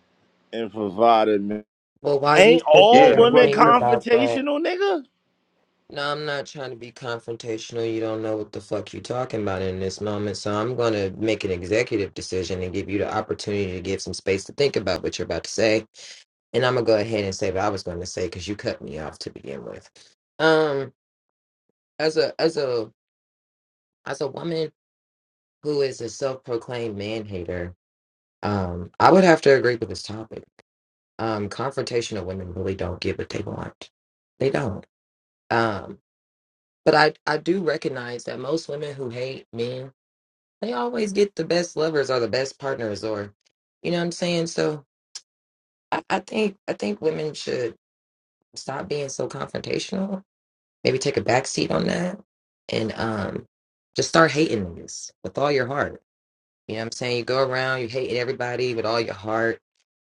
Speaker 24: and provided men.
Speaker 25: well, while you
Speaker 24: Ain't
Speaker 25: sit
Speaker 2: Yeah,
Speaker 24: all
Speaker 25: there
Speaker 2: the
Speaker 25: and
Speaker 24: women
Speaker 25: think
Speaker 2: question.
Speaker 25: about that,
Speaker 24: confrontational, nigga?
Speaker 25: no, I'm not trying to be confrontational. You don't know what the fuck you're talking about in this moment, so I'm gonna make an executive decision and give you the opportunity to give some space to think about what you're about to say. And I'm gonna go ahead and say what I was going to say because you cut me off to begin with. Um, as a as a as a woman who is a self-proclaimed man hater, um, I would have to agree with this topic. um confrontational women really don't get what they want they don't um but i i do recognize that most women who hate men they always get the best lovers or the best partners or you know what i'm saying so i, I think i think women should stop being so confrontational maybe take a back seat on that and um just start hating niggas with all your heart you know what i'm saying you go around you hate everybody with all your heart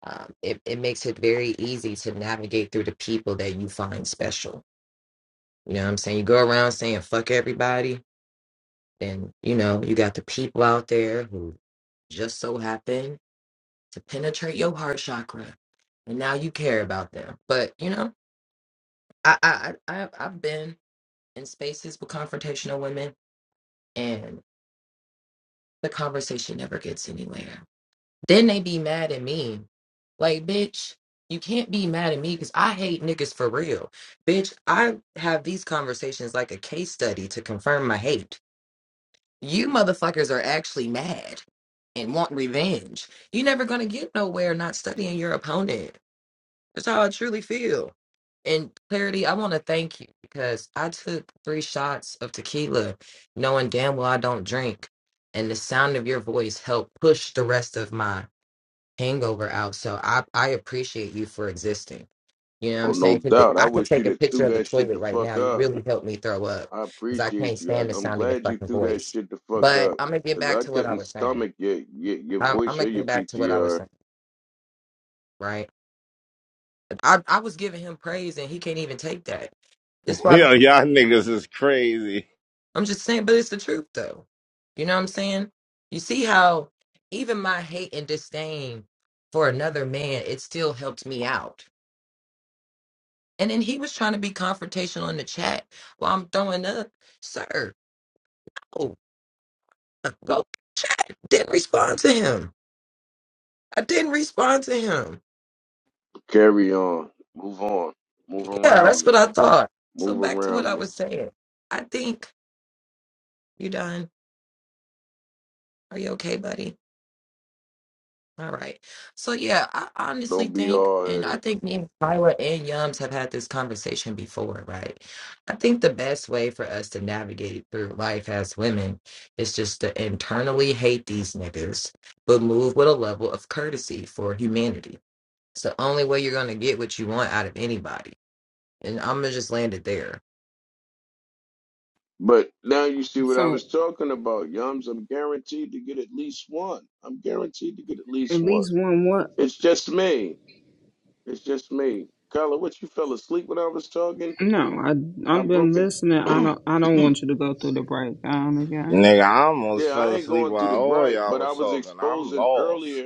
Speaker 25: um, it, it makes it very easy to navigate through the people that you find special. You know what I'm saying? You go around saying fuck everybody, then you know, you got the people out there who just so happen to penetrate your heart chakra. And now you care about them. But you know, I I, I I've I've been in spaces with confrontational women and the conversation never gets anywhere. Then they be mad at me. Like, bitch, you can't be mad at me because I hate niggas for real. Bitch, I have these conversations like a case study to confirm my hate. You motherfuckers are actually mad and want revenge. You're never going to get nowhere not studying your opponent. That's how I truly feel. And clarity, I want to thank you because I took three shots of tequila knowing damn well I don't drink. And the sound of your voice helped push the rest of my hangover out. So I I appreciate you for existing. You know what I'm
Speaker 4: Oh, no
Speaker 25: saying? Because
Speaker 4: doubt. I
Speaker 25: I could
Speaker 4: wish
Speaker 25: take
Speaker 4: you'd
Speaker 25: a
Speaker 4: have
Speaker 25: picture
Speaker 4: threw
Speaker 25: of the
Speaker 4: that shit
Speaker 25: toilet
Speaker 4: the
Speaker 25: right
Speaker 4: fuck
Speaker 25: now. You
Speaker 4: up.
Speaker 25: really helped me throw up
Speaker 4: I
Speaker 25: because I can't
Speaker 4: appreciate you. I,
Speaker 25: stand the
Speaker 4: I'm
Speaker 25: sound of your
Speaker 4: glad you
Speaker 25: fucking
Speaker 4: threw that
Speaker 25: voice.
Speaker 4: shit the fuck
Speaker 25: But
Speaker 4: up.
Speaker 25: I'm gonna get
Speaker 4: Cause
Speaker 25: back
Speaker 4: I
Speaker 25: to what I
Speaker 4: couldn't
Speaker 25: was saying.
Speaker 4: stomach your, your your
Speaker 25: I'm, I'm
Speaker 4: voice
Speaker 25: gonna
Speaker 4: or
Speaker 25: get
Speaker 4: your
Speaker 25: back to what I was
Speaker 4: PTR.
Speaker 25: saying. Right? I I was giving him praise and he can't even take that. That's why I'm,
Speaker 24: Yo, y'all niggas is crazy.
Speaker 25: I'm just saying. But it's the truth though. You know what I'm saying? You see how even my hate and disdain for another man, it still helped me out And then he was trying to be confrontational in the chat while I'm throwing up, sir, oh, uh, go chat. Didn't respond to him. I didn't respond to him.
Speaker 4: Carry on. Move on. Move
Speaker 25: Yeah,
Speaker 4: around
Speaker 25: that's what
Speaker 4: me.
Speaker 25: I thought. So
Speaker 4: Move
Speaker 25: back to what I
Speaker 4: around me.
Speaker 25: was saying. I think you done. Are you okay, buddy? All right. So yeah, I honestly
Speaker 4: Don't be
Speaker 25: think,
Speaker 4: hard
Speaker 25: and
Speaker 4: at
Speaker 25: I
Speaker 4: it,
Speaker 25: think me and Kyla and Yums have had this conversation before, right? I think the best way for us to navigate through life as women is just to internally hate these niggas, but move with a level of courtesy for humanity. It's the only way you're gonna get what you want out of anybody. And I'm gonna just land it there.
Speaker 4: But now you see what I
Speaker 1: so
Speaker 4: was talking about, Yums. I'm guaranteed to get at least one. I'm guaranteed to get at
Speaker 1: at
Speaker 4: least one.
Speaker 1: least one what
Speaker 4: It's just me. It's just me. Carla, what you fell asleep when I was talking?
Speaker 1: no i
Speaker 4: I
Speaker 1: i've been
Speaker 4: broke it.
Speaker 1: listening i don't i don't
Speaker 4: yeah,
Speaker 1: want you to go through the breakdown again
Speaker 24: Nigga, I almost
Speaker 4: I
Speaker 24: fell
Speaker 4: ain't
Speaker 24: asleep
Speaker 4: going through the
Speaker 24: while all
Speaker 4: gripe,
Speaker 24: y'all
Speaker 4: but I
Speaker 24: was
Speaker 4: was
Speaker 24: talking. I'm
Speaker 4: exposing
Speaker 24: lost.
Speaker 4: earlier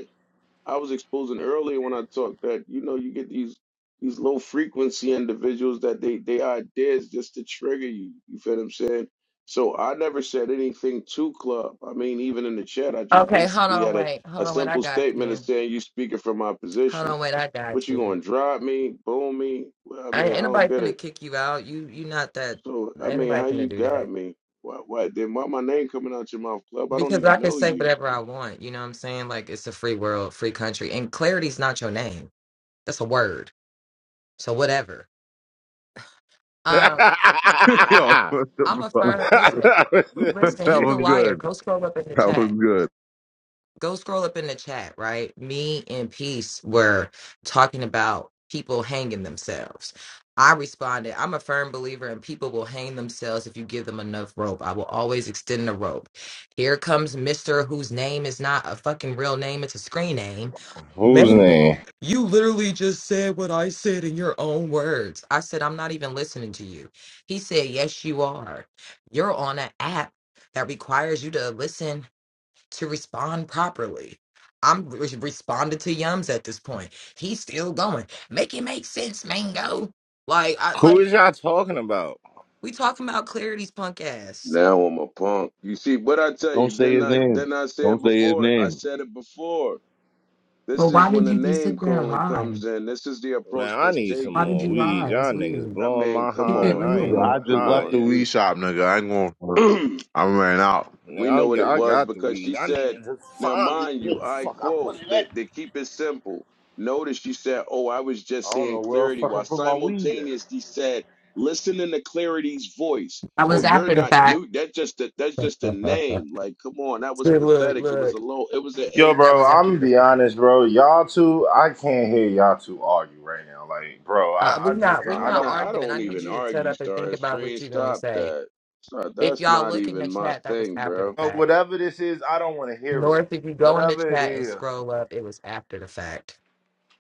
Speaker 4: I was exposing earlier when I talked that you know you get these these low frequency individuals that they they ideas just to trigger you. You feel what I'm saying? So I never said anything to club. I mean, even in the chat, I just
Speaker 25: Okay, hold
Speaker 4: basically
Speaker 25: on,
Speaker 4: had a,
Speaker 25: wait, hold
Speaker 4: a
Speaker 25: on, wait, I
Speaker 4: simple
Speaker 25: got
Speaker 4: statement of
Speaker 25: you.
Speaker 4: saying you speaking from my
Speaker 25: Hold
Speaker 4: position.
Speaker 25: on, wait, I
Speaker 4: What
Speaker 25: got
Speaker 4: you
Speaker 25: you.
Speaker 4: gonna drive me, boom me? Well, I
Speaker 25: I,
Speaker 4: mean, I
Speaker 25: ain't nobody
Speaker 4: don't get
Speaker 25: finna
Speaker 4: it.
Speaker 25: kick you out. You you not that.
Speaker 4: So I
Speaker 25: Ain't
Speaker 4: mean,
Speaker 25: nobody
Speaker 4: how
Speaker 25: finna
Speaker 4: you
Speaker 25: do that.
Speaker 4: got me? Why, why then? Why my name coming out your mouth, club? I don't
Speaker 25: Because I
Speaker 4: even
Speaker 25: can
Speaker 4: know
Speaker 25: say
Speaker 4: you.
Speaker 25: whatever I want, you know what I'm saying? Like it's a free world, free country. And clarity's not your name. That's a word. So whatever.
Speaker 24: Whose
Speaker 25: Um,
Speaker 2: Yo,
Speaker 25: I'm a
Speaker 2: that
Speaker 25: firm listen, listen, he's a
Speaker 2: was
Speaker 25: liar.
Speaker 2: good.
Speaker 25: Go scroll up in the
Speaker 2: That
Speaker 25: chat.
Speaker 2: was good.
Speaker 25: Go scroll up in the chat, right? Me and Peace were talking about people hanging themselves. I responded, I'm a firm believer in people will hang themselves if you give them enough rope. I will always extend the rope. Here comes Mr. whose name is not a fucking real name, it's a screen name Man,
Speaker 24: name?
Speaker 25: you literally just said what I said in your own words. I said, I'm not even listening to you. He said, Yes, you are. You're on an app that requires you to listen to respond properly. I'm re- responded to Yums at this point. He's still going. Make it make sense, Mango. Like, I
Speaker 24: Who
Speaker 25: like
Speaker 24: is y'all talking about?
Speaker 25: we talking about clarity's punk ass.
Speaker 4: Now I'm a punk. You see what I tell you?
Speaker 2: Don't say
Speaker 4: Didn't
Speaker 2: his
Speaker 4: I?
Speaker 2: name.
Speaker 4: Didn't I say it
Speaker 2: Don't say his
Speaker 4: before? I
Speaker 2: name.
Speaker 4: said it before.
Speaker 25: But
Speaker 4: This is
Speaker 25: why
Speaker 4: when
Speaker 25: did
Speaker 4: the
Speaker 25: you just
Speaker 4: name
Speaker 25: sit there and
Speaker 4: calling
Speaker 25: lie?
Speaker 4: comes in. This is the approach
Speaker 24: Man, I
Speaker 4: that's
Speaker 24: need some
Speaker 25: Why
Speaker 4: taken.
Speaker 25: did
Speaker 24: more
Speaker 25: you
Speaker 24: weed.
Speaker 25: lie? That's
Speaker 24: Y'all niggas
Speaker 25: weird.
Speaker 4: I
Speaker 24: blowing
Speaker 4: mean,
Speaker 24: my
Speaker 4: come
Speaker 25: Keep
Speaker 24: high,
Speaker 25: it
Speaker 24: and
Speaker 4: on,
Speaker 24: I ain't
Speaker 4: come
Speaker 2: Nigga,
Speaker 25: real.
Speaker 24: even
Speaker 2: I
Speaker 4: on,
Speaker 2: just
Speaker 4: come
Speaker 24: high
Speaker 2: left the
Speaker 4: on.
Speaker 24: yet.
Speaker 2: weed shop, nigga. I ain't going.
Speaker 4: You.
Speaker 2: I ran out.
Speaker 4: We know
Speaker 24: Nigga, I'm,
Speaker 4: what it
Speaker 24: I
Speaker 4: was
Speaker 24: got the
Speaker 4: because she
Speaker 24: weed. I need
Speaker 4: said,
Speaker 24: to just
Speaker 4: now
Speaker 24: find this
Speaker 4: mind
Speaker 24: where
Speaker 4: you,
Speaker 24: the
Speaker 4: I
Speaker 24: fuck I put
Speaker 4: quote
Speaker 24: it at.
Speaker 4: that they keep it simple. Notice she said, Oh, I was
Speaker 24: I
Speaker 4: just
Speaker 24: don't
Speaker 4: saying
Speaker 24: know where I
Speaker 4: clarity
Speaker 24: fucking
Speaker 4: while
Speaker 24: put my weed at.
Speaker 4: simultaneously said, listening to clarity's voice.
Speaker 25: I
Speaker 4: Oh,
Speaker 25: was
Speaker 4: you're
Speaker 25: after the
Speaker 4: not new. That's just a, that's just a
Speaker 25: fact.
Speaker 4: name. Like, come on, that was
Speaker 25: See, look,
Speaker 4: pathetic. It was a
Speaker 25: look.
Speaker 4: low, it was an
Speaker 24: Yo,
Speaker 4: and
Speaker 25: That
Speaker 24: bro,
Speaker 25: was after
Speaker 24: I'm gonna
Speaker 25: the
Speaker 24: be
Speaker 25: fact.
Speaker 24: honest, bro. Y'all two, I can't hear y'all two argue right now. Like, bro,
Speaker 25: Uh,
Speaker 24: I,
Speaker 25: we
Speaker 24: I just
Speaker 25: not we
Speaker 24: can't. I
Speaker 4: I'm
Speaker 25: not
Speaker 24: don't.
Speaker 4: not I
Speaker 25: arguing. I
Speaker 4: don't
Speaker 25: need
Speaker 4: even
Speaker 25: you to shut
Speaker 4: argue,
Speaker 25: up and think
Speaker 4: Star
Speaker 25: about what
Speaker 4: Screen.
Speaker 25: you're gonna
Speaker 4: Stop
Speaker 25: say.
Speaker 4: that. Stop.
Speaker 25: If
Speaker 4: That's
Speaker 25: y'all
Speaker 4: not
Speaker 25: look in the
Speaker 4: even my
Speaker 25: chat, that was
Speaker 4: thing,
Speaker 25: after the
Speaker 4: bro.
Speaker 24: know.
Speaker 25: fact.
Speaker 24: Whatever this is, I don't want to hear it.
Speaker 25: North, if you go in the
Speaker 24: Whatever it
Speaker 25: chat and
Speaker 24: is.
Speaker 25: scroll up, it was after the fact.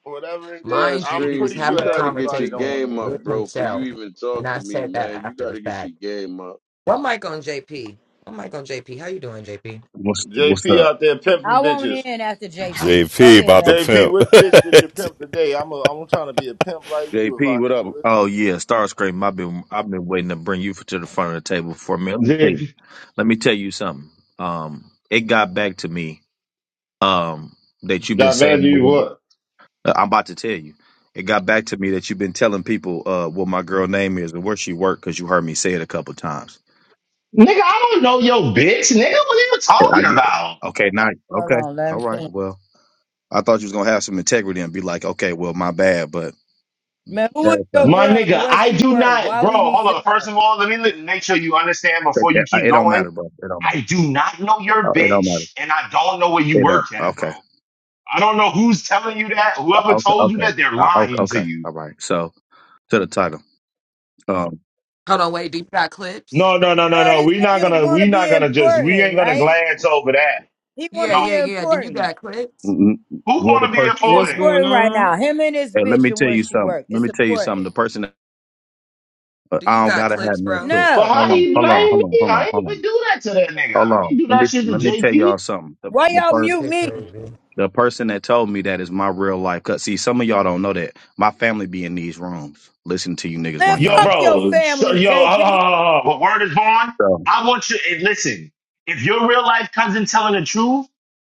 Speaker 24: Whatever it is,
Speaker 4: Star
Speaker 25: Mind you,
Speaker 24: I'm
Speaker 25: he was
Speaker 4: Spring,
Speaker 24: pretty sure
Speaker 4: you
Speaker 25: having a
Speaker 4: gotta get your
Speaker 24: everybody don't
Speaker 25: conversation
Speaker 24: want to
Speaker 4: game up,
Speaker 25: with
Speaker 24: hear
Speaker 4: bro, for you
Speaker 25: himself,
Speaker 4: even
Speaker 25: and
Speaker 4: talk
Speaker 25: I
Speaker 4: to me,
Speaker 25: said
Speaker 4: man.
Speaker 25: that
Speaker 4: You
Speaker 25: after the
Speaker 4: gotta get your
Speaker 25: fact.
Speaker 4: game up.
Speaker 25: One mic on JP. One mic on JP. How you doing, JP?
Speaker 28: What's
Speaker 24: it.
Speaker 28: what's
Speaker 24: JP
Speaker 28: up?
Speaker 24: out there
Speaker 27: I
Speaker 24: pimping
Speaker 27: want
Speaker 24: bitches.
Speaker 27: in after JP. Go
Speaker 23: JP
Speaker 27: ahead,
Speaker 23: about the
Speaker 27: baby.
Speaker 24: JP, which bitch did you
Speaker 23: pimp.
Speaker 24: pimp today? I'm a, I'm trying to be a pimp like you if I
Speaker 2: JP, what up?
Speaker 24: could.
Speaker 28: Oh yeah, Starscream. I've been I've been waiting to bring you to the front of the table for me. Let me tell you,
Speaker 24: JP,
Speaker 28: let me tell you something. Um, it got back to me. Um, that you've been
Speaker 24: got
Speaker 28: saying.
Speaker 24: value what?
Speaker 28: uh, I'm about to tell you. It got back to me that you've been telling people uh what my girl name is and where she worked because you heard me say it a couple times.
Speaker 24: Nigga, I don't know your bitch. Nigga, what are you
Speaker 28: Yeah, I
Speaker 24: talking
Speaker 28: get.
Speaker 24: about?
Speaker 28: Okay, nice.
Speaker 27: Hold
Speaker 28: Okay,
Speaker 27: on, let him
Speaker 28: all right.
Speaker 27: finish.
Speaker 28: Well, I thought you was gonna have some integrity and be like, okay, well, my bad, but
Speaker 27: Man, who is
Speaker 28: that
Speaker 27: your
Speaker 28: aside,
Speaker 24: My
Speaker 27: girl and
Speaker 24: nigga,
Speaker 27: where
Speaker 24: I
Speaker 27: she
Speaker 24: do
Speaker 27: work?
Speaker 24: not,
Speaker 27: Why
Speaker 24: bro.
Speaker 27: we need
Speaker 24: Hold
Speaker 27: to
Speaker 24: on. First
Speaker 27: know?
Speaker 24: of all, let me li- make sure you understand
Speaker 28: it,
Speaker 24: before
Speaker 28: it,
Speaker 24: you keep
Speaker 28: it don't
Speaker 24: going.
Speaker 28: matter, bro. It don't
Speaker 24: I
Speaker 28: matter.
Speaker 24: do not know your
Speaker 28: Uh, It don't matter.
Speaker 24: bitch, and I don't know where you
Speaker 28: It don't.
Speaker 24: work at, bro.
Speaker 28: Okay.
Speaker 24: I don't know who's telling you that. Whoever
Speaker 28: Okay,
Speaker 24: told you
Speaker 28: okay,
Speaker 24: that, they're
Speaker 28: uh, okay,
Speaker 24: lying to
Speaker 28: okay.
Speaker 24: you.
Speaker 28: All right. So to the title. Um,
Speaker 25: Hold on, wait. Do you got clips?
Speaker 24: No, no, no, no,
Speaker 27: No,
Speaker 24: no.
Speaker 27: this
Speaker 24: We're not
Speaker 27: nigga
Speaker 24: gonna
Speaker 27: wanna
Speaker 24: we
Speaker 27: be
Speaker 24: not gonna just we
Speaker 27: important,
Speaker 24: ain't gonna
Speaker 27: right?
Speaker 24: glance over that.
Speaker 27: He
Speaker 25: Yeah,
Speaker 27: wanna
Speaker 24: No,
Speaker 27: be
Speaker 25: yeah, yeah. Do you
Speaker 27: important.
Speaker 25: got clips?
Speaker 28: mm, mm,
Speaker 24: who
Speaker 28: well, the
Speaker 24: wanna be a
Speaker 28: person.
Speaker 27: He's
Speaker 24: four
Speaker 1: what's
Speaker 24: then?
Speaker 1: going
Speaker 27: important right now.
Speaker 1: on
Speaker 27: Him and his
Speaker 28: Hey, let
Speaker 27: bitch
Speaker 28: me
Speaker 27: and
Speaker 28: tell
Speaker 27: where
Speaker 28: you
Speaker 27: she
Speaker 28: something.
Speaker 27: work.
Speaker 28: Let
Speaker 27: It's
Speaker 28: me tell you something. The
Speaker 27: important.
Speaker 28: person. That, uh,
Speaker 25: Do you
Speaker 28: I don't
Speaker 25: got
Speaker 28: gotta have
Speaker 25: clips,
Speaker 28: no
Speaker 25: bro?
Speaker 28: foot.
Speaker 24: But
Speaker 27: No.
Speaker 28: Hold
Speaker 24: how
Speaker 28: on,
Speaker 24: you
Speaker 28: hold on,
Speaker 24: blame
Speaker 28: hold on,
Speaker 24: me?
Speaker 28: hold on,
Speaker 24: I ain't
Speaker 28: hold
Speaker 24: even
Speaker 28: on,
Speaker 24: do that to that nigga.
Speaker 28: hold
Speaker 24: I
Speaker 28: on. Let me
Speaker 24: did the
Speaker 28: let me tell y'all
Speaker 24: JP.
Speaker 28: something. The
Speaker 27: Why
Speaker 28: the
Speaker 27: y'all
Speaker 28: per,
Speaker 27: mute
Speaker 25: Shit
Speaker 27: me?
Speaker 25: crazy.
Speaker 28: the person that told me that is my real life. Cause see, some of y'all don't know that my family be in these rooms. Listen to you niggas
Speaker 27: Man,
Speaker 28: run y'all
Speaker 24: Yo,
Speaker 27: fuck
Speaker 28: mouth.
Speaker 27: your
Speaker 24: bro. So,
Speaker 27: family,
Speaker 24: yo, hold on,
Speaker 27: JP.
Speaker 24: hold on, hold on. What word is born?
Speaker 28: So,
Speaker 24: I want you and listen, if your real life cousin telling the truth,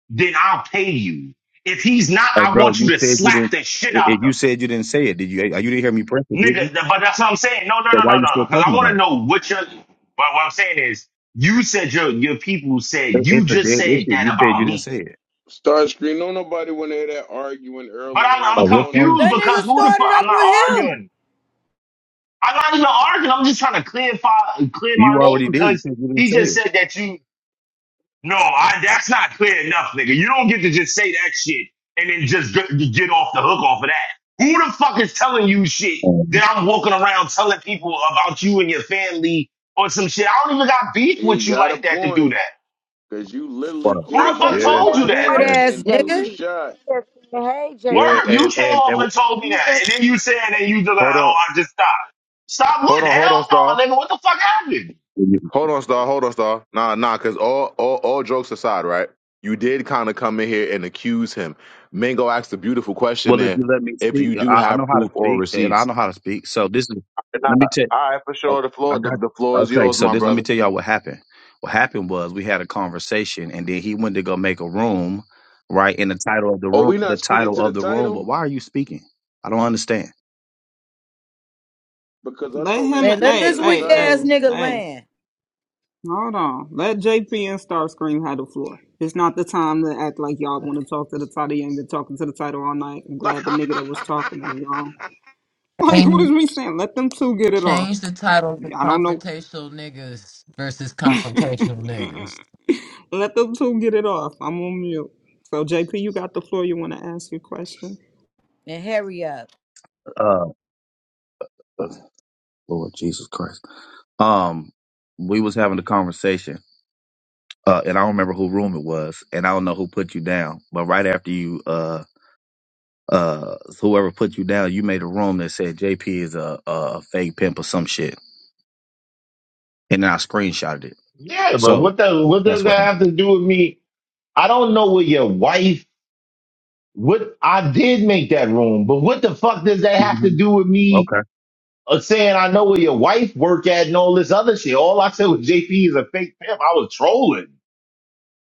Speaker 24: then I'll pay you. If he's not,
Speaker 28: hey,
Speaker 24: I
Speaker 28: bro,
Speaker 24: want you
Speaker 28: you
Speaker 24: to
Speaker 28: said you
Speaker 24: slap
Speaker 28: didn't.
Speaker 24: the shit
Speaker 28: If
Speaker 24: out
Speaker 28: you said you didn't say it, did you? You didn't hear me press it, did you?
Speaker 24: Nigga, th- but that's what I'm saying. No, no,
Speaker 28: So
Speaker 24: no,
Speaker 28: why
Speaker 24: no,
Speaker 28: you still
Speaker 24: no. Because I
Speaker 28: talking about
Speaker 24: want
Speaker 28: it?
Speaker 24: to know what your. What, what I'm saying is, you said your your people said
Speaker 28: It-
Speaker 24: you
Speaker 28: It's a
Speaker 24: just
Speaker 28: dead
Speaker 24: said
Speaker 28: issue.
Speaker 24: that
Speaker 28: You said you
Speaker 24: about
Speaker 28: didn't
Speaker 24: me.
Speaker 28: say it.
Speaker 4: Star Spring, don't nobody wanna hear that arguing
Speaker 24: But
Speaker 4: early in the
Speaker 24: I'm I'm
Speaker 28: Like, what's wrong
Speaker 4: morning.
Speaker 28: with
Speaker 24: confused
Speaker 27: That
Speaker 24: because
Speaker 27: nigga
Speaker 24: who the fuck?
Speaker 27: started up
Speaker 24: I'm not
Speaker 27: with him.
Speaker 24: arguing. I'm not even arguing. I'm just trying to clarify clear
Speaker 28: you? You
Speaker 24: my name
Speaker 28: already did. You
Speaker 24: because
Speaker 28: said you didn't
Speaker 24: he
Speaker 28: say
Speaker 24: just
Speaker 28: it.
Speaker 24: said that you. No, I, that's not clear enough, nigga. You don't get to just say that shit and then just g- get off the hook off of that. Who the fuck is telling you shit
Speaker 28: Um,
Speaker 24: that I'm walking around telling people about you and your family or some shit? I don't even got beef
Speaker 4: He
Speaker 24: with you
Speaker 4: got a
Speaker 24: like that to do
Speaker 4: point,
Speaker 24: that.
Speaker 4: cause you literally
Speaker 28: well,
Speaker 24: Who the
Speaker 6: Right,
Speaker 4: came
Speaker 6: because
Speaker 24: fuck
Speaker 4: off
Speaker 6: you
Speaker 4: the
Speaker 2: Yeah,
Speaker 24: told
Speaker 6: just
Speaker 24: you
Speaker 4: mic
Speaker 24: that?
Speaker 27: Weird
Speaker 6: spoke
Speaker 4: and,
Speaker 2: and
Speaker 27: ass
Speaker 6: with
Speaker 4: and threw the
Speaker 27: nigga.
Speaker 6: JP. You
Speaker 4: shot.
Speaker 6: just said, hey,
Speaker 2: yeah,
Speaker 6: JP,
Speaker 24: Word, you
Speaker 2: and
Speaker 24: came
Speaker 2: and
Speaker 24: off
Speaker 2: and
Speaker 24: and told me
Speaker 6: you
Speaker 24: that, and
Speaker 6: just,
Speaker 24: then you said and then you just like,
Speaker 2: hold
Speaker 24: oh,
Speaker 2: on,
Speaker 24: I just stopped. Stop
Speaker 2: hold
Speaker 24: what?
Speaker 2: on,
Speaker 24: Hell
Speaker 2: hold on, Star.
Speaker 24: no, nigga. What the fuck happened?
Speaker 28: you-
Speaker 2: Hold on, Star. Hold on, Star. Nah, nah, because all, all, all jokes aside, right? You did kind of come in here and accuse him. Mingo asked a beautiful question
Speaker 28: well, if
Speaker 2: there.
Speaker 28: you let me
Speaker 2: If
Speaker 28: speak,
Speaker 2: you do
Speaker 28: I, I know
Speaker 2: have
Speaker 28: how to
Speaker 2: proof or
Speaker 28: speak, and I
Speaker 2: receipts.
Speaker 28: know how to speak. So this is.
Speaker 2: Nah,
Speaker 28: Let me tell.
Speaker 2: all right, for
Speaker 28: Oh,
Speaker 2: sure. The
Speaker 28: I
Speaker 2: floor, the,
Speaker 28: got.
Speaker 2: the floor
Speaker 28: You.
Speaker 2: is
Speaker 28: Okay,
Speaker 2: yours,
Speaker 28: so
Speaker 2: my
Speaker 28: this. Let me
Speaker 2: brother.
Speaker 28: tell y'all what happened. What happened was we had a conversation, and then he went to go make a room, right? In the title of the
Speaker 4: Oh,
Speaker 28: room,
Speaker 4: we
Speaker 28: the
Speaker 4: not speaking
Speaker 28: title
Speaker 4: to the
Speaker 28: of the room. But
Speaker 4: title?
Speaker 28: why are you speaking? I don't understand.
Speaker 4: Because I
Speaker 1: let
Speaker 4: thought we were
Speaker 1: him
Speaker 27: Hey, let
Speaker 4: speaking to
Speaker 1: hey
Speaker 27: this
Speaker 4: the
Speaker 27: weak
Speaker 1: hey
Speaker 27: ass
Speaker 4: title.
Speaker 1: hey
Speaker 27: nigga
Speaker 1: hey
Speaker 27: land
Speaker 1: hold on let jp and starscream have the floor it's not the time to act like y'all want to talk to the title you ain't been talking to the title all night i'm glad the nigga that was talking is gone like what is we saying let them two get it off
Speaker 25: Change the title to
Speaker 1: I don't know.
Speaker 25: Confrontational Niggas versus Confrontational Niggas.
Speaker 1: Let them two get it off. I'm on mute. So JP, you got the floor. You want to ask your question?
Speaker 27: and hurry up.
Speaker 28: Uh, Lord Jesus Christ. Um, we was having a conversation uh, and I don't remember who room it was, and I don't know who put you down. But right after you, uh, uh, whoever put you down, you made a room that said JP is a, a fake pimp or some shit, and then I screenshotted it.
Speaker 24: Yeah, but
Speaker 28: So
Speaker 24: what the what does
Speaker 28: that's what.
Speaker 24: that have to do with me? I don't know what your wife What I did make that room, but what the fuck does that have to
Speaker 28: hmm
Speaker 24: do with me
Speaker 28: Okay.
Speaker 24: uh, saying I know where your wife work at and all this other shit? All I said was JP is a fake pimp. I was trolling,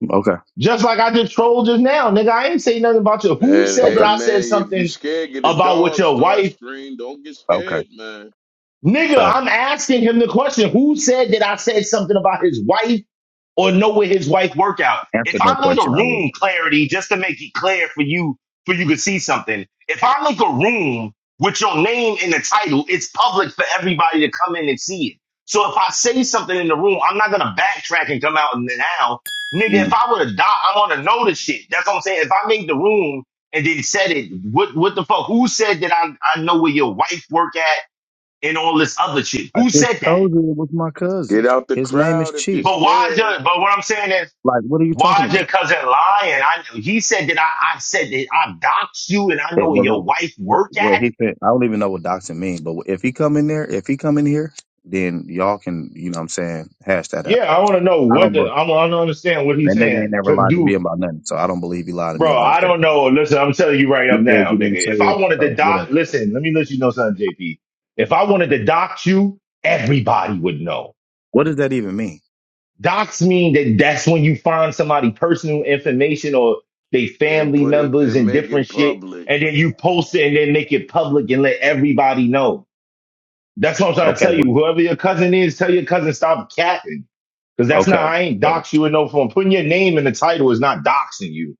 Speaker 28: Okay.
Speaker 24: just like I just trolled just now, nigga. I ain't say nothing about you. Who
Speaker 4: Man,
Speaker 24: said
Speaker 4: hey
Speaker 24: that
Speaker 28: Okay.
Speaker 24: I said
Speaker 4: man, if you
Speaker 24: something
Speaker 4: scared, get a
Speaker 24: about what
Speaker 4: dog,
Speaker 24: your
Speaker 4: Star
Speaker 24: wife?
Speaker 4: Screen, Don't get
Speaker 28: Okay.
Speaker 4: scared, man.
Speaker 24: Nigga,
Speaker 28: So
Speaker 24: I'm asking him the question. Who said that I said something about his wife or know where his wife work out.
Speaker 28: answer
Speaker 24: If
Speaker 28: that
Speaker 24: I made a
Speaker 28: question already.
Speaker 24: room clarity just to make it clear for you, for you to see something. If I make a room with your name in the title, it's public for everybody to come in and see it. So if I say something in the room, I'm not gonna backtrack and come out and now, nigga. If
Speaker 28: Mm.
Speaker 24: I would have died, I want to know the shit. That's what I'm saying. If I made the room and then said it, what what the fuck? Who said that I I know where your wife work at and all this other shit?
Speaker 28: I
Speaker 24: Who
Speaker 28: just
Speaker 24: said that?
Speaker 28: told you it was my cousin.
Speaker 4: Get out the
Speaker 28: His name is
Speaker 4: crowd if you're
Speaker 28: Chief.
Speaker 24: But why? Is your,
Speaker 4: scared.
Speaker 24: but what I'm saying is.
Speaker 28: Like, what are you
Speaker 24: Why
Speaker 28: talking
Speaker 24: is
Speaker 28: about?
Speaker 24: your cousin lying? I he said that I, I said that I doxed you and I know
Speaker 28: It,
Speaker 24: where
Speaker 28: well, it,
Speaker 24: your wife
Speaker 28: well,
Speaker 24: work
Speaker 28: well,
Speaker 24: at.
Speaker 28: he. Fin- I don't even know what doxing means, but if he come in there, if he come in here, then y'all can, you know, what I'm saying, hash that out.
Speaker 24: Yeah, I want to know
Speaker 28: I
Speaker 24: what
Speaker 28: don't.
Speaker 24: the
Speaker 28: believe
Speaker 24: I want to understand what he's
Speaker 28: That nigga ain't
Speaker 24: saying.
Speaker 28: never
Speaker 24: Cause
Speaker 28: lied to
Speaker 24: dude,
Speaker 28: me about nothing, so I don't believe he lied to me
Speaker 24: bro,
Speaker 28: about
Speaker 24: I
Speaker 28: that.
Speaker 24: don't know. Listen, I'm telling you right
Speaker 28: You
Speaker 24: up
Speaker 28: said
Speaker 24: now,
Speaker 28: you didn't
Speaker 24: nigga.
Speaker 28: say
Speaker 24: If I
Speaker 28: it,
Speaker 24: wanted to
Speaker 28: so whatever.
Speaker 24: dox, listen, let me let you know something, JP. If I wanted to dox you, everybody would know.
Speaker 28: What does that even mean?
Speaker 24: Dox mean that that's when you find somebody personal information or they
Speaker 4: and
Speaker 24: family
Speaker 4: put it
Speaker 24: members
Speaker 4: and
Speaker 24: and
Speaker 4: make
Speaker 24: different
Speaker 4: it
Speaker 24: shit,
Speaker 4: public.
Speaker 24: and then you post it and then make it public and let everybody know. That's what I'm trying to
Speaker 28: Okay.
Speaker 24: tell
Speaker 28: What,
Speaker 24: you. Whoever your cousin is, tell your cousin stop capping. Because that's not,
Speaker 28: okay.
Speaker 24: I ain't
Speaker 28: So,
Speaker 24: dox you in no form. Putting your name in the title is not doxing you.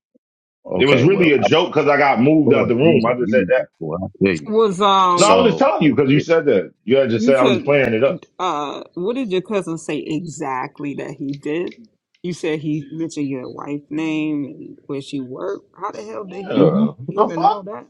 Speaker 24: It was
Speaker 28: okay. Well,
Speaker 24: really a
Speaker 28: I,
Speaker 24: joke because I got moved out
Speaker 28: Lord
Speaker 24: the room.
Speaker 28: Jesus,
Speaker 24: I just
Speaker 28: you
Speaker 24: said that.
Speaker 28: niggas, boy, I tell you.
Speaker 1: Was
Speaker 24: No, I
Speaker 1: um
Speaker 24: was just
Speaker 28: So,
Speaker 24: telling you because you
Speaker 28: it,
Speaker 24: said that. You had just
Speaker 1: you
Speaker 24: said I was just
Speaker 1: said
Speaker 24: playing it up.
Speaker 1: uh what did your cousin say exactly that he did? You said he mentioned your wife name and where she worked. How the hell did he
Speaker 28: mhm.
Speaker 24: Yeah. What The
Speaker 1: even know
Speaker 24: fuck?
Speaker 1: that?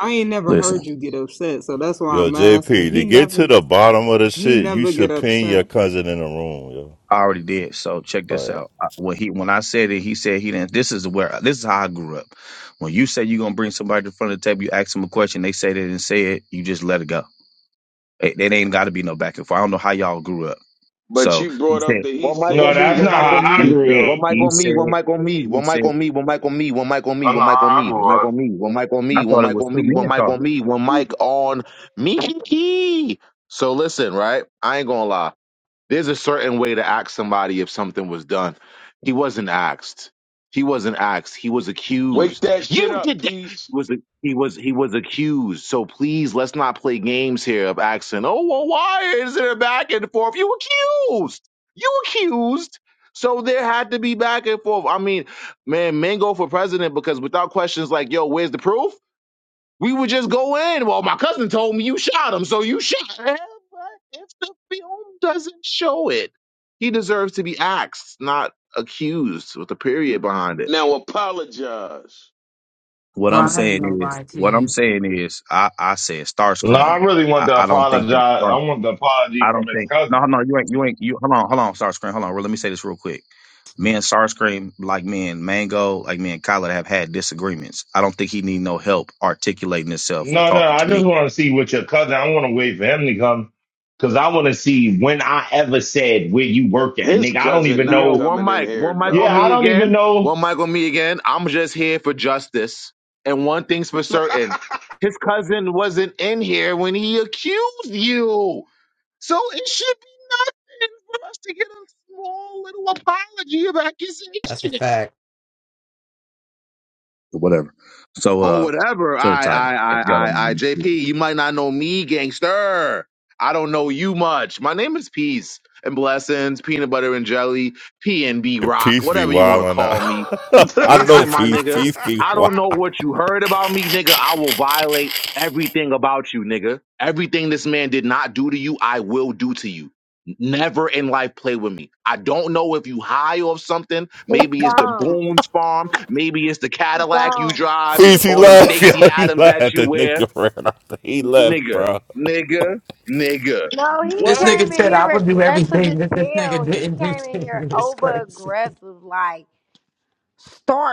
Speaker 1: I ain't never heard you get upset, so that's why
Speaker 23: Yo,
Speaker 1: I'm asking.
Speaker 23: JP, to
Speaker 1: He
Speaker 23: get
Speaker 1: never
Speaker 23: to the bottom of the
Speaker 1: he
Speaker 23: shit, you
Speaker 1: never get
Speaker 23: should pin your
Speaker 1: upset.
Speaker 23: cousin in the room, yo.
Speaker 28: I already did. So check this
Speaker 23: Alright.
Speaker 28: out. I- When he when I said it, he said he didn't. This is where this is how I grew up. When you say you're gonna bring somebody to the front of the table, you ask them a question, they say they didn't say it, you just let it go. It, it ain't got to be no back and forth. I don't know how y'all grew up.
Speaker 4: But
Speaker 28: So
Speaker 4: she
Speaker 28: he
Speaker 4: brought up
Speaker 28: said,
Speaker 4: the he
Speaker 2: One mic
Speaker 4: said,
Speaker 24: No,
Speaker 2: on me,
Speaker 24: that's
Speaker 4: she
Speaker 2: one
Speaker 24: not
Speaker 2: mic
Speaker 24: how
Speaker 4: said
Speaker 2: on
Speaker 24: I
Speaker 2: me.
Speaker 28: he
Speaker 4: shit
Speaker 24: grew
Speaker 28: said,
Speaker 24: up.
Speaker 2: One
Speaker 4: though.
Speaker 2: mic
Speaker 28: he
Speaker 2: on me, one
Speaker 28: said,
Speaker 2: mic on me,
Speaker 28: he
Speaker 2: one mic
Speaker 28: said.
Speaker 2: on me, one mic on me, one mic on me,
Speaker 24: That's not
Speaker 2: one mic on
Speaker 24: how I
Speaker 2: me, one mic
Speaker 24: grew up.
Speaker 2: on me, one mic on
Speaker 28: I
Speaker 2: me, one
Speaker 28: thought it
Speaker 2: mic
Speaker 28: was
Speaker 2: on
Speaker 28: two
Speaker 2: me, one
Speaker 28: men
Speaker 2: mic on
Speaker 28: talking.
Speaker 2: me, one mic on me. So listen, right? I ain't gonna lie. There's a certain way to ask somebody if something was done. He wasn't asked. He wasn't asked. He was
Speaker 4: Wake
Speaker 2: accused.
Speaker 4: that shit
Speaker 2: You
Speaker 4: up,
Speaker 2: did that. He
Speaker 4: peace.
Speaker 2: was he was he was accused. So please let's not play games here of asking, oh well, why is there back and forth? You accused. You accused. So there had to be back and forth. I mean, man, men go for president because without questions like, yo, where's the proof? We would just go in. Well, my cousin told me you shot him, so you shot him. But if the film doesn't show it, he deserves to be axed, not accused, with a
Speaker 4: N-
Speaker 2: period behind it.
Speaker 4: Now apologize.
Speaker 28: What I'm
Speaker 25: Well, I ain't
Speaker 28: saying
Speaker 25: gonna
Speaker 28: is,
Speaker 25: lie to
Speaker 28: what I'm
Speaker 25: you.
Speaker 28: saying is, I I said
Speaker 24: No, I
Speaker 28: Starscream.
Speaker 24: really want
Speaker 28: I
Speaker 24: to
Speaker 28: I don't think
Speaker 24: apologize.
Speaker 28: that
Speaker 24: I
Speaker 28: Star.
Speaker 24: want the apology
Speaker 28: I don't
Speaker 24: from his
Speaker 28: think. No,
Speaker 24: cousin.
Speaker 28: no, you ain't, you ain't, you. Hold on, hold on, Starscream. Hold on. Let me say this real quick. Me and Starscream, like me and Mango, like me and Kyler, have had disagreements. I don't think he need no help articulating himself or
Speaker 24: No, no,
Speaker 28: talking to
Speaker 24: I
Speaker 28: me
Speaker 24: just want to see what your cousin. I want to wait for him to come because I want to see when I ever said where you work at,
Speaker 4: His
Speaker 24: nigga. I don't
Speaker 4: cousin
Speaker 24: even
Speaker 4: not
Speaker 2: Yo,
Speaker 24: know.
Speaker 2: one
Speaker 4: coming in
Speaker 2: mic,
Speaker 4: here,
Speaker 2: one mic on
Speaker 24: Yeah, I
Speaker 2: me
Speaker 4: dog.
Speaker 24: don't even
Speaker 2: again.
Speaker 24: know.
Speaker 2: One mic on me again. I'm just here for justice. And one thing's for certain his cousin wasn't in here when he accused you. So it should be nothing for us to get a small little apology of
Speaker 25: That's a
Speaker 2: accusation.
Speaker 25: fact.
Speaker 28: or whatever. So,
Speaker 2: or
Speaker 28: uh,
Speaker 2: whatever.
Speaker 28: to the
Speaker 2: I
Speaker 28: title.
Speaker 2: I I
Speaker 28: If y'all don't
Speaker 2: I
Speaker 28: mind.
Speaker 2: I
Speaker 28: me
Speaker 2: J P.
Speaker 28: speaking.
Speaker 2: you might not know me, gangster. I don't know you much. My name is Peace and Blessings, Peanut Butter and Jelly, P N B
Speaker 23: Your
Speaker 2: Rock,
Speaker 23: Peace be
Speaker 2: whatever you want to
Speaker 23: wildin'
Speaker 2: call me.
Speaker 23: out.
Speaker 4: but
Speaker 23: I know
Speaker 2: Listen, my
Speaker 23: Peace.
Speaker 2: nigga,
Speaker 23: Peace be
Speaker 2: I
Speaker 23: wild.
Speaker 2: don't know what you heard about me, nigga. I will violate everything about you, nigga. Everything this man did not do to you, I will do to you. Never in life play with me. I don't know if you high off something.
Speaker 6: he
Speaker 2: Maybe it's the
Speaker 6: gone.
Speaker 2: Boone's farm. Maybe it's the
Speaker 6: He
Speaker 2: Cadillac
Speaker 6: gone.
Speaker 2: you drive
Speaker 23: Peace, he
Speaker 2: or them
Speaker 23: left, yo.
Speaker 2: Stacy
Speaker 23: He
Speaker 2: Adams that
Speaker 23: left.
Speaker 2: you
Speaker 23: The
Speaker 2: wear.
Speaker 23: nigga ran off. He left,
Speaker 2: Nigga,
Speaker 23: bro.
Speaker 2: nigga, nigga.
Speaker 6: No, he
Speaker 25: This
Speaker 2: What?
Speaker 6: came
Speaker 25: nigga
Speaker 6: in
Speaker 25: said I
Speaker 6: here
Speaker 25: would do
Speaker 6: aggressive
Speaker 25: everything
Speaker 6: as
Speaker 25: that this nigga
Speaker 6: hell. He
Speaker 25: didn't do
Speaker 6: came in
Speaker 25: to
Speaker 6: here
Speaker 25: you. It's
Speaker 6: over
Speaker 25: crazy. You
Speaker 6: aggressive, like, start.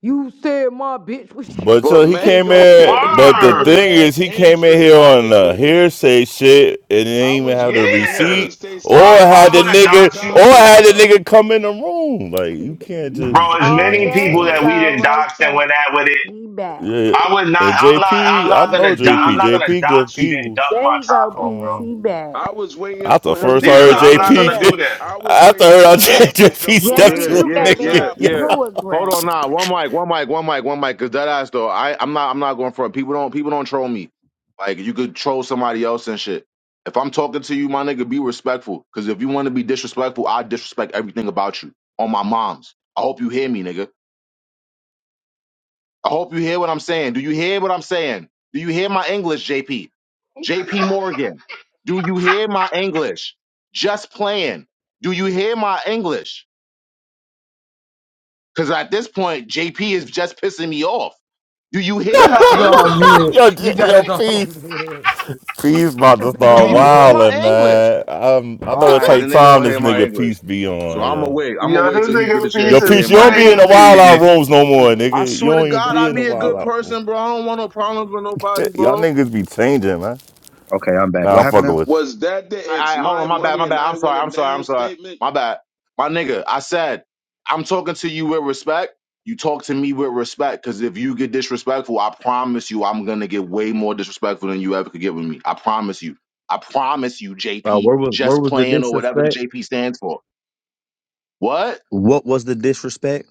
Speaker 6: You said my bitch was you.
Speaker 23: But so he
Speaker 6: Like,
Speaker 23: came
Speaker 4: Mango
Speaker 6: what the?
Speaker 23: in.
Speaker 4: gave him the
Speaker 23: But the
Speaker 4: cool
Speaker 23: thing
Speaker 24: Word.
Speaker 23: is,
Speaker 4: ass
Speaker 23: he came in
Speaker 4: entrance.
Speaker 23: here
Speaker 4: I
Speaker 23: on
Speaker 4: was
Speaker 23: the
Speaker 4: waiting to
Speaker 23: hearsay shit and
Speaker 4: I
Speaker 23: didn't even
Speaker 4: was
Speaker 23: have the
Speaker 4: waiting to hear
Speaker 24: Yeah,
Speaker 4: him
Speaker 23: receipt,
Speaker 4: say
Speaker 23: or
Speaker 4: some
Speaker 24: bro. If
Speaker 4: fly
Speaker 24: I
Speaker 23: had the
Speaker 24: would
Speaker 4: shit
Speaker 24: have
Speaker 4: to the
Speaker 23: nigga,
Speaker 24: doxed
Speaker 23: or
Speaker 24: you,
Speaker 4: topic
Speaker 23: had the
Speaker 4: though.
Speaker 23: nigga come in the room. Like you can't just
Speaker 24: bro, as
Speaker 6: Oh,
Speaker 23: go
Speaker 24: many
Speaker 23: like
Speaker 6: there
Speaker 24: people
Speaker 6: you
Speaker 23: that.
Speaker 24: that we
Speaker 6: go,
Speaker 24: didn't
Speaker 6: right
Speaker 24: dox and
Speaker 6: there.
Speaker 24: went at with it,
Speaker 6: He back.
Speaker 23: Yeah,
Speaker 24: I would not.
Speaker 23: and
Speaker 24: I'm not. I'm
Speaker 23: JP, I
Speaker 24: not
Speaker 23: know
Speaker 24: gonna. do- I'm
Speaker 23: JP.
Speaker 6: He,
Speaker 24: not gonna
Speaker 23: JP good
Speaker 24: dox you then
Speaker 23: peoples.
Speaker 24: duck
Speaker 6: there
Speaker 24: my
Speaker 6: you go,
Speaker 24: taco,
Speaker 6: peace.
Speaker 23: Um,
Speaker 6: He
Speaker 24: bro.
Speaker 6: back.
Speaker 4: I was waiting
Speaker 23: after I
Speaker 4: for
Speaker 6: Because
Speaker 4: him
Speaker 23: first
Speaker 4: to
Speaker 6: he
Speaker 24: Yeah,
Speaker 23: heard
Speaker 4: say
Speaker 24: I'm
Speaker 6: came
Speaker 24: not
Speaker 4: some
Speaker 6: in
Speaker 23: JP,
Speaker 24: gonna
Speaker 6: here.
Speaker 24: do that.
Speaker 4: I was
Speaker 23: after I
Speaker 4: waiting
Speaker 23: heard how
Speaker 4: for him to say some
Speaker 23: JP
Speaker 4: fly
Speaker 23: stepped
Speaker 6: JP,
Speaker 23: to
Speaker 2: Yeah,
Speaker 23: a
Speaker 6: you
Speaker 4: shit to the
Speaker 2: yeah,
Speaker 6: came in
Speaker 2: yeah,
Speaker 23: nigga,
Speaker 6: here
Speaker 23: yo,
Speaker 4: topic.
Speaker 2: yeah.
Speaker 6: too
Speaker 2: Hold on,
Speaker 6: aggressive.
Speaker 2: nah. One mic, one mic, one mic, one mic. Cause that ass though, I, I'm not, I'm not going for it. People don't, people don't troll me. Like you could troll somebody else and shit. If I'm talking to you, my nigga, be respectful. Cause if you want to be disrespectful, I disrespect everything about you. On my mom's. I hope you hear me, nigga. I hope you hear what I'm saying. Do you hear what I'm saying? Do you hear my English, JP? JP Morgan. Do you hear my English? Just playing. Do you hear my English? Because at this point, JP is just pissing me off. Do you hear my
Speaker 25: gotta go on
Speaker 2: English?
Speaker 25: mute.
Speaker 23: yo,
Speaker 25: You
Speaker 23: J-
Speaker 25: gotta
Speaker 23: yo,
Speaker 25: go on
Speaker 23: peace.
Speaker 25: mute.
Speaker 23: Peace about to
Speaker 25: go
Speaker 2: Do
Speaker 23: start
Speaker 2: you
Speaker 25: on
Speaker 2: hear
Speaker 25: mute.
Speaker 23: wilding,
Speaker 2: my English?
Speaker 23: man. Um, I
Speaker 2: All
Speaker 23: know it
Speaker 2: right, the
Speaker 23: take
Speaker 2: nigga
Speaker 23: time
Speaker 2: don't
Speaker 23: this
Speaker 2: hear my
Speaker 23: nigga
Speaker 2: English.
Speaker 23: peace be
Speaker 2: So
Speaker 23: on,
Speaker 2: I'm gonna
Speaker 23: yo.
Speaker 2: wait. I'm gonna
Speaker 24: Yo,
Speaker 2: wait
Speaker 24: this
Speaker 2: till he get a
Speaker 24: nigga
Speaker 23: Yo,
Speaker 2: chance
Speaker 24: piece
Speaker 2: to
Speaker 24: is
Speaker 23: peace,
Speaker 2: hear
Speaker 23: you don't
Speaker 2: my
Speaker 23: be in
Speaker 2: English.
Speaker 23: the wild out
Speaker 24: crazy.
Speaker 23: rooms no more,
Speaker 2: I
Speaker 23: nigga. You
Speaker 2: swear to
Speaker 23: don't even
Speaker 2: God,
Speaker 23: be
Speaker 2: I
Speaker 23: in the
Speaker 2: be a
Speaker 23: wild
Speaker 2: good
Speaker 23: out rooms.
Speaker 2: person, bro. I don't want no problems with nobody,
Speaker 23: Y'all
Speaker 2: bro.
Speaker 23: niggas be changing, man.
Speaker 28: Okay, I'm back.
Speaker 23: Nah,
Speaker 28: What
Speaker 23: I'm fucking
Speaker 28: happened
Speaker 23: with
Speaker 4: Was that the it's
Speaker 2: I, I hold
Speaker 4: my
Speaker 2: on. My bad.
Speaker 4: money
Speaker 2: My
Speaker 4: and
Speaker 2: bad.
Speaker 4: I
Speaker 2: I'm
Speaker 4: want
Speaker 2: sorry.
Speaker 4: it
Speaker 2: I'm sorry.
Speaker 4: now
Speaker 2: I'm sorry.
Speaker 4: statement?
Speaker 2: My bad. My nigga. I said I'm talking to you with respect. You talk to me with respect, because if you get disrespectful, I promise you, I'm gonna get way more disrespectful than you ever could get with me. I promise you. I promise you,
Speaker 28: now? Uh,
Speaker 2: JP.
Speaker 28: where was where
Speaker 2: Just
Speaker 28: was the
Speaker 2: playing or whatever the
Speaker 28: disrespect?
Speaker 2: JP stands for. What?
Speaker 28: What was the disrespect?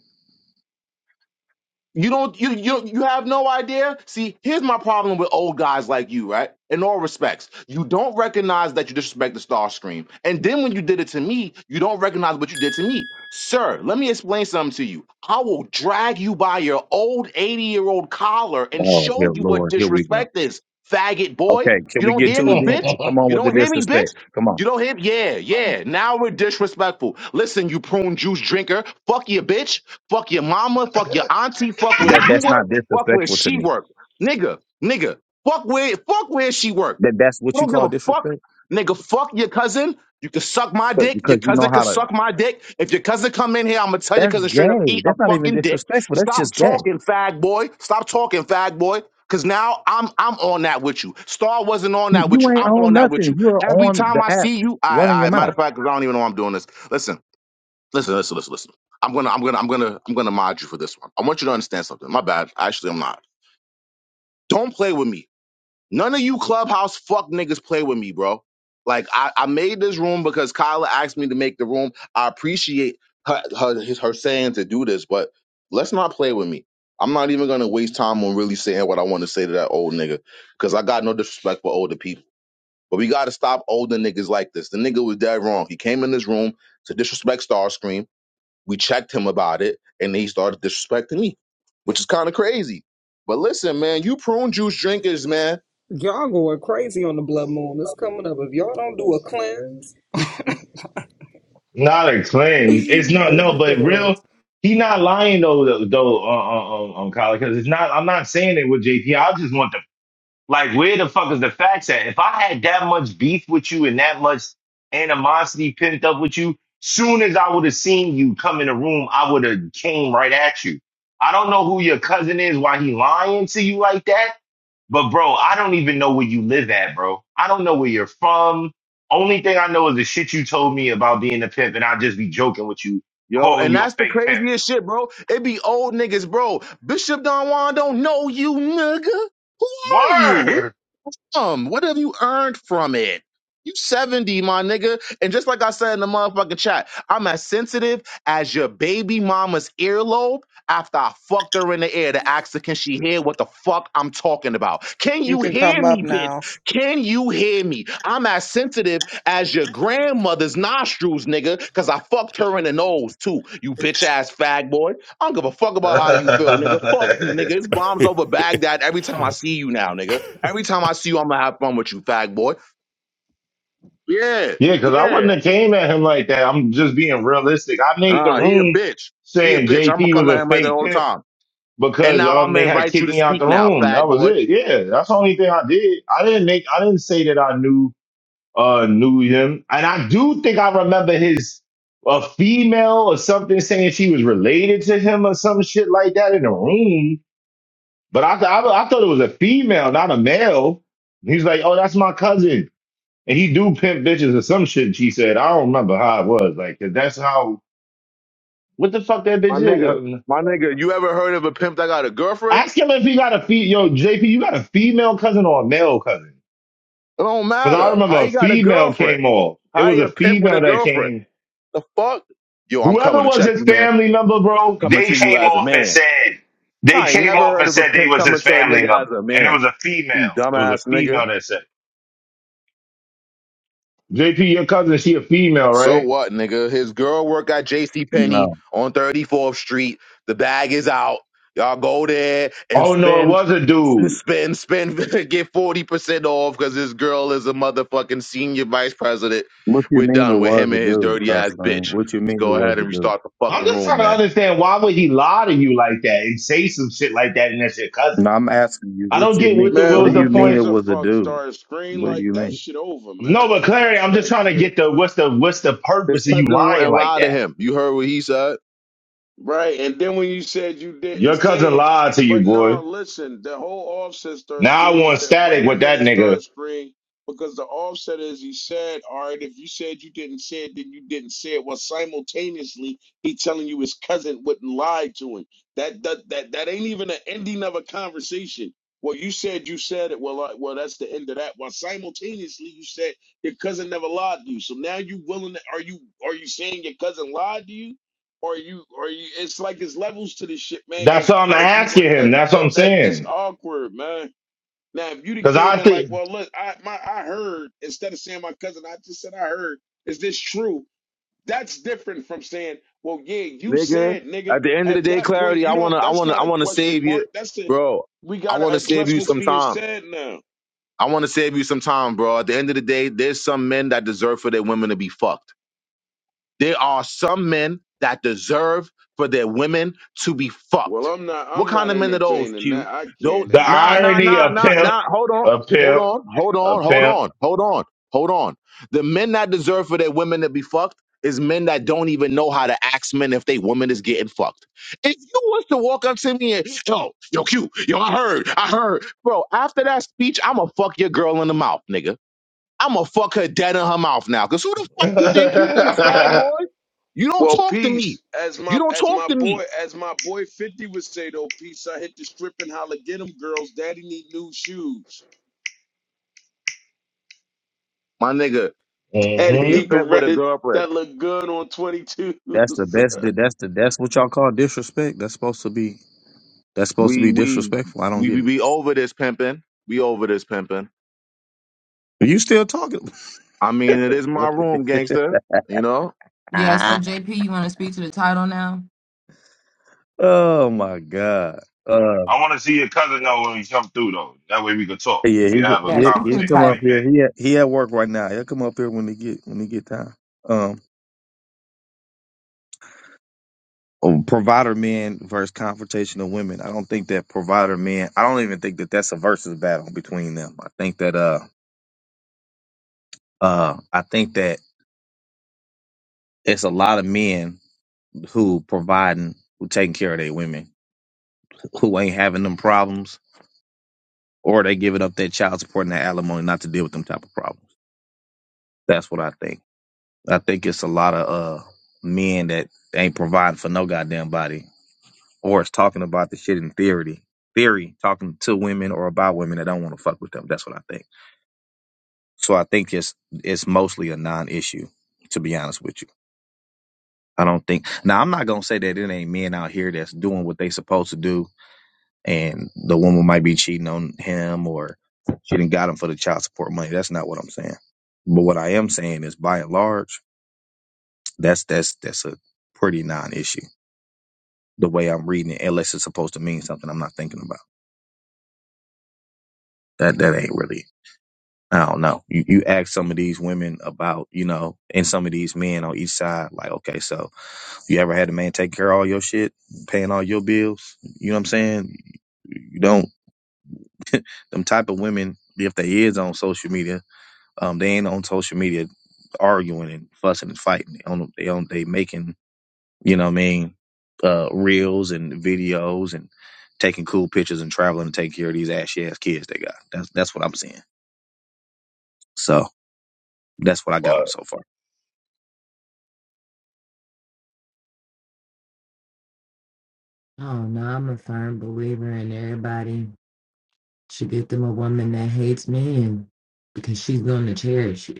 Speaker 2: You don't you you you have no idea? See, here's my problem with old guys like you, right? In all respects. You don't recognize that you disrespect the star stream. And then when you did it to me, you don't recognize what you did to me. Sir, let me explain something to you. I will drag you by your old 80-year-old collar and
Speaker 28: Oh, here,
Speaker 2: show you what
Speaker 28: Lord, here we go.
Speaker 2: disrespect is, faggot boy.
Speaker 28: Okay, can
Speaker 2: You
Speaker 28: we
Speaker 2: don't
Speaker 28: get
Speaker 2: hear
Speaker 28: to it
Speaker 2: me,
Speaker 28: then?
Speaker 2: bitch?
Speaker 28: Come on
Speaker 2: You
Speaker 28: with the
Speaker 2: don't hear me, bitch?
Speaker 28: disrespect. Come on.
Speaker 2: You don't hit? Yeah, yeah. Now we're disrespectful. Listen, you prune juice drinker. Fuck your bitch. Fuck your mama. Fuck your auntie. Fuck where
Speaker 28: That
Speaker 2: you
Speaker 28: that's not
Speaker 2: work. Fuck where
Speaker 28: disrespectful to
Speaker 2: she
Speaker 28: me.
Speaker 2: work. Nigga, nigga. Fuck where fuck where she work.
Speaker 28: That that's
Speaker 2: I
Speaker 28: what you
Speaker 2: don't give
Speaker 28: call
Speaker 2: a fuck.
Speaker 28: disrespect,
Speaker 2: Nigga, fuck your cousin. You can suck my
Speaker 28: but
Speaker 2: dick. Your
Speaker 28: because you know
Speaker 2: cousin can
Speaker 28: how to.
Speaker 2: suck my dick. If your cousin come in here, I'm gonna tell your
Speaker 28: That's
Speaker 2: cousin straight up,
Speaker 28: gay.
Speaker 2: eat a
Speaker 28: That's not even
Speaker 2: fucking dick.
Speaker 28: disrespectful. That's
Speaker 2: Stop
Speaker 28: just gay.
Speaker 2: talking, fag boy. Stop talking, fag boy. Cause now I'm I'm on that with you. Star wasn't on
Speaker 28: You
Speaker 2: that with
Speaker 28: you
Speaker 2: you.
Speaker 28: ain't
Speaker 2: I'm
Speaker 28: on
Speaker 2: on that with
Speaker 28: nothing.
Speaker 2: you.
Speaker 28: You're
Speaker 2: Every
Speaker 28: on
Speaker 2: time
Speaker 28: the
Speaker 2: I
Speaker 28: app,
Speaker 2: see you,
Speaker 28: running
Speaker 2: I
Speaker 28: your
Speaker 2: I matter of
Speaker 28: mouth.
Speaker 2: fact, because I don't even know I'm doing this. Listen, listen, listen, listen, listen. I'm gonna I'm gonna I'm gonna I'm gonna mod you for this one. I want you to understand something. My bad. Actually, I'm not. Don't play with me None of you clubhouse fuck niggas play with me, bro. Like I, I made this room because Kyla asked me to make the room. I appreciate her her, his, her saying to do this, but let's not play with me. I'm not even gonna waste time on really saying what I want to say to that old nigga because I got no disrespect for older people. But we gotta stop older niggas like this. The nigga was dead wrong. He came in this room to disrespect Starscream. We checked him about it, and then he started disrespecting me, which is kind of crazy. But listen, man, you prune juice drinkers, man.
Speaker 1: Y'all going crazy on the blood moon. It's coming up. If y'all don't do a cleanse,
Speaker 24: Not a cleanse. It's not no,
Speaker 25: Listen to
Speaker 24: but
Speaker 25: this.
Speaker 24: real. He not lying though, though, though uh, uh, uh, on Colin, because it's not. I'm not saying it with JP. I just want the like, where the fuck is the facts at? If I had that much beef with you and that much animosity pent up with you, soon as I would have seen you come in the room, I would have came right at you. I don't know who your cousin is, why he lying to you like that. But bro, I don't even know where you live at, bro. I don't know where you're from. Only thing I know is the shit you told me about being a pimp, and I'll just be joking with you,
Speaker 2: Yo,
Speaker 24: calling
Speaker 2: and
Speaker 24: you a
Speaker 2: that's the
Speaker 24: fake pimp.
Speaker 2: craziest shit, bro. It be old niggas, bro. Bishop Don Juan don't know you, nigga. Who are you?
Speaker 24: Word.
Speaker 2: Um, What have you earned from it? You 70, my nigga. And just like I said in the motherfucking chat, I'm as sensitive as your baby mama's earlobe after I fucked her in the ear to ask her, can she hear what the fuck I'm talking about? Can
Speaker 1: you
Speaker 2: you
Speaker 1: can
Speaker 2: hear
Speaker 1: come up
Speaker 2: me, bitch?
Speaker 1: now.
Speaker 2: Can you hear me? I'm as sensitive as your grandmother's nostrils, nigga, because I fucked her in the nose too, you bitch ass fag boy. I don't give a fuck about how you feel, nigga. Fuck you, nigga. It's bombs over Baghdad every time I see you now, nigga. Every time I see you, I'm gonna have fun with you, fag boy. Yeah,
Speaker 24: Yeah, because I
Speaker 2: yeah.
Speaker 24: wouldn't have came at him like that. I'm just being realistic. I made the
Speaker 2: Uh, he a
Speaker 24: room
Speaker 2: bitch. He a
Speaker 24: saying
Speaker 2: bitch. I'm gonna
Speaker 24: JP was
Speaker 2: come at
Speaker 24: a
Speaker 2: him like that
Speaker 24: fake
Speaker 2: all the
Speaker 24: pimp
Speaker 2: time. And
Speaker 24: because
Speaker 2: now
Speaker 24: um
Speaker 2: I'm
Speaker 24: they
Speaker 2: gonna
Speaker 24: had
Speaker 2: invite you
Speaker 24: kicked
Speaker 2: to
Speaker 24: me out
Speaker 2: speak
Speaker 24: the
Speaker 2: now,
Speaker 24: room. That
Speaker 2: fag
Speaker 24: was
Speaker 2: boy.
Speaker 24: it. Yeah, that's the only thing I did. I didn't make. I didn't say that I knew uh knew him, and I do think I remember his a female or something saying she was related to him or some shit like that in the room. But I I, I thought it was a female, not a male. He's like, oh, that's my cousin. And he do pimp bitches or some shit. She said, I don't remember how it was. Like, 'cause that's how. What the fuck that
Speaker 2: My
Speaker 24: bitch is?
Speaker 2: nigga,
Speaker 24: Um,
Speaker 2: my nigga, you ever heard of a pimp that got a girlfriend?
Speaker 24: ask him if he got a fe. Yo, JP, you got a female cousin or a male cousin?
Speaker 2: It don't
Speaker 24: Because I
Speaker 2: matter.
Speaker 24: remember
Speaker 2: How
Speaker 24: a
Speaker 2: he got a
Speaker 24: female
Speaker 2: girlfriend?
Speaker 24: came off. It
Speaker 2: How
Speaker 24: was
Speaker 2: he
Speaker 24: a
Speaker 2: a pimp with
Speaker 24: female
Speaker 2: a
Speaker 24: that
Speaker 2: girlfriend?
Speaker 24: came.
Speaker 2: The fuck? Yo, I'm
Speaker 24: Whoever
Speaker 2: coming to
Speaker 24: was
Speaker 2: check
Speaker 24: his
Speaker 2: you, man.
Speaker 24: family member, bro,
Speaker 2: Coming
Speaker 24: they
Speaker 2: to you
Speaker 24: came
Speaker 2: as a
Speaker 24: off and
Speaker 2: man.
Speaker 24: said they
Speaker 2: I ain't
Speaker 24: came
Speaker 2: never
Speaker 24: off
Speaker 2: heard
Speaker 24: and
Speaker 2: of a
Speaker 24: said they
Speaker 2: pimp
Speaker 24: was his
Speaker 2: coming to a
Speaker 24: family
Speaker 2: nigga
Speaker 24: member,
Speaker 2: as a
Speaker 24: and it
Speaker 2: man.
Speaker 24: was a female.
Speaker 2: You
Speaker 24: It was a
Speaker 2: dumbass nigga.
Speaker 24: female that said, it. "JP, your cousin, she a female,
Speaker 2: So
Speaker 24: right?"
Speaker 2: what, nigga? His girl work at J.C. Penney
Speaker 28: No.
Speaker 2: on 34th Street. The bag is out. Y'all go there and
Speaker 24: Oh no, it
Speaker 2: spend,
Speaker 24: was a dude.
Speaker 2: spend, spend, get 40% off because his girl is a motherfucking senior vice president.
Speaker 28: What you
Speaker 2: We're
Speaker 28: mean it
Speaker 2: done with
Speaker 28: was
Speaker 2: him
Speaker 28: a
Speaker 2: and his
Speaker 28: dude,
Speaker 2: dirty
Speaker 28: sir,
Speaker 2: ass bitch.
Speaker 28: friend? What you
Speaker 2: Let's
Speaker 28: mean it
Speaker 2: go
Speaker 28: was
Speaker 2: ahead
Speaker 28: a
Speaker 2: and
Speaker 28: dude?
Speaker 2: restart the
Speaker 24: I'm
Speaker 2: fucking
Speaker 24: just trying
Speaker 2: room,
Speaker 24: to
Speaker 2: man.
Speaker 24: understand why would he lie to you like that and say some shit like that and that's your
Speaker 28: No,
Speaker 24: cousin.
Speaker 28: I'm asking you.
Speaker 24: I
Speaker 28: What
Speaker 24: don't
Speaker 28: you
Speaker 24: get what
Speaker 28: mean?
Speaker 24: the
Speaker 4: Man,
Speaker 24: what
Speaker 28: What do
Speaker 24: was the
Speaker 28: you
Speaker 4: who
Speaker 28: mean
Speaker 4: gives
Speaker 28: it
Speaker 24: point.
Speaker 4: a
Speaker 28: was a
Speaker 4: fuck
Speaker 28: dude?
Speaker 4: star screen?
Speaker 28: What do
Speaker 4: Like
Speaker 28: you
Speaker 4: that
Speaker 28: mean?
Speaker 4: shit over,
Speaker 24: No,
Speaker 4: man.
Speaker 24: but Clary,
Speaker 4: Stop
Speaker 24: I'm just
Speaker 4: that
Speaker 24: trying to
Speaker 4: shit.
Speaker 24: get the what's the what's the
Speaker 2: His
Speaker 24: purpose of you
Speaker 2: cousin
Speaker 24: lying
Speaker 2: wouldn't
Speaker 24: like
Speaker 2: lie to
Speaker 24: that?
Speaker 2: him. You heard what he said,
Speaker 4: Right. And then when you said you didn't
Speaker 24: Your
Speaker 4: say
Speaker 24: cousin
Speaker 4: it,
Speaker 24: lied to you,
Speaker 4: but no,
Speaker 24: boy.
Speaker 4: listen, the whole offset start
Speaker 24: Now I
Speaker 4: screen is
Speaker 24: want
Speaker 4: that
Speaker 24: static
Speaker 4: wait a
Speaker 24: with that
Speaker 4: minute, start
Speaker 24: nigga.
Speaker 4: screen, because the offset is he said, all right, if you said you didn't say it, then you didn't say it. Well, simultaneously, he telling you his cousin wouldn't lie to him. That that that, that ain't even an ending of a conversation. Well, you said you said it. Well, I, well, that's the end of that. Well, simultaneously, you said your cousin never lied to you. So now you willing? To, are you are you saying your cousin lied to you? or you or you it's like it's levels to this shit, man,
Speaker 24: That's
Speaker 4: because
Speaker 24: what I'm
Speaker 4: if you
Speaker 24: asking
Speaker 4: want that
Speaker 24: him. That's what
Speaker 4: that
Speaker 24: I'm
Speaker 4: that that's
Speaker 24: saying.
Speaker 4: awkward, man. Now if you'd have
Speaker 24: Cause
Speaker 4: came
Speaker 24: I
Speaker 4: in like,
Speaker 24: think
Speaker 4: well look, I my I heard instead of saying my cousin, I just said I heard, is this true? That's different from saying, Well, yeah, you
Speaker 2: nigga.
Speaker 4: said nigga.
Speaker 2: At the end of the
Speaker 4: At
Speaker 2: day,
Speaker 4: that
Speaker 2: clarity.
Speaker 4: point, you
Speaker 2: I wanna,
Speaker 4: don't
Speaker 2: I
Speaker 4: that's
Speaker 2: wanna, I
Speaker 4: not a
Speaker 2: wanna
Speaker 4: question
Speaker 2: save you,
Speaker 4: mark. That's a
Speaker 2: bro.
Speaker 4: we
Speaker 2: I
Speaker 4: gotta
Speaker 2: wanna save
Speaker 4: address
Speaker 2: you
Speaker 4: what's
Speaker 2: some
Speaker 4: being
Speaker 2: time.
Speaker 4: said now.
Speaker 2: I want to save you some time, bro. At the end of the day, there's some men that deserve for their women to be fucked. There are some men that deserve for their women to be
Speaker 4: Well,
Speaker 2: fucked.
Speaker 4: I'm not
Speaker 2: What
Speaker 4: I'm
Speaker 2: kind
Speaker 4: not
Speaker 2: of men are those,
Speaker 4: entertaining that.
Speaker 2: Q?
Speaker 4: I
Speaker 2: Don't
Speaker 4: can't
Speaker 24: the
Speaker 2: nah
Speaker 4: entertain
Speaker 2: nah
Speaker 4: that.
Speaker 24: irony
Speaker 2: nah
Speaker 24: of
Speaker 2: nah
Speaker 24: pimp,
Speaker 2: nah hold on.
Speaker 24: a
Speaker 2: Hold
Speaker 24: pimp,
Speaker 2: on, hold
Speaker 24: a
Speaker 2: on, hold
Speaker 24: pimp.
Speaker 2: on, hold on, hold on. The men that deserve for their women to be fucked is men that don't even know how to ask men if they woman is getting fucked. If you was to walk up to me and yo, yo, Q, yo, I heard, I heard. Bro, after that speech, I'ma fuck your girl in the mouth, nigga. I'm gonna fuck her dead in her mouth now. Cause who the fuck you think you is, fag boy? You don't
Speaker 4: Well,
Speaker 2: talk to me.
Speaker 4: peace. As
Speaker 2: You
Speaker 4: my
Speaker 2: don't
Speaker 4: as
Speaker 2: talk
Speaker 4: my
Speaker 2: to me,
Speaker 4: boy as my boy Fifty would say though, peace. I hit the strip and holla, get 'em, girls. Daddy need new shoes.
Speaker 2: my nigga.
Speaker 4: Daddy
Speaker 24: Hmm.
Speaker 2: He a
Speaker 4: need
Speaker 2: pimp with a
Speaker 4: Beretta
Speaker 2: girlfriend.
Speaker 4: that look good on twenty twos.
Speaker 28: That's the best. That's the that's what y'all call disrespect. That's supposed to be That's supposed to
Speaker 2: We
Speaker 28: be
Speaker 2: we
Speaker 28: disrespectful. I don't
Speaker 2: we
Speaker 28: get
Speaker 2: we,
Speaker 28: it.
Speaker 2: we over this pimping. We over this pimping.
Speaker 28: Are you still talking?
Speaker 2: I mean, it is my
Speaker 28: What the
Speaker 2: room,
Speaker 28: heck?
Speaker 2: gangster. You know,
Speaker 25: Yeah, so
Speaker 28: Ah.
Speaker 25: JP, you wanna speak to the title now?
Speaker 28: oh my god. Uh,
Speaker 24: I want to see your cousin though when we come through though. That way we could talk.
Speaker 28: yeah,
Speaker 24: We
Speaker 28: he
Speaker 24: have a
Speaker 25: Yeah,
Speaker 28: he
Speaker 25: speak to
Speaker 28: he
Speaker 25: the
Speaker 28: come
Speaker 24: conversation
Speaker 28: up
Speaker 25: title.
Speaker 24: like men.
Speaker 28: here. He at, he at work right now. He'll come up here when he get when he get time. Um, oh, provider men versus confrontational women. I don't think that provider men. I don't even think that that's a versus battle between them. I think that uh uh I think that it's a lot of men who providing who taking care of their women who ain't having them problems or they giving up their child support and their alimony not to deal with them type of problems. That's what I think. I think it's a lot of uh men that ain't providing for no goddamn body, or it's talking about the shit in theory, theory talking to women or about women that don't want to fuck with them. That's what I think. So I think it's it's mostly a non-issue, to be honest with you. I don't think. Now I'm not gonna say that it ain't men out here that's doing what they supposed to do and the woman might be cheating on him or she didn't got him for the child support money. That's not what I'm saying. But what I am saying is by and large, that's that's that's a pretty non issue. The way I'm reading it, unless it's supposed to mean something I'm not thinking about. That that ain't really I don't know. You you ask some of these women about, you know, and some of these men on each side, like, okay, so you ever had a man take care of all your shit, paying all your bills? You know what I'm saying? You don't them type of women, if they is on social media, Um, they ain't on social media arguing and fussing and fighting. They on they on they making you know what I mean uh, reels and videos and taking cool pictures and traveling to take care of these ashy ass kids they got. That's that's what I'm seeing. So that's what I got on
Speaker 24: But
Speaker 28: so far.
Speaker 25: Oh no, I'm a firm believer in everybody should get them a woman that hates men because she's gonna cherish you.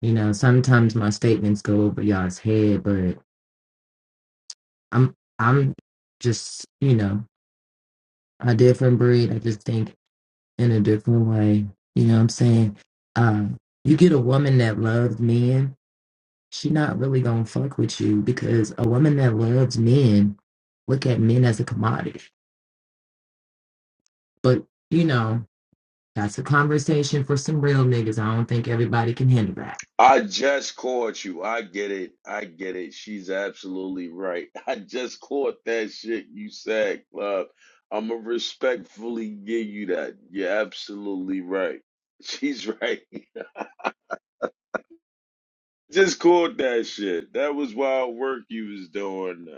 Speaker 25: You know, sometimes my statements go over y'all's head, but I'm I'm just, you know, a different breed. I just think in a different way. You know what I'm saying? Uh, you get a woman that loves men, she not really gonna fuck with you because a woman that loves men look at men as a commodity. But, you know, that's a conversation for some real niggas. I don't think everybody can handle that.
Speaker 4: I just caught you. I get it. I get it. She's absolutely right. I just caught that shit you said, club. I'ma respectfully give you that. You're absolutely right. She's right. Just caught that shit. That was wild work you was doing.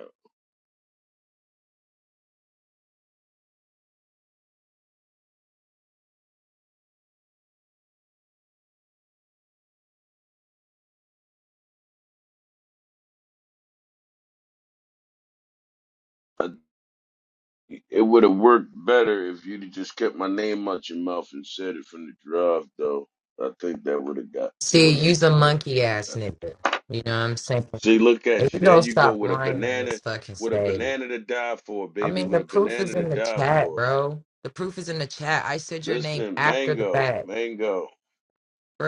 Speaker 4: I, it would have worked better if you'd have just kept my name out your mouth and said it from the drive, though. I think that would have got
Speaker 25: See,
Speaker 4: would have
Speaker 25: you's a
Speaker 4: worked
Speaker 25: monkey
Speaker 4: went
Speaker 25: ass
Speaker 4: better.
Speaker 25: nigga. You know what I'm saying?
Speaker 4: See, look
Speaker 25: If
Speaker 4: at
Speaker 25: you
Speaker 4: you. There
Speaker 25: don't
Speaker 4: you go
Speaker 25: stop
Speaker 4: with a
Speaker 25: lying on this
Speaker 4: banana,
Speaker 25: fucking
Speaker 4: with a
Speaker 25: stage.
Speaker 4: banana to die for,
Speaker 25: I
Speaker 4: baby.
Speaker 25: mean,
Speaker 4: With
Speaker 25: the
Speaker 4: a
Speaker 25: proof is
Speaker 4: banana to
Speaker 25: in the
Speaker 4: die
Speaker 25: chat,
Speaker 4: for.
Speaker 25: bro. The proof is in the chat. I said your name
Speaker 4: Listen,
Speaker 25: after the
Speaker 4: mango,
Speaker 25: fact.
Speaker 4: mango.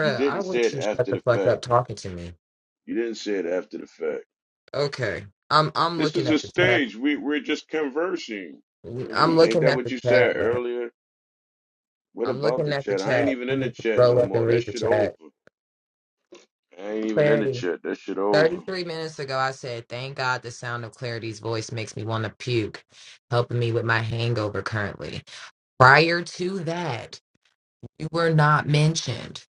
Speaker 4: You
Speaker 25: I
Speaker 4: didn't say
Speaker 25: wish
Speaker 4: it
Speaker 25: you shut
Speaker 4: after
Speaker 25: the
Speaker 4: the
Speaker 25: fuck
Speaker 4: fact.
Speaker 25: up talking to me.
Speaker 4: You didn't say it after the fact.
Speaker 25: Okay. I'm I'm
Speaker 4: This
Speaker 25: looking
Speaker 4: is
Speaker 25: at
Speaker 4: a
Speaker 25: the chat.
Speaker 4: stage. We we're just conversing. What are
Speaker 25: I'm
Speaker 4: we? Ain't
Speaker 25: looking
Speaker 4: that
Speaker 25: at
Speaker 4: what
Speaker 25: the
Speaker 4: you
Speaker 25: chat,
Speaker 4: said
Speaker 25: bro.
Speaker 4: earlier? What
Speaker 25: I'm
Speaker 4: about
Speaker 25: looking
Speaker 4: the
Speaker 25: at the
Speaker 4: chat? I ain't
Speaker 25: chat.
Speaker 4: even
Speaker 25: You
Speaker 4: in the
Speaker 25: just
Speaker 4: chat
Speaker 25: scroll
Speaker 4: no
Speaker 25: up and
Speaker 4: more. That
Speaker 25: read the
Speaker 4: shit
Speaker 25: chat.
Speaker 4: over. I ain't even in the
Speaker 25: Clarity.
Speaker 4: chat. That shit over.
Speaker 25: 33 minutes ago, I said, thank God the sound of Clarity's voice makes me want to puke, helping me with my hangover currently. Prior to that, You were not mentioned.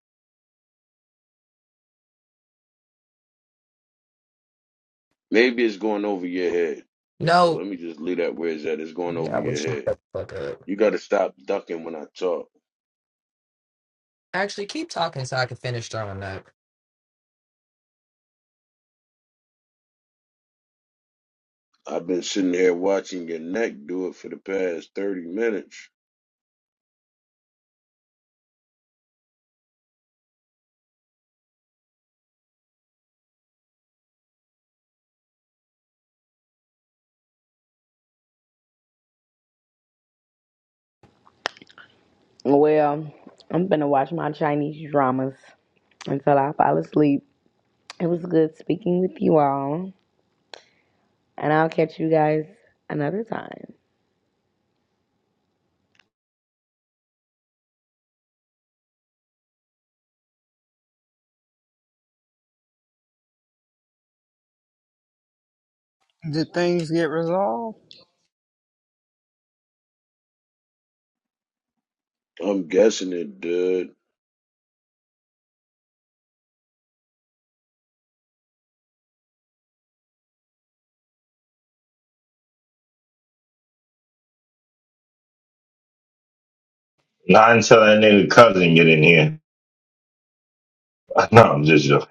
Speaker 4: Maybe it's going over your head. So
Speaker 25: No.
Speaker 4: let me just leave that where it's at. It's going over
Speaker 25: Yeah, I
Speaker 4: your
Speaker 25: wish you
Speaker 4: head.
Speaker 25: shut the fuck up.
Speaker 4: You got to stop ducking when I talk.
Speaker 25: Actually, keep talking so I can finish throwing up.
Speaker 4: I've been sitting here watching your neck do it for the past 30 minutes.
Speaker 6: Well, I'm gonna watch my Chinese dramas. until I fall asleep. It was good speaking with you all, and I'll catch you guys another time.
Speaker 1: Did things get resolved?
Speaker 4: I'm guessing it did.
Speaker 24: not until that nigga cousin get in here. no, I'm just joking.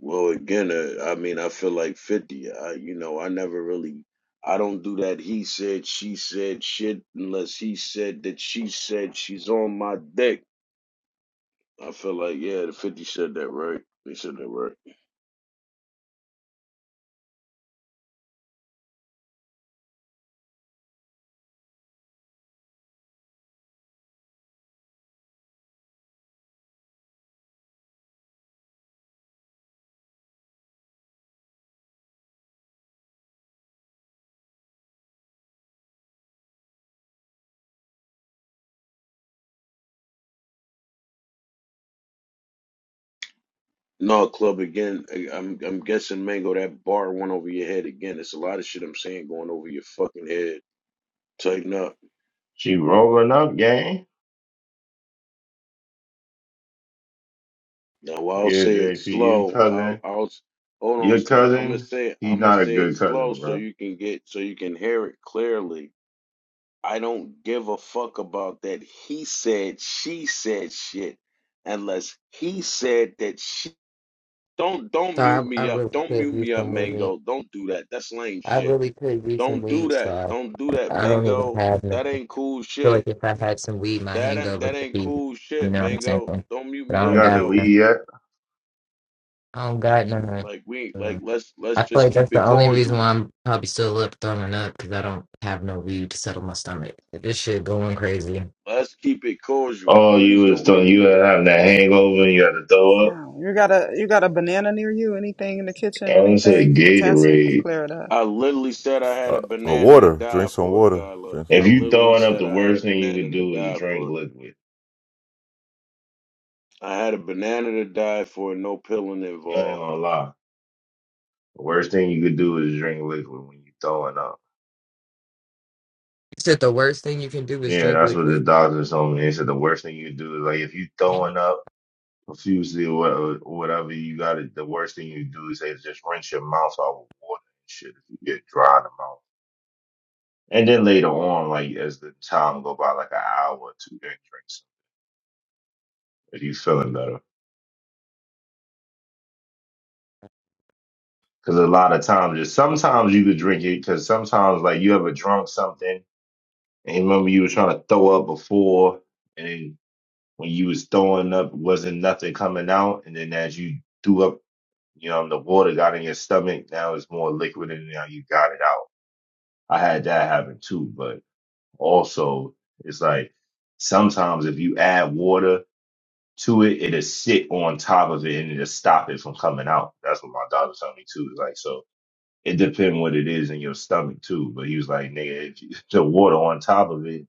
Speaker 4: Well, again, uh, I mean, I feel like 50. I, you know, I never really, I don't do that he said, she said shit unless he said that she said she's on my dick. I feel like, yeah, the 50 said that right. They said that right. No, club again. I- I'm I'm guessing Mango that bar went over your head again. It's a lot of shit I'm saying going over your fucking head. Tighten up.
Speaker 24: She rolling up, gang.
Speaker 4: Now I'll
Speaker 24: Yeah,
Speaker 4: say it
Speaker 24: JP, your
Speaker 4: slow. I'll
Speaker 24: cousin,
Speaker 4: I'll s- hold on,
Speaker 24: your
Speaker 4: story. I'm gonna
Speaker 24: cousin,
Speaker 4: say it,
Speaker 24: he's
Speaker 4: I'm gonna
Speaker 24: not a
Speaker 4: say it
Speaker 24: good
Speaker 4: slow
Speaker 24: cousin,
Speaker 4: so
Speaker 24: bro.
Speaker 4: you can get so you can hear it clearly. I don't give a fuck about that he said she said shit unless he said that she don't don't mute
Speaker 25: Sorry, I, I
Speaker 4: me up.
Speaker 25: really
Speaker 4: Don't
Speaker 25: could
Speaker 4: mute
Speaker 25: use
Speaker 4: me up,
Speaker 25: some weed.
Speaker 4: Mango. Don't do that. That's lame
Speaker 25: I
Speaker 4: shit.
Speaker 25: really could use some
Speaker 4: Don't do
Speaker 25: weed,
Speaker 4: that.
Speaker 25: so
Speaker 4: Don't do that,
Speaker 25: I don't even
Speaker 4: Mango.
Speaker 25: have none.
Speaker 4: That
Speaker 25: I
Speaker 4: ain't cool
Speaker 25: feel
Speaker 4: shit.
Speaker 25: like if I had some weed, my
Speaker 4: That ain't
Speaker 25: hangover
Speaker 4: that
Speaker 25: would
Speaker 4: ain't
Speaker 25: be,
Speaker 4: cool
Speaker 25: you
Speaker 4: shit,
Speaker 25: know what I'm saying?
Speaker 4: Mango. Don't mute
Speaker 25: But I
Speaker 4: me
Speaker 24: You
Speaker 25: don't
Speaker 4: up
Speaker 24: got
Speaker 25: got
Speaker 24: to
Speaker 4: though.
Speaker 25: none.
Speaker 24: leave yet?
Speaker 25: I don't got none.
Speaker 4: Like we like
Speaker 25: Uh,
Speaker 4: let's
Speaker 25: I
Speaker 4: let's
Speaker 25: feel
Speaker 4: just
Speaker 25: like that's
Speaker 4: keep
Speaker 25: the
Speaker 4: it
Speaker 25: only reason
Speaker 4: casual.
Speaker 25: why I'm probably still up throwing up because I don't have no weed to settle my stomach. This shit going crazy. You
Speaker 4: Let's keep it casual.
Speaker 24: Oh, you
Speaker 4: Please
Speaker 24: was
Speaker 4: don't
Speaker 24: th-
Speaker 4: mute
Speaker 24: you
Speaker 4: me.
Speaker 24: had having that hangover and you had to throw up.
Speaker 1: Yeah. You got a you got a banana near you? Anything in the kitchen?
Speaker 24: I would say
Speaker 1: Anything? Potassium will
Speaker 24: Gatorade.
Speaker 1: clear it up.
Speaker 4: I literally said I
Speaker 23: you.
Speaker 4: had a
Speaker 23: Uh, uh,
Speaker 4: banana to
Speaker 23: water.
Speaker 4: die
Speaker 23: Drink some
Speaker 4: for,
Speaker 23: water.
Speaker 4: Carla.
Speaker 23: Drink
Speaker 4: I
Speaker 24: If
Speaker 23: some.
Speaker 24: you
Speaker 4: literally
Speaker 24: throwing up,
Speaker 4: said
Speaker 24: the
Speaker 4: I had a
Speaker 24: worst thing you
Speaker 4: banana
Speaker 24: could
Speaker 4: to
Speaker 24: do is
Speaker 4: die
Speaker 24: drink
Speaker 4: for.
Speaker 24: liquid.
Speaker 4: I had a banana to die for, no pilling
Speaker 24: I
Speaker 4: involved.
Speaker 24: ain't gonna lie. The worst thing you could do is drink liquid when you throwing up.
Speaker 25: said the worst thing you can do is
Speaker 24: Yeah,
Speaker 25: drink
Speaker 24: that's what the
Speaker 25: liquid?
Speaker 24: doctors told me. They said the worst thing you do is like if you throwing up profusely or whatever, whatever you got to The worst thing you do is they just rinse your mouth out with water and shit if you get dry in the mouth. And then later on, like as the time go by, like an hour or two, then drink some if you feeling better. Because a lot of times, just sometimes you could drink it. Because sometimes, like you ever drunk something and you remember you were trying to throw up before, and then when you was throwing up, wasn't nothing coming out, and then as you threw up You know, the water got in your stomach. Now it's more liquid and now you got it out. I had that happen too, but also it's like sometimes if you add water to it, it'll sit on top of it and it'll stop it from coming out. That's what my doctor told me too. Like, so it depends what it is in your stomach too. But he was like, nigga, if you, the water on top of it,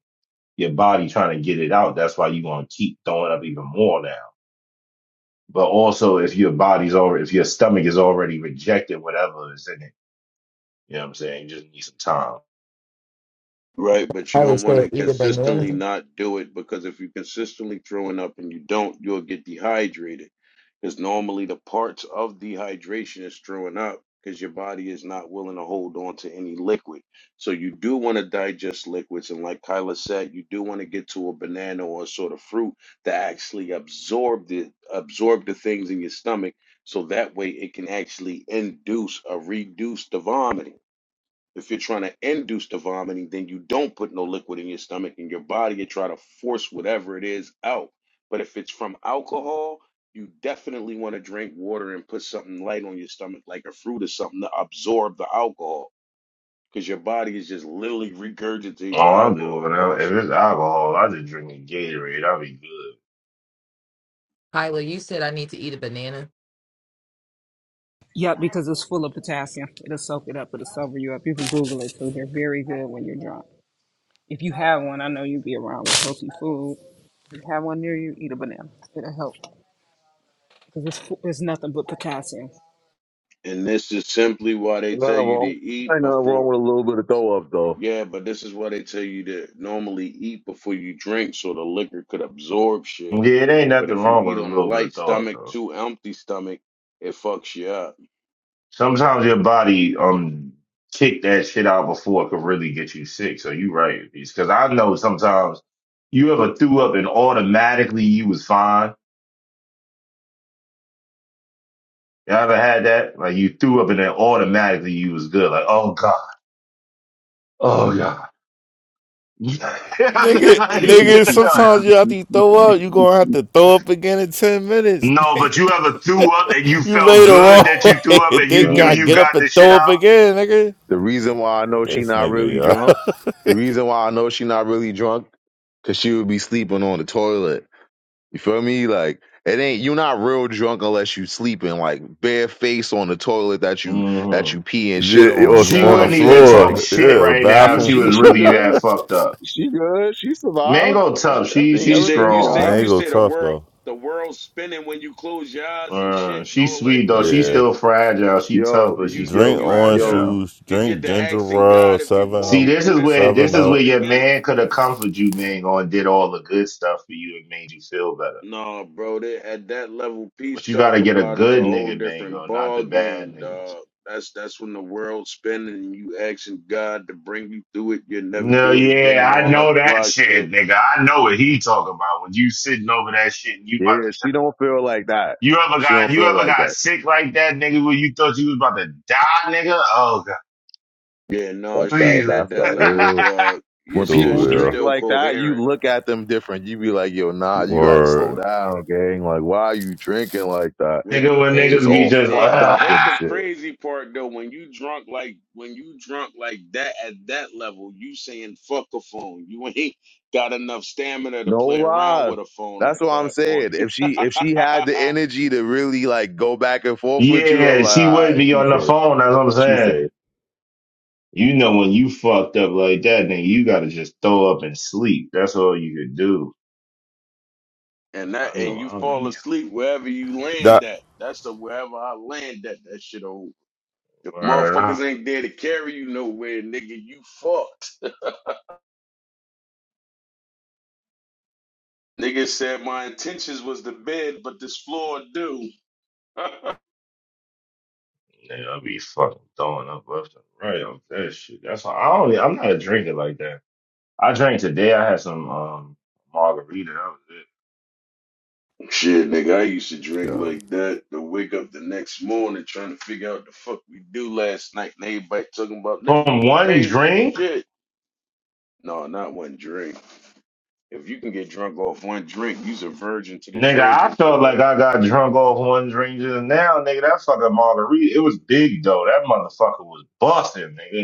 Speaker 24: your body trying to get it out. That's why you going to keep throwing up even more now but also if your body's already if your stomach is already rejected whatever is in it You know what I'm saying? You just need some time.
Speaker 4: Right, but you
Speaker 25: Tyler
Speaker 4: don't want
Speaker 25: said,
Speaker 4: to
Speaker 25: eat a
Speaker 4: consistently
Speaker 25: banana.
Speaker 4: not do it because if you're consistently throwing up and you don't, you'll get dehydrated. Because normally the parts of dehydration is throwing up because your body is not willing to hold on to any liquid. So you do want to digest liquids. And like Kyla said, you do want to get to a banana or a sort of fruit that actually absorb the absorb the things in your stomach so that way it can actually induce or reduce the vomiting. If you're trying to induce the vomiting, then you don't put no liquid in your stomach and your body you try to force whatever it is out. But if it's from alcohol, you definitely want to drink water and put something light on your stomach, like a fruit or something, to absorb the alcohol. Because your body is just literally regurgitating the
Speaker 24: All I do
Speaker 4: alcohol,
Speaker 24: when I, if
Speaker 4: boss.
Speaker 24: it's alcohol, I just drink a Gatorade. I'll be good.
Speaker 25: Tyler, you said I need to eat a banana.
Speaker 1: Yep, because it's full of potassium. It'll soak it up. It'll sober you up. You can Google it too. They're very good when you're drunk. If you have one, I know you would be around with healthy food. If you have one near you, eat a banana. It'll help because it's, fu- it's nothing but potassium.
Speaker 4: And this is simply why they
Speaker 2: Ain't nothing
Speaker 4: tell you to
Speaker 2: wrong.
Speaker 4: eat
Speaker 2: Ain't nothing wrong
Speaker 4: before.
Speaker 2: with a little bit of throw up though.
Speaker 4: Yeah, but this is why they tell you to normally eat before you drink so the liquor could absorb shit.
Speaker 24: Yeah, it ain't
Speaker 4: But
Speaker 24: nothing
Speaker 4: if you
Speaker 24: wrong with
Speaker 4: eat
Speaker 24: a
Speaker 4: on a
Speaker 24: little bit
Speaker 4: light
Speaker 24: of thought
Speaker 4: stomach,
Speaker 24: though.
Speaker 4: too empty stomach, it fucks you up.
Speaker 24: Sometimes your body um kick that shit out before it could really get you sick. So you right, because I know sometimes you ever threw up and automatically you was fine. You ever had that? Like you threw up and then automatically you was good. Like oh god, oh god.
Speaker 23: Nigga, nigga, sometimes you have to throw up. You gonna have to throw up again in ten minutes.
Speaker 24: No, but you ever threw up and you
Speaker 23: You lay
Speaker 24: felt
Speaker 23: the
Speaker 24: good that
Speaker 23: wrong
Speaker 24: you threw up
Speaker 23: way.
Speaker 24: and
Speaker 23: They
Speaker 24: you knew
Speaker 2: Nah.
Speaker 23: got
Speaker 24: you
Speaker 23: get up
Speaker 24: got
Speaker 23: and
Speaker 24: the shit
Speaker 23: throw up
Speaker 24: out?
Speaker 23: again, nigga.
Speaker 2: The reason why I know she
Speaker 23: This
Speaker 2: not
Speaker 23: nigga,
Speaker 2: really
Speaker 23: y'all.
Speaker 2: drunk. The reason why I know she not really drunk, cause she would be sleeping on the toilet. You feel me? Like it ain't you're not real drunk unless you sleeping, like bare face on the toilet that you that
Speaker 24: hmm
Speaker 2: you pee and shit
Speaker 23: Yeah, it
Speaker 2: on.
Speaker 23: was
Speaker 2: You know
Speaker 24: She
Speaker 2: what
Speaker 23: on the
Speaker 2: I'm
Speaker 24: wouldn't even
Speaker 2: saying?
Speaker 24: talk
Speaker 2: Like
Speaker 23: floor.
Speaker 24: shit
Speaker 23: Yeah,
Speaker 24: right now
Speaker 2: she
Speaker 24: if
Speaker 23: bathroom
Speaker 24: she
Speaker 2: she
Speaker 24: was
Speaker 23: floor.
Speaker 2: she
Speaker 24: really that
Speaker 2: good.
Speaker 24: fucked up.
Speaker 2: She good. She survived.
Speaker 24: Mango
Speaker 2: She-
Speaker 24: tough. She
Speaker 2: Everything
Speaker 4: You
Speaker 24: she's
Speaker 4: say
Speaker 2: everything
Speaker 4: you
Speaker 24: strong.
Speaker 4: say
Speaker 23: Man, it
Speaker 4: you
Speaker 2: fine.
Speaker 23: go
Speaker 4: say the
Speaker 23: tough
Speaker 4: world
Speaker 23: though.
Speaker 4: the world's spinning when you close your eyes and
Speaker 24: Uh,
Speaker 4: shit and
Speaker 24: she's
Speaker 4: all that
Speaker 24: sweet though.
Speaker 4: good
Speaker 24: She's
Speaker 23: Yeah,
Speaker 4: shit.
Speaker 24: still fragile. She tough,
Speaker 2: Yo,
Speaker 24: but she's
Speaker 4: You
Speaker 24: still
Speaker 23: drink
Speaker 2: yo,
Speaker 4: you
Speaker 23: orange
Speaker 2: yo,
Speaker 24: fragile.
Speaker 4: you
Speaker 23: juice.
Speaker 4: you
Speaker 23: Drink
Speaker 4: get to
Speaker 23: ginger
Speaker 4: asking
Speaker 23: ale.
Speaker 4: God if you
Speaker 23: Seven,
Speaker 4: pull
Speaker 24: See,
Speaker 4: me
Speaker 23: Up-
Speaker 24: this
Speaker 4: through
Speaker 24: is
Speaker 4: this, I
Speaker 24: where
Speaker 23: seven
Speaker 24: this
Speaker 4: won't
Speaker 24: is
Speaker 23: up.
Speaker 4: do
Speaker 24: where
Speaker 4: it
Speaker 24: your
Speaker 4: again.
Speaker 24: man could have comforted you, Mango, and did all the good stuff for you and made you feel better.
Speaker 4: No, bro, they, at that level, peace
Speaker 24: But you gotta
Speaker 4: talking
Speaker 24: get a
Speaker 4: about is a
Speaker 24: good
Speaker 4: whole
Speaker 24: nigga,
Speaker 4: different
Speaker 24: Mango, not
Speaker 4: ball
Speaker 24: the bad
Speaker 4: game,
Speaker 24: niggas.
Speaker 4: dog. That's that's when the world's spinning and you asking God to bring you through it. You'll never
Speaker 24: No,
Speaker 4: do it again and
Speaker 24: yeah, I
Speaker 4: all that
Speaker 24: know that
Speaker 4: fly shit.
Speaker 24: shit, nigga. I know what he talking about. When you sitting over that shit and you
Speaker 2: yeah,
Speaker 24: about to die.
Speaker 2: she don't feel like that.
Speaker 24: You ever
Speaker 2: She
Speaker 24: got
Speaker 2: don't
Speaker 24: you
Speaker 2: feel
Speaker 24: ever
Speaker 2: like
Speaker 24: got
Speaker 2: that.
Speaker 24: sick like that, nigga, when you thought you was about to die, nigga? Oh god,
Speaker 4: Yeah, no,
Speaker 2: That's
Speaker 4: she
Speaker 2: that
Speaker 24: please.
Speaker 4: ain't at
Speaker 2: that's
Speaker 4: that
Speaker 2: that
Speaker 4: level,
Speaker 2: real
Speaker 4: dog. You're
Speaker 2: when
Speaker 4: still,
Speaker 2: people
Speaker 4: she's
Speaker 23: Stupid.
Speaker 2: drink
Speaker 4: still
Speaker 2: like that, you
Speaker 4: coherent.
Speaker 2: look at them different. You be like, yo,
Speaker 23: Yeah.
Speaker 2: nah, you gotta slow
Speaker 23: Word.
Speaker 2: down, gang. Like, why are you drinking like that?
Speaker 4: When,
Speaker 24: nigga, when
Speaker 4: hey,
Speaker 2: just
Speaker 24: niggas be
Speaker 2: all
Speaker 4: hey,
Speaker 24: just
Speaker 4: hey,
Speaker 2: fucked
Speaker 4: her-
Speaker 24: uh,
Speaker 2: up
Speaker 4: here's
Speaker 2: and
Speaker 4: the
Speaker 2: shit.
Speaker 4: crazy part though. When you drunk like, when you drunk like that at that level, you saying fuck a phone. You ain't got enough stamina to
Speaker 2: No
Speaker 4: play around
Speaker 2: lies.
Speaker 4: with a phone
Speaker 2: That's
Speaker 4: at
Speaker 2: what I'm
Speaker 4: that
Speaker 2: saying.
Speaker 4: point.
Speaker 2: If she if she had the energy to really like go back and forth with you, I'm
Speaker 24: yeah,
Speaker 2: like,
Speaker 24: she
Speaker 2: all
Speaker 24: would
Speaker 2: right,
Speaker 24: be
Speaker 2: she
Speaker 24: on the
Speaker 2: safe.
Speaker 24: phone, that's what I'm
Speaker 2: She safe.
Speaker 24: saying. You know when you fucked up like that, nigga, you gotta just throw up and sleep. That's all you could do.
Speaker 4: and
Speaker 24: I
Speaker 4: that, and
Speaker 24: know
Speaker 4: you
Speaker 24: I'll
Speaker 4: fall
Speaker 24: be
Speaker 4: asleep wherever you land
Speaker 23: That.
Speaker 4: at. That's the wherever I land at. That shit over. If
Speaker 24: word out.
Speaker 4: motherfuckers ain't there to carry you nowhere, nigga, you fucked. Nigga said my intentions was the bed, but this floor do.
Speaker 24: Nigga, I'll be fucking throwing up left and right off that shit. That's why I don't e, I'm not a drinker like that. I drank today, I had some um margarita, that was it.
Speaker 4: Shit, nigga, I used to drink
Speaker 23: Yeah.
Speaker 4: like that to wake up the next morning trying to figure out the fuck we do last night, and everybody talking about nigga, you
Speaker 24: From one
Speaker 4: crazy as
Speaker 24: drink,
Speaker 4: shit. No, not one drink. If you can get drunk off one drink, you's a virgin to the
Speaker 24: nigga, I
Speaker 4: drinking
Speaker 24: felt like
Speaker 4: field.
Speaker 24: I got drunk off one drink just now, nigga. That fucking margarita, it was big though. That motherfucker was busting, nigga.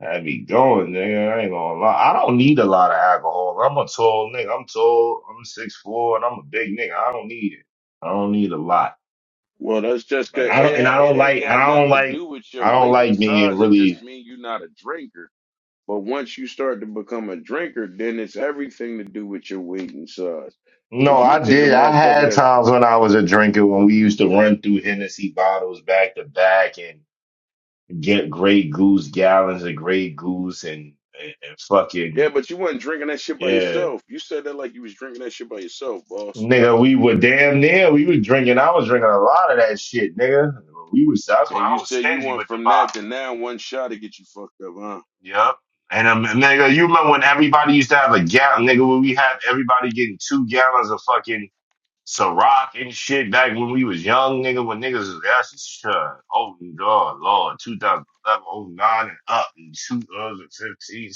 Speaker 24: I be going, nigga. I ain't gonna lie. I don't need a lot of alcohol. I'm a tall nigga. I'm tall. I'm six four, and I'm a big nigga. I don't need it. I don't need a lot.
Speaker 4: Well, that's just
Speaker 24: Like
Speaker 4: 'cause
Speaker 24: I don't, and I
Speaker 4: it, it
Speaker 24: don't
Speaker 4: ain't
Speaker 24: like, and
Speaker 4: got
Speaker 24: I don't
Speaker 4: nothing to
Speaker 24: like,
Speaker 4: do with your
Speaker 24: I don't
Speaker 4: weight and
Speaker 24: like being
Speaker 4: size. It
Speaker 24: really.
Speaker 4: just means you're not a drinker. But once you start to become a drinker, then it's everything to do with your weight and size.
Speaker 24: No,
Speaker 4: Cause you
Speaker 24: I
Speaker 4: take a
Speaker 24: did. I
Speaker 4: motherfucker
Speaker 24: had
Speaker 4: that's
Speaker 24: times when I was a drinker when we used to run through Hennessy bottles back to back and get Grey Goose gallons of Grey Goose and and, and
Speaker 4: yeah,
Speaker 24: fucking
Speaker 4: but you wasn't drinking that shit by
Speaker 24: yeah.
Speaker 4: yourself. You said that like you was drinking that shit by yourself, boss.
Speaker 24: Nigga, we were damn near. We were drinking. I was drinking a lot of that shit, nigga. We was. That's when
Speaker 4: And
Speaker 24: I
Speaker 4: you
Speaker 24: was
Speaker 4: said you
Speaker 24: stingy
Speaker 4: went
Speaker 24: with the
Speaker 4: from
Speaker 24: bottle.
Speaker 4: that to now one shot to get you fucked up, huh?
Speaker 24: Yep. And um, nigga, you remember when everybody used to have a gallon, nigga? When we had everybody getting two gallons of fucking Ciroc and shit back when we was young, nigga. When niggas was actually sure. Oh God, Lord, 2011, oh nine and up, and 2015,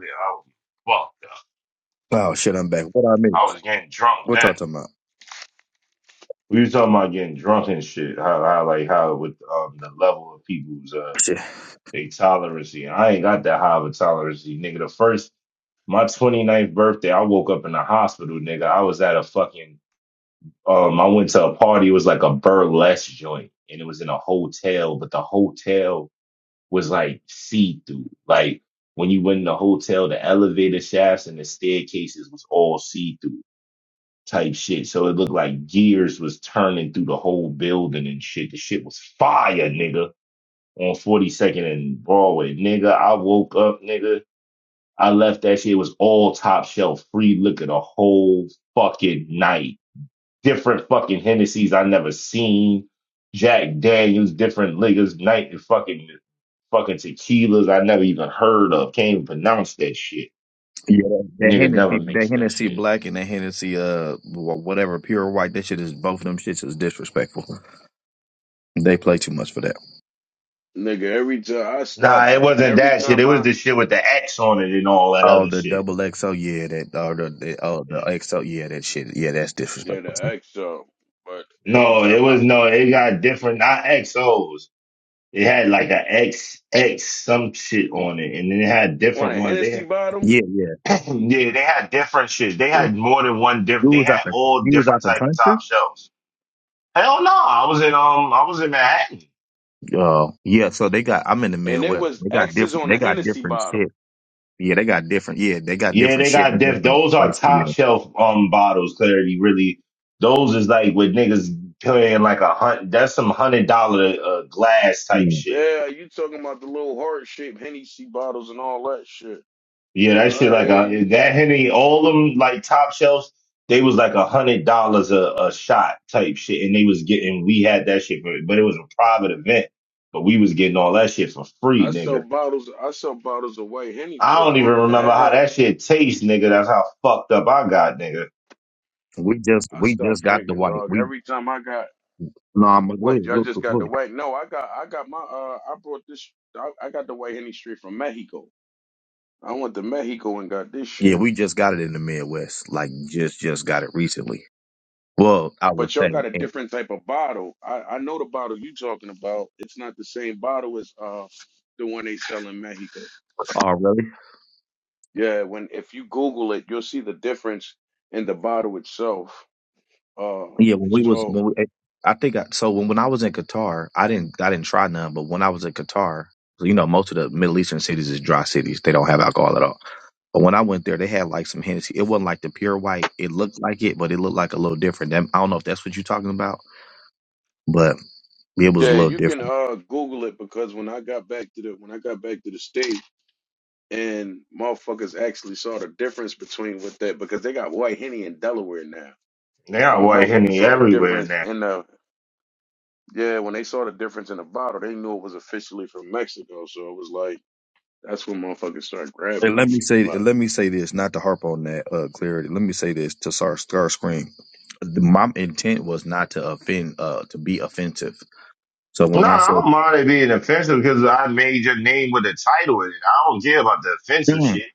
Speaker 24: I was fucked up.
Speaker 28: Oh shit, I'm back. What I
Speaker 24: I
Speaker 28: miss?
Speaker 24: was getting drunk
Speaker 28: What
Speaker 24: then.
Speaker 28: y'all talking about?
Speaker 24: We were talking about getting drunk and shit. How, how like how with um the level of people's uh
Speaker 28: Shit.
Speaker 24: they tolerancy. I ain't got that high of a tolerancy, nigga. The first my 29th birthday, I woke up in the hospital, nigga. I was at a fucking um I went to a party, it was like a burlesque joint, and it was in a hotel, but the hotel was like see-through. Like when you went in the hotel, the elevator shafts and the staircases was all see-through type shit. So it looked like gears was turning through the whole building and shit. The shit was fire, nigga. On 42nd and Broadway, nigga. I woke up, nigga. I left that shit. It was all top shelf, free liquor the whole fucking night. Different fucking Hennessy's I never seen. Jack Daniels, different liquors, night and fucking fucking tequilas I never even heard of. Can't even pronounce that shit.
Speaker 28: Yeah, that, that
Speaker 24: Nigga never
Speaker 28: Hennessy, that
Speaker 24: makes that
Speaker 28: Hennessy
Speaker 24: shit.
Speaker 28: Black and that Hennessy, uh, wh- whatever, pure white. That shit is both of them shits is disrespectful. They play too much for that.
Speaker 4: Nigga, every time I stop
Speaker 24: Nah, it
Speaker 4: drinking,
Speaker 24: wasn't
Speaker 4: every
Speaker 24: that shit. It
Speaker 4: time
Speaker 24: was
Speaker 4: I
Speaker 24: the shit with the X on it and all that
Speaker 28: Oh,
Speaker 24: other
Speaker 28: the
Speaker 24: shit.
Speaker 28: double XO, yeah, that oh the, the oh the XO, yeah, that shit, yeah, that's
Speaker 4: yeah the
Speaker 28: disrespectful. too.
Speaker 4: XO, but every
Speaker 24: No, it
Speaker 4: time
Speaker 24: was
Speaker 4: I
Speaker 24: no. It got different, not XOs. It had like a X X some shit on it, and then it had
Speaker 4: on
Speaker 24: different
Speaker 4: a
Speaker 24: ones. They
Speaker 4: Hennessy
Speaker 24: had
Speaker 4: bottle,
Speaker 28: Yeah, yeah,
Speaker 24: yeah, they had different shit. They
Speaker 28: yeah.
Speaker 24: had more than one different.
Speaker 28: You
Speaker 24: They
Speaker 28: was out
Speaker 24: had
Speaker 28: the
Speaker 24: all
Speaker 28: you was out
Speaker 24: different
Speaker 28: the
Speaker 24: type of
Speaker 28: country.
Speaker 24: top shelves. Hell no, I was in um, I was in Manhattan.
Speaker 28: Oh, yeah. So they got. I'm in the
Speaker 4: and it
Speaker 28: Midwest.
Speaker 4: was
Speaker 28: They got
Speaker 4: X's
Speaker 28: different.
Speaker 4: on
Speaker 28: They
Speaker 4: the
Speaker 28: got
Speaker 4: Hennessy
Speaker 28: different
Speaker 4: bottle.
Speaker 28: shit. Yeah, they got different. Yeah, they got
Speaker 24: Yeah,
Speaker 28: different
Speaker 24: they
Speaker 28: shit in
Speaker 24: got def.
Speaker 28: different
Speaker 24: Those are
Speaker 28: places.
Speaker 24: top
Speaker 28: Yeah,
Speaker 24: shelf um bottles. Clarity really. Those is like with niggas playing like a hunt. That's some hundred dollar uh, glass type
Speaker 28: yeah.
Speaker 24: shit.
Speaker 4: Yeah, you talking about the little heart shaped Hennessy bottles and all that shit.
Speaker 24: Yeah, that shit
Speaker 4: I
Speaker 24: like
Speaker 4: hear
Speaker 24: a
Speaker 4: you.
Speaker 24: that Henny. All them like top shelves. They was like a hundred dollars a a shot type shit, and they was getting. We had that shit, for, but it was a private event. But we was getting all that shit for free,
Speaker 4: I sell
Speaker 24: nigga.
Speaker 4: bottles. I sell bottles of white Henny
Speaker 24: I
Speaker 4: for a
Speaker 24: don't even
Speaker 4: buck and a
Speaker 24: remember how
Speaker 4: half.
Speaker 24: that shit tastes, nigga. That's how fucked up I got, nigga.
Speaker 28: We just
Speaker 4: I
Speaker 28: we
Speaker 4: start
Speaker 28: just got the
Speaker 4: drinking,
Speaker 28: white.
Speaker 4: dog.
Speaker 28: We
Speaker 4: Every time I got
Speaker 28: no,
Speaker 4: uh,
Speaker 28: I'm gonna go
Speaker 4: what?
Speaker 28: ahead.
Speaker 4: Y'all
Speaker 28: Go,
Speaker 4: just
Speaker 28: go, go
Speaker 4: got the
Speaker 28: ahead.
Speaker 4: white? No, I got I got my uh I brought this I, I got the white Henny straight from Mexico. I went to Mexico and got this
Speaker 28: Yeah,
Speaker 4: shit.
Speaker 28: we just got it in the Midwest. Like just just got it recently. Well, I would
Speaker 4: But y'all
Speaker 28: say.
Speaker 4: got a
Speaker 28: And,
Speaker 4: different type of bottle. I I know the bottle you talking about. It's not the same bottle as uh the one they sell in Mexico.
Speaker 28: Oh, really?
Speaker 4: Yeah, when if you Google it, you'll see the difference in the bottle itself. Uh,
Speaker 28: Yeah, when we was
Speaker 4: so
Speaker 28: when we, eh, I think I, so when when I was in Qatar, I didn't I didn't try none. But when I was in Qatar, you know, most of the Middle Eastern cities is dry cities; they don't have alcohol at all. But when I went there, they had like some Hennessy. It wasn't like the pure white. It looked like it, but it looked like a little different. That- I don't know if that's what you're talking about, but it was a
Speaker 4: yeah,
Speaker 28: little
Speaker 4: you can
Speaker 28: different.
Speaker 4: uh Google it because when I got back to the when I got back to the states. and motherfuckers actually saw the difference between what that because they got White Henny in Delaware now.
Speaker 24: They
Speaker 4: And
Speaker 24: got
Speaker 4: when
Speaker 24: white
Speaker 4: motherfuckers
Speaker 24: henny
Speaker 4: saw the
Speaker 24: everywhere
Speaker 4: difference
Speaker 24: now.
Speaker 4: in the yeah, when they saw the difference in the bottle, they knew it was officially from Mexico. So it was like that's when motherfuckers started grabbing
Speaker 28: And
Speaker 4: on
Speaker 28: let me
Speaker 4: me.
Speaker 28: say,
Speaker 4: But
Speaker 28: and let me say this, not to harp on that uh, clarity. Let me say this to Star Starscream. The, my intent was not to offend, uh, to be offensive. So when
Speaker 24: No,
Speaker 28: I
Speaker 24: I
Speaker 28: said,
Speaker 24: don't mind it being offensive because I made your name with a title in it. I don't care about the offensive
Speaker 28: "Mm,"
Speaker 24: shit.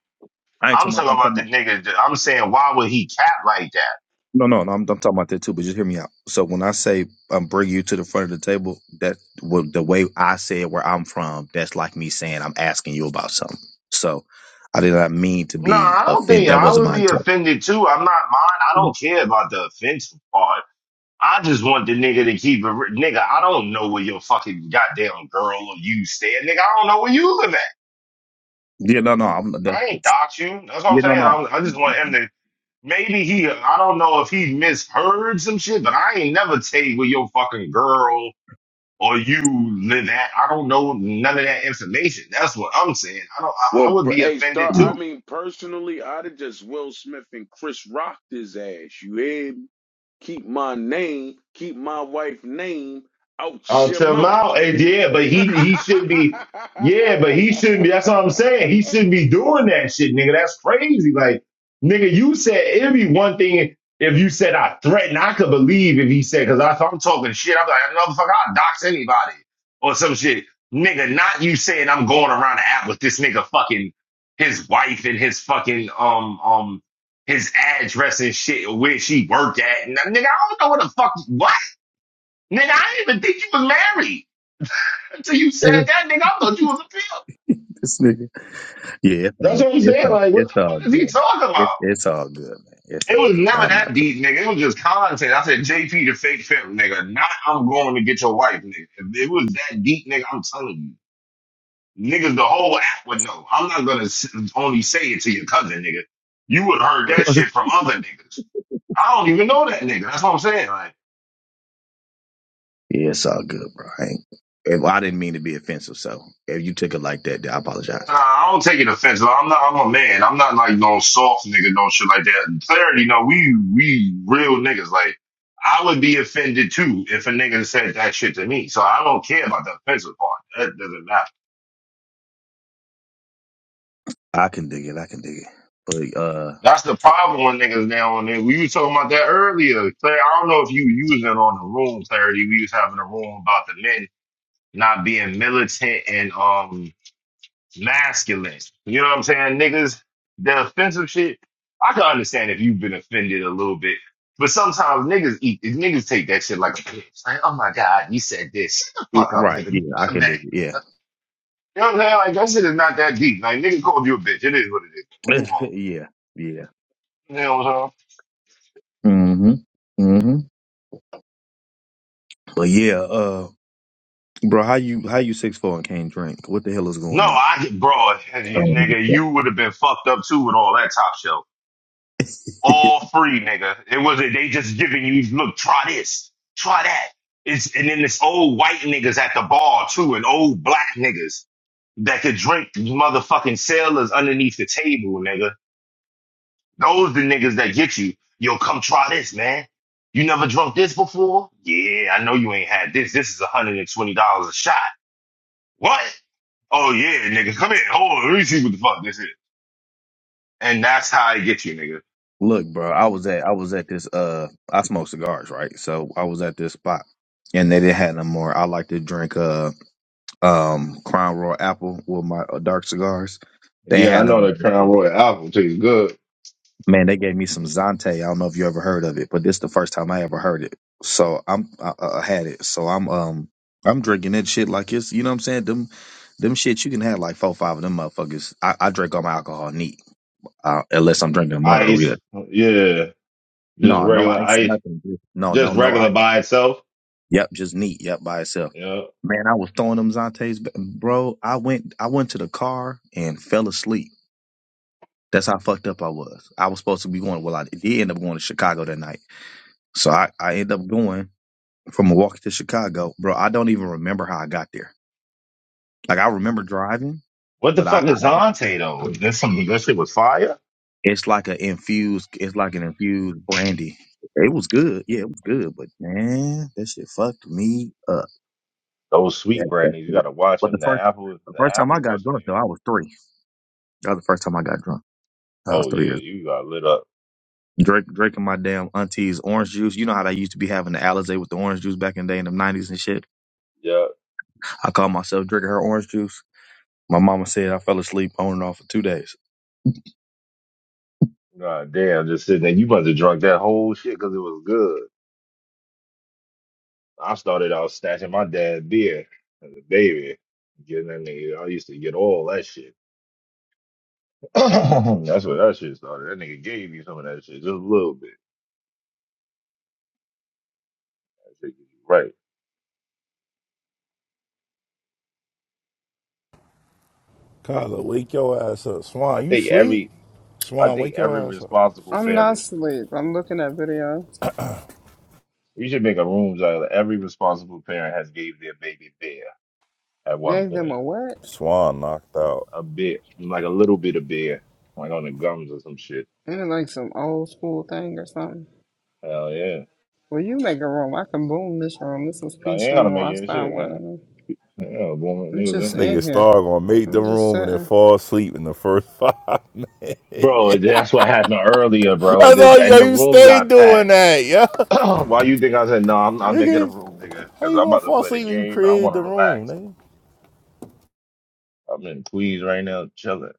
Speaker 28: I ain't
Speaker 24: I'm
Speaker 28: talking. About,
Speaker 24: talking
Speaker 28: I'm talking. About,
Speaker 24: about the nigga. that- I'm saying, why would he cap like that?
Speaker 28: No, no, no. I'm, I'm talking about that too, but just hear me out. So when I say um, bring you to the front of the table, that well, the way I said where I'm from, that's like me saying I'm asking you about something. So I did not mean to
Speaker 24: No,
Speaker 28: be
Speaker 24: I don't
Speaker 28: offended.
Speaker 24: think
Speaker 28: That
Speaker 24: I
Speaker 28: wasn't my
Speaker 24: would be
Speaker 28: intent.
Speaker 24: offended too. I'm not mine. I
Speaker 28: Yeah,
Speaker 24: don't care about the offensive part. I just want the nigga to keep it. re- Nigga, I don't know where your fucking goddamn girl or you stay. Nigga, I don't know where you live at.
Speaker 28: Yeah, no, no. I'm that's,
Speaker 24: I ain't
Speaker 28: it's-
Speaker 24: dox you. That's what I'm
Speaker 28: yeah, no,
Speaker 24: saying. I'm, I
Speaker 28: no.
Speaker 24: just want him to. Maybe he. I don't know if he misheard some shit, but I ain't never tell you where your fucking girl or you live that. I don't know none of that information. That's what I'm saying. I don't. I, I
Speaker 4: well,
Speaker 24: would
Speaker 4: per-
Speaker 24: be
Speaker 4: hey,
Speaker 24: offended
Speaker 4: star.
Speaker 24: too
Speaker 4: I
Speaker 28: Yeah,
Speaker 4: mean, personally, I'd have just Will Smith and Chris rocked his ass. You hear me? Keep my name, keep my wife name out your
Speaker 24: Until
Speaker 4: mouth.
Speaker 24: now, and yeah, but he he should be, yeah, but he shouldn't be. That's what I'm saying. He shouldn't be doing that shit, nigga. That's crazy. Like, nigga, you said it'd be one thing if you said I threatened. I could believe if he said because if I'm talking shit, I'm like, motherfucker, I'll dox anybody or some shit, nigga. Not you saying I'm going around the app with this nigga fucking his wife and his fucking um um his address and shit where she work at. Nigga, I don't know what the fuck what. Nigga, I didn't even think you was married. Until you said that, nigga, I thought you was a pimp.
Speaker 28: this nigga. Yeah, it's all,
Speaker 24: That's what I'm
Speaker 28: it's
Speaker 24: saying.
Speaker 28: all,
Speaker 24: Like, what
Speaker 28: it's
Speaker 24: the
Speaker 28: all
Speaker 24: fuck is he
Speaker 28: good.
Speaker 24: talking
Speaker 28: It,
Speaker 24: about?
Speaker 28: it's all good, man. It's
Speaker 24: It
Speaker 28: all
Speaker 24: was
Speaker 28: good.
Speaker 24: never
Speaker 28: I'm not
Speaker 24: that
Speaker 28: tripping.
Speaker 24: deep, nigga. It was just content. I said, JP the fake pimp, nigga. Not I'm going to get your wife, nigga. If it was that deep, nigga, I'm telling you. Niggas, the whole app would know. I'm not gonna only say it to your cousin, nigga. You would have heard that shit from other niggas. I don't even know that nigga. That's what I'm saying. like.
Speaker 28: yeah, it's all good, bro. I, ain't, if, I didn't mean to be offensive, so if you took it like that, then I apologize.
Speaker 24: Nah, I don't take it offensive. I'm not. I'm a man. I'm not like no soft nigga, no shit like that. Clarity, no, we we real niggas. Like I would be offended too if a nigga said that shit to me. So I don't care about the offensive part. That doesn't matter.
Speaker 28: I can dig it. I can dig it. But uh,
Speaker 24: That's the problem with niggas now. And then we were talking about that earlier. Claire, I don't know if you using it on the room, Clarity. We was having a room about the men not being militant and um masculine. You know what I'm saying? Niggas, the offensive shit, I can understand if you've been offended a little bit. But sometimes niggas eat, niggas take that shit like a bitch. Like, oh my God, you said this. Shut the
Speaker 28: yeah,
Speaker 24: fuck up,
Speaker 28: right?
Speaker 24: nigga.
Speaker 28: Yeah,
Speaker 24: Be
Speaker 28: I
Speaker 24: a
Speaker 28: can
Speaker 24: man.
Speaker 28: dig it. Yeah,
Speaker 24: You know what I'm saying? Like, that shit is not that deep. Like, nigga called you a bitch. It is what it is. Move on.
Speaker 28: yeah, yeah.
Speaker 24: You know what I'm saying?
Speaker 28: hmm hmm But yeah, uh, bro, how you how you six four and can't drink? What the hell is
Speaker 24: No,
Speaker 28: going on?
Speaker 24: I get broad.
Speaker 28: Um,
Speaker 24: Nigga, you would have been fucked up too with all that top shelf. all free, nigga. It wasn't they just giving you look, try this, try that. It's and then this old white niggas at the bar too, and old black niggas that could drink motherfucking sailors underneath the table, nigga. Those the niggas that get you. Yo, come try this, man. You never drunk this before? Yeah, I know you ain't had this. This is $120 a shot. What? Oh yeah, nigga. Come here. Hold on. Let me see what the fuck this is. And that's how I get you, nigga.
Speaker 28: Look, bro, I was at I was at this uh, I smoke cigars, right? So I was at this spot. And they didn't have no more. I like to drink uh um Crown Royal Apple with my uh, dark cigars. They ain't
Speaker 24: Yeah, I
Speaker 28: had no
Speaker 24: know
Speaker 28: more.
Speaker 24: that Crown Royal album tastes good.
Speaker 28: Man, they gave me some Zante. I don't know if you ever heard of it, but this the first time I ever heard it. So I'm I, I had it. So I'm um I'm drinking that shit like it's you know what I'm saying. Them them shit you can have like four five of them motherfuckers. I, I drink all my alcohol neat uh, unless I'm drinking a margarita.
Speaker 24: ice. Yeah, just
Speaker 28: No, no
Speaker 24: regular
Speaker 28: ice or
Speaker 24: ice,
Speaker 28: nothing. Just- No, no,
Speaker 24: just
Speaker 28: no
Speaker 24: regular
Speaker 28: ice.
Speaker 24: by itself.
Speaker 28: Yep, just neat. Yep, by itself.
Speaker 24: Yeah.
Speaker 28: Man, I was throwing them Zantes, b- bro. I went I went to the car and fell asleep. That's how fucked up I was. I was supposed to be going. Well, I did end up going to Chicago that night. So I, I end up going from Milwaukee to Chicago. Bro, I don't even remember how I got there. Like I remember driving,
Speaker 24: What the
Speaker 28: but I,
Speaker 24: fuck
Speaker 28: I
Speaker 24: is
Speaker 28: don't
Speaker 24: Zante though? That's some that shit was fire.
Speaker 28: it's like an infused it's like an infused brandy. It was good. Yeah, it was good, but man, that shit fucked me up.
Speaker 24: Those sweet
Speaker 28: That, that
Speaker 24: brandies, you
Speaker 28: shit.
Speaker 24: gotta watch
Speaker 28: But the
Speaker 24: them. The
Speaker 28: first
Speaker 24: apple,
Speaker 28: the
Speaker 24: the
Speaker 28: first time I
Speaker 24: apple
Speaker 28: got
Speaker 24: wasn't
Speaker 28: drunk though, I
Speaker 24: in.
Speaker 28: was three. That was the first time I got drunk. I was
Speaker 24: Oh
Speaker 28: three
Speaker 24: yeah,
Speaker 28: years.
Speaker 24: you got lit up.
Speaker 28: Drink drinking my damn auntie's orange juice. You know how they used to be having the Alizé with the orange juice back in the day in the nineties and shit.
Speaker 24: Yeah.
Speaker 28: I called myself drinking her orange juice. My mama said I fell asleep on and off for two days.
Speaker 24: God damn, just sitting there. You must have drunk that whole shit because it was good. I started out snatching my dad beer as a baby. Getting that nigga, I used to get all that shit. That's where that shit started. That nigga gave you some of that shit, just a little bit. That shit, was right.
Speaker 23: Kyler, wake your ass up.
Speaker 24: I
Speaker 23: Swan, you
Speaker 24: think
Speaker 23: sleep?
Speaker 24: every I
Speaker 23: Swan,
Speaker 24: think
Speaker 23: wake
Speaker 24: every
Speaker 23: your ass up.
Speaker 24: responsible
Speaker 1: I'm not
Speaker 24: parent
Speaker 1: asleep. I'm looking at video.
Speaker 24: you should make a room out every responsible parent has gave their baby beer at one
Speaker 1: Gave them
Speaker 24: point.
Speaker 1: a what?
Speaker 23: Swan knocked out.
Speaker 24: A bit like a little bit of beer. Like on the gums or some shit.
Speaker 1: Isn't it like some old school thing or something?
Speaker 24: Hell yeah.
Speaker 1: Well, you make a room. I can boom this room. This is
Speaker 24: No, you
Speaker 1: peace
Speaker 24: ain't gonna
Speaker 1: room. while
Speaker 24: make
Speaker 1: i
Speaker 24: any
Speaker 1: start
Speaker 24: shit,
Speaker 1: one of
Speaker 24: yeah.
Speaker 1: them.
Speaker 24: Yeah, boy,
Speaker 1: We
Speaker 24: niggas
Speaker 23: This
Speaker 1: just
Speaker 24: in here.
Speaker 23: nigga
Speaker 1: in here.
Speaker 23: Star gonna make
Speaker 1: We
Speaker 23: the
Speaker 1: just
Speaker 23: room and then
Speaker 1: sitting.
Speaker 23: fall asleep in the first five.
Speaker 24: Bro, that's what happened earlier, bro.
Speaker 23: I
Speaker 24: The-
Speaker 23: all yo,
Speaker 24: And the
Speaker 23: you
Speaker 24: room
Speaker 23: stay
Speaker 24: got
Speaker 23: doing
Speaker 24: packed.
Speaker 23: that, yo.
Speaker 24: Why you think I said no? I'm not making a
Speaker 23: Nigga,
Speaker 24: room, nigga,
Speaker 23: how
Speaker 24: because
Speaker 23: you
Speaker 24: I'm
Speaker 23: gonna
Speaker 24: about to
Speaker 23: fall
Speaker 24: play the
Speaker 23: asleep when you
Speaker 24: game and I
Speaker 23: created
Speaker 24: want
Speaker 23: the
Speaker 24: to
Speaker 23: room,
Speaker 24: relax.
Speaker 23: nigga?
Speaker 24: I'm in Queens right now, chilling.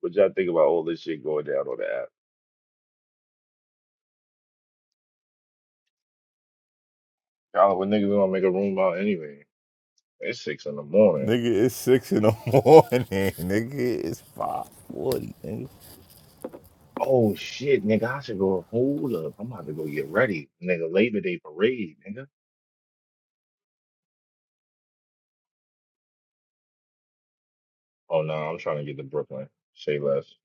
Speaker 24: What y'all think about all this shit going down on the app? Y'all, niggas gonna make a room about anyway? It's six in the morning.
Speaker 23: Nigga, it's six in the morning, nigga. It's five forty, nigga.
Speaker 24: Oh shit, nigga, I should go. Hold up, I'm about to go get ready, nigga. Labor Day parade, nigga. Oh no, I'm trying to get to Brooklyn. Say less.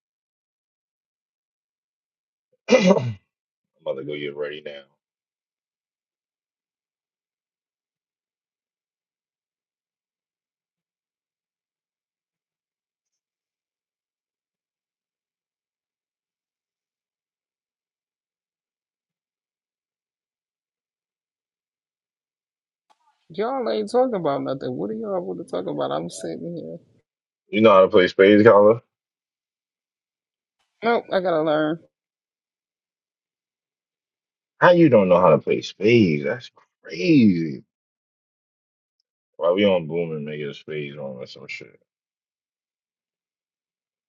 Speaker 24: I'm about to go get ready now.
Speaker 1: Y'all ain't talking about nothing. What are y'all want to talk about? I'm sitting here.
Speaker 24: You know how to play spades, Carla?
Speaker 1: Nope, I gotta learn.
Speaker 24: How you don't know how to play spades? That's crazy. Why we on booming niggas spades on or some shit?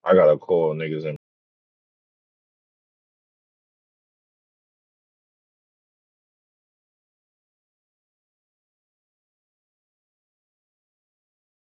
Speaker 24: I got to call niggas in